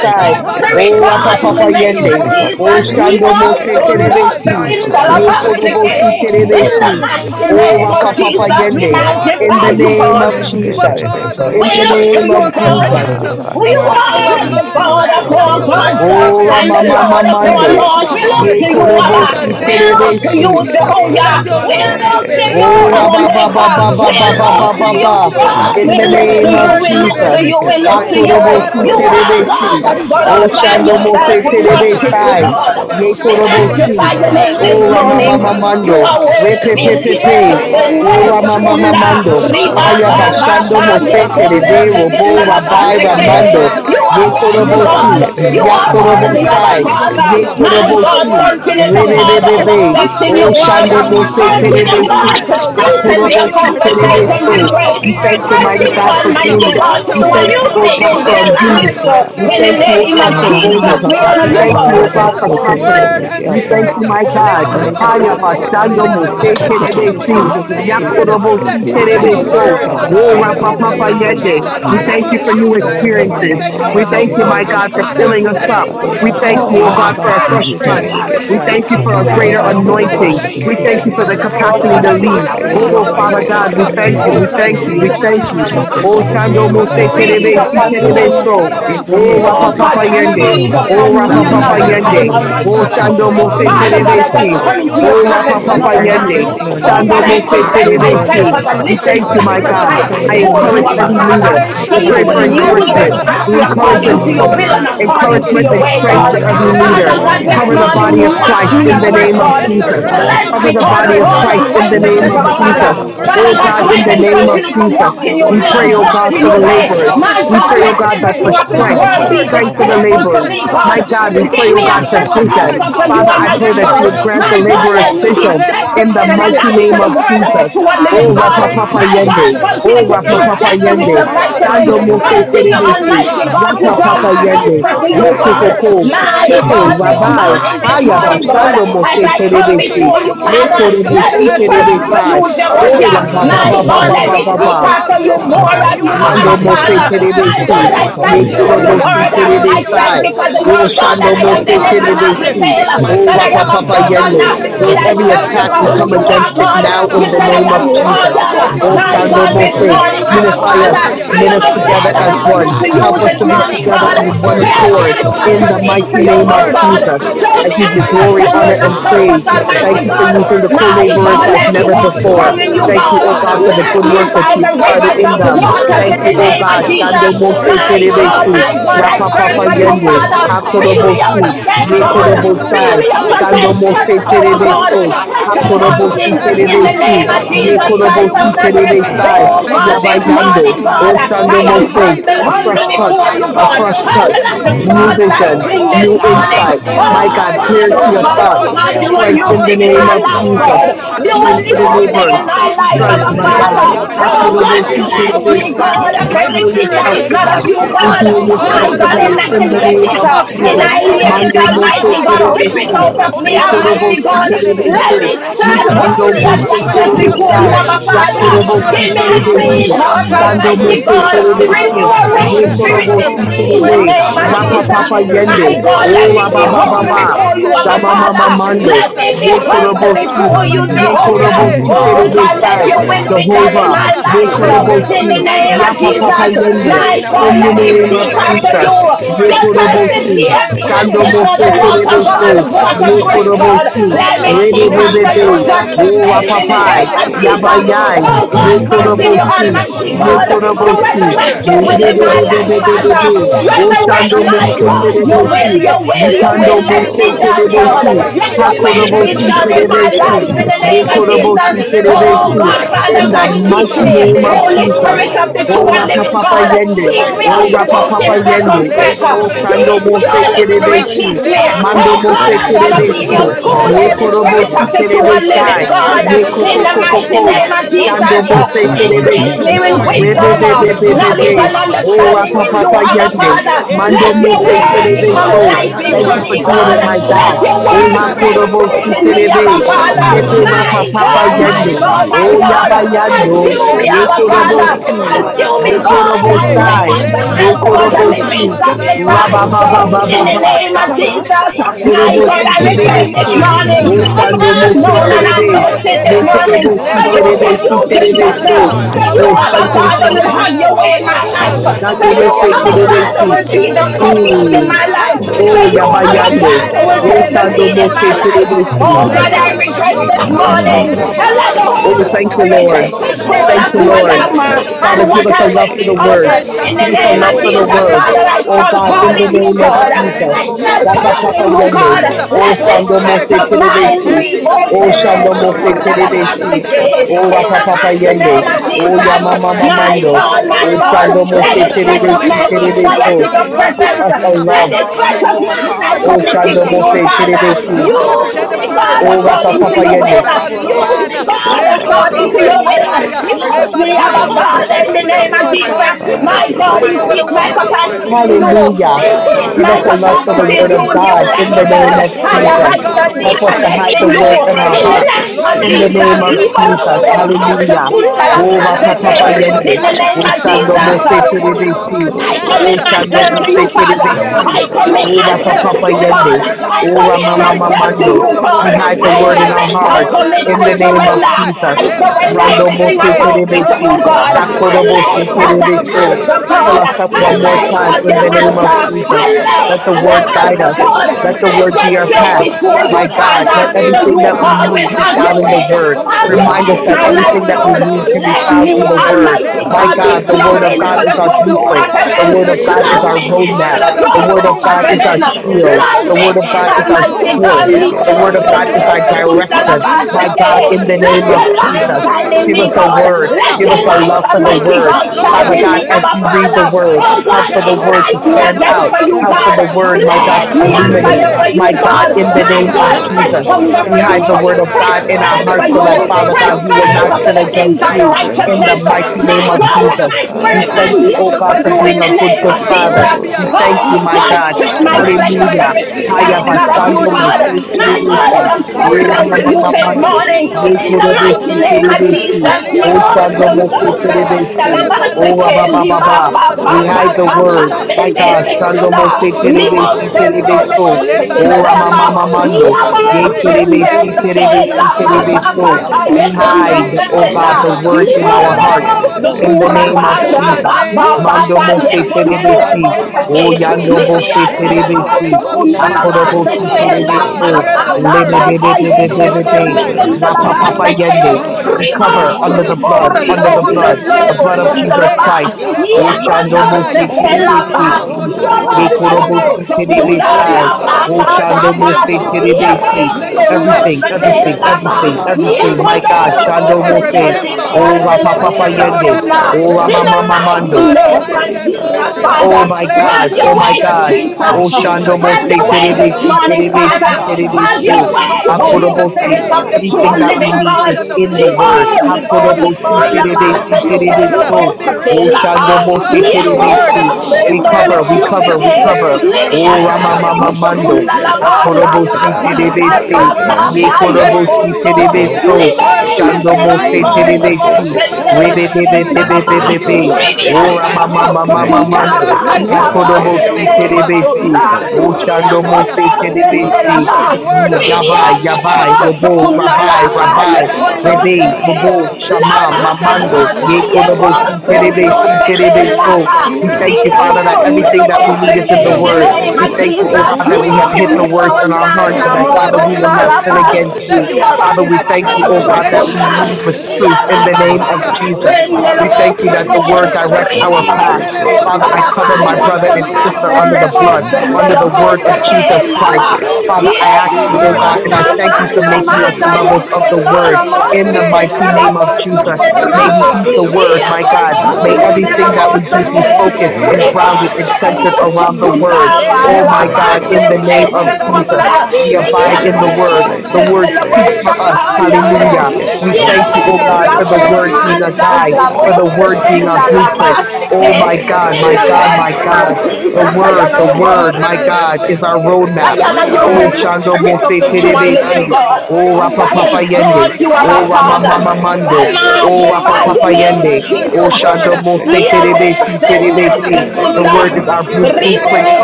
to hear
their
like
Brongue
Lord
what you
God,
spirit,
say,
in
Oh,
seque
strengthen
the
que.
the
Rapa
Lord,
God,
name
in
in the
the
Papa
of
bodies
name
That
of
Brangue
name
this
your
Yende.
of
Jesus.
seque
Jesus.
morning.
word
que.
Oh,
Jesus.
will be
Hallelujah.
Lord,
Strengthen
Evil,
Brengue
may
Shando
the
you
inside
seque
mind
to
Mose
pour
of
I
this
que.
don't
our
want to
fresh
know
morning.
Jesus,
the
speak
Terebesi.
lives.
what
Lord
oil,
you
kindle
God,
And
Strengthen
say,
of
Ambrogo
Ye
Lord
fresh
us from
Lord,
us,
the
God,
in
seque
not
the
Korobo
wine,
corner
name
si
que.
of
just,
of
okay?
our
oh
give
In
head
God,
you
Jesus.
God.
the
to
Terebesi.
the
a, a
very
Hallelujah.
praise,
mighty
part
Give
sole
Oh,
of,
them
I
of
name
the
our
of
Lord
Rapa
mind
We
God,
feet,
Papa
this
give
Jesus,
confidence
you
and
we
the
our
Yende.
Almighty
morning.
God.
boldness that
In
they
the
magnify
God,
wardrobe,
Let
you,
my
need,
us
name
Lord
Lord,
God.
not
of
in
praise
get
God,
the
this
name
Brengue
of
de
but
weary
Jesus.
de
in
de
well
morning.
Jesus.
Father,
We
Thank
In
doing
Lord
the
braque
It
Hallelujah.
is
this
put
look
name
Jesus
to
seque
in
morning,
of
you,
will
my
que.
be
God,
God.
written
Remind
Jesus.
heart
but
them
written
this
uh,
give
that
us the
when
We
Abaque
you
morning,
upon
tam
strength.
they
our
are
Give
want
God.
que.
us
weak,
the
the
you
minds,
are
uh,
God
I
of
strong,
capacity
that
walk
all
to
Lord,
your
no
in
Tambrogo
go
the
gods
word
uh,
on,
name of
in
will
God.
be
seque
Ora
your
and the
Jesus.
Give
will
mama
and
written
us
uh,
Lord
the
of
your
Hallelujah.
all
upon
mamando.
way,
Breke
capacity
lords.
our
to
We
Father.
We
look
run.
sekeke
hearts
Ye
to
thank
uh,
you,
you,
Give us
in
Father,
brange
korobo
this
Abba.
for
de
the
si
the
proper
bebe
We
name of
look
capacity
to
brange
to
opportunity
terebesi.
you,
to
live.
Jesus,
pray
uh,
sekeke.
for
Give
our
that
Jehovah.
us the
your
leaders,
Lord,
We
Lord,
word
in
I
the
will
look
Brenke
capacity
be
let
name
to you,
this
of
go
written,
and
uh,
sekeke
Ora
morning,
our
Jesus.
ba
let
ba
oh
ba
To
God,
Maker.
bambrogo
ba
mighty
go,
lift
ba
We
Lord
ba
them
God
across
of
up,
ba
have
sekeke.
our
ba
Lord,
look
ba
to
in the
Daniel,
you,
ba.
name of
emotions,
in
uh,
total
God.
the
Vage
In
We
Jesus.
the
de
that
look
bebe
your
name
name
control,
to
of
of
you.
Hallelujah, in
word
We
the
brange
will
name
look
be
Father,
of
Jesus.
to
Jesus.
you.
sekeke.
We
over
Jesus.
written, uh,
look
my
to
Hallelujah.
Glory
We
oh
you.
life,
Akorobo
to
honor
God
si
You
our
God.
Vabrogo
Lord,
Almighty,
leaders,
are
Lord, in the
across,
terebesi.
sekeke.
uh,
name
God
Los
and
of
hallelujah,
God
Hallelujah.
oh
all
O
Jesus.
over
Help
God,
my
by
us,
hierebe,
mind,
shando
our
yourself.
mose
Avage
We
Hallelujah.
help
senses. uh,
them
Lord,
worship
rebasa
sekeke
you,
terebesai.
Hallelujah.
to
God.
hallelujah,
nambrogo
Ye
tarabasion
Hallelujah.
We
se.
over
korobo
feel
torobos
and
whatever
to
magnify
si.
know
your
your
that
yaraba,
name
you
direction
Brake
are
this
with
Ora
them,
Hallelujah,
is,
mama
morning.
Lord, in
rebesa
the
brange
You
Lord.
name
mamando.
of
hallelujah.
are
ta,
and
sekeke.
Jesus.
tell
Repe
worthy.
pe
Live
pe
Glory
Hallelujah.
to
in
O
pe.
the
Lady
God,
sende
name
God,
of
In
Ora
erabasion
vogo
and
glory
the
mama
to
name
let
Jesus.
torobos
of
secunda.
sekeke
the
God,
pa
Jesus,
mamando.
Holy
in
pa pa
yaraba,
Riba
time
pa
Spirit
glory
Aya
pa
when
ba
to
they
pa
Shotorobo
take
are
ba
pa
God.
bashando
ba
pa
tired,
nenasian
We
ye
Sadabaya,
Lord,
mose
control.
in
call
the
your
kondo
sekeke.
name of
terebe
name
Hallelujah.
Jesus,
robo
sekenda
Jesus.
tarabasiente,
la ba
Lead,
We
rabai
Bambrogo
call
seke.
remind
guide,
your
them
and
sheke
ramando.
name
that
Father
sekeke.
You
direct.
God,
are
Master.
rabasa
that
We
cause
when
worthy,
they
us
Father,
call
are
uh,
your
Breke
Yekorobosi,
weak,
God.
name
to,
de
tiorokonas
you
you.
where
You
are
oh
you
God,
are
Teacher.
strong,
lead,
yaraba,
peer
Lord,
We
in
worthy
God,
Let
the
I
your
of
name
it
will
call
our
Yakorobosai,
you
of
be
sekeke.
anointing
Father.
Jesus.
follow.
uh,
Yeshua.
felt in
My
rebabasiente
with
We
Hallelujah.
the
God,
rebe,
call
Yekorobosi,
the
word
you
of
name
continue
the
Hallelujah.
We
to
Lord.
reke
thank you,
Jehovah.
Jesus,
order our
Father, in
Rebebebebe,
the
Cause
We
steps
name
sataraba.
us
of
in
call
to
your
O
you
of
strengthen
We
Jesus.
peer
give
Shando
word.
them
you
your
Jehovah
Hallelujah
all
Mose
for
the
Jireh.
anointing
this
leaders,
Continue,
uh,
We
Jesus
glory,
Lord, in
O
God,
call
morning,
the
Terebesi,
with
you
to
name
the
God.
of
in
God.
Jehovah
o
word
season
of
Jesus,
We
Nissi.
the
Help
their
vogo
give
time,
me
Akorobosi
you
We
Lord.
to
who
not
sekeke.
call
all
are
you
the
conversation
after
Cause
with
Terebeso.
understand
in
us
forth
your
to
grace.
We
this
own
peer
thank
heart,
the
you,
anabasada.
in
your
Lord,
the
morning,
mighty
in
Ambrogo
Lord.
Continue,
the
We
God.
God,
name
name
of
for
Hallelujah.
of
anointing uh,
We
bless
Jesus.
doing
you,
Almighty
shekeke,
it.
Jesus.
call
God,
with
you
to
holy
on
the
do
We
this
a
Let
thank
Help
Hallelujah.
word
new
you,
prayer
name,
it
of
me
O
to
be
the
line,
thing
Abba
have
God,
in
Lord.
for
that
God.
felt
their
Father.
We
undoing
We
word in
it.
We
Father,
bagedededede,
thank
my
we
call
lives.
lift
you,
We
thank you
your
In
thank
you
the
thank
you,
kaparage
Father.
spirit,
you, O
name
Lord
my
name
on
God,
God,
of
Ah,
in
shekeke,
uh,
for
heart,
Yeshua.
and
Baba
higher,
Jesus,
boldness.
for
my
we
Baba
for
word
honor
We
We
ambrogo
you
you,
mind
and
thank
are
thank
Yeshua,
Sandala
you,
God.
you,
O
worthy
to
God,
shekeke,
spirit,
for
and
uh,
Father,
Mashua.
labasoto
walk
Lord,
worthy
in
the
confidence.
to
In
word
the
be
the
and
brege
name
We
of
obedient
praised.
name
robosatai.
thank
Uh,
spirit.
you,
of
uh,
the
shekeke,
my
Jesus.
will
Oh
of
God.
Jesus,
Ali
Hallelujah.
God,
God.
you
Baba
Haya
we
have
Baba
no
uh,
bagededede,
called
Hallelujah.
on
Bashando
equal.
Baye
Father
brange
uh,
For
fire
God,
Mose
Korobo
we
this
thank
Father,
Trust
shekeke,
you
competent
Shiki
morning
in
you
for your
Terebesi,
your
have
upon
leaders,
Holy
Tiri
your
no
Lord, in
name.
the
people.
Spirit uh,
Siti.
rival.
name of
Trust
uh,
bagededede,
that
Yakorobosi
in
Jesus.
Li
your
Father,
brange
quickens the
Baba
Glory
Leaders
there's
who
to
word
Baba
Terebeso,
shekeke,
of
word.
no
God.
the
Baba
follow
other
O
Lord
you,
Have
like
Shanda
you,
your
Lord,
Rapa
within
Engulf
in
Lama
oh
the
us
Papa
us
uh,
name
way,
of
ambrogo
Niri
God.
today,
uh,
Yende.
in
Jesus.
God.
Father.
the
We
shekeke,
Father,
Leaders
name
thank
who
of
you
you
Fill
are
for
me
Engulf
your
up
have
new
us
till
no
Jesus.
friends,
with
I
Uh,
your
Ora
Lord,
We
experiences.
in
fire.
Mama
brenge
the
thank
name
you
overflow
Mama
competition.
We
for
this
of
uh,
the
thank
Niri
shekeke,
Engulf
you,
Jesus.
us
word
my
morning.
with
Father,
your
God,
of
we
Hallelujah.
for
God uh,
Pour
honor
Rubusata.
a
Leaders
filling
anointing.
you
us
that
that
fresh
you
this
up.
is
Li
abage
love,
anointing
Engulf
morning.
We
quickened
this
uh,
us,
by
the
Lord, in
thank
the
the
you,
Bashata
We
oh
name
we
of
shekeke,
Holy
God,
bow
Almighty
for
Lalaba
morning.
a
Jesus.
Spirit
fresh
down
God.
Shiki
leaders.
to
uh,
Fresh
that
that
touch.
you
is
God,
this
Tiri
brenge
we
oil
We
within
Sai.
us,
thank
draw
morning.
this
you
the
uh.
Spread
for a
your
Almighty
We
morning.
shekeke,
sword
Li
love,
greater
God.
lift
Uh,
right
Lord,
up
Bundu
in
now,
your
the
ambrogo
I
name
Rubu
Just
God.
anointing.
of
holy
thank you,
We
Shiki
We
shekeke,
Jesus.
help
thank
name
you
Lord
for
to
Hallelujah.
draw
this
the
God.
In
Tiri
the
the
Uh,
rise
morning.
up
sword,
name
in
capacity
uh.
of
Lord,
Sata.
to
this
that you are
Jesus.
lead.
Father,
Almighty
bagededede,
we
season.
God.
granting
Oro
Hallelujah.
Oh,
us
join
the
We
Father
with
Oh
the
Rubu
God,
chop
tongue
we
uh,
God
bagededede,
off
Shanda
thank
We
Almighty,
of
24
you.
Lama
We
a
just,
elder
thank
ready
your
Lord,
everything.
you.
this
in
brenge
We
will
the
name
We
not
thank
shekeke.
morning.
writer.
name
cut
you.
of
uh,
mine.
away
Lobo
Jesus.
And
Barush
Oh,
we
Bobo
Jesus.
say,
Chando
manama
Hallelujah.
Mose
everything.
Shiki
Build
We
up
saraya,
Holy,
Breathe
Terebe,
Tiri
cut
Hallelujah.
Si
it,
holy,
lebo
upon
we
their
me
Sata.
cut
Terebe
robo
it,
Glory
another
we
So.
holy.
followers.
to
cut
Li
your
saraba,
time.
it, we
Bundu
Lord
Oh,
name,
cut
Lord.
it,
Rapa
Oh
robo
we
Papa
Rubu
God,
God
of
cut
Jesus.
shede
Without
it
Jesus.
lebo
Yende.
your
Shiki.
this
breathe
Build up
Lord,
saya.
I
Oh,
their
Almighty,
word,
morning,
upon
oh
me
God.
Rapa
praise
Father
Papa
Lamanda
God,
to
you
another
this
God,
co-laborers,
is
your
In
Laba
our
the
and
time,
Lord,
Yende.
in
word
who
morning.
the
is
Shiki.
name
is
name
Oh,
Almighty
to
of
of
God,
sermons,
I
uh,
God.
truth
come,
Jesus,
Chando
Jesus.
thank
and
our
our
your
we
Mose
you
Father
word
chop
Hallelujah.
for
God,
Father.
it
Terebe
the
as
is
messages,
I
Equip
out
Si.
uh,
their
life.
from
come
Lord,
word.
the
into
you
your
God,
root,
And
Lord
Oh,
I
may
God
co-laborers,
the
are
thank
Rapa
presence
the
Lord
you
Lord,
We
Almighty
for
in
Oh
Papa
Almighty,
God
another
the
King
the
thank
name
will
of
you
God,
of
time,
word.
Yende.
this
no
Jesus.
never
cover
glory.
longer
to
oh
be
morning.
her
God,
Lord,
Chando
I
Hallelujah.
spring
I
You
base
up
Mose
We
pray for
are
the
back,
present
pray
the
leaders.
level,
And
Terebe
we
for
wisdom,
high
thank
myself
the
Si.
and
but
Almighty
you,
as
leaders,
a
knowledge,
mighty
Lord
God.
my
Father,
We
God,
and
for
living
the
thank
you
God.
Cover
you,
one.
will
In
uh.
my
bring
the
her
co-laborers,
God.
us
We
uh,
sacrifice
Lord,
Father,
in
cover
the
name
I
you
understanding.
leaders
them
of
bless
name
before
under
into
of
the
you,
encourage
are
Oh
Abba
today.
the
Jesus.
every
blood.
deeper
Jesus,
We
God
leader.
Father.
ancient
Hallelujah.
of
Almighty,
So
We
mighty
Cover
revelation.
you
uh,
pray
cover
them
God
will
days.
them
for
of
under
uh.
under the
your
use
lebo
Daniel,
encouragement.
In
hallelujah.
this
blood.
Oh
the
laba
blood.
no
name
God,
of
We
vessel
Be
I
saya,
other
bow
Jesus,
encourage
you
able,
according
and
And
to
down
Amande
Lord
spirit
de
your
to
strength,
shall
cause
de
will
hallelujah.
cause
you
de
and
be
us
God,
to
this
be
to
around
satai.
according
us,
be
Bless
able
to
and
morning.
encouragement
your
them
uh.
and
no
effective,
to
way,
along
other
the
strength
Oh
God.
Put
for
way,
Ora
them
every
pa
oh
God,
spirit
Lord, in
under
shall
articulate
this
God,
the
leader.
Father
to
be
name
your
in
kandala
our
God,
of
morning
ba
our
that
this
I
Cover
blood,
Jesus.
the
house,
may
lift
which
Give
morning,
oh
you
up
satai.
body of
us
my
are
what
Almighty
effective
wash
God.
they
Christ
God.
me
showing
in
eyes
the
need,
the
us
Lord,
Only
afresh,
name
unto
Ora
in the
the
of
one
name
minister
man
of
in
God.
the
Keep
hills.
in
spirit,
Jesus.
Jesus.
the
uh,
them
satala
realm
da
Guide
in
of
ba
Cleanse
Almighty
and
Cover
the
your
me,
God,
From
the
ministry of
God,
protect
whence
and
blessing
of
them,
satai.
body
Spirit.
of
that
care.
Lord,
cometh
is
all
God.
of
Christ
in
the
my
the
in the
name
help,
Holy
of
Ora
name
oh
unrighteousness,
Almighty
of
Spirit.
our
Jesus,
mande
God,
God.
No
da
Hallelujah,
Jesus.
Father.
uh.
ba
other
ba
hallelujah.
ba
grant
Father
Oh
ba
spirit
us
Father,
God,
God
shall
God,
Jesus.
a
so
be
be
my
I
in
in
the
can
our
satai.
help
with
name
all
come
of
continue
you.
to
churches,
from
this
sensitivity
you,
Jesus,
walk
Let
in
oh
to
your
Ebo
we
Almighty
morning,
will
your
God
pray,
God.
and
God.
be
oh
uh.
shandala
walk
God,
ba
Spirit.
with
make
in
for
My
your
the
Father,
it
Oh,
God,
you
this
I
and
way.
I
Grant
satai.
laborers.
know
us
go
So,
morning,
My
a
into
no
We
God,
pray,
other
King's
let
oh
bless
God,
like
Help
God,
Chapel
them
you.
that
you,
for
everything
to
oh
Church
to
sensitivity
of
to
this
honor
that
strength,
and
your
God.
Let the Lord
I
each
uh.
world
to
other,
word.
be
put
want
the
strength
Lord,
Father,
for
in
bless
to
the
the
I
blood
Grant
distasteful
lift
name
of
us
of
to
laborers.
up
a
my
me,
Jesus.
Jesus
Father,
My
Help
God.
eyes,
us
God,
to
oh
help
we
around
me
Give
pray,
the
sensitivity
Hakusekeke.
honor
oh
God.
me
the
to
to
a
God,
gifts
for
windows.
know
that
fresh
what
you've
you
Father,
I
God,
vision.
are
put
given
hunger
it
for
because
you,
doing
others
Father,
you
and
I
around
you and keep you.
the
are
the
pray
in
Let
Almighty
gifts
my
that
the
door.
that
you
God.
you
would
he
I
have
realm
grant
of
the
put
My
the
redeemer.
it
given
myself
God,
on
us,
laborers
let
Spirit.
Oh
Lord,
every
me
in the
God,
be
vision
name
seat
you
dead
of
in
are
to
in
King's
the
my
sin
to
Jesus,
and
Chapel
let
mighty
Church.
alive
go
to
name
hallelujah.
the
of
Lebarabasharabai
defender.
God,
I
and
word
put
of the
the
Oh
let
Jesus.
true
blood
and
In
God,
living
Oh,
upon
in
the
the
the
you
name
God.
God,
of
Rapa
are
podium.
name
my
Papa
of
Jesus,
My
I
name
put
Yende.
the
Jesus.
God,
of
remind
advocate.
blood
us,
continue
Oh,
the Lord bless you
to
Lord,
upon
in
Rapa
the
Jesus,
Spirit
Father,
Pastor
of
Papa
this
inject
name of
the
me
Chair.
with
Yende.
God,
your
living
Jesus,
I
morning
I
God,
put
give
I
the
hallelujah,
vitamin.
Sando
that
honor
blood
praise
when
you
this
upon
we
Mose
Spirit
this
are
of
Lady
Continue,
the
weak,
morning.
you
Mitchell
living
Terebesi.
morning.
are
Holy
Chair.
God,
Almighty
strong,
God,
I
to
Lord,
Rapa
Spirit.
Oh
put
in
draw
Father,
the
Papa
the
me
name
as
God,
God, I
of
blood.
we
this
Yende,
closer
bring
I
Jesus,
to
morning
give
forth
you,
Ye
I
your
your
name
hallelujah.
sprinkle
bless
this
God.
word,
the
Koko,
your
blood.
and
morning.
name.
Father
My
Thank
I
Okosekeke.
God,
Chepe,
you,
God,
keep
let
Jesus.
this
the
Father. In
cause
Oh
the
you. Let the Lord bless you and keep
your
Rabai,
you.
blood
name
morning,
Let
God,
of
the
word
this
this
drop
Haya
Jesus,
Abba,
to
like
Lord
morning,
morning I
God
rain
Bastando
draw
hallelujah.
bo-
drop
bo-
as
all
Mose
in
worship
bo-
I
our
men
bo-
come
you.
unto
church
today.
Hallelujah.
Terebesi,
before
you,
this
I
you,
Keshekeke.
Lord.
Ye
Eke,
morning.
be-
Father.
be-
worship
be-
In
Let
Father,
the
be-
me
Korobusi
you,
as
shi-
oh
we
burn
name
bring
of
for
God.
you,
Terebesai,
forth
Jesus,
your
ma- ma-
word,
Rongereske
I
ma-
O
that
shi-
In
Jehovah.
na
the name
when
Rabba
of
bo-
they
cause
bo-
My
Baba
your
bo-
go
bo-
Jesus,
Baba
back
worship
God,
word
help
let
to
on
you,
today.
us
Baba
me
brokosekeke.
Abba
and
draw
Baba.
seek
they
God,
Father.
all
after
touch
to
men
sit
you
our
more
Ah,
upon
unto
heart
others,
Oh God,
you,
and
those
this
Lord.
more,
In
Lord.
chairs,
Mando
Abba
bless
the
morning,
name of
Pakeshekeke.
Mose
Almighty
God.
I
Father.
Father,
God,
you
Jesus, the
and
as
worship
keep
My
we
you.
they
Terebesi,
God,
To
will
show
I
differences
our
that
feel
forth
thank
you.
we
your
you
your
have,
for
spirit
Lord,
your
word,
fire.
Blankedede,
Lord.
this
I
In
Yekurobosi
the
word.
name
They
of
will
worship
morning,
cause
I
your
feel
Jesus,
God.
you,
thank
and
blankeshakeke,
the
Terebesai,
you
word
oh
to
for
Help
power.
us
the
O
word,
cause,
to
They
God.
God,
we
Shando
will
that I
hear,
oh
am
I
feel
realize
the
Mose
the
God
that
head
bow
Lord
and
blakedede,
not
God.
Almighty,
the
down
Terebesi,
anointing.
to
Oh,
you
you
tail,
Father
I
have
this
O
that
gi-
God,
I
blankeshakeke.
Mighty
hear,
Rapa
am
all
our
morning.
Papa
God
given
above
uh,
of
Father,
hear
and
us,
Yende,
the
not
I
over
Daniel,
Glory,
most
our
beneath.
O
given
cast
us
I
one.
every
my
generational
all
thank
glory,
you
eyes,
attack
And
gifts,
for
crown
we
Jehovah
at
who
Lord.
come
curses
you
to
In
to
your
be
glory.
the
against
are,
Jireh,
name
it
of
God.
feet,
now
God,
broken
Jesus,
You
in
Abba
the
said
and
Oh,
Jehovah
name
off
I
of
am
of
Father.
hallelujah.
our
the
Nissi,
words,
Jesus.
lives
Lord,
our
of
royal.
In
Vagoshakeke,
and
your
lips
O
the
I
to
name
My
Jehovah
people.
of
say,
Shando
God,
declare
this
Jesus,
your
Mose,
Nambrogoshe.
Tiskenu,
Holy,
Reba
name
morning,
and
rabba,
Abba
your
holy,
hallelujah.
unify us,
Jehovah
Father,
word.
sataya.
we
I
holy.
knit
Makadesh,
am
us
come
Hallelujah.
Lord,
Blankedede,
In
together
as
the
Father,
as
we
available
Lord
name
Help
for
of
us
to
Jehovah,
one,
you
bring
you. We
to
God
to
forth
Jesus,
help
use
and
thank
blankeshakeke,
us
your
you,
this
that
to
Jehovah
be
we
word,
El
morning,
effective
will
Almighty. uh,
together
God.
on
Elyon.
leba
describe
one
Oh
We
Shape
ministers
each
God,
in
me
call
other's
have
blakedede,
accord
and
you
the
your
gifts,
in
way
Lord.
ministry
forth
In
the
fashion
sandalabasai,
this
me
the
mighty
the
of
name
into
blakeshakeke,
of
today,
preach
your
name
God
of
will,
morning.
word,
in
God,
Jesus,
the
uh,
God.
Jesus.
family
the
And
in
of
let
the
Shape
I
me
your
give you
and
will
Christ.
be
name
prophesied
Thank
glory,
of
you,
Nambrogoshakeke,
done, oh
honor,
functioning
word,
Help
Father,
your
and
in
us
the
to
God,
name
Jesus
oh
of
purpose,
be
praise.
in
God,
our
the
Jesus.
Christ
Thank
Almighty
of
you
life.
effective,
Blankedede,
for
Hallelujah.
rhema
God.
uh,
using
Lord.
the
For
word,
Nazareth.
the
As
work
My
the
it
and
co-laborers
is
God,
blakeshakeke.
in
Hallelujah.
like
let
logos,
me
In
Glory
never
heaven
cohesively
walk
to
this
Lord
the
before.
together,
strong
God.
morning.
in
Jesus,
Lord,
you,
uh.
in the
Thank
name
Hallelujah,
name
you,
God.
of
oh
of
Father,
Father
God, for
oh
the
God,
Jesus.
the
Plant
good
Jesus,
me
work
Makelabase
God,
hallelujah.
that
by
Hallelujah.
Lord, we
te
kairos
you've
renew
the
to
the
word,
started
share
rivers
right
nama
in
of
We
your
them.
spirit
ye
thank
Father
you,
word,
within
waters
God,
Thank
in
us,
Lord,
we
you,
the
Rokoshakeke,
in
O
God.
namama
the
pray
oh
name
that
ke
of
God.
name
the
God.
Help
of
us,
uh.
Jesus.
Shando
hearts of
Jesus.
Nambrogoshe.
the
Lord,
Mose
labasheke
to
Take
My
not
Hallelujah.
receivers
go
God,
Terebesi,
out,
your
namama
my
Hallelujah.
will
God,
be
God
spirit
we
I
Rapa
sete
thirst
Papa
send
Brenkeshekeke
Hallelujah.
open
away
the
for
to
We
nam
you,
from
have
blessing,
hear,
us,
Yende,
been
is
oh
thus
Father.
spiritual
eclipsed,
God.
the
saith
Fill
Lord,
the
Mama
in
me
brekeshekeke.
lost.
the
up
ke
Lord,
name
Hakorobosi,
la
We
of
Oh
have
ba
again,
Ye
Jesus.
leba
God.
God,
heard
sheke
Hallelujah.
na
renew
rabba,
ma
In
Fill
my
the
Korobosai,
me
Bagerere
name
right
of
up
sataya,
ruku
Shando
again.
spirit,
souls
la
that
oh
bakeshe
Jesus.
are
Mose
baba
Fresh
bringing
nam
Libado
power,
God.
us,
sete
Hallelujah.
la
God.
Terebeso,
Lord.
Messiah.
baba
Fresh
brogoshekeke.
We
Help
ke
Father
na
us,
Saturate
thank
oh
ma
you,
God,
us,
Hakorobosi
anointing
God,
oh
that
Father.
as
that
we
in the
is
God,
Thank
yeke
in
try
you,
la
name
Terebesi,
your
the
of
Bankeshke
our
Lord,
baba
in
Ye
nam
Jesus
the
anointing.
Spirit,
name
mission.
sheke
of
Christ
we
na
of
will
Korobosi
be
Jesus.
brogoshe.
mama
Oh
Nazareth.
able
God,
to
Hallelujah.
as
Terebesai,
sete
Saturate
Oh
us,
know
I
la
in
God,
oh
baba
what
this
the
ba
is
God,
name
ke
in
Yabayando,
na
coming
morning,
of
your
Brakeshekeke
from the
God,
mama
O
nam
Jesus,
throne
Shando
anointing.
I
sete
of
am
la
let that
ba
Mose,
Let
grace.
be
humble,
me
a
brekeshekeke.
the
ye
thing
feel
humble
na
that
fresh
Lobo
more
touch,
mama
before
of
drives
you,
ke
a
your
la
us
God.
Shadabaya,
fresh
ba
and
Thank
touch,
you.
presence,
Leba
Humble at
sheke
Abba
the
motivates
Lord,
Hold
Abageshekeke
na
new
us,
cross
nam
everything
Father.
I
mama
we
vision,
Lord.
right
cling
after
sete
Rushmanandalabaya.
Oh
this
new
your
Oh
la
God,
own
to
brogoshekeke.
morning.
heart,
baba
insight.
Father
God,
bring
ke
Lord,
give
God,
Oh.
in
na
me
the
My
Oh
and
name
God,
I
more
mama
of
of
God,
the-
thank
you,
you,
serve,
clarity
kuna
oh
Jesus.
of
Lord
God,
ma
the
God,
thought,
oh
Brekeshekeke.
for
to
Alyssa,
Hallelujah.
good
bring
God,
sete
do
God,
the
la
a
Thank
oh
tuning
and
strength
you,
ba
new
thank
God.
in
our
things
the
thing
you,
in
God,
name
save,
my
bless,
of
ruku
that
spirits.
la
Lord,
life,
in
ba
you
Lord.
the
Jesus,
God.
E
name
ke
of
are
Lebo
na
an
you
Do
on
Jesus.
ma
a
nación
strength
Robo
to
time
the
Hallelujah,
new
sete
Hallelujah.
torobo
God.
Sadaya,
la
thing
laborers,
in
ba
my
Jesus,
tune
life,
casete.
our
strength,
to
Abba
yeke
my
be
No
na
Hallelujah.
spirit
able
Thank
to
God.
Father.
to
your
you
mama
sian
word,
that
answer
Oh
to
kula
you
the
taraba
that
God,
ba
are
Hakorobosi
great
an
tune
on
casete
cleanse
sete
our
Terebesi,
me,
we
time
yoro.
commission,
God,
ye
spirits
of
to
keep
na
and
God.
Lord.
na
your
na
heal
God.
ourselves,
everything
we
mama
spirit,
that
love you,
yourself
is
Neseterebe
ke
to
not
na
them,
of
Thank
you,
mama
you
Hallelujah, Jesus
tune
and
ke
us,
God.
casata.
that
and
la
heal
we
your
oh
ba
because
God,
yourself
My
to
to
the
word
God,
them
will
Shiakana
yeke
as
la
in
not
the
frequency
inoculate
baba
name
so
it,
I
of
sianta.
return
uh,
of
sheke
to
I
Jesus.
know
na
you
heaven.
our
mama
annihilate
Rokorobo
void.
it,
Mando
Ekelebo
sete
Mose
la
Almighty
responsibility,
siaraba.
but
God.
Shadaya
baba
it
Rip it
Lord
kuna
Terebesi,
Nioko
shall
out
ma
of me,
ke
in
la
the
God,
sotorobo
accomplish
ma
the
Bekorobo
Almighty
name of
as
things you
God.
yeke
sienterebe.
Jesus.
Let
la
Terebesi,
sent
leaders,
me
it
baba
to
Lord
stand
Tune
do.
sete
us
God,
Rekenama
to
to
Mando
the
let
holy and
our
Grace
Mose
and
righteous
light
frequency
siantaraba.
Jesus
of
Thank
peace,
before
O
Terebesi,
you,
Lord,
heaven.
shine,
in
Abba
the name of
Lord
In
Jesus
the
Father.
Tune
Rogoshekeke
Yakorobo
Jesus,
us
as
Give
mighty
to
God,
I
nam
me
the
a
name
go
of
through
clean
Jesus
this
Terebesi,
frequency
hallelujah,
of
Jesus.
heart,
journey,
that
yeke
heaven.
Lord,
la
in
Sando
the
ba
name
Almighty
others
of
will
Mose
see
God.
sete
Tune
Jesus.
la
Brenkeshke
Shekaraba.
us,
ma
Renew
Terebesi,
God,
oh
a
As I
right
No
God,
spread the
hallelujah,
spirit
to
Jesus
Yekorobo
we
the
in
sionto.
Nambregeshekeke,
gospel,
that
me
need
in
Lord,
you
the
in
Lord,
the
Terebe,
frequency of
name
we
name of
of
can
heaven
Akaraba
Rapa
O
Jesus
Jesus.
we
Jesus,
Papa
i
in
minister,
need
the
you
siente.
save
Yende,
My
Bagedede
saying,
oh
God,
name
God,
Lord,
of
let
O
in
to
the
me be
Rabba
name
Jesus
those
we
who
Jesus.
of
Baba
are
humble
need
Shekaraba
Ba,
Jesus,
you
before
lost,
In
Bambrogoshekeke.
you,
the
hallelujah.
Abba
Lord,
Jama
name
siontorobo.
Jesus
of
Mama
to
we
Father.
My
tell them
need
Mando,
Let
God,
you
Jesus.
me
about
my
be
the
Neskebe
humble
love of
God,
Reba
come
Yekorobo
Jesus we
kesata.
God,
Si,
before
need you
you,
to
Hallelujah, I
Shinama
share
want to
your
Jehovah.
Yekorobo
Jesus
enlighten
we
reap
us
word,
into
Oh
need
to
with
you
siontorobo
God,
your
let
Terebesi,
share
harvest,
your
Lord,
your
siaraba.
will
in
word.
the
Jesus
be
name
we
of
done
name.
in
Jehovah,
need
Rema
my
you
Jesus,
life. uh,
Father,
O
hallelujah.
sakioro.
help
Jesus
us
In the
we
Yekorobosi,
to
need you
name
Nega
of
humble
Yapa
Jesus,
Vogoshekeke
Papa
sete.
encircle
Yende,
this
In
ourselves
my
the
woman
Nambrogoshe,
God,
in
of
the
let
mighty
God
me
name
with
humble
name
your
of
seek
of
blood
after
Jesus,
ourselves,
Jesus.
you.
Lord.
Brankeshekeke
Just as
Help
Encircle
us,
the
Yekorobosi,
deer
Lord,
Michelle,
to
Sando
Michaela,
panted
Nambregeshekeke,
humble
for
Mose
the
Adab,
ourselves,
water,
Darban,
Ah
oh
Terebeso,
God,
Lobo
with your
God
water
blood.
brooks,
Shekarabasiente.
Zayabaka
Almighty,
Bageshekeke,
God.
Yekorobosi,
to
Encircle
Let
her
Sandaya
me
walk
this
Rebe
seek
in
Nosotros
morning.
after you
Bebebe,
yaraba.
just
Bambrogoshekeke.
Encircle her
the
with
Wora
your
Seterebebebebebe
same in the
fire.
Papai,
humility
name
Shandaya
of
Nesata.
and
Encircle her
Lobo
Jesus.
with
Brakedere,
your
love,
Yo
Yabayai,
Bobo Bobo
Oh
As
protection.
Bobo
God,
we reap
corremos
in the
continue,
Father,
Brankeshakeke,
church,
Encircle
to be
Yekorobosi,
Sendelelele
Lord, in
siempre.
the
Bishop
Almighty
name
able
God,
Bosondo
to
Darban.
Lobo
Rema
Bobo
to
Brongerere,
Yekorobosi,
Encircle
Serebe
resurrect
minister
siempre
them
of
your
to
will
los
Lebe
in
today,
Yebo
my
Brankere,
God.
those
Kobo
who do
life,
Raba
not
Jesus,
Father.
Raba
Encircle
Bebebebebebe,
hallelujah. As I
know
Brankeshakeke,
work,
them.
Baba Baba
you,
in
Baba
the
Resurrect
Encircle
that
Oshando
church,
the
them
Mose
my
Serebo
Lord,
with
love
your
your
of
love,
Robo
God,
Bobo
your
Lord,
Bobo
in
anointing.
Christ
will,
Terebesi,
is
Sere
the
your
Abakeshakeke,
name
will,
Encircle
of
your
Lebe
them
Rikando
evident
will.
with
in
Let
Laba
your
it
Mose
be
us,
Nambrogo
power.
Shando
done,
Jesus.
Robo
and
God.
Robo
our
Terebesi,
Shakeke,
Let
Encircle
Saya
your
We
humility
will
Celestial
thank
will
be
Leba
you
be
Hakorobosi
Praise
done
Laba
for
in
Church
my
Brengerere,
Sando
evident
with
Terebesi,
life
Robo
your
in
the
the
Robo
in
name
fire,
of
us,
Brankeshakeke.
Serebe
your
and
Yekorobosi
fire
Jesus.
the
of
Lebo
love of
Oh
We
Robo
protection
Terebesi,
God,
Bobo
Christ
Hallelujah,
Bobo
in and
Father
in the
Bobo
God,
will
around
be
the
mighty
teach
Sharaba
hallelujah,
church
me,
thank
name
this
evident,
of
Lebo
glory,
Holy
morning,
you
Robo
Jesus.
Lord,
Spirit
Bobo
of
glory,
the
Almighty
that
Bobo
Oh,
true and
Bobo
God.
Rapa
Bobo
others
glory,
living
Papa
Soro
God,
Mighty
Bobo
Yende.
Bobo
teach me
God
Bobo
of
how
Oh,
to
Rested,
Rapa
Daniel.
those
walk
hallelujah.
who
Papa
in
Sherabaya
are not
Spirit
God,
of
Yende.
the
we
circumspect.
saved
Broko
Leba
living
Oh,
call
will
God,
Raba
Chando
be
forth
Teach me,
Raba
Shakeke,
Mose
blessed.
Holy
Spirit of
Sataya
Nambrogo
Spirit,
the
everything
She,
that
Terebesi.
teach
Oh
living
they
me.
Lebe
God, I
God,
need
Rebeke
Mando
Oh
this
Mose
to
worship
God, I
Sandaya
you.
be
want
morning
la
to be in
baba
in
your
Terebesi.
Brengerere,
the
Spirit
for
of
school,
the
to
Ye
name
bashendo
of
Holy
lo
living
Jesus
Spirit
God,
of
Brankeshakeke,
Korobosi
to
I
the true
honor
spring
and
you.
bose.
forth,
living
Terebesai.
surrender their
to
God.
Oh
uh,
will
Ye
and
rise
the
God,
Meko
In
way
I
Koko
up,
Brakedere,
the
unto
robo
give
Koko
you
the
mighty
Almighty
sende
all
Lord.
Ko.
the
God.
name
le le
of
le
Brankeshakeke.
glory.
Help
Chando
Whatever
Jesus,
us,
uh,
their
Thank
Mose
you,
heart
Lord.
Lord
Help
increase
desire
us,
Terebesi.
me
this
Jesus.
Vagelele
in
Oh
Lord.
morning,
Amen.
God,
Da,
God,
I
Rebe
blanke
da,
wisdom,
da,
give
uh,
da,
Bebe
we
Help
you
da, da,
us,
call
all
Bebe
shekeke.
baba
it
da,
knowledge,
da,
the
Lord,
Be.
honor.
and
da,
forth,
no,
to know
shit.
Oh,
your
Almighty
Da,
understanding
God,
Rapa
God,
sondo
da,
in
word,
you,
da,
help
robo
Papa
and
da,
us
da,
Abba
to
da.
Yende.
nothing
carry
will
your
Father.
God
remain
In
stop
is
word,
Mando
Let
them.
the
to
your
Da, da,
Mose
carry
God,
mighty.
steadfast
they
your
word
in
da,
name
shall
your
become
of
love,
da, da, da, da,
I
Terebeso.
walk
da,
life
word,
honor
Jesus.
in
you,
shit.
Thank
into
Da,
Lord,
you
Lord.
O
for
me,
power,
da,
in the
doing
God.
name
it,
God.
they
of
da,
my
da, da, da, da, da, da,
shall
God.
Let
Help
walk
I
your
us
Jesus,
Oh,
in
to
Oh,
da, da,
bless
word
that
your
raba
kingdom
break
remain
name,
those
raba
da, da,
O
who
da,
Hakorobosi
fruit
ba
in
you.
authority,
ya
God.
me,
need
da.
steadfast
it,
they
Abba
Terebe.
in
those
shall
who
your
Have
Father.
are
your
Yeah,
walk
da,
Tepe
as
lost,
da,
word.
way,
true
da,
can
Rapa
O
da,
My
da,
vessel
da,
Papa
God,
yeah,
be
God.
Le
of
da, da,
my
found,
yeah,
Yende.
bala
da,
God,
da, da,
Jesus
da,
Abba,
my
basa
oh
O
Christ
da,
God,
da,
of
Father,
in
Jesus,
yeah,
the
God.
da,
Nazareth.
da,
have
da, da, da, da, da, da, da, da,
name
your
of
They
da,
Yabayando,
way.
Consume
Le
me,
shall
Jesus,
da,
Abba
Jesus,
bala
walk,
Have
da,
basa
your
Lord,
Father.
da,
help
Almighty
Jesus,
way,
da,
us,
da.
Yekorobosi,
may
O
God
God,
Consume
this
that
God,
me,
they
that
have
shall
will
book
God.
Yeah,
your
be
speak,
I
way.
sedebe.
our
thus
lay
Yekorobosai,
at
saith
Le
the
the
mission.
bala
Oh
of
Lord
baba
your
altar as
God,
a
Lord
baba
have
Almighty
baba
God,
God.
life
living
your
in
Yekorobosi,
baba
the
The
way.
stays
name
shando
of
with
robo
prophetic
sacrifice.
Have
bo
us,
your
uh,
O
anointing
Jesus,
way,
In
Rabababababa,
shall
the
God.
Abba
be,
name
whatever
of
shall
Father.
position
rest
Jesus,
upon
And
we
them
let
my
this
your
hold,
God,
Akorobosi
will
in
I
be
the
morning,
done,
Lord
God.
repent
O
name of
this
God,
Terebesi,
God,
in
in
In
Jesus,
the
morning
our
Jesus.
leadership
of
name
lives,
Oshando
of
Jesus,
all
in the
Mose
known
as
Jesus,
and
it
church,
is
Jesus.
Terebe,
unknown
in
help
sin
us
mighty
this
that
heaven.
God
uh,
Shebokoroborobozerere,
of
Let
this
morning.
Daniel,
us
will
So
be
Yekorobosi
be
Father,
I
we
you can
our
lift
cover
Terebesi
guided
your
them
use
by
with
this
name
your
on
your
mission,
vessel.
blood.
Terebeso,
leboroboroboboyosata.
God,
high.
So
I
word,
Cover
you,
O
O
For
cover
to
you
Abba
them
yourself,
are
Santum
bring
God.
with
Father,
the
your,
cover
will
lost.
I
have
glorious,
yourself,
your
cover
O
way
cover
in
their
my
two
God.
Lord
life.
yourself.
God,
daughters,
to
So
bring
Sando
Father,
in
you,
Jesus,
the
Mose
pray,
Almighty
Abba
God.
dear
church,
God,
Father,
Terebesi,
will
that
In
Jesus,
you
the
be
to
the
bring
name
in
locate
of
Jesus.
our
compass
those,
in
Jesus,
oh
Mm.
my
leaders.
God, who
life.
God, they
does
Reboroboboboyoshararararararararabasaya,
So
shall
O
No
not
you,
walk
know
like
you,
Abba
forgiveness
their
Orogose
who
for
Yabayando,
no
Father,
parents
keke
will
walk
walk.
Abba
in
take the
They
sin
Oshando
Father.
lead
and
in
shall
my
Mose
not
God.
nambrogose.
Oh
life.
stray,
leberererererererebosadadaya,
God,
Terebesi.
Oh
no
Oh
Almighty
God,
Help
I
us,
God.
Branques
God,
forgiveness.
to
regress
be
Lord
que
this
God, they
E
pressed,
shall be
morning.
oh
a
And
nambregese
let
God,
witness
the
when
carabasian
Oh,
they
keke.
lebalabashoroborobozerebekorabaya,
to
Holy
go
thank
to
you,
help
caraba.
school.
Spirit
get them
Lord.
take
They
out of
shall
Vagenene,
control
Rocormos
Thank
of
you,
who
excel
darkness
I
yon
Lord.
and
in
am
bring them
uh,
toromos
vagenene,
into
everything
lebashadadadadadadabasata.
and
Father,
that
give
they
what
yere.
us
your
I
a
branquese
do,
light,
love
will
for the
keke.
Lord.
Rebe
become.
Yeah,
word.
uh,
Almighty God.
In
Give
the
siente
us
de
a
name
In
Eshamanda,
love
of
we
Oh
for
the
the
Ambrogose
God,
cover
in
Jesus,
besioro
the
name
word.
keke.
Father,
of
name
I
of
everyone
Oh
on
correbas
the
stand
God,
Jesus
tall
in
line
the
Jesus,
rata.
in
Christ
you,
name
of
Branquese
of
in
No
Father,
the
God.
we
keke
Nazareth,
thank
name
Jesus.
of
I
you, God.
sotoromos
stand
Jesus.
glory
We
Rapa
to
nambragese
tall
cover
in
Papa
yaraba.
you,
God.
keke.
Hallelujah.
Yende.
God.
Janice.
May you
Oh
Remas
Let this
Hallelujah.
Oh
Shando
yon
God,
empower
we
us,
flesh
Mose
of
Abagese
Yeke
toromos
cover
Lord.
Mother
keke.
mine
yere.
Terebesi.
May
James.
you
rebound
labasete
Oh
cover
Reke
us,
nama.
Eh,
Shando
Brangenene,
Lord.
Mose
Baruba
sata.
Yeke
May
Rababa
you
Ne
Terebesi.
namama
branquese
strengthen
Sandala
keke.
siente
us,
de
Oh
in
bes.
Rapa
the
Lord.
Basharabaya.
Papa
labasete.
May
We
mighty
you
Yende.
name
Ye
of
cover
breathe
Rebas
Bogose
woman
upon
Oh
of
us,
Yama
keke
yoro
God
Jesus.
Lord.
Mama
cones
May
Janice.
you
My
We
Everything
Mando.
put
cover
God,
that
your
nambrogose.
we
my
yere.
woman
Oh
word
put
of
in
our
God,
God
our
Shando
hands to
let
mouth,
Mose
Sharon.
this
this
In
flesh
the
Lord.
of
morning,
We
Brangenene,
Terebesi
mine
mighty
cover
be
Hallelujah.
name
woman
quiet
of
of
Terebeso.
everything
in your
May
that
God
you
our
Jesus,
Give
anoint
presence.
hearts
us
us
a
we
Rosemary.
give
Let
afresh,
it
love.
desire
We
this
all
this
flesh
Lord.
cover
to
weakness
you,
morning,
of
O
woman
May
we
of
you
mine, I
God
God.
call
breathe
Oh
it
commit
upon us,
it
We
forth,
Shando
to
hallelujah.
give
Cheryl.
it
you,
Lord.
Mose
We
May
Almighty
you
all
cover
to
pour
Father.
God.
you,
woman
your
Terebesi.
of God
Abba
Mighty
spirit
Use
God
Brakedede,
upon
me,
Father.
of
us,
Jennifer.
God,
Daniel,
Oh
Have
brake
We
your
Rapa
Father.
according
way,
to
Papa
cover
O
nothing
your
sekeke,
will
woman
Yende.
Oh
of
God,
God,
will.
in
stop
God
have
the
our
your
name
Use
of
prayers
way.
me,
Luana.
this
brakedede,
Have
God,
morning
Jesus,
your
Lebo
according to
in
Robo
way,
fresh
bambrogo
the
your
O
will.
name
oil,
God,
of
Sadaya,
sekeke,
God,
have
fresh
Jesus,
your
Use me,
we
way.
oil.
our
Lebalaba. We
bind
branke
up
And
Father,
cover
the
in
Lord,
let
the
woman
Prince
your
fresh
sekeke,
of
of
name
will
of
God,
be
Jesus.
oil,
Persia.
pour
We
done.
Marlena.
fresh
My
bind up
God,
We
the
oil
cover
Prince
brakedede,
increase
the
of
upon
my
us,
woman
May.
Ekarabas
brake
of
Lord.
In
God,
the
capacity in
sekeke,
name
Fresh
of
Salma.
you.
yorobos
Jesus,
Hallelujah.
we
oil,
send
Oh,
the
Increase
yaraba.
Father,
Give
Spirit of
us
my
fire
the
bambrogo
a
of
fresh
the
love
Living
Holy
for the
God,
Rebas
capacity
the
Ghost
sekeke,
to
in
word
oil.
woman
of
them
you,
of
new
right
God
God,
God,
now.
in
yenterebes
the
level,
pour
In
fresh
Claudette.
name
God.
brake
the
of
name of
sekeke,
yorokomes
oil
Higher
Jesus.
Lord
upon
heights
Jesus,
us,
God,
and
we
you
yorobo.
Help
cover
deeper
us
nambrogo
the
shall
Lord.
to
not
se,
depths
hide
woman
Nes
in
of
the
stop
Fresh
this
God,
word
you.
in
prayer.
our
In
oil
Carol.
heart
You
the
upon
yenterebes
branke
your
shall
name
not
of
Lord
in
ske,
yete.
the
leaders,
Jesus.
silence
upon
name
Jesus,
us.
of
your
we
Ibo,
cover
In
the
the
Jesus.
woman
people.
of
name
Sondo,
of
God,
sekeke,
Shekarabasa
Fresh
Hallelujah.
Jesus
Kioro
Sokunda,
Tamika.
oil,
Christ
Oh,
of
fresh
Kono
Rapa
Nazareth,
Papa
we
Labaseke.
Yorobo,
Leberebo
shall
In
abakedede,
Yende.
anointing.
the
stand up
Oh,
name
brake
as
Mesa
of
Sataya.
true
God,
Sando
in
We
the
Paraba,
sekeke,
warriors,
Mose
cover
Jesus.
the
name of
woman
warriors
of
Remas
for
Terebesi.
God,
God.
I
nambrogo
Oh,
Jesus.
Janet.
commit
In the
Yentine,
Sando
sekeke,
myself
name
to
Hey,
of
Mose
you,
God, we
Rikis
cover
Father.
Jesus
the
Hallelujah.
Terebesi.
Christ,
Yoro
woman
I
of God,
Kono
commit
God
brengedede,
Oh,
glory
bless
Grace.
to
Rapa
myself
your
to
brake
Yorobo,
Papa
God.
you,
name,
Oh,
God.
Yende.
sekeke,
God.
Spirit of
Hallelujah.
the
I
Bless
Oh,
your
Living
Yosianta,
commit
Rama
God,
name.
we
Mama
cover
myself
the
to
God
Hallelujah.
Mando.
woman
you,
of
Bagerere,
Nosotorobo
bless
God.
We
God,
your
hide the
I
name,
Siri,
word
bagerere,
in
Hallelujah.
amoya
God.
our
We
commit,
in the
I
heart
bambroko
leba
Hallelujah.
mighty
commit,
in
glorify
raba
I
the
you,
name
shekeke,
of
name
Hallelujah.
of
Holy
sharaya
surrender.
Jesus.
I
Spirit.
Thank you,
leba
Jesus.
surrender
rebio
abage
Oh,
God,
Rando
we
Jesus.
everything
yield
Mose
sende
Rebas
shekeke,
about
Glory,
me
ourselves
to
on
robo
you,
Terebesi.
Yaraba,
glory,
bobo
God.
bo
glory.
I
shai
Father.
we cover
brangerere,
lay
Take
Hakorobosi
Father
the
it
God,
your
at
Nosotorobo
woman
and
of
branke
God
soul,
throughout
Terebeso.
of
Siri,
the
this
altar,
shekeke,
day,
mind,
Mariah
Fill
God.
Mes
us
body,
God,
up
I
one
we
soul,
leba
and
more
lay
shall
it
raba
time
at
Yentine,
walk
we
in
in the
spirit,
brengerere,
cover
your
the
Yoro
name of
woman
Lord.
holiness.
brage
altar.
of God
Jesus.
We
I
Korekas
Use
shall
shekeke,
Heather
lay
us
Let
it
talk
the
as
in
at
word
leba
babo
we
holiness.
guide
the
Yaraba,
us.
altar,
babo
fit,
We
babo
shall
God.
satai
Lord,
Let
be
babo
we
the
for
I
sotorobo,
your
word
cover
holy,
babo
be
for
our
the
babo
thou
glory.
path.
prostrate
art
babo
woman
before
of
holy.
My
you,
God
Hallelujah,
nekasianta,
shekeke,
God,
for
God,
your
Father,
let
help
Imani
so
us
work,
everything
not
we
you,
to
that we
cover
go
God.
the
God,
nambroko
back.
will
need
woman
rebakasioro,
is
of
have
Help
your
God
found in
us
the
shekeke,
way.
not
Hallelujah,
to
Word.
Gloria
dwell
we
Have
in
solosiorobo,
your
Jesus.
cover
way
Remind
sin
us
in
in
no
the
that
my
the
more,
Hallelujah.
life,
brengerere,
mighty
everything
God.
woman
that
of
we
God.
name
We
Help
of
need
brage
us,
cut
God
can be
Let
Jesus.
away
uh,
Lord,
found
to
every
shekeke,
uh,
in
be
me,
the
Yvonne
sin
able
Oh
Word.
to
that
reap
so
Almighty
leba
God,
My
we
a
God,
God,
easily
be
thank
the
good
you
satai
plugged
Word
bragerere,
this
beset
we
of
into
us
harvest.
God is
this
cover
the
morning.
brage
our
uh,
throne
the
morning,
room
I
blueprint.
woman
Oh,
God,
of
shekeke,
of
God,
The
thank
in
heaven.
God
you
and
the
Word
we
of
this
name
God
shall
of
is
Plug
Latricia
walk
our
me
morning. uh,
ovo
holy
into
roadmap.
Jesus.
under
the
Father,
the
in
The
I
the
throne
blood
shekeke,
Word
of
thank
room
of
you
name
of
God
of
is
this
Jesus
Hallelujah,
our
heaven.
Jesus
morning.
shield.
uh,
nambroko
Christ
lebe
Plug
of
The
me
Jesus.
Word
Father,
of
shekeke,
I
Nazareth.
God
in,
is
Help
our
thank
us
you,
to
shadabaya
Almighty
be
Lord
Glory
force.
to
God.
lebo
Jesus.
The
God.
uh,
Libo
Word
intentional,
of
Blangerere,
God
Lord
Lord,
is
sondo
Hallelujah.
I
our
God,
serebeya
thank you
secunda
for
in
direction.
loba
this
blakeshekeke.
winning
day
Hallelujah.
My
that
God,
you
labaseke.
have
souls,
in the
made.
Let
name
talabasatore
uh,
Lord.
of
your
Oh
Hallelujah,
And
God,
light
Help
I'm
Jesus,
let
us
going
us
to
shine
have a
in
give us
me,
rejoice
understand
a
kora
reverent
hallelujah.
God.
our
and
heart
be
word.
purpose
masaya
today,
Let
glad
Give
and
us
in
your
God.
our
a
it.
light,
uh.
Glory,
oh
love for
spirit
the
Oh
of
Oh
position.
the
Almighty
God,
Word.
glory,
God,
give
God,
living
I
us the
thank
God
you
shine
God,
Father
presenting
mind
in
when
of
God,
me,
glory.
from this
as
Abba
leba
Christ
we read
so
the
Father.
platform.
Almighty
uh.
Word,
it
Oh
is
God.
help
God,
Oh
the
for the
catch
lost
God,
them
I
Oh
Word
at
Bagerere,
on
to
ignite
God,
thank
me
all
the
you,
stand
fire
mind
again
by
Lord
to
out.
cost,
for
your
you,
Help
serve.
blakeshekeke.
for
Jesus,
God.
the
spirit
uh,
Lord.
Word,
My
for
my
the
lebo
Oh
God,
God,
Bless
God
to
me
serve
on
our
Almighty,
illuminate
fire
serebe
for
God,
administrator.
leaders.
you,
let
my
that
Avageshekeke.
let
Oh
God,
your
God.
My
in
God,
the
word
I
My
God,
be
name
my
thank
of
God,
you
God,
this
there
alive
fresh
Nambrogo
Jesus.
is only
hunger
morning
us.
in
one
We
uh,
for
their
you,
shekeke.
hide the
for
pulpit,
hearts
Oh
word
and
your
of
in
God,
Almighty
God
their
great
that
fresh
in
God,
love,
thing
our
lives
thirst
that
oh
hearts
for
and
so
the
you,
God,
that,
that
lebo
Blangerere,
pulpit
you
motivates
Father
us,
fresh
God, we
belongs
blogo
to
will
bestow
the
shorobo
thirst
not
Lord.
upon
after
sin
us.
the
pastor.
shekeke.
uh.
things
against
of the
Lord
Lives
you
of
saraya
God,
Father,
no
in
one
even
the
Oh,
others
righteousness.
will
who
though,
try
oh
are
mighty
to
My
name
Brenkeshekeke.
lost.
take
of
the
God,
God, uh,
let
Karabasataya,
Jesus.
pulpit.
my
Help
we
We
us
We
spirit
to
put
thank
our
love
man
silence
you,
trust,
oh
Lemandolobo
and
yield
in-
God,
for
everyone
for
you
we
that
find
Avageshekeke.
being
in
think
put
Serebeya.
a
the
enough,
that
our
good,
they
name
good
Let
of
can
trust
your
Lord.
just
in
go
father.
Jesus.
up
word
you.
Lambrogo
be
there,
uh.
We
God.
thank
alive,
Our
We
you,
Father,
Oh
shekeke.
my
part,
oh
God,
silence
God.
oh
them
strip
Lord
God,
right
God,
my
uh,
now
God,
in
flesh
the
of
richly
Father,
name
to
Hallelujah.
in
of
the
bring
everything
in
the
Jesus,
Blakeshekeke.
that
name
your
Haya
lost
is
of
and
at
not
we
of
people,
will
all
you,
Jesus,
bastando
Lord
stand
God.
uh,
God.
cost,
mose
behind
Nambregeshekeke.
the
My
oh,
Let
man
your
and
God,
Lord
terebesi.
I
woman
God,
Rebas,
word
in
am
of
the
be
so
God
name
Rena
of
alive
down
in
to
the
mama
you
Hallelujah,
this
name
richly
of
Jesus.
mamando.
in
morning.
your
Ye
Jesus
Father,
hallelujah,
In
people,
the
Christ
even
of
though
mighty
terebosi
you
Nazareth,
Almighty
name
know
of
the
we
hallelujah,
God.
will
depth
terebesi.
of
Jesus,
hold up
our
Hallelujah,
O
Ibo,
their
Lord. Help
hearts,
hand,
shando
us
uh,
to
Libarabarabasa
Tondo,
mose
oh
Almighty
start in
hallelujah,
sataya
God,
God.
our
you
Sekenda,
own
terebesi.
We
still
will
Laba,
leba
love
home,
us
O
press
laba
the
ba
into
Seke,
hallelujah.
own
the
sota
same.
Liba,
uh,
Spirit,
Ba,
families,
rababa
Ba,
We
God
Ba,
Lord.
seka
of
hide
Ba,
Glory,
the
maya
Daniel,
baba
word.
sata
Help
and
My
glory,
us,
we
sende
will
God.
Lord.
lebo
say,
Strengthen
Shando
glory.
Thus
In
sekunda
mose
the
robobo
saith
us,
the
Lord.
name
Lord
of
kotaria
limo
Your
terebesi
word in
Oh,
Almighty
sondo
baserebe
Jesus.
rogo
God.
our
lobo
terebeso.
Lord.
We
Give
leba
In
will
the
sekenda
sekeke,
the
O
raba
you.
lema
continue
name
to
strength,
of
It
pray
Lord.
balolo
for
is
Ramamamamando.
nam
Pour out
yamo
them.
located
upon
Jesus.
us,
Yea,
rogo
in
We
bosebe
the
will
terebe,
sondo
Lord.
In
continue
leba
si
the
to
sekeke,
lama
Victoria
terebe,
Strengthen
West
us
travail
sekela
si
for
name
where
sandolo
we
of
them.
are
baba
terebe, so.
bosaya
In
Region
weak,
baba
the
Jesus.
ye
brangerere,
We
in
name
the
Father.
of
yekondo
hide,
branke
Jesus,
In
name
In
oh
you,
of
sekenda
our
God,
in
sekeke,
the
mighty
Jesus
mind,
Arabas,
you
word
God,
know
in
us,
Yan
in
use
our
the
limonda
us
Father,
hearts
for
lobo
Paraba,
name
your
the
of
Northwest
bragerere,
Lord,
in
glory.
Los
the
Jesus
sekura
name
Yon
of
in
bara
the
Spirit.
Torobos,
bragerere.
Jesus.
Jesus,
baba
name of
Have
use
Yaraba,
us,
Mando
breathed
baba
upon
Jesus
us
God.
Mose
yekondo
Jesus,
in
let
the
Use
Rikasa
and
lobo
us,
Terebesi.
us
glorified
eat
God.
name
Tarabas,
seke
of
your
O
upon
Use
us.
word
Yando
Jesus
us
like
Yoropolos,
this
Mose
livianda
in
morning,
lobo
the
your
Yorobo,
God.
Help
Terebesi.
name
us
of
to
in
Glory
the
be
sekunda
to
Jesus
lobo
mighty
God.
Jesus.
natural
Akorobosi
name
Lord.
Father
of
food,
sekela
Hallelujah.
Challenge
oh
God,
Terebeso.
Jesus.
where
us.
baba
God.
the
baba
Mighty
word
God
baba
of
Rebas,
Help
needs
us
to
to
Daniel,
Yen
May
have
come
your
yekondo
wisdom,
we
Lebebebebebebebe.
Terebes,
are
alive,
knowledge,
sekenda
word
not
and
our
Rapa
set
lobo
it
Papa
own.
on
be
Yoropolos,
seke
understanding,
fire,
Yende.
My
God.
Lord.
our
God,
Yorobo,
We
Set
we
it
Rimo,
in your
on
name.
cover
belong
under
to
Mr.
fire
spiritual
the
you,
in
blood,
the
God.
food
Help
Berge,
under
rimo,
the
lives
We
of
us
your
blood,
today,
belong
to
Rikis,
the
to
understand
rimo,
blood
Father
children
of
our
you
Yon
own
God.
this
Jesus
today.
sundalaba,
Torobos,
Christ.
morning,
understanding,
God.
Let
O
God.
Yaraba,
We
us
are
Shando
not
yakondo
eat
Give us
it
our
Leborobosadai,
Mose
like
own.
your
knowledge,
in the
sekelaba,
to
Terebesi.
God,
natural
no
mighty
more,
who
food,
name
no
we
of
Ye
oh
more,
are,
no
God.
yamandalaba
lebalabakotaribioserebe.
Let
more,
Jesus,
Korobosi
us
no
Oh
live
more,
Our
Australian
sukunda
no
God,
by
we
we
faith.
Terebesai.
more,
it,
I
laba
oh
cover
God.
O
do
ba
God,
Capital.
God.
I
ba
every
am
Shando
ba,
we
lifted
Mose
up
individual
God,
Oh
Yekelabasete,
we
who is
yamo
God,
thank
Terebesi.
now
let
the
you.
us
organization
sundo
Lord and
live
We
Everything,
by
thank
everything,
Savior,
you,
your
sekelaba,
Abba
yelababashekenama.
represented
everything,
Father.
on
word
this
Father.
everything.
Hallelujah.
line.
today,
My
Jesus,
yakondo
We
let
God,
thank
Oh
Father
our
lobo
you
God,
Shando
for
tongue
God.
Help
every
be
us
lifting
the
Mose.
to
us
tongue
sekelibi
member.
of a
Let
reverence
Oh,
higher.
Oh
ready
God, oh
not
Rapa
God,
andelebe
this
of
Papa
Oh
writer
Lord.
every
this
word
God,
Yende.
we
Oh
morning
sukunda.
God, in
thank
depart
you
Oh,
ready
for
out
the
In
organization,
to
of
name
your
the
of
my
oh
mighty
Ramamamamando.
unleash
God
Jesus.
everlasting
mouth
name
Help us
Almighty,
love.
whatever
of
today,
that,
you
to
oh
say
Jesus,
Oh
Father
to
reverence
Father
us,
God.
Father.
Oh,
God,
God,
God,
you,
we
my
Lord.
thank
ready
Have
God.
claims
to
Hallelujah.
But
Oh,
you.
your
my
help
way,
unleash
the
the
me
God.
Oh
to
name
mystery
Help
Jesus.
of
us
of
Oh,
live
God, we
Jesus.
to
by
Shando
thank
honor
Jesus
Mose
you
your
Have
you,
this
Christ
your
Lord
of
way
Oh
God,
Terebe,
in
word,
this
the
Nazareth
Si
oh
morning.
God,
name
we
of
morning,
in
God.
Terebe,
the
cover
Oh
Si
Father.
them
Jesus.
God,
name of
Terebe,
have
Help
Have
your
under
me
your
So.
way
the
to
Jesus.
this
be
way,
blood of
Hallelujah,
morning,
Holy
Jesus
oh
guided
Hakorobo
Glory
by
Si.
to
Spirit
Jesus.
of
God.
your
God.
the
today.
true
We
Everything
and
Father,
that
cover
word.
Come,
we
living
Hallelujah.
them
have
need
your
God.
is
under
way,
the
in
I
your
the
blood
make
of
Libo,
it,
Jesus,
Word.
Father,
pray,
make
O
we
Jesus
it,
God,
libo,
bless you.
that
and
today.
We
I
let
Hakorobosi
libo,
your
may
Si
come,
bless you.
will
be
Renda
We
Father
be
laba,
worship
Terebe,
baba
God,
done
bless
in
Si
let
it.
my
rooted
you.
your
senke,
and
Terebe,
halabono
life
word
We
as it
koso
So.
lobo,
grounded
bless
be
is
in
you,
in
makala
seke,
rich.
Oh,
your
heaven.
laba.
Shando
Jesus.
Oh
word.
Have
God,
We
Mose
your
God,
let your
Landa
way,
Terebe,
worship
exalt
word
Yekondo,
your
your
Si.
you,
name,
kalarodo
Oh,
We
oso
shift
Father,
sondo,
God.
cover,
and
lobo,
God,
we
let
We
kabarata.
attitudes.
your
cover, we
will
extol
Bakeshakeke,
be
seke.
you
cover.
praise.
done
this
in
Shina
my
Limi,
morning,
Oh,
church
anda,
varahamana
God.
Hallelujah.
life
Bambrogo
lobo,
as
We
vogosa
it
Thank
is
Ramamamamando.
gather
sefunda,
in
you
kabarete
Shakeke,
laba,
this
heaven.
Oh,
us.
Hakorobo
morning.
mahakato.
Oh
laba,
Si
ba,
We
God,
Kariyasaya,
have
Terebe,
And
ba,
let
your
ba,
your
magnify
mahevi
Bragerere,
Si.
way,
your
word
ba,
yeah,
Ye
name,
Thank
Branke
ba,
shift
you,
and
Jesus.
let
Korobo
Lord.
kabahasho.
your
Shakeke,
Si
will
attitudes.
be
Terebe,
O
done
Glory
in
Let
Hallelujah.
Brogo
my
yekondo.
to
So.
Father,
your
O
family
God.
word
Lord.
Glory
Libeli,
shift
Shakeke,
life
to
Shando
your
as
beli,
name.
it
Mose
is in
mindsets.
bolo,
O
Terebe,
bo,
Hallelujah.
heaven.
Havage
Father,
Si.
O
In
sende,
the
Thank
Lord.
Shakeke,
you,
Hallelujah.
Rebe,
mighty
Bebe,
sekenda,
name
Bebe,
of
Jesus.
Bless
Libalabasataya,
laba.
Bebe,
your
Have
Let
Jesus,
name,
your
Nambrogo
Bebe.
mercy,
uh,
word
Glory,
have
Father. Bless
have
Riviende,
Shakeke,
Ora
mercy,
glory,
your
your
la
have
mama
way,
name.
dismantle.
glory,
oh
Bless
mosso,
mercy,
mama
your
God,
have
Oh,
glory,
kunda
name.
have
la
God
mercy.
mamando.
your
ma.
way,
Brengerere,
Almighty,
yeah.
La
glory,
ma
Brage
Have
Hallelujah.
Hakodobo
faulty
glory,
your
si
E
sende,
way
thinking.
Shakeke,
glory,
baraka
Hallelujah.
upon your
terebesi.
bosunda.
monoto
glory,
Bobo
people,
You
oh
are
Bobo
glory,
Ia,
Bobo
Oshando
kabarata.
Father.
worthy.
Bobo
Libarabashataya,
glory,
kondo,
mose
And
Bobo,
let
glory,
your
sende,
Simbala
Leboy,
la
will
And
terebesi.
be
let
laba.
Bakashak,
your
done
glory,
in
habaveke
the
word
Yi
tima
You
glory,
church
are
as
harabo
yabai
it
glory.
Riviende,
Bambrogo
worthy.
is in
Thank
lebo,
yabai.
you,
construct,
heaven.
Shakeke,
Lord.
Robo
oh
Jesus.
sokunda,
God,
In
Sandala
the
a
rabai
new
Holy
ma
mighty
Ie,
rabai.
Rakataya
Spirit,
name
la
paradigm.
you
Thank
of
kondo,
are
you,
Bagerere
Mahaviri.
Jesus.
Rebe
Oh,
seke.
Almighty
brake
uh,
God
robo
God.
Almighty,
sekeke.
that
shama
Ikala
Laba,
is
mighty
Bless the
ba,
Mamama
mamando.
ba,
God.
Oh
Lord,
centered.
O
You
ba,
are
Ye
my
ie,
Kataboloho.
God,
Oh,
we
Bagerere
soul,
kodobo
worthy.
God
si
thank
and
Almighty,
all
you.
Holy
in
pamproko
kondo,
the
that
Ghost
Lord,
terebesi
I
is
word of
We
seke,
fire.
the
sekeke.
within
thank
praise
Lord.
me.
you,
terebeso.
your
laba.
Holy
Lord
name
Ghost
We
this
Bless
Spirit
thank
his
of
you,
Brake
fire.
Ia,
the
Jesus.
Father,
soul
morning.
that
living
and
bondo,
sekeke.
name.
Holy
God,
everything
Oh
that
Ghost
we
we
Lord,
Take
lobo,
I
need
God,
lift
is
fire.
we
away
in
thank you.
the
in
up
the
thank
Word.
Holy
everything
your
you.
in
name
Warabo
Ghost
We
of
name
me
Brengerere
thank
fire.
this
you, oh
Oh
that
Jesus.
God,
morning.
branke
that
doesn't
we
God,
we
Yimo,
have
Sandava
we
come
hid
sekeke.
the
thank
represent
yimo,
before
words
you,
you
Kalamomo
you
in
this
our
Koto.
Almighty
today.
hearts
Lord,
so
na,
Baba
that,
morning.
God.
I
baba
Father,
yield
Father
baba
we
Ikataya
Take
myself
will
motunda
God,
baba
we
not
Oh
away
to
sin
laba
thank
Maharidis.
you
everything.
you
God,
baba
against
this
we
that
you.
thank
you
Burn
are
out
morning.
you.
sakeke.
Father,
bringing
yabanda
we
a
la,
Mandavakala
everything.
thank
ba.
no
you,
Yabo, na,
Oh
oh
Lord,
Kosta
so,
Every
God,
use
God,
pamproko
that
me
we
we
transformation.
whichever
lead
Makalabanda.
carnality,
thank
way you
with
you
sekeke.
this
truth
every
see
in
fit,
the
Sandala
flesh,
evening.
name
Lord
God,
of
every
God.
Rahakaredos
Jesus.
flesh
Oh
Bagerere
As
Klima
shall
sende,
we
Lord,
brake
God,
la,
I
We
we
die.
am
bo,
thank
Haravisi.
walk
thank
you
so,
you.
in
that
Let
yours,
the
sekeke.
your
no
ko.
word
Lord
word,
flesh
Ikala
directs
rise
God.
up
Oh
Ribo,
Mandavoro
our
You
inside
path.
God,
Kosta
pamproko
of
we
libo,
me,
created
wish you
Father,
na,
God.
me
Malahanda.
I
sekeke.
la,
all
for
the
ba,
cover my
as
glory
ya,
So,
yourself.
we
I
Sikati
brother
Nambreke
and
am
and
all
se.
read
the
not
Jesus,
Mikala
your
sister
no
my
under
sende,
word,
honor.
the
Bokoto.
flesh,
mo
no
own,
blood,
Oh,
as
flesh,
sende,
Brangerere
under
we
la,
the
Father.
bo,
no
study
word
Momokoto
I
of
so,
your
am
flesh,
ke,
not
word,
brake
Jesus
my
Almighty
la,
Kasandaraha.
as
Christ.
God,
ba.
we
own.
sekeke.
I
no
belong
Father,
Ikata
I
flesh,
appropriate
ask
Yabo,
to
your
you,
Mehekila
you, oh
word,
Jesus.
Release
God,
Lord.
your
Bage
and I
na,
help
Kill
Manakalavoto.
thank
name
ma,
us,
I
you
every
on
for
na,
belong
Holy
high,
flesh
ma,
making
O
us
Ghost.
to
in
you,
na,
me,
ye,
God.
Evahala
lovers
God.
God
nambroko
My
of the
relive
sekeke.
kunda,
whole,
Kill
For
word
la,
you
my
are
in
every
hiliniki
the
whole,
worthy
vahala
my
flesh
sende
mighty
and
la
whole
died.
busha.
name of
worthy
mind.
to
bossa
In
Jesus.
the
be
Nambreke
May
name of
we
corraba,
praised.
Everything
eat the
Shanda
about
sekeke.
me
Jesus
word,
ia
Lord,
vahala
Christ.
my
belongs
huna
we
God.
to the
condo
must
Ah,
May
kola
see
Glory
Holy
to
la
the
everything
God.
that
Spirit.
we
vandeveresi.
goodness
do
bossa
of
And
Bakeshekeke,
be
so,
your
che
God,
focused
I
Hallelujah.
glory,
Dikala
and
pray,
randa
Master.
grounded and
ribonde
Bengelebe,
Father,
bahakala
la
centered
Thank you,
that
Los
bossa
around
you
the
bohokoto.
have
Bakeshekeke,
Jesus.
done
word.
a
miércoles,
work.
los
cunama,
Oh
Sikala
my
la
Glory to
miércoles,
Will
God,
vehekele
in
los
God.
Bombrobo
the
masende
continue to
name
manahala
sende
of
My
miércoles,
the
Shekeke,
God,
hosha
secunda,
Jesus,
my
Esheboroborobosalamandarabaya.
end.
God,
we
kavarata.
los
abide
ia
Lord,
my
in
that
the
God, I
you
condo
will
put
word.
Oh
my
miércoles,
Bakelebeske
The
Lebederedebosaya.
ears
Father,
word
at
oh
la
your
speaks
Lord.
Yes,
Train
for
bossa
me,
mouthpiece,
Nambrekese,
us.
God.
Almighty
caia
you
Lord,
are
God,
that
My
you
Hallelujah.
mo,
will
Thank you.
ears
let
We
is
Oh
guide
your
Bankeske
ia
at
thank
me,
your
you,
Father,
mo,
word
oh
oh
are
God,
mouthpiece.
ia
direct
Lord.
Nambrobo
for the
Lord,
mo,
our
that
God,
you
word
will
just so
being
I
paths.
Shekeke,
a
can
keep
manda
hear
guide
your
la
me,
for
Ah,
voice
the
Oh
bossa
word
and
Lord,
Father,
being
your
oh
our
tenda
give me that
voice
la
Bakeshekeke,
Lord.
Lishamandoroboserebe.
blueprint.
only.
mind
base
of
che,
Oh
God,
my
Oh
let me
God,
God,
in
Wonderful
be
my
the
Bakelele,
understanding,
a
differentiate
God,
counselor,
your
light
my
Lord,
unto
name
mighty
of
voice,
give
God.
me
our
Brangelele,
God,
open my
The
feet.
Almighty
Jesus,
worthy,
I
everlasting
eyes
God.
word,
honor
to
the
see
you
Oh
Father, the
God.
In
God,
Brankeshekeke,
word,
the
where
Prince
and
my
you
a
of
name
are
lamp
of
God, is
leading.
unto
Peace.
our
Jesus.
our
and
Help
you
the
path,
roadmap.
I
are
me to
Bengelele,
honor
great
you,
I
or
walk
Glory
a
Oh
seeking
to
in
Holy
am.
to
lamp
God.
Shando
unto
Spirit
Mose
obedience,
our
Bakeshekeke,
of
respond
the
to
feet,
God.
Shanda
Lord,
true
and
to
and
a
that
living
Kamana
light
Hallelujah.
Terebesi.
Bakelele,
God.
Abba,
Oh
unto
your
God,
Vohokoto,
our
Rapa
will,
you are
I
Papa
your
path.
Brankeshekeke,
God,
Hallelujah.
Yende.
exalt
leadership,
Almighty
you,
your
Ikalarenda
you
God,
Oh
Abba
Our
are
guidance,
Rama
the
Father
Father,
Balahakata
Lord,
Father.
Mama
Lord.
who
Father,
Bakelele,
you
in
art
the
are
in
Mando.
God.
name
Velehesete,
heaven,
I
Holy
of
Oh
Brakelele,
Yes,
the
Rapa
Jesus.
magnify
Spirit,
Papa
you
your
hallowed
are
we me
the
where
offspring
be
name,
of
Father
Yende.
thy
Brankeske
God,
Jesse
name.
Oh
your
Lord, you
Jesus.
are the
word
Shando
Nambrobo
Father.
Lord,
Glory,
Mose
you
have
the
Lord,
glory,
are
we
son
Shekeke,
hid
of
God.
open
Yabo
in
glory,
my
Terebesi
David,
our
eyes
sende
glory.
hearts
Hosanna,
Terebesi.
Your
and my
so
name
The
Hosanna,
Brakelele,
that
is
ears,
word
we
secunda,
is our
will
hallowed this
ear
not
blue-
Makashara,
and my
sin
brangelele,
morning.
blueprint
heart to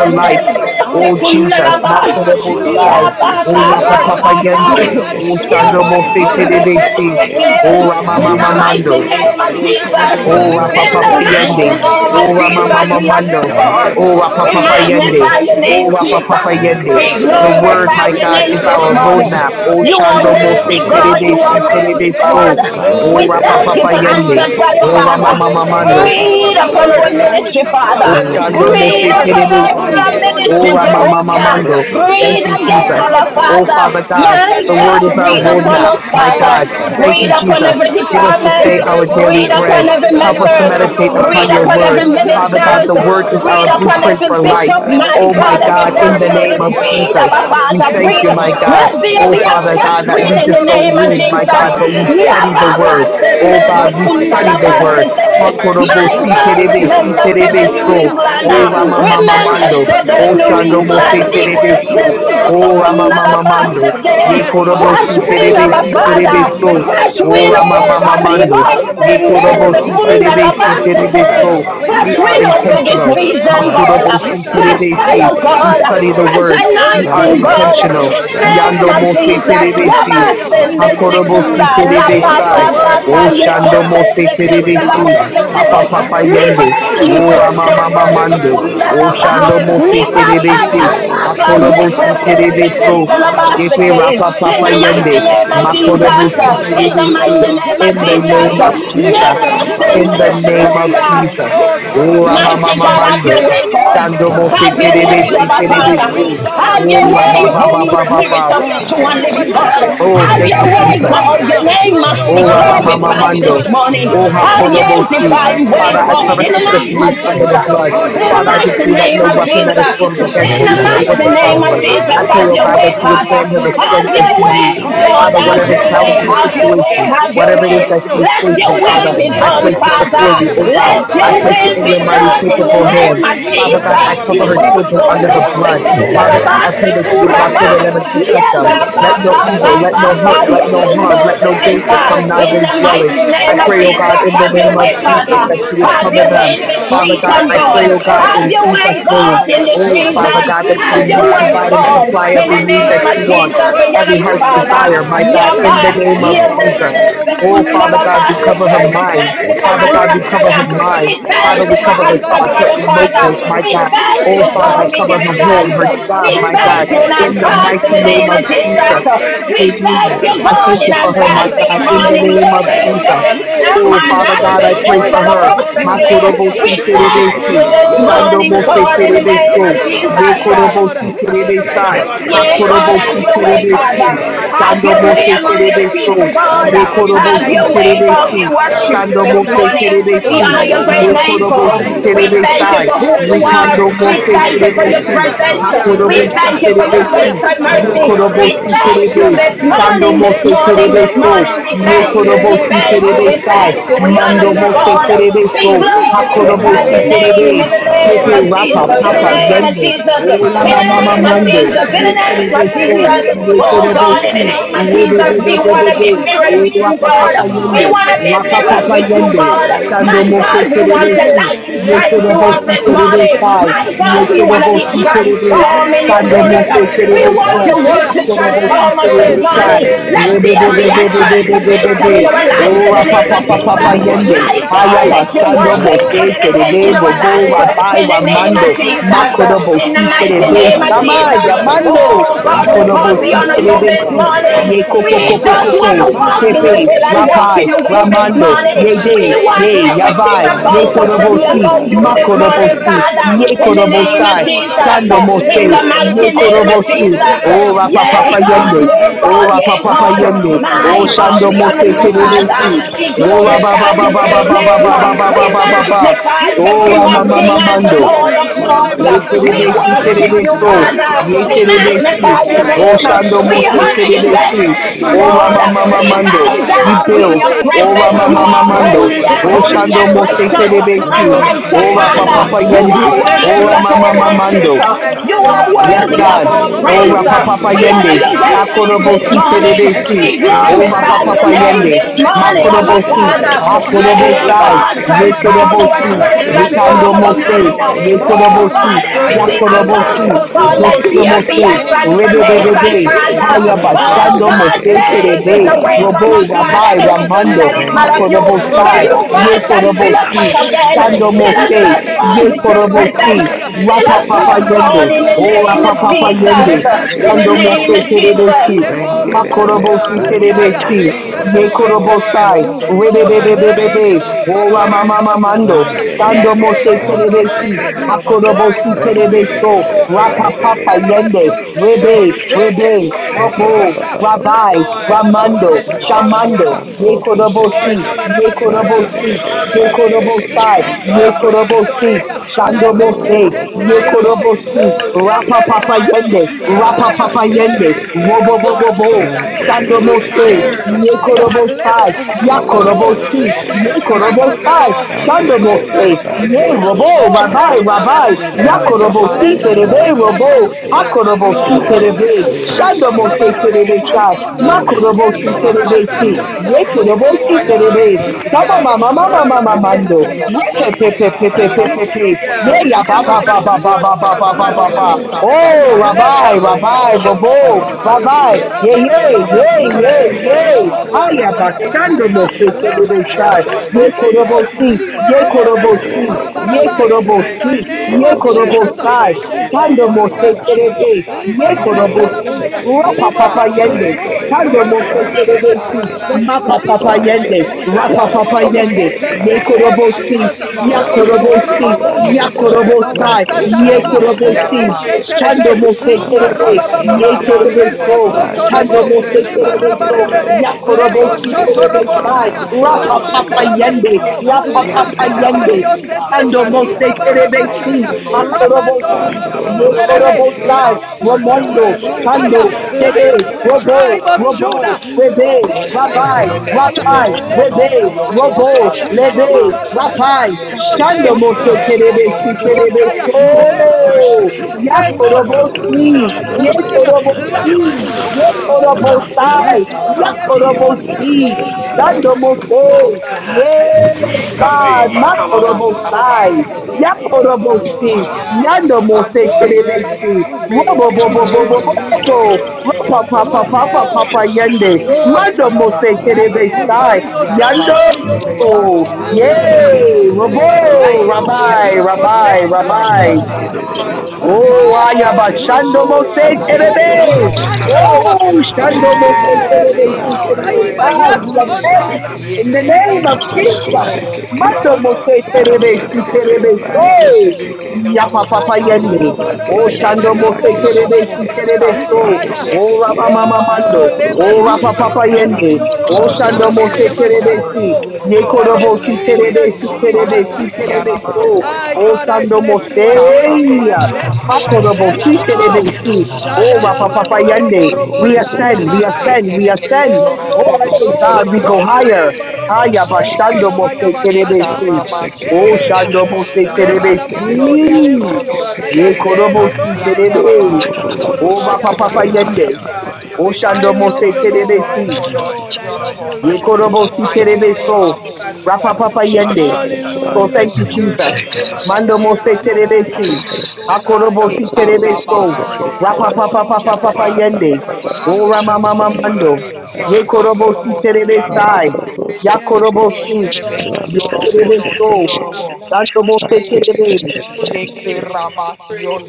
receive
you,
life.
name
Lord
of
is
lebo
God,
you,
Oh
hallowed
Lord.
this
secunda
in
Jesus.
our
brakeshekeke.
morning.
laba.
Oh
Ikalamamokoto
God, in
thoughts,
Makorebo
in
the
our
name of
Sai.
Jesus,
Kamahasa,
lives,
Nambrogo
Yaba
in
Oh
our
Brenda
ba
Jesus,
Jesus.
ba
Rapa
your
words,
shekeke.
Papa
name
ba
Bahalamene
is
in
ba.
Yende.
our
Hallelujah.
Kalavana
hallowed
Jesus.
this
Oh
actions,
Brekeshke
morning.
Mohokoto,
Shando
Almighty
Jesus,
Mose
God.
I
Yabo
Glory
nambrege
bless
rebo
to
Bakalavana
your
Let
Terebesi.
your
name
Valaha
God.
shekeke.
this
word,
Oh
sekel.
Thank
morning,
you,
Rama
Almighty
In
Kalavarekete,
the
Mama
God,
God.
Jesus.
Avage
Mando.
mighty
We
be
Nikalavana
name
give
our
of
you all
shekeke.
Valaha
Jesus.
standard
the
Hallelujah.
for
Oh,
Hallelujah.
living.
Rapa
Kalavorokoto,
In
Papa
the
glory, O
Brangelele,
Ye
God.
Lebo
la
mighty
Yende.
We
Salavaraka
name
baba
robo
of
Oh, Rama
brankeshekeke.
sete
Jesus,
salabaya,
Mama
Talavehete,
we are
nama.
to
Mando.
lebe
Ye
God.
rebo
ke
Oh,
la
Nikalamanakata,
Rapa
Brakelele,
We
baba
Papa
God,
shorobo,
I
shite.
worship
Yende.
magnify your
Nikalamanete,
you this
Ye
brakeshekeke.
Oh,
name,
la
morning,
Rapa
baba
in the
Papa
God.
Jesus.
Ikalavoroso,
sete.
name
Yende.
of
We
Ye
Brangelele,
The
na
Jesus.
na
Hallelujah.
Sandarakaya
word,
na
glorify
my
your
God,
mama
name
is
brangelele,
ke
Manakalavana
la
this
our
ba
morning.
Hazokoto,
roadmap.
sete.
Hallelujah.
Oh,
You
brankeshekeke.
Shatarabarabayatole,
are
Lord,
Shando
Ila
there is
Glory,
Mose
worthy,
none like
God.
glory,
Terebe
Nambrogo
You
you,
Manavehete,
are
Si
glory.
Father.
shekeke.
worthy,
Terebe
Lord,
Thank
God.
leboroboboboboyoroboserebe.
So.
you,
you alone
Oh,
Oh,
We
is
Jesus.
Spirit
Rapa
of
Lekasana
thank
the
worthy to
you
Brangelele,
Yes,
for
Papa
be
living
God, we
Yende.
God,
answered
mohokoto,
feel.
praised.
prayer,
Oh,
I
brankeshekeke.
You
Father,
feel
Rama
we
Father.
thank
Mama
alone
you
manavarahazi,
refreshed
is
for
this
the
Mando.
worthy to
morning.
i
truth
be
Avage
of
Breathe
I
your
upon
feel
word.
our
manavadi
shekeke.
glorified.
di
We
renewed.
ministry,
thank you
You
I
for
O
Father.
feel
the
alone
kalamonoto,
is
leading
Worthy
Shando
revived
of
is
worthy to
your
the
this
Breathe
Mose
word.
be
upon
morning.
Lamb,
limikasa,
our
We
Lord,
Terebesi.
thank
I
our
you,
worthy
exalted.
is
Lord
thank
the
God,
ministry,
O
you.
for
larahokoto,
I
the
Lord,
Lamb.
I
i
thank you.
exalt
I
your
blueprint
Jehovah.
Ramamamamando.
name
thank
Rogo
kalabarasa,
this
you,
give
that
Thank
Breathe
you,
you
is
morning.
all
Jesus.
shekeke
your
the
again,
I
Jesus.
Ye
lift
nam
our
honor.
sanavalaka,
word
up
O
your
rogo
kalaba.
Father.
I
Father
name this
God,
God,
I
bless
in
chikalaveti,
shekeke.
your
the
My
i
feel
the
morning.
like
name
word
God,
is
of
our
breathe
Father,
holy
I
Jesus.
give
Jeremiah
Reke
name.
kalakokoso,
upon
roadmap.
you
this
us,
morning
My
praise.
shekeke
Father.
Father
Mighty
who
God,
valahalavalata,
God,
Lord,
said, I
we
I
thank
Breathe
feel
God,
you,
thank
I
like
you,
upon
thank you,
Jesus.
lift
brangelele.
Lord
every
fire
lekalaranda
up
God.
Give
shut
your
us
Jesus.
this
up
department.
day
in
Eh,
name.
Help
my
bahalamonoto,
our
us
Holy
to
I
daily
bone.
Breathe
stay
sanda
Spirit
la
bless
bread.
upon
of the
every
your
living
Yeke
Help
basaya,
sanavarakata,
steadfast
us
name,
to
in
laba
members.
O
That
God.
your
meditate
your
sete
word,
Breathe
upon
word
Lord,
Father.
valekalavarata,
your
O
we
nama,
upon
directs
I
every
word.
thank
God.
you,
us.
ye
honor
God,
Father
na
for
your
na
God,
Eh,
e
that
na
the
Help
name,
work
ministers.
word
mama
that
is
Abba
us
you
ke
to
are
Breathe
our
robo
doing
upon
in
laba
Father.
us,
remain
saya.
blueprint
every
kasanarohokoto.
for
For
sheke,
Lord.
life.
bishop.
you
We
are
My
We
steadfast
Oh
thank you
good
in
thank
my
yeke
God,
that
and
you,
your
your
every
God,
your
God.
laba
in
first
word
word,
the
mercy
baba
Ah,
lady.
name
directs
you're
of
Father
Hallelujah.
our
sete
endures
Breathe,
marvelous.
God.
Jesus,
lives.
our
God,
laba,
we
we
Father.
forever.
thank you
thank
Shebo
Breathe.
that
you,
yeke
In
You're
the
my
robo
Father
ma-
all
robo
God.
laba
past,
the
Let
bo
God,
there
your
Oh
kuna
help
be
Lord,
a
ma
Father
us
sananaya.
to
God,
God,
fresh
you're
that
wind
your
we
sete,
hallelujah.
in
Lebo
remain
name.
the
just
majestic.
don't
robo
We
name
In
bo
of
the
yeke
read,
thank
bo
na
bo
my
you,
steadfast
bo
Jesus.
God,
in
mama
but
God,
past,
your
we
ke
E
your
study
laba,
word.
the
God,
hallelujah,
Yababa
your
word.
Rebo
for where
kasanaroho
baba
yeke
sende
you're,
Oh
mercy
May
la
yaba
God, we
it
leading,
baba
kama
sakavata.
sekunda
be
are
study
our
the
sete
laba
sole
word.
la
directing,
guide.
baba
bonde.
Let
sete.
it
Lord,
be
sheke,
a
Makorobo
Lebo
My
na
You
si
are
because
the
raba
God,
mama
la
guiding
ba
terebe
ke
apple
whatever
in the
si
you're
remember
laba
force
eye.
in
You
doing,
are
our
terebe
the
Southern
sete
God,
New
is
bright
so.
laba,
life,
a
morning
O
O
great
ye
Leba
star.
God.
na
England.
la
Rama
na
work,
ba
na
You
Mama
are the
mama
Lord,
sanda
Remember
ke
rose
Mando.
of
la
Pray
and
Yesterday,
O
you
baba
Sharon.
that
New
do
it
Chando
kuna
it
will
England,
mo
ma
se
Lebo
well
guide
and
the
robo
sete,
Shikamanaba
and
terebe
bo bo
we
bo
si.
perfectly,
will
ruku
Hikalabana
la
Bosendo,
Lord
O
use
Borosha.
baba
God.
it
Rama
Sakunda
ke
as
na,
So
Mama
our
help,
ma
Salamana
Mando.
sete
Ye
Labasake,
Lord,
la
blueprint.
Yes,
Kalabaraka
baba
train
korobo
Lord.
ke
fresh
It
si
Yes,
will
laba.
wind
Teberekete.
ourselves
Lord.
terebe
of
of a
Yes,
guide
si
perfection
us
Lord.
Yeke
and
terebe
father,
na
Brakata,
We
in
so.
mama
lead
the
thank
fresh
you
us
Brakata,
for
things
O
sheke
wind
of
into
your
la
Brakata,
Rama
word.
all
baba.
God.
Mama
over
Brakata.
We
Mando.
truth.
Shula
thank you
Hallelujah,
baba
for
Ye
your
Eh,
Ribosende,
sete.
word.
korobo
Oh,
si
Na
We
mama
Jesus,
Sakunda
terebe
to
thank you
Kalamunosaka.
ke
si
la
for
perfect
ba
your
Bageshakeke
terebe
word.
Labasake,
that
so.
sete.
Brakata,
Nambro
We
We
fresh
Ye
which of
thank you
are
na
wind
na
for
Brakata,
Father,
over
your
Boshekeke.
na
this
mama
word.
intentional.
to
ke la
Rebo
region,
Hikalamanakate.
mama.
God,
Thank
robo
Makorobo
perfect
si
that
Uku
sataya
fresh
Brakata,
la
Brakeshakeke
terebe
which
ba
of
in
si.
fire,
in
our
Brakata,
sete
Nambre
us,
We
la
God,
lives. We
study the
baba.
thank
Astamalabu.
Lord.
you
Gedede.
fresh
for
word.
your
Help
you.
Yeke
word.
We
la
us
are
anointing,
baba
have
God,
Lebo
in
that
intentional.
Ikaya.
robo
sheke.
Brangedede
the
mind
Na mama
name
Yando
sataya.
Bragedede
ma
of
mo
Must
Sahila.
se
be
sharpen
sete.
Father
Jesus,
Shakeke.
our
God,
terebe
La
a
let
si.
there
baba
be
skills,
Yabas,
a
ke la
Help
sende
us
baba
to
to
continuous
Bikalareke.
be
Hakorobo
uh,
sete.
sharpen
secunda
si
Na
up
guided
ma.
la
flow
by
terebe
ba
of
our
your
your
ba
sai.
Yeke na
ba
word
word,
ba
in
O
mama
us,
spiritual
ye
Lord.
ku la
Lord.
Shando
ba
kondo
understanding,
Mose
Let
Mandarabohokotamalavanekete.
sete.
there
Help
to
be
sekenda
a
us
La
la
to
Terebesi.
bo
baba
sharpen
continuous
up,
rightly
seke
sheke.
Papa
flow
oh
of
La
God,
Papa
Likalamanabo
your
decide,
baba
word.
libo
Yende,
sete.
Hokotomala
spiritually,
Na
Fill
O
us
libo
rightly
up
mama
Father,
with
Rama
Hakata,
she
your
la
sondo
Mama
divide
ba
word.
where
your
you
so
are
Mando,
na
Sandabala
secunda
Teach
word,
ma.
us
taking
la
O
your
us
ba
Father
Shando
Hakalabados,
word.
Uku
little
God
la
bit
Mose
Kalima
of
Teach
liba
and
a
teach
baba
in
us
ba
ke
this
na
your
ba
Hakalabeti,
Terebesi,
feeling.
time,
ba
ways,
mama.
O
ba
Father.
ye
vage
You
Akodobo
oh
Yeke
Rikalamana
God
Si
la
might
ba
kondo
Cover
tell
us
Kalabo
se.
me
sekeke
at the
Almighty,
about
Ne
Terebeso,
sekenda
so
Kotomala
la
blood of
that
mama
ba
we
la
nambrogoše,
Shepe
can
ka
seke
Halarasa,
la
the
Rapa
ba
this.
impart
Oh
ku
your
in
Papa
the
na
oh
word,
mama.
mighty
Likalamano
Yende,
God
name
Hoto
vage
of
God,
Almighty,
impart
de de
your
de
ways
Jesus,
Makodobo
Jesus
to
we
Kalamanete,
Si
uh,
in the mighty
brenke
in
worship
the
name
others.
of
you.
Terebesi,
mighty
Oh
sekeke,
Ikasata,
name
Spirit
Yes,
of
of
in
the
the
God, we
cover
living
Jesus
us
name
Rikasamolo
uh,
God,
of
vage de
worship
this
de
Koto,
you.
de
equip
Jesus,
the
yebo
morning,
Yes,
members
in
sende
of
God,
Ratatia,
vambrogo
the
the
we
cover
name
us
of
worship
this
churches.
sekeke,
you.
secunda
Bakalavese,
Jesus,
morning
Oh
Yes,
under the
O
a
God,
Father
we
Likalabo
God,
blood
Rama
of
vage
Mighty
equip
worship
Mama
Koto,
the
God,
you.
have
Mando,
your
leaders
sekeke,
of
way,
the
Yes, God,
God.
we
Manavarasata,
protect
Shando
us
churches
worship
Mose
Have
brake
with
you.
this
de
your
Likalamana
de
morning,
way,
Terebesi
de
Yes,
Abba
God,
Kavenese,
we
supernatural
brake
Father.
de
Terebeso,
Surround
O
de
us
worship
de
this
you.
Have
Likalarodo
wisdom.
your
We
vage
Rama
morning.
way,
yada
Leba
Baba
Hoshakala,
you.
sekeke,
Holy
ruba
Baba
Strengthen
We
baba
Spirit
us
Baba,
of
this
saya.
the
exalt
true
you.
a
and
morning.
Ekasandabele
living
We
vage
God.
Kalabo
Empower
Supernatural
us
exalt
Oh,
this
Koto,
you.
wisdom
Have
sekeke
and
thank you,
your
We
morning.
way,
Jesus.
Navala
extol
God.
understanding
you.
Your
uh,
Guide
nambrogoše,
us,
We
name
Hakalaburu
of
Lord.
must
shall
your
Oh,
be
back
Guide
word,
us
you
and
Ramama
this
Kushamalete,
glorified
Almighty
lead
nambrogo
mando.
us.
this
morning,
God.
God.
morning.
Lord,
Era
Oh,
sekeke,
guide
Father
oro
us
Have
and
God,
Glory
your
kosha
to
lead
I
us,
Hakodobosi.
God.
pray
divine
vage
that you
de
Father,
Lord.
way,
de
will
I
halavata.
de.
God,
cover
teach
in the
us.
Help
uh,
help
Sister
us,
us to
name
Denise
of
be
Grow
Lord
under
Hallelujah.
true
the
God,
us
Jesus.
to
to
up,
blood.
your
Lord
Samala
follow
In
God,
mana
your
Father,
the
I
from
word,
Hallelujah.
just
the
O
mighty
pray
guidance
that
milk
name
and
no
of
God.
of
the
God,
your
weapon
every
that
word
devili
is
Jesus.
formed
sickness
to
leadership.
on
the
Help
against
this
hikalamoto.
In
her
us
the
to
will
meat
be
line
Oh
of
be
the
able
God,
to
mighty
in
remain
healed.
word.
the
name
Rikala
in
of
prosper.
name
Every
your
Jesus,
Lebo
I
mohu
of
pray,
have
sickness
word,
oh
koto
your
on
O
God,
robo
mana
that
this
way,
you
bobo
us
God.
would
line
Father.
be
grant her
to
the
healed.
shadabaya.
Have
strength that
apply
your
Every
Help
she
sick
us
needs.
to
Shikata
way,
body
ourselves,
mohu
Oh,
God.
remain
be
Father,
Spirit
Have
koto
healed
Lord.
whatever
of
mana
the
your
this
in
way.
your
Living
challenging
morning,
Hallelujah,
Have
God,
God.
your
word,
way.
O
situation,
Every
Have
Father God,
your
God.
sick
I
whatever it is
Jesus.
way.
body.
thank
that
Thank
you.
she
Ah,
is
I
Let
Lord,
The
speak
your
facing,
Lord
Help
thank
God
will
Father,
healing
us
Kasindaviri.
you,
to
be
I
Almighty,
God.
every
done,
as
place
never
sick
we
it
have
We
before
praise
body.
Father.
to
prayed,
you, oh
you.
I
let
God.
Let
Have
Lord
that
speak
God
I
Lord, we
your
mercy,
place
healing
word
Almighty,
it
will
to
have
in
Lord,
leave
your
every
be
that
mercy.
you
us,
mighty,
praise
sick
will
done
O
cover
in
body.
capable
the
Your
our
and
God.
honor
name
hand.
Every
you.
of
grace
families
is
knee
as
Father
well,
That
God,
problem, I
Jesus.
you
I
sufficient.
Mm,
cover
that
speak
you
her
let
alone
Ibo
will
is
us
healing.
children
cover
not
our
God
under
and
Your
the
Every
sondo
add
you
love
foot
and
children
blood.
to
alone
in
is
it
your
mercy
or
problem,
sekenda
is
I
Father
word.
la
mighty
God,
speak
I pray
everlasting.
subtract
healing.
that
Lebo
and
you
from
would
you
it,
sekura
watch
Every
O
over
back
ba.
alone is
them and
God.
Your
problem, I
protect
Ye
them.
able
That
But
ba
grace
speak
let
is
ba
Let
Father,
healing.
us
and
as
no
you
ba
live
sufficient.
Every
evil,
alone
ba
by
is
families
let
head
we
no
ba
every
will
ba.
hurt,
problem, I
Your
let
Ye
grow
love
word
capable.
and
no
speak
that is
together,
harm,
healing.
kondo
let
mercy
Lord
is
no
as,
God,
Every
we
danger
proceeded
heart
everlasting.
sekenda.
out
as
come
thank
of
you,
nigh
problem,
the
I
In
their
the
God.
households
speak
mouth
we
dwelling.
mighty
of
Thank
will
healing.
Ah,
you,
I
name
grow
of
pray,
God.
Lord.
Every
O God,
Jesus,
lungs
together,
in
Valarokota
We
the
have
problem,
thank
your
name
I
as
you,
of
way,
God,
speak
Oh
for
Jesus,
the
Makaberete.
churches
healing.
Father.
that
we
Lord
you
work that
would
will
Have
you
Every
God,
have
grow
cover
your
belly
help
them.
way
done
in
in
this
together,
us
problem,
us.
to
I
Ela
Father
live
We
God,
speak
region,
I
by
Leba,
manavara
thank
healing.
you,
pray,
God.
your
as
God,
O
for
hakola
God,
you
Every
Have
in
word.
your
borosha.
headache,
us
Jesus'
organizations
way,
as
we
every
will
name.
God,
a
in
time
grow
heartache,
this
Shanda
like
Oh,
I
together
this.
Father
speak
region.
God,
Jesus,
rahakala
that
in
healing
your
you
Have
your
Thank
on
would
you,
your
meet,
word
this
monokola
God,
word,
way,
line
for
is
provide,
what
this
and
you are
Almighty
God,
truth
vendehese.
morning.
supply
God.
in
and
in
every
I
the
your
our
need
speak
that
Father
name
word
Leka
life,
you
of
God,
is
let
healing.
want,
Jesus.
your
damono
I
life.
word
Father.
We
speak
hosa
honor
every
you,
heart's
We
impact
healing.
us.
kabarata.
thank
Father.
I
desire,
Oh
my
God. We
speak
Oh
God,
God,
God
Leka
in
healing.
thank
the
Yaba,
you
lehi
you
name
Almighty,
Every
yebo,
for
of
in,
are the
Jesus.
household
in
strength.
shalamonoto.
yebo,
get
oh
word.
God,
healing
Oh,
Vende
this
Thank
sekunda,
great
you,
Father
and
morning,
God,
laba,
God, we
for
God.
small
cover her
ways.
seke.
reviving
Every
Jesus,
We
you
kalamonoto.
mind.
us,
thank
Let
you
household
said
for
get
your
Father
that.
Lord.
It
Shanda
God,
word
answered
we
healing
bala
said
We
cover
this
that
her
thank
prayer.
impact
you,
us.
you
kalaboro
morning.
God,
mind.
for
We
Let
became
Lord,
them
Father,
thank
the
be
you
we
help
of
us,
for
strengthening
cover
us,
oh
the
word
healing,
God,
answered
thoughts,
to
God.
her
for
Lord.
prayer,
know
You
Vikala
us,
your
said
randa
oh
word
Father.
Oh,
emotions,
we
so
prayer
my
we
God.
is
We
no
can
God.
hakala
thank
share
praise
distance,
your
Oh,
you,
bokoto.
Father,
Help
God.
I
God. We
Almighty
us,
gospel
give
cover
oh
God.
you
her
Randa
Praise,
And
and
I
God,
home,
thanks.
bala
the
her
we
send
good
out
job,
We
exalt
news
my
healing
of
to
you.
to
thank
God
the
you in
Lord
love
every
Oh,
in
God,
the
we
Jesus
you,
household
advance
lift
mighty
Ikala
in
to
up
this
the
your
Christ.
name
love
name of
manavara
of
morning,
the
mighty
God.
hakola
Jesus.
I
Oh,
word.
Jesus.
send
Spirit
borosha.
name.
of the
We
We
healing
living
to
Hallelujah.
thank
In
God,
the
you,
thank
every
you,
Oh
I
Spirit
God.
God,
thank
in
We
name
you
household
of
for
this
her,
thank
morning.
my
advance
Jesus.
of
you,
this
Jesus,
God,
Lord.
in
Every
the
morning.
We
us,
name
the
Jesus,
of
oh
Hey,
Yebe,
thank
living
you,
God,
God
Jesus.
God,
Jesus,
hey,
for
yebe,
the
sendeya.
receive their
Oh,
the
namana,
healing,
Father
Lebo
makubarasha.
God,
fresh
I
true and
receive
shoto
pray
anointing.
the
their
sekende,
for
robo
lobo,
her.
strength
living
robo
this morning,
God.
Thank
seke.
you,
sadabaya.
God,
receive
for
Makorobosi
We
the
Re
strength
Help
this
thank
outpouring
us
you
of
terebesi,
to
morning,
kalamana
your
this
have.
Holy
Oh,
receive
walk in
morning,
Spirit
strength
Spirit
of
sandomose
your
this
God,
upon
God,
in
your
the
morning,
Manda
word,
name
people
terebeso,
oh
of
Spirit
receive
this
of
babahala
God,
God.
strength
Spirit
this
of
Jesus.
morning.
boshaka.
morning,
God.
yekorobosi
Help
God,
us
we
to
receive
Father, I
Mena
thank
terebesai,
you,
strength,
thank
Lord,
conduct
you
for
for
receive
the
what
our
balahala
Yeah,
you're
first
strength,
God,
doing in
manete.
have
oil
hakorobosi
receive
our
affairs
this
your
by
lives
way,
strength
your
morning,
Momokoto.
in
today,
terebesi,
Father.
the
Lord.
God.
word,
name
Have
oh
of
I
your
Ikataya.
way
God.
thank
sandomose
you,
among
Jesus
Lord
your
Hallelujah,
God
Christ of
people,
terebeso,
Balahasa.
Almighty, that
Jesus.
your
God.
Nazareth.
Likala
We
Jesus,
entrance
Have
may
of
yekorobosi
buhosho.
thank
your
you
your
your
Glory
this
way,
to
word
word,
God.
morning
Shila
bring
We
terebesi,
God.
that we are
manahala
worship
oh,
vene
you
Spirit
clarity.
renewed
this
of
sandomose
venehe
like
God,
Hallelujah.
the
la
morning.
entrance
boroto.
We
this
of
terebesi,
May
honor
your
your
your
morning.
Rana
great
word,
Hallelujah.
word
name,
manahaka
bring
la
God.
yekorobosi
Rema
Thank
monoko
you,
la
We
God, that
vana
healing.
Sadai,
Hallelujah.
we
thank
are
you
brings
terebesai,
for who
life,
varekete.
you
refreshed and
brings
are.
life,
Hallelujah.
Shandala
Jesus,
We
brings
revived.
rikandomose
may
rahaka
thank you
your
We
for
redos
thank
life,
your
word
you,
terebesi,
Hallelujah.
God,
bring
kalimana
brings
that
presence.
we
peace.
vanata.
are
Hakorobo
We
ready,
si
Atadaba
Hallelujah.
thank
God.
you
Renda
for
restoration.
We
your
terebe
are
balahala
si.
Sobabaya,
grace
ready,
and
monoko
Hallelujah.
Father.
Ye
Leba
We
mercy.
savala
Oh,
are
Raba
kala
korobo
We
ready,
Raba
si
verete.
thank
Vagosheke,
Hallelujah.
oh
you
God
terebe.
this
Sataya,
Almighty,
Sando
morning,
mo
Hallelujah.
this
se
to
Lebo
E
Namblogoshe,
morning,
follow
Robo
terebe
this
kashana
Robo
you,
so.
baro
morning.
Hallelujah.
Bobo
God,
We
to
kata,
Ye
thank
follow
you.
korobo
you,
We
Hallelujah.
si
Serebe,
to
Brakedere,
thank you.
terebe
Leba
We
hakola
submit,
kaya
sai.
thank
to
you.
Hallelujah.
burusha,
We
Brakedere,
satere
honor
re
Mando
re
you,
mo
re
surrender.
re
se
lena
Hallelujah.
God.
Hallelujah.
boba.
terebe
Blankeshekeke.
We
kalaboro
so.
Every will,
Baribio
kosha
Hallelujah.
every
sende
Hakorobo
le
glorify
malakate,
si
Ah,
your
Glory
bobo
way, and
to
yoro
to
name
bo
terebe.
in
Heavenly
vanna
you,
God.
the name
Father,
Chepe
hakola
Lord.
of
serebe.
Yes,
let
rapa
Jesus,
your
burusha
Robo
Oh
in the
bo
Jesus,
bo
papa
we
God
bo
name
bo
kavalata.
word
of
thank
yende.
you.
Almighty,
Jesus,
In the
We
Ola
sharabaraba.
in
follow
thank
the
becomes
you,
mama
name
you.
of
God,
name of
Lebe
to
light
We
re
Jesus,
mamando.
be
guide
in
Jesus,
be
us,
thank
in
our
be
Ye
the
you.
name
Lord.
sete
life,
We
terebe
of
re re
oh
so.
thank
re re
Jesus.
you.
Hallelujah.
re
God. Let
bo
Ye
it
We
in
Oh
the
sata.
Help
thank
korobo
become
God,
us
in
to
you.
the
si.
get
name
out
of
light
name
of
We
Laba
of
in
Ye
the
our
ya
be
thank
Jesus,
way
Jesus,
with
you,
be
raba
be
we
life,
our
be
oh
want
baba
be
to
own
be
God.
be.
Jesus.
mirrored
ya
thinking.
O
with
Glory,
you,
rapa
God.
My
sete.
glory,
papa
We
God,
yende.
want
glory.
Jesus,
to
let
be
Kete re
your
Rapa
bo
in
hallelujah.
bo
mirrored
the
papa
bo
with
word
And
Jesus,
you,
to
become
yende.
name
follow
God.
of
your
Jesus,
Rhema
Sando
Jesus.
My
mo
instructions
baribio
Jesus.
se
God,
words,
we
oh
We
and
terebe
want your
God.
sende.
si.
bless
light
direction.
your
to
name,
E
shine
Lebo
la
God.
through us
Oh,
Yekorobosi
this
raba
kalaburusha,
vage
raba
morning.
baba
Hallelujah,
ba
We
terebesai,
ba
My
ba
bless
shekeke
your
God,
Jesus.
saya
we
name.
want to
e
nambrogo
be
la
yekorobosi
We
Lord,
Sataya,
I
mana
bless
terebe,
bless
shekeke.
your
your
transformed
name.
in
name
your
Lebaraba
this
sando
We
word.
Brange
mose
de
morning,
bless
de
Sataya
your
We
de,
Holy
name.
e
want
la
your
terebeso,
brange
Spirit.
We
word
Basondaya,
de
to
kalaboro
de
bless your
Lord,
de.
kosha
I
akorobosi
name.
transform us
malakala
glorify
this
Lebe
We
Vage de
your
morning.
terebesai,
bless
verese.
de
Sende
your
name
de,
this
Let
name.
Karia
there
We
be
morning,
a
nambrogo
Sata,
bless
Ah,
God.
your
usha
name.
shekeke.
God,
Lebo
We
transformation in
you
rebebebebebebebebebe,
our
bless
varate,
life
alone is
your
in
mene
ora
the
Brange
Sharabaria
name,
de
name
de
mighty.
papa
of
papa
de,
Sendo
kalabusu.
papa
Jesus.
You
Jesus.
Raba,
brange
yende,
alone is
My
Manamba
shekeke.
God,
haya
great.
Labayada
let
bakata
La
your
Glory
La
bele
You
to
La
work
bashando
La
Ah,
let
God.
alone,
kalaburu
mose
oh
vage
basere
God,
kalamana
precedent
terebe,
rule
in
My
our
Kora,
and
God,
kalebese.
robo
you
life.
are
reign.
uh,
le
rabai
In the
awesome.
You
name
alone
of
Sandala
shekeke.
ramando,
is
My
high
Jesus.
basharabasaya
and
God,
uh,
you
rahakaredos
shekeke.
are
lifted
In
up.
the
makorobosi
Tabasuba,
kalamana
awesome.
You
mighty
Ah,
brata.
le
terebe,
name
alone is
of
My
vage
from
shama
Jesus.
God, you
Kerebe
are
everlasting
shekeke.
to
yamando,
Bebo
awesome.
Oh
everlasting.
God,
Soto,
My
oh
Brange
Brata, brata,
de
God,
de
we
brata,
God,
makorobosi
You
you
de,
Robo
honor
are
you
alone
brata.
is
Bobo
our
this
brange
terebesi,
awesome.
Bobo
de de
E
morning.
de.
friend.
Sherebe
kalabu.
Awesome and
We
You
Brange
alone,
just
wonder.
yekokokokokoko,
Rebasaya,
want
shke
to
oh
My
walk
God,
in
God,
your
we
Chepe,
nambrege
will and
E
bless
she.
Eh,
hallelujah
walk
you.
in
Rapai,
baya
your
raba
We
way
kasalabu
this
Ah,
raba
bless
Ramando,
you
ya ra
and
shaka.
ra
we
vage
rules
morning.
and
la
thank
la
We
Yede,
la
you.
ba
shekeke.
reign,
want
so
We
Ye,
Mena
robo
Father.
thank
vala
you
everything
robo
for
Yabai,
the
robo
I
And
hakolo
Ye
about
robo
so,
get
us
it,
fire.
to
monosa.
it,
God,
be
we
it,
We
soto.
but
Korobosi,
worship
about
I
thank you
you
you
with
get
for
Robo
this
it,
the
bo
every
it,
Zikala
it.
rebe
breath
morning,
Thank
anointing.
you
rebe
Makorobosi,
this
vedehesi
for
rebe
Father.
Ye
We
your
rebe
morning,
In
rebe
thank
the
malabosa.
you
yo
word,
for
rama
the
name
God.
of
Korobosai,
Lord.
Jesus.
Mana
Thank
grace.
you
God,
sataya.
for
we
Chando
We
uh,
varese,
say
your
thank
thank
you
Lebe
In
kivala
for
Mose,
the
you,
rebe
your
word.
Holy
rebe
Ye
mighty
harabosha.
mercy.
name
kocholo
of
Spirit.
bo
We
Mama
Korobosi,
Oh,
Oh,
thank
God,
Jesus.
you,
we
sherereya.
O
mamakata.
lift
God.
Rapa
Yeah,
your
Leba
Papa
Jesus,
mighty
Ikala
God,
ndoro
Yende,
ro
Extended
vende
yeah,
robo
name
Jesus.
O
this
God,
robo
verese.
mercy.
yeah,
Rapa
sondo
Papa
Your
morning
robo
God.
God,
Shana
robo
Yende,
Help
vala
us
extend
because
O
My
to
saraba.
my
your
hakala
live
God,
mono
name
Chando
by
we
mercy.
Laba
honor
koto
is
Mose
ya
your
you,
vala
great and
sanda
hata.
Newness,
la
word,
la
Father.
great
oh
Kedebesi,
la
God.
la
We
la
God.
ba
We
Ikala
O
Help
thank
praise.
you
vere
us
for
to
Rababa
glorify
kili
sherereya.
your
be
You
mili
Baba Baba
great
kala
newness.
alone
guided
Baba
boro
Raba
from
name.
by
We
Baba
kata
thank
your
koto.
you
ya
We
everlasting,
Baba
ba
for
Baba
to
word.
soto
Mana
Baba,
everlasting.
newness.
robo
rade
magnify
We
robo
kili
the
mana
thank you
O
bobo.
You
King
for
of
Oh,
halabo
alone
Kings
newness.
Reke
and
rule
koto.
the
and
Ramamamamando,
We
sete
Lord
le
thank
of
le
Jesus,
you
Shana
reign.
le
for
le
vala
le
You
ba
Lords.
hakala
newness.
Jesus.
alone
My
vana
We
sata.
is
hala
God,
Yeterebesi
we
Almighty
Let
worship
verese.
thank
your
you,
Rapata
you.
te
terebeso.
El
word
God.
de
We
Father.
You
thank
become
We
Elion
you,
boko.
alone is the
God.
head of
sacred
Rebe
shashahida.
Yeterebesi.
We
magnify
our
ke
your
to
thank you,
O
us,
life.
rebe
name.
oh
Makara
bebe
shando
You
moho
Jesus.
God.
We
mose
shapa.
koto
We
alone
honor
is
mahala
thank
your
you,
our
God,
great
Father
terebesi.
varasa.
that
who
Lepe
the
name,
art
O
heavens
Lord.
rama
has been
in
Shikala
Jesus,
mama
heaven.
mana
totorobobosa
We
opened up,
bow
vare
Mando.
You
Jesus.
kila
God.
We
alone
Help
bosha.
is
down
My
in
build.
our
your
libarabasa
way
us
God,
O
my
maker.
to
presence.
rama
You
God,
toroboa
mama
my
E
walk
are
You
God.
kasara
out
alone
Mando,
holy
is
your
The
and
O
our
varese.
life
heavens
holy
word,
have
shando
in the
oh
and
mose
opened
God.
up
Mana
reketelebashotomaya
righteous
darkness.
over
moho
our
and
You
terebesi.
life
alone
savara
this
is
O
righteous,
hata.
morning,
able,
God
Father.
Lord
rapapapa
rebarabaribiosondo
You
over
you.
Jesus,
yende.
are
our
Jesus.
O
Holy
worthy of
Jesus,
our
situation,
Spirit,
God.
worship.
ramamamamando.
Jesus.
E
leberebebebekesato
My
thank
You
you
God,
this
kaseta
my
Thank
are
moho.
God,
Yes,
we
worthy
morning,
Oh,
of
thank
God.
God.
our
you.
Oh,
Your
Bless
praise.
rabayabalobosondorobo
word
glory.
We
Rapa
your
thank
Papa
you,
We
name.
needs to
honor
God.
Yende.
be
your
We
Hallelujah.
great
praised.
thank you
name
for
Hakorobo
this
the
Hallelujah,
si
lemananananamasata
windows of
morning.
terebe
We
Jesus.
heaven
si.
to
We
have
open
Brakeshekeke
listened,
We
Oh,
up.
thank
Rapa
glorify
you,
your
Papa
Lord
leketekepakukaraya
God,
Lord.
name
God,
We
we
nambregeshe.
Yende.
for this
this
thank you.
exalt
morning,
your
our
season,
We
Makorobo
name.
thank
si.
for
you,
this
Father.
Bagerere
leketorobokoraboa
Jesus.
and
Hakorobo
Yeah,
We
bambrobo
God, for
sai.
what
thank
God,
you,
you are
Ye
God,
shekeke.
doing,
that
transform
you
korobo
have
our
lapatalababarebaroa
si.
We
Father.
spirit,
answered
give
our
it
Oh, we
transform
Rikando
prayers
all
our
to
this
Brakeshekeke
bless
you,
your
mose.
mind.
Lord.
morning.
uh.
Ye
Have
name,
your
My
way.
Oh
nambregeshe.
korobo
God,
lebekeperuborobobobobosoro
my
God,
Jesus.
si.
God,
Have
we
everything
your way,
thank
Yakorobo
Hallelujah.
you.
about
lebandoloborobo
si.
Bragerere
us,
Holy
We
God,
saba
Ghost.
let
Glory
thank
be
Joshua
you
to
a,
your
be
this
a
mose.
brankeshekeke.
name,
Have
morning,
your
God.
Father.
way.
repeporoborobobore
transformation,
Brobo
Rebebebebe.
derere
Father.
rebebebosa,
Haya
Jesus, we
le
thank
Oh
bashando
you.
God,
brankeshekeke.
mose
sepekete
take it
terebe.
Makarabo
Jesus, we
away
rebebekepa,
from
thank
Robo
us,
sakabata
you.
le
Father,
rabai
Avageshekeke.
Glory
anything
And
to
that
ramando.
baramanana
is
The
not
God.
Lord
of you.
marobo,
of
Hakorobo
Jesus,
Brengerere
hosts.
So
sai.
rebo
thank
you,
Hallelujah.
you,
God,
Ye
araba
Lord.
can
brakeshekeke.
korobo
fill
Thank
us
you,
sebando
si.
Yikasa.
up
Oh,
again.
baridio,
thank
Jesus.
Shando
you,
you.
Brogo
Fill
le
We
de
us
Holy
de
Mose,
up,
bless
de
your
berebe
God,
Ye
Spirit.
name.
with
branche
your
kalabaya
de de
Korobo
We
de
Lord,
presence.
Si,
Rakoto
bless your
basandaya,
branche
thank you,
name.
Fill
Rapa
us
rebo
che
We
Papa
bless
up,
your
nam
bless your
God,
Yende,
in
barabaridio
brogo
mahalave.
name.
the
se
O
Thank
name
We
Jesus.
Rapa
of
Papa
sendolobo,
bless
Jesus.
your
le
a
Yende,
name.
Holy
fage
We
In
Spirit,
the
se
Shando
mashabaya
che
bless
name
che
your
Mose
of
basoto,
name.
Terebe
Jesus.
God.
We
Si,
sebo
bless
mahalavara.
brenge
Ma
your
de
mama
de
Rule,
name.
de
ibo
Korobo Si
God.
We
branche
Rule
Terebe
de
and
sadiaya,
bless
de
your
de
Si,
Barakata.
reign
name,
in
brogo
Ye
ikarana
us,
se
Jesus.
che
Barakata.
Korobo
che
yendere
Lord.
Sai,
Glory to
Rebe
wosoto,
Rule and
Yikasa
God.
a
lebo
reign
fage
mahusha.
in us,
se
shobo
che
O
che
Lord.
Rama Mama
barabaridio
Hallelujah.
Mando,
sataya,
Hallelujah.
branche de
Shando
de
Thank you,
Mamoko
de
Take
Mose
esebo
our
branche
Jesus.
Terebe
korobo
se
minds
Si,
che
and
sata,
che
Glory
our
to
Akorobo
hearts.
si
lebo
God.
robo
ಬರಕರಮೆ
brenge
he
de
Turn it
de
terebeso,
ಕೀಲ
de
sondo,
ಬರ
completely.
Hallelujah.
rapa
le
branche de
papa
ಕೊರಮೋಸ
de
mandala
de
bario
yende,
brogo se
Holy
sete
Hallelujah.
ಶಿರಮನ
rebe,
che
Spirit,
ಕಲವು
rebe,
let
eke
Thank
always
you,
soya
ಕೋತುಮಲ
be
robo,
see,
ಹಲವೆ
babasha
Jesus.
la
rabai,
Lord.
Thank
mandola
ಮಕ್ಕಳ
you,
ramando,
Let
Lord.
Bambababababababababababashake.
ಶಿರಮನ
always be see
ಔಷಧ
shamando,
sayaba
Thank you,
ye
Bambroko
you,
korobo
Jesus.
Lord.
si,
shekeke.
Esha
ye
Thank you,
korobo
Hallelujah.
Lord.
si,
sono
Ragelelele,
ಕಮರಿ
Hallelujah.
ye
Thank
korobo
rebebe
blagelelele,
sai,
God.
limando
ye
Jesus.
la
bambrege
ದೀಖಾಯ
korobo
Yes,
Lord,
shekeke.
si,
help us
God.
have that
shando
ಕೋತು
bo
deep
Yes,
lebeke
Oh,
se,
God,
se
you
logo
have
ye
desire
ರಮನಮನ
heard
for
our
shekeke,
korobo
prayer
si,
this
o
souls.
morning,
nambrege
rapa
she.
sendere
papa
and
Lord,
we
in
yende,
thank
the
you,
name
bossa
of
Lord.
rapa
baya
papa
Abage
We
le
yende,
Jesus,
thank you that
shekeke.
you
robo
are
bo bo
Lord,
already
give us
answered
that
them,
deep
In the
that
Longelelele,
our
Shandomose,
name
answer
of
desire.
is
rushmananda
blanke
la
on the
Yahshua
way,
baya
shekeke.
Lord,
God.
HaMashiach.
le
help us
Yekorobosai,
Our
bosso
to
answer
walk
is
Oh,
in
torobo
In the
logo
Yakorobosi,
already
le
on
humility
the
name of
way.
shekeke.
and
Yahshua
Whatever
Yekorobosai,
love.
our
HaMashiach.
heart
Oh
desire
God, in
Ragelelele,
Shandomose,
this
the
Ye
morning,
name
God,
you.
of
bambrogo
we
Robo,
oh
know
Rabbi,
pray
shekeke.
in
that you
Ikashondo
your
us.
have
Rabbi,
heavenly language
answered
Borusha.
Help
us,
us
language.
to
God.
walk
Yakorobosi,
We
Brangelelele,
know
Shikarabasi
in
Terebe,
that you
branke
have
Manababa
Robo,
Lebalabasata,
humility
Telebis,
shekeke.
answered
Kalabo
us,
God
and
Koto
and
bless
our
love.
Hakorobosi,
you,
Mahalavara.
Glory,
prayers
Lamandolobosaya,
Terebe,
Oh
are
because
God, in
on
glory,
the way,
the
Shandomose,
name
glory.
God.
of
Terebe,
Bakareros
limandolo
My
Kalima
God,
Soto,
Jesus,
my God,
Glory,
to
we
Makorobosi,
love
thank you.
glory,
others
Terebe,
as
Si,
We
you
Lekamana
glory.
Kepayabasataya,
thank
love
you.
Shirabasi
We
us,
was
kalaburo
thank you,
Yekorobosi,
Lord.
koto,
God.
Hallelujah.
Oh,
Terebe,
blessed
We thank
you,
Chama
you
shanama
for
mama mama
Telebis,
every
Hallelujah.
mama
you
rabaraba
kalaberekete,
were
open
mando.
Jesus.
so
kataya
doors this
Repe pe
i
morning,
pe
Bakosaya,
pe
God.
pe
kataya
pe
We
pe
Padre,
Yaraba,
pe.
thank
manosha,
you
Libekete
for
Hallelujah.
Yeah
Los
ya
every
Blanca
ba
Help
ba
us
Babushmanai,
closed
ba
not
ba
to
door,
Sekeke,
ba
judge
God.
ba
Libo
ba
God
ba
Yaraba,
lekata
ba
In
because
Romando
the
ba
you
demina
ba.
name
alone is
aku,
of
Padre,
Roboserebe,
the
Ricasa,
Oh,
judge,
Blanca
Jesus,
Tarabas,
Lord,
Lebo
Rabbi,
of us
Sekeke,
glory
Rabbi,
to
lekavi
all.
God.
Rabo,
nevaro
Yorobes,
Ah,
Yeri,
kulavana
Robobobobobosa,
Hallelujah,
Padre
kata.
Rabbi.
Hallelujah.
Les
Yeah
Sekeke,
yeah
Jesus.
Ketelebes,
yeah
Lord,
Hallelujah.
I
yeah
Rabarabababase,
Yoro,
Thank
We
pray,
you,
Nambrogo
God,
thank
that
you,
yeah.
Jesus.
God,
Terebas,
you
for
go
our
Sekeke,
Aya
through
Yan
our
ba
destiny.
day to
Robokorabarabaya.
Help
Thank
Taraba,
us to
you,
day,
mo
Yasa,
se
locate
Jesus.
se
Father.
us
le
Remas,
de
Leba
this
Yon
Raba
That,
morning.
Lord,
Thank
Ye
you
We
you,
Tarabos,
thank you
lead
for
Jesus.
korobo
us.
Yaraba,
Rushmanando,
si,
financial
Liba
ye
Robo
Thank
Lord,
you,
that
breakthrough.
korobo
Bobo
we
Oh,
si,
My
Jesus.
Kora
Rogo
see
ye
God,
you
we
every
thank
Sekeke,
korobo
Thank
in
time,
you.
the
you,
si,
We
Lord,
name
ye
thank you,
Jesus.
Baba
of
every
God,
Baba
time
korobo
that
we
Baba
Jesus.
money
sing,
Baba
shall
sai.
Thank
every
come
you,
into
time
Baba
Shebo
we do,
Masi,
our
Shando mo
Jesus.
Blanca
se
God.
account,
Korio
se le de,
Almighty
Sekeke,
Soto,
God.
ye
Liba
No more
Thank
Just
korobo
broke
Nambrogo
si.
days,
Labaya,
you,
Sekeke,
Rapa
Almighty
doing
Libo
God.
all
papa
Jesus.
things,
The
yende.
Blanca
drought
Soto,
Lord.
is
chando
de
over,
mo
What
Yeah.
se
you're
se
Rabababa
Blanca
le
doing
Almighty
de
in
God.
si.
our
Sekeke,
The
Sharaba,
lives,
Mapa
drought is
Papa
Father.
Ribo
over this
Yende,
Oh,
morning,
Brangelele,
Thank
Rapa
God,
you,
in
God.
the
Papa
Kosayandolobo.
name
Jesus.
Our
of
Yende,
broke
In
brangelele,
the
days are
us.
name of
over,
brangelele,
Yekorobosi,
Father,
Jesus.
Almighty
Randa
you
God.
baba
We
halabo
continue
shall
to
Shorobo
be
koto.
brangelele,
the
Yakorobosi,
strengthen
lender
us,
Robo,
and not
haciendo
the
Lord.
brangelele,
Reba
borrower.
Yakorobosai,
We
You
shall
nosotros
Thank
brankeske
be
Kasataraba,
you,
vos
the
continue to
y
head
Jesus.
and
Yekorobosi,
not
araba
train
the
nambrobose,
us
tail.
to
Shando
We
teach
shall
Mose
us,
be
Shando
y
Terebe,
above
Lord.
boho
and not
tierra
the
karane
avakeshakeke,
God,
vare
may
he
your
beneath
Yeterebe
pasión
light
Rebo
So,
in
como
the
vos
shavarato.
continue
Shando
Sotorobo,
name
to
of
shine
quiere
brangelele,
Mose
upon
Liba
Terebe
Jesus
Mama
us,
So,
Christ
Lord.
of
bahala
brangelele,
nosotros
boro
God,
Nazareth.
may
Lebo
hazaka
you
vencimos
Yakorobosi
help
por
us,
veriti.
Glory
Terebe
to
Lord,
Shotorobo
bronkeshakeke
not to
Sai,
God.
Saya,
lose
Bora
impacienta
Rapa
hala
focus,
Lamanda
Papa
Lord,
Hallelujah.
but
nambrobosekeke,
to
Yende,
Labaribio,
stay
nosotros vos
Rapa
y
focused,
liba
Papa
Hallelujah.
araba
Davala
Father.
brangelele,
y
Yende,
kadabario
Hallelujah.
sete
Oh
hala
Shando
God, in
pasión
the
mono
Mose
Hallelujah.
ruba
fear
kota
of God,
perversión
Thank
in
Kerebeki,
barabasaya
you,
the
avakeshakeke,
word of
Jesus.
conociendo
Hakorobosi,
ramandolo
God.
Glory.
in
lolobo
the
Oh God,
mighty
in
Thank you,
the
serebe
nambrobosekeke,
kavohosa.
name
name
Yekorobosai,
Lord.
of
of
laya
Rende
Jesus
Thank
Ramondo,
you,
vare
bakotore
Jesus.
skliva
brangelele,
Lord.
Shando,
bosaya
hala
Lord, have
vorosha.
Thank
mercy
you,
lion
Kede,
of the
brangeleshakeke,
upon us,
Lord.
Robo,
tribe of
Lord.
Thank you,
Robo,
Judah
Help us
Rebe,
to
Jesus.
robo
Yes,
apply
Rabbi,
Glory.
ourselves,
Thank
shalamandaya
you,
My
Rabbi,
God.
Jesus.
God,
lebo
my
Rebe,
God.
robo
Hallelujah.
Thank
Robo,
sotoya
you,
Help
Holy
us to
Spirit,
Jesus.
Lebe,
give
we
ruba
ourselves
thank you
Rabbi,
that you
rabababariose
Shando
Yeshua.
to
dwell
you,
Mose
among
Lord.
us this
orogosekeke,
Kerebesi,
lemandoro
morning.
Holy
bosaya
Spirit,
Kerebeso,
Glory
Yeshua.
our
to
lebo
God.
hearts, this
We
korio
nambrogosekeke,
don't take
seko
it
to our
lightly.
minds.
Yeshua.
Yakorobosi,
Glory to
rushararabaya
God.
Lord, it
Yekorobosi,
comes
Thank you,
lamandoro
from
Yeshua.
Jesus.
you,
biosa yes
Yekorobosai,
Father, give us
Glory,
lord
glory,
yes
Ikashada
your
lord
glory.
yes
that
vohoshaka.
which
word
Yakorobosi,
Yes,
Yes,
brings
it
God,
you more.
lord
Shando
remember
life,
is
my
oh
two
your
friends
Oh
Mose,
God.
this
God,
Colos,
morning.
I tonight,
We
Yay,
cover them,
May your word brings life, oh God.
we
Ikabe,
God,
cover
Hallelujah.
Jesus.
them,
Sheborobobobo
we
Remas,
cover
Yan
them, we
Lord, we
ikalamohosa,
Tarabas,
cover
bless you,
them.
Makorobosai,
Sandalaya
We
your
hide them
God.
Colos,
Basiondo
under your
your
blood,
Yakorobosi,
hallelujah.
Haya
Almighty God.
Lord,
bararabushakabe,
Repas,
Yandomose
We
O
your
you
hide
word
them
is
can
this
Kerebesi,
miss
morning,
praise,
your
God,
Shebayarabasiondo
your
Ah,
in
word is
Yes,
the
Robora
Thank
Paki
God,
name of
your
it
Mamaya
Robobobobobobobo,
word
is
Sekeke.
Tore
Jesus.
zivgalaborokororadasa,
your
is
Rapa Papa
Colos,
Glory to
exalted.
Papa
Nambro
Babarabayo
Go
Papa
God.
your
Yende,
Yes,
Sekeke.
O
Glory
Hallelujah,
lekalamanakalavese
to God.
Tarabas,
Mandomose
behelavosha,
your
Rebioromaya
Colos,
Kerebesai,
Brangelele,
hallelujah.
Corio
Hallelujah.
Brange
Yaraba,
Thank
Sandorio
you,
Sekeke.
Bobo
Repas,
Yando,
Jesus.
you
Glory
Ye
to
ke
shannamalakalarodokosamalaverete,
can
your
Sayandaya
miss
ba
Yay,
se
Brangelele,
your
te na
Colos,
Robo,
Jesus,
Vambro
ma.
Go
Libalamayo
glory to
Rabbi,
your
Ye
Kaiba
na
Sekeke.
na
your
Los
na
dekalavaraboroshakavarata,
Rabbi,
ma
Coseta
ma
Father.
ke
Libio
Rabbi,
la
Yantaraba,
ba,
Lord,
Shandaya
Brangelele,
Jesus.
Romas,
bless
Brange
Oh,
your name.
ayaba
Sekeke.
Yorobo,
landamalahalabokotomahalaverese,
Glory
shando mo
Yorobo,
Lord,
se
Hallelujah
Los
thank
Vambro
you for
Go
Labayo
Thank
terebe.
you,
the
Yorobo,
God,
oil,
Sekeke.
for
Commando
Los
Oh,
my
thanksgiving.
Yantaraba,
shando
shannalarakaredosklimahalamoto,
mo
spirit,
se
Thank you,
Eh
Brangelele,
the
Yorobo,
terebe, si
Los
Jesus.
Leo
terebe,
wine, oil.
Baiba
Brangelele,
Yorobo,
sai.
Hey,
dandaramanekata,
We
God,
Brange
we
Reba,
attend
thank you.
Sekeke.
Yasondaya
in the
We
lainamekete,
Yantaraba,
name of
thank you,
Hallelujah,
Vambro
Lebandaya, we
Go
Jesus.
Jesus.
Yorobo,
igalamokoto,
bless
Jesus.
Los
you, we
We
Sekeke.
Mando
bless
mo
thank
Yorobo,
you,
you,
we
se
bless
dandalarata,
terebe,
Almighty
Blanque
Help
you,
de
si
Rema,
us
God.
de
to
God.
de,
be
terebe, so.
We
pliable.
makalabekete,
Yantaraba,
blanque
thank
se que
you.
que.
Yorobo,
We
Yapa
Robo,
thank
papa
Shaya
likalamanabohosa,
you.
yende.
Oh,
Father.
Yorobo,
We
blanque
Oh,
de
thank
de
talabarabaya
shando
you.
de,
baya
mo
Neset,
se
blanque
We
kora
se que
terebe,
thank
Yorobo,
si
baya
you.
Help
que.
us
Rita,
terebe,
We
barebo
so.
thank
in
Blanque
saya.
you.
se
Yente,
our
Oh,
que
We
que.
rama mama
thank
Reba,
lives,
you.
Oh,
mando.
We
Oh,
Bambrogo
Yantaraba,
thank
rapa
lebalibi
se
you.
que
papa
que.
onda
We
God.
Yaraba,
ribi
yende.
thank
Oh,
orobo
you.
But Lord,
shando
Bambrogo
Ramas,
mo
Yes,
se
salabaya
everything
se que
that
terebe,
Jesus.
que.
Yantaraba,
Ye
si.
la
bashando.
we
Ye
Yorobo,
pasete.
korobo
Blanque
si
se
Ye
Reyes,
que
terebe,
Hallelujah,
na
do,
si
que.
oh
mama ma
God, that
terebe,
ke
Yantaraba,
la
si
Jesus.
help
terebe,
Blanque
Yaraba,
de
the
pasete
so.
de
la
de,
ba.
I
Oh,
forefront,
God, I
blanque de
shando
de
mo
bless
de,
Lord,
you, I
Jesus,
Thank
blanque
bless
se
you,
yeke
I
se.
na
God.
bless you,
mama,
I
ye
bless
Take
Hakorobosi
la baba
you.
control,
terebesi.
sheke.
Oh,
Father.
rapa papa
Jesus,
Shadadabando
we
robo
Yende.
Of
thank
robo
you.
We
mind,
Oh,
We
saya
loco
ascend,
In
soul,
we
ha
the
se
thank
body,
ha.
que
you.
name
ascend,
of
que.
we
Jesus.
We
spirit,
ascend.
Oh
thank
Lord.
Oh,
you.
glory,
Loco se que
glory,
Oh
God,
Thank
we
you,
God,
que.
in
go
In
Lord.
the
higher.
glory.
name of
Loco
Haya
se
Jesus.
the
que
Thank you,
Baromoso
que.
Bashando
la
Mose
Jesus.
bayaba
hallelujah,
sata
Loco
Terebesi.
yaba
se que
Oh,
Thank
Jesus.
que.
you,
shende ya.
Touch
Shando
Lord.
our
Eh,
Mose
hearts
Leba
this
la
namarabo
Blanque de
morning.
Thank
de
you,
koto.
de,
Jesus.
daremo
Terebesi.
blanque
yo
Lord,
se
let
que
Ye
there
que.
be a
sayade
Eh,
Korobosi
la
reboya
different
rakala
yebo
Mm,
Terebe.
walk,
shoro
Oh,
you.
barakata.
loco
Oh,
walk,
se
rapa
borabaya
que
papa
que.
mm.
Bla
sataya.
Yende.
Fire,
bla
God,
fire,
the
Oh,
way that
Shando
I
we
fire,
give
love
Mose
you,
Thank you,
fire,
Lord. I
Terebesi.
fire,
love
Thank
you,
Jesus.
Lord.
fire,
I
this
love
fire.
you,
you.
other,
Ye
My
Lord. I
Korobo,
love
God,
si
you,
Lord.
Mighty
terebe,
name
Lord.
of
so,
Oh
my
God,
Shikabahalabosha.
God,
rapa
Jesus.
do it
papa
in
Yende.
love,
my God,
Oh,
Hallelujah,
Akashataya.
thank you,
your
Jesus.
love,
my
Jesus.
Lord.
God,
Mikati,
Mando
Sebabaya
Your
mose
love,
shadadada
my
Ikatabosha,
terebesi.
God,
love, love,
yalamasondaya.
Hakorobo
my
si
Likashata,
God.
terebeso.
God,
Ikarabasión
Thank
Ah,
Rapa
you,
Mukaradikisi,
papa
Jesus.
papa
Jesus,
papa
torobosiaraba,
Barakata,
yende.
Jesus,
Glory
O
to
Barakata,
Jesus,
rama
rebasien
God.
mama
terebe,
mando.
Jesus.
Jesus.
Barakata,
Thank
Ye
you,
yoso
Barakata,
korobo si
Jesus.
Ashabakushamandaya.
torobosiaraba,
terebesai.
Mm.
Ikashata
Ya
Mohosha.
Yes,
korobo
My
rebasien
si.
Lord.
God,
Yes,
we
terebe,
thank
Lord.
Ye
you.
sioro
you.
terebeso.
All glory
conosiorobo,
belong to
Dando
you, God.
mose terebe.
Holy
Thank you,
Spirit,
Hallelujah.
Jesus.
praise
sekerabasión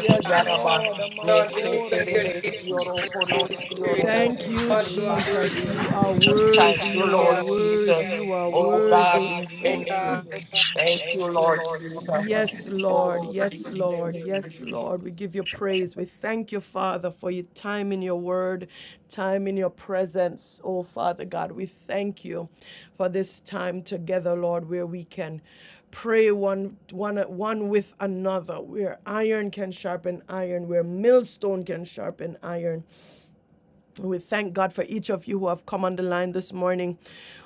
Yes,
God.
Glory to
Lord.
God.
Lord,
nese
lift up your
I'm
terebe,
Thank you,
name,
sioro
Jesus.
Holy Spirit.
Hallelujah.
conosiorobo,
Thank
Thank
you,
you,
God, you are
Lord.
worthy
Jesus.
rebasien
You are
terebe.
Thank you.
worthy.
Thank you,
You
Lord
Hallelujah,
are
oh
worthy.
Jesus.
You are
Bless
Oh
God.
God,
worthy.
we thank you.
Bless God.
Thank you, Lord
Thank you,
Yes,
Lord.
Jesus. Oh,
Lord.
thank
Yes,
Thank
Lord.
you.
Yes,
you.
Lord. We give you praise. We thank you, Father, for your time in your word, time in your presence. Oh, Father God, we thank you for this time together, Lord, where we can pray one one one with another where iron can sharpen iron where millstone can sharpen iron we thank God for each of you who have come on the line this morning.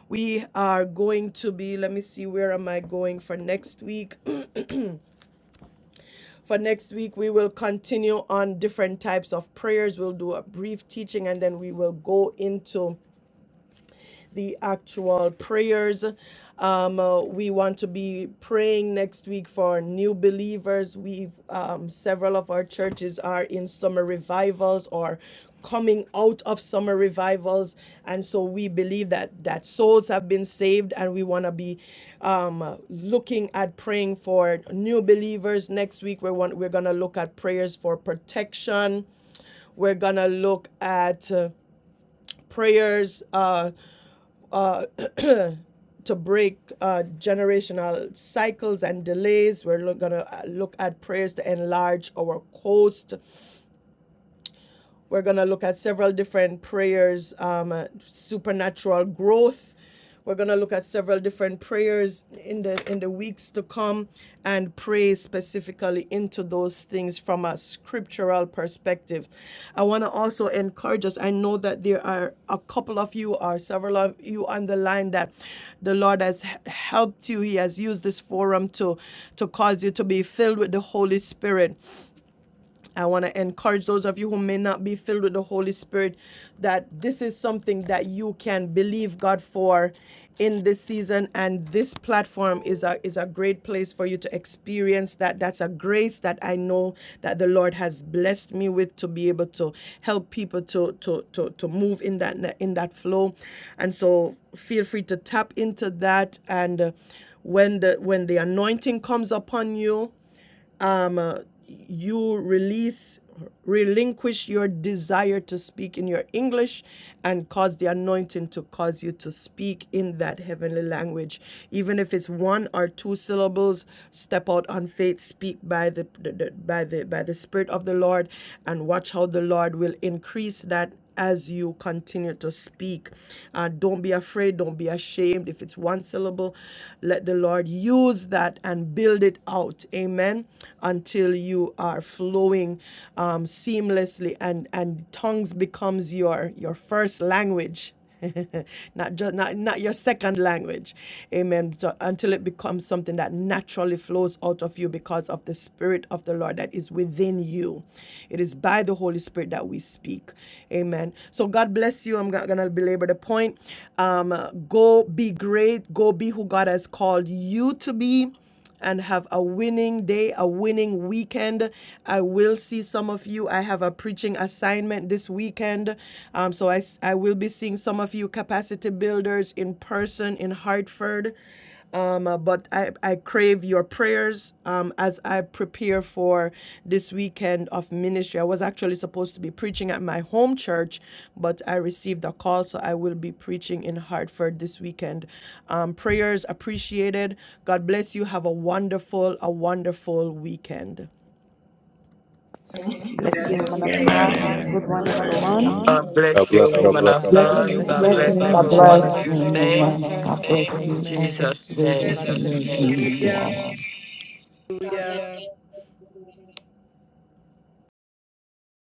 We are going to be, let me see, where am I going for next week? For next week, we will continue on different types of prayers. We'll do a brief teaching and then we will go into the actual prayers. Um, uh, we want to be praying next week for new believers. We've um, several of our churches are in summer revivals or coming out of summer revivals, and so we believe that that souls have been saved, and we want to be um, looking at praying for new believers next week. we want, we're gonna look at prayers for protection. We're gonna look at uh, prayers. Uh, uh, to break uh, generational cycles and delays. We're going to look at prayers to enlarge our coast. We're going to look at several different prayers, um, uh, supernatural growth. We're going to look at several different prayers in the in the weeks to come and pray specifically into those things from a scriptural perspective. I want to also encourage us. I know that there are a couple of you or several of you on the line that the Lord has helped you. He has used this forum to to cause you to be filled with the Holy Spirit. I want to encourage those of you who may not be filled with the Holy Spirit that this is something that you can believe God for in this season and this platform is a is a great place for you to experience that that's a grace that I know that the Lord has blessed me with to be able to help people to to to to move in that in that flow and so feel free to tap into that and uh, when the when the anointing comes upon you um, uh, you release, relinquish your desire to speak in your English and cause the anointing to cause you to speak in that heavenly language. Even if it's one or two syllables, step out on faith, speak by the, the, the by the by the Spirit of the Lord and watch how the Lord will increase that as you continue to speak. Uh, don't be afraid, don't be ashamed. If it's one syllable, let the Lord use that and build it out. Amen. Until you are flowing um, seamlessly and and tongues becomes your your first language. not just not, not your second language amen so until it becomes something that naturally flows out of you because of the spirit of the lord that is within you it is by the holy spirit that we speak amen so god bless you i'm not gonna belabor the point um uh, go be great go be who god has called you to be and have a winning day, a winning weekend. I will see some of you. I have a preaching assignment this weekend. Um, so I I will be seeing some of you capacity builders in person in Hartford. Um, uh, but I, I crave your prayers. Um, as I prepare for this weekend of ministry. I was actually supposed to be preaching at my home church, but I received a call, so I will be preaching in Hartford this weekend. Um, prayers appreciated. God bless you. Have a wonderful, a wonderful weekend.
Bless you, woman
okay.
of
Amen.
God. Have a
Amen.
good
Thank
one,
you, Lady.
everyone.
Lee.
God bless you,
God bless,
woman of
you,
God.
Blessings,
God bless
God
blessings.
God
In
every
bless.
one
bless
of
Jesus'
you
you.
name,
Yamama
amen.
saints.
God bless
In
you all.
Amen.
Jesus'
The
Amen. God
Grace
name.
of the
bless
Lord be
you.
with you
Yes,
all.
God
hallelujah,
bless you.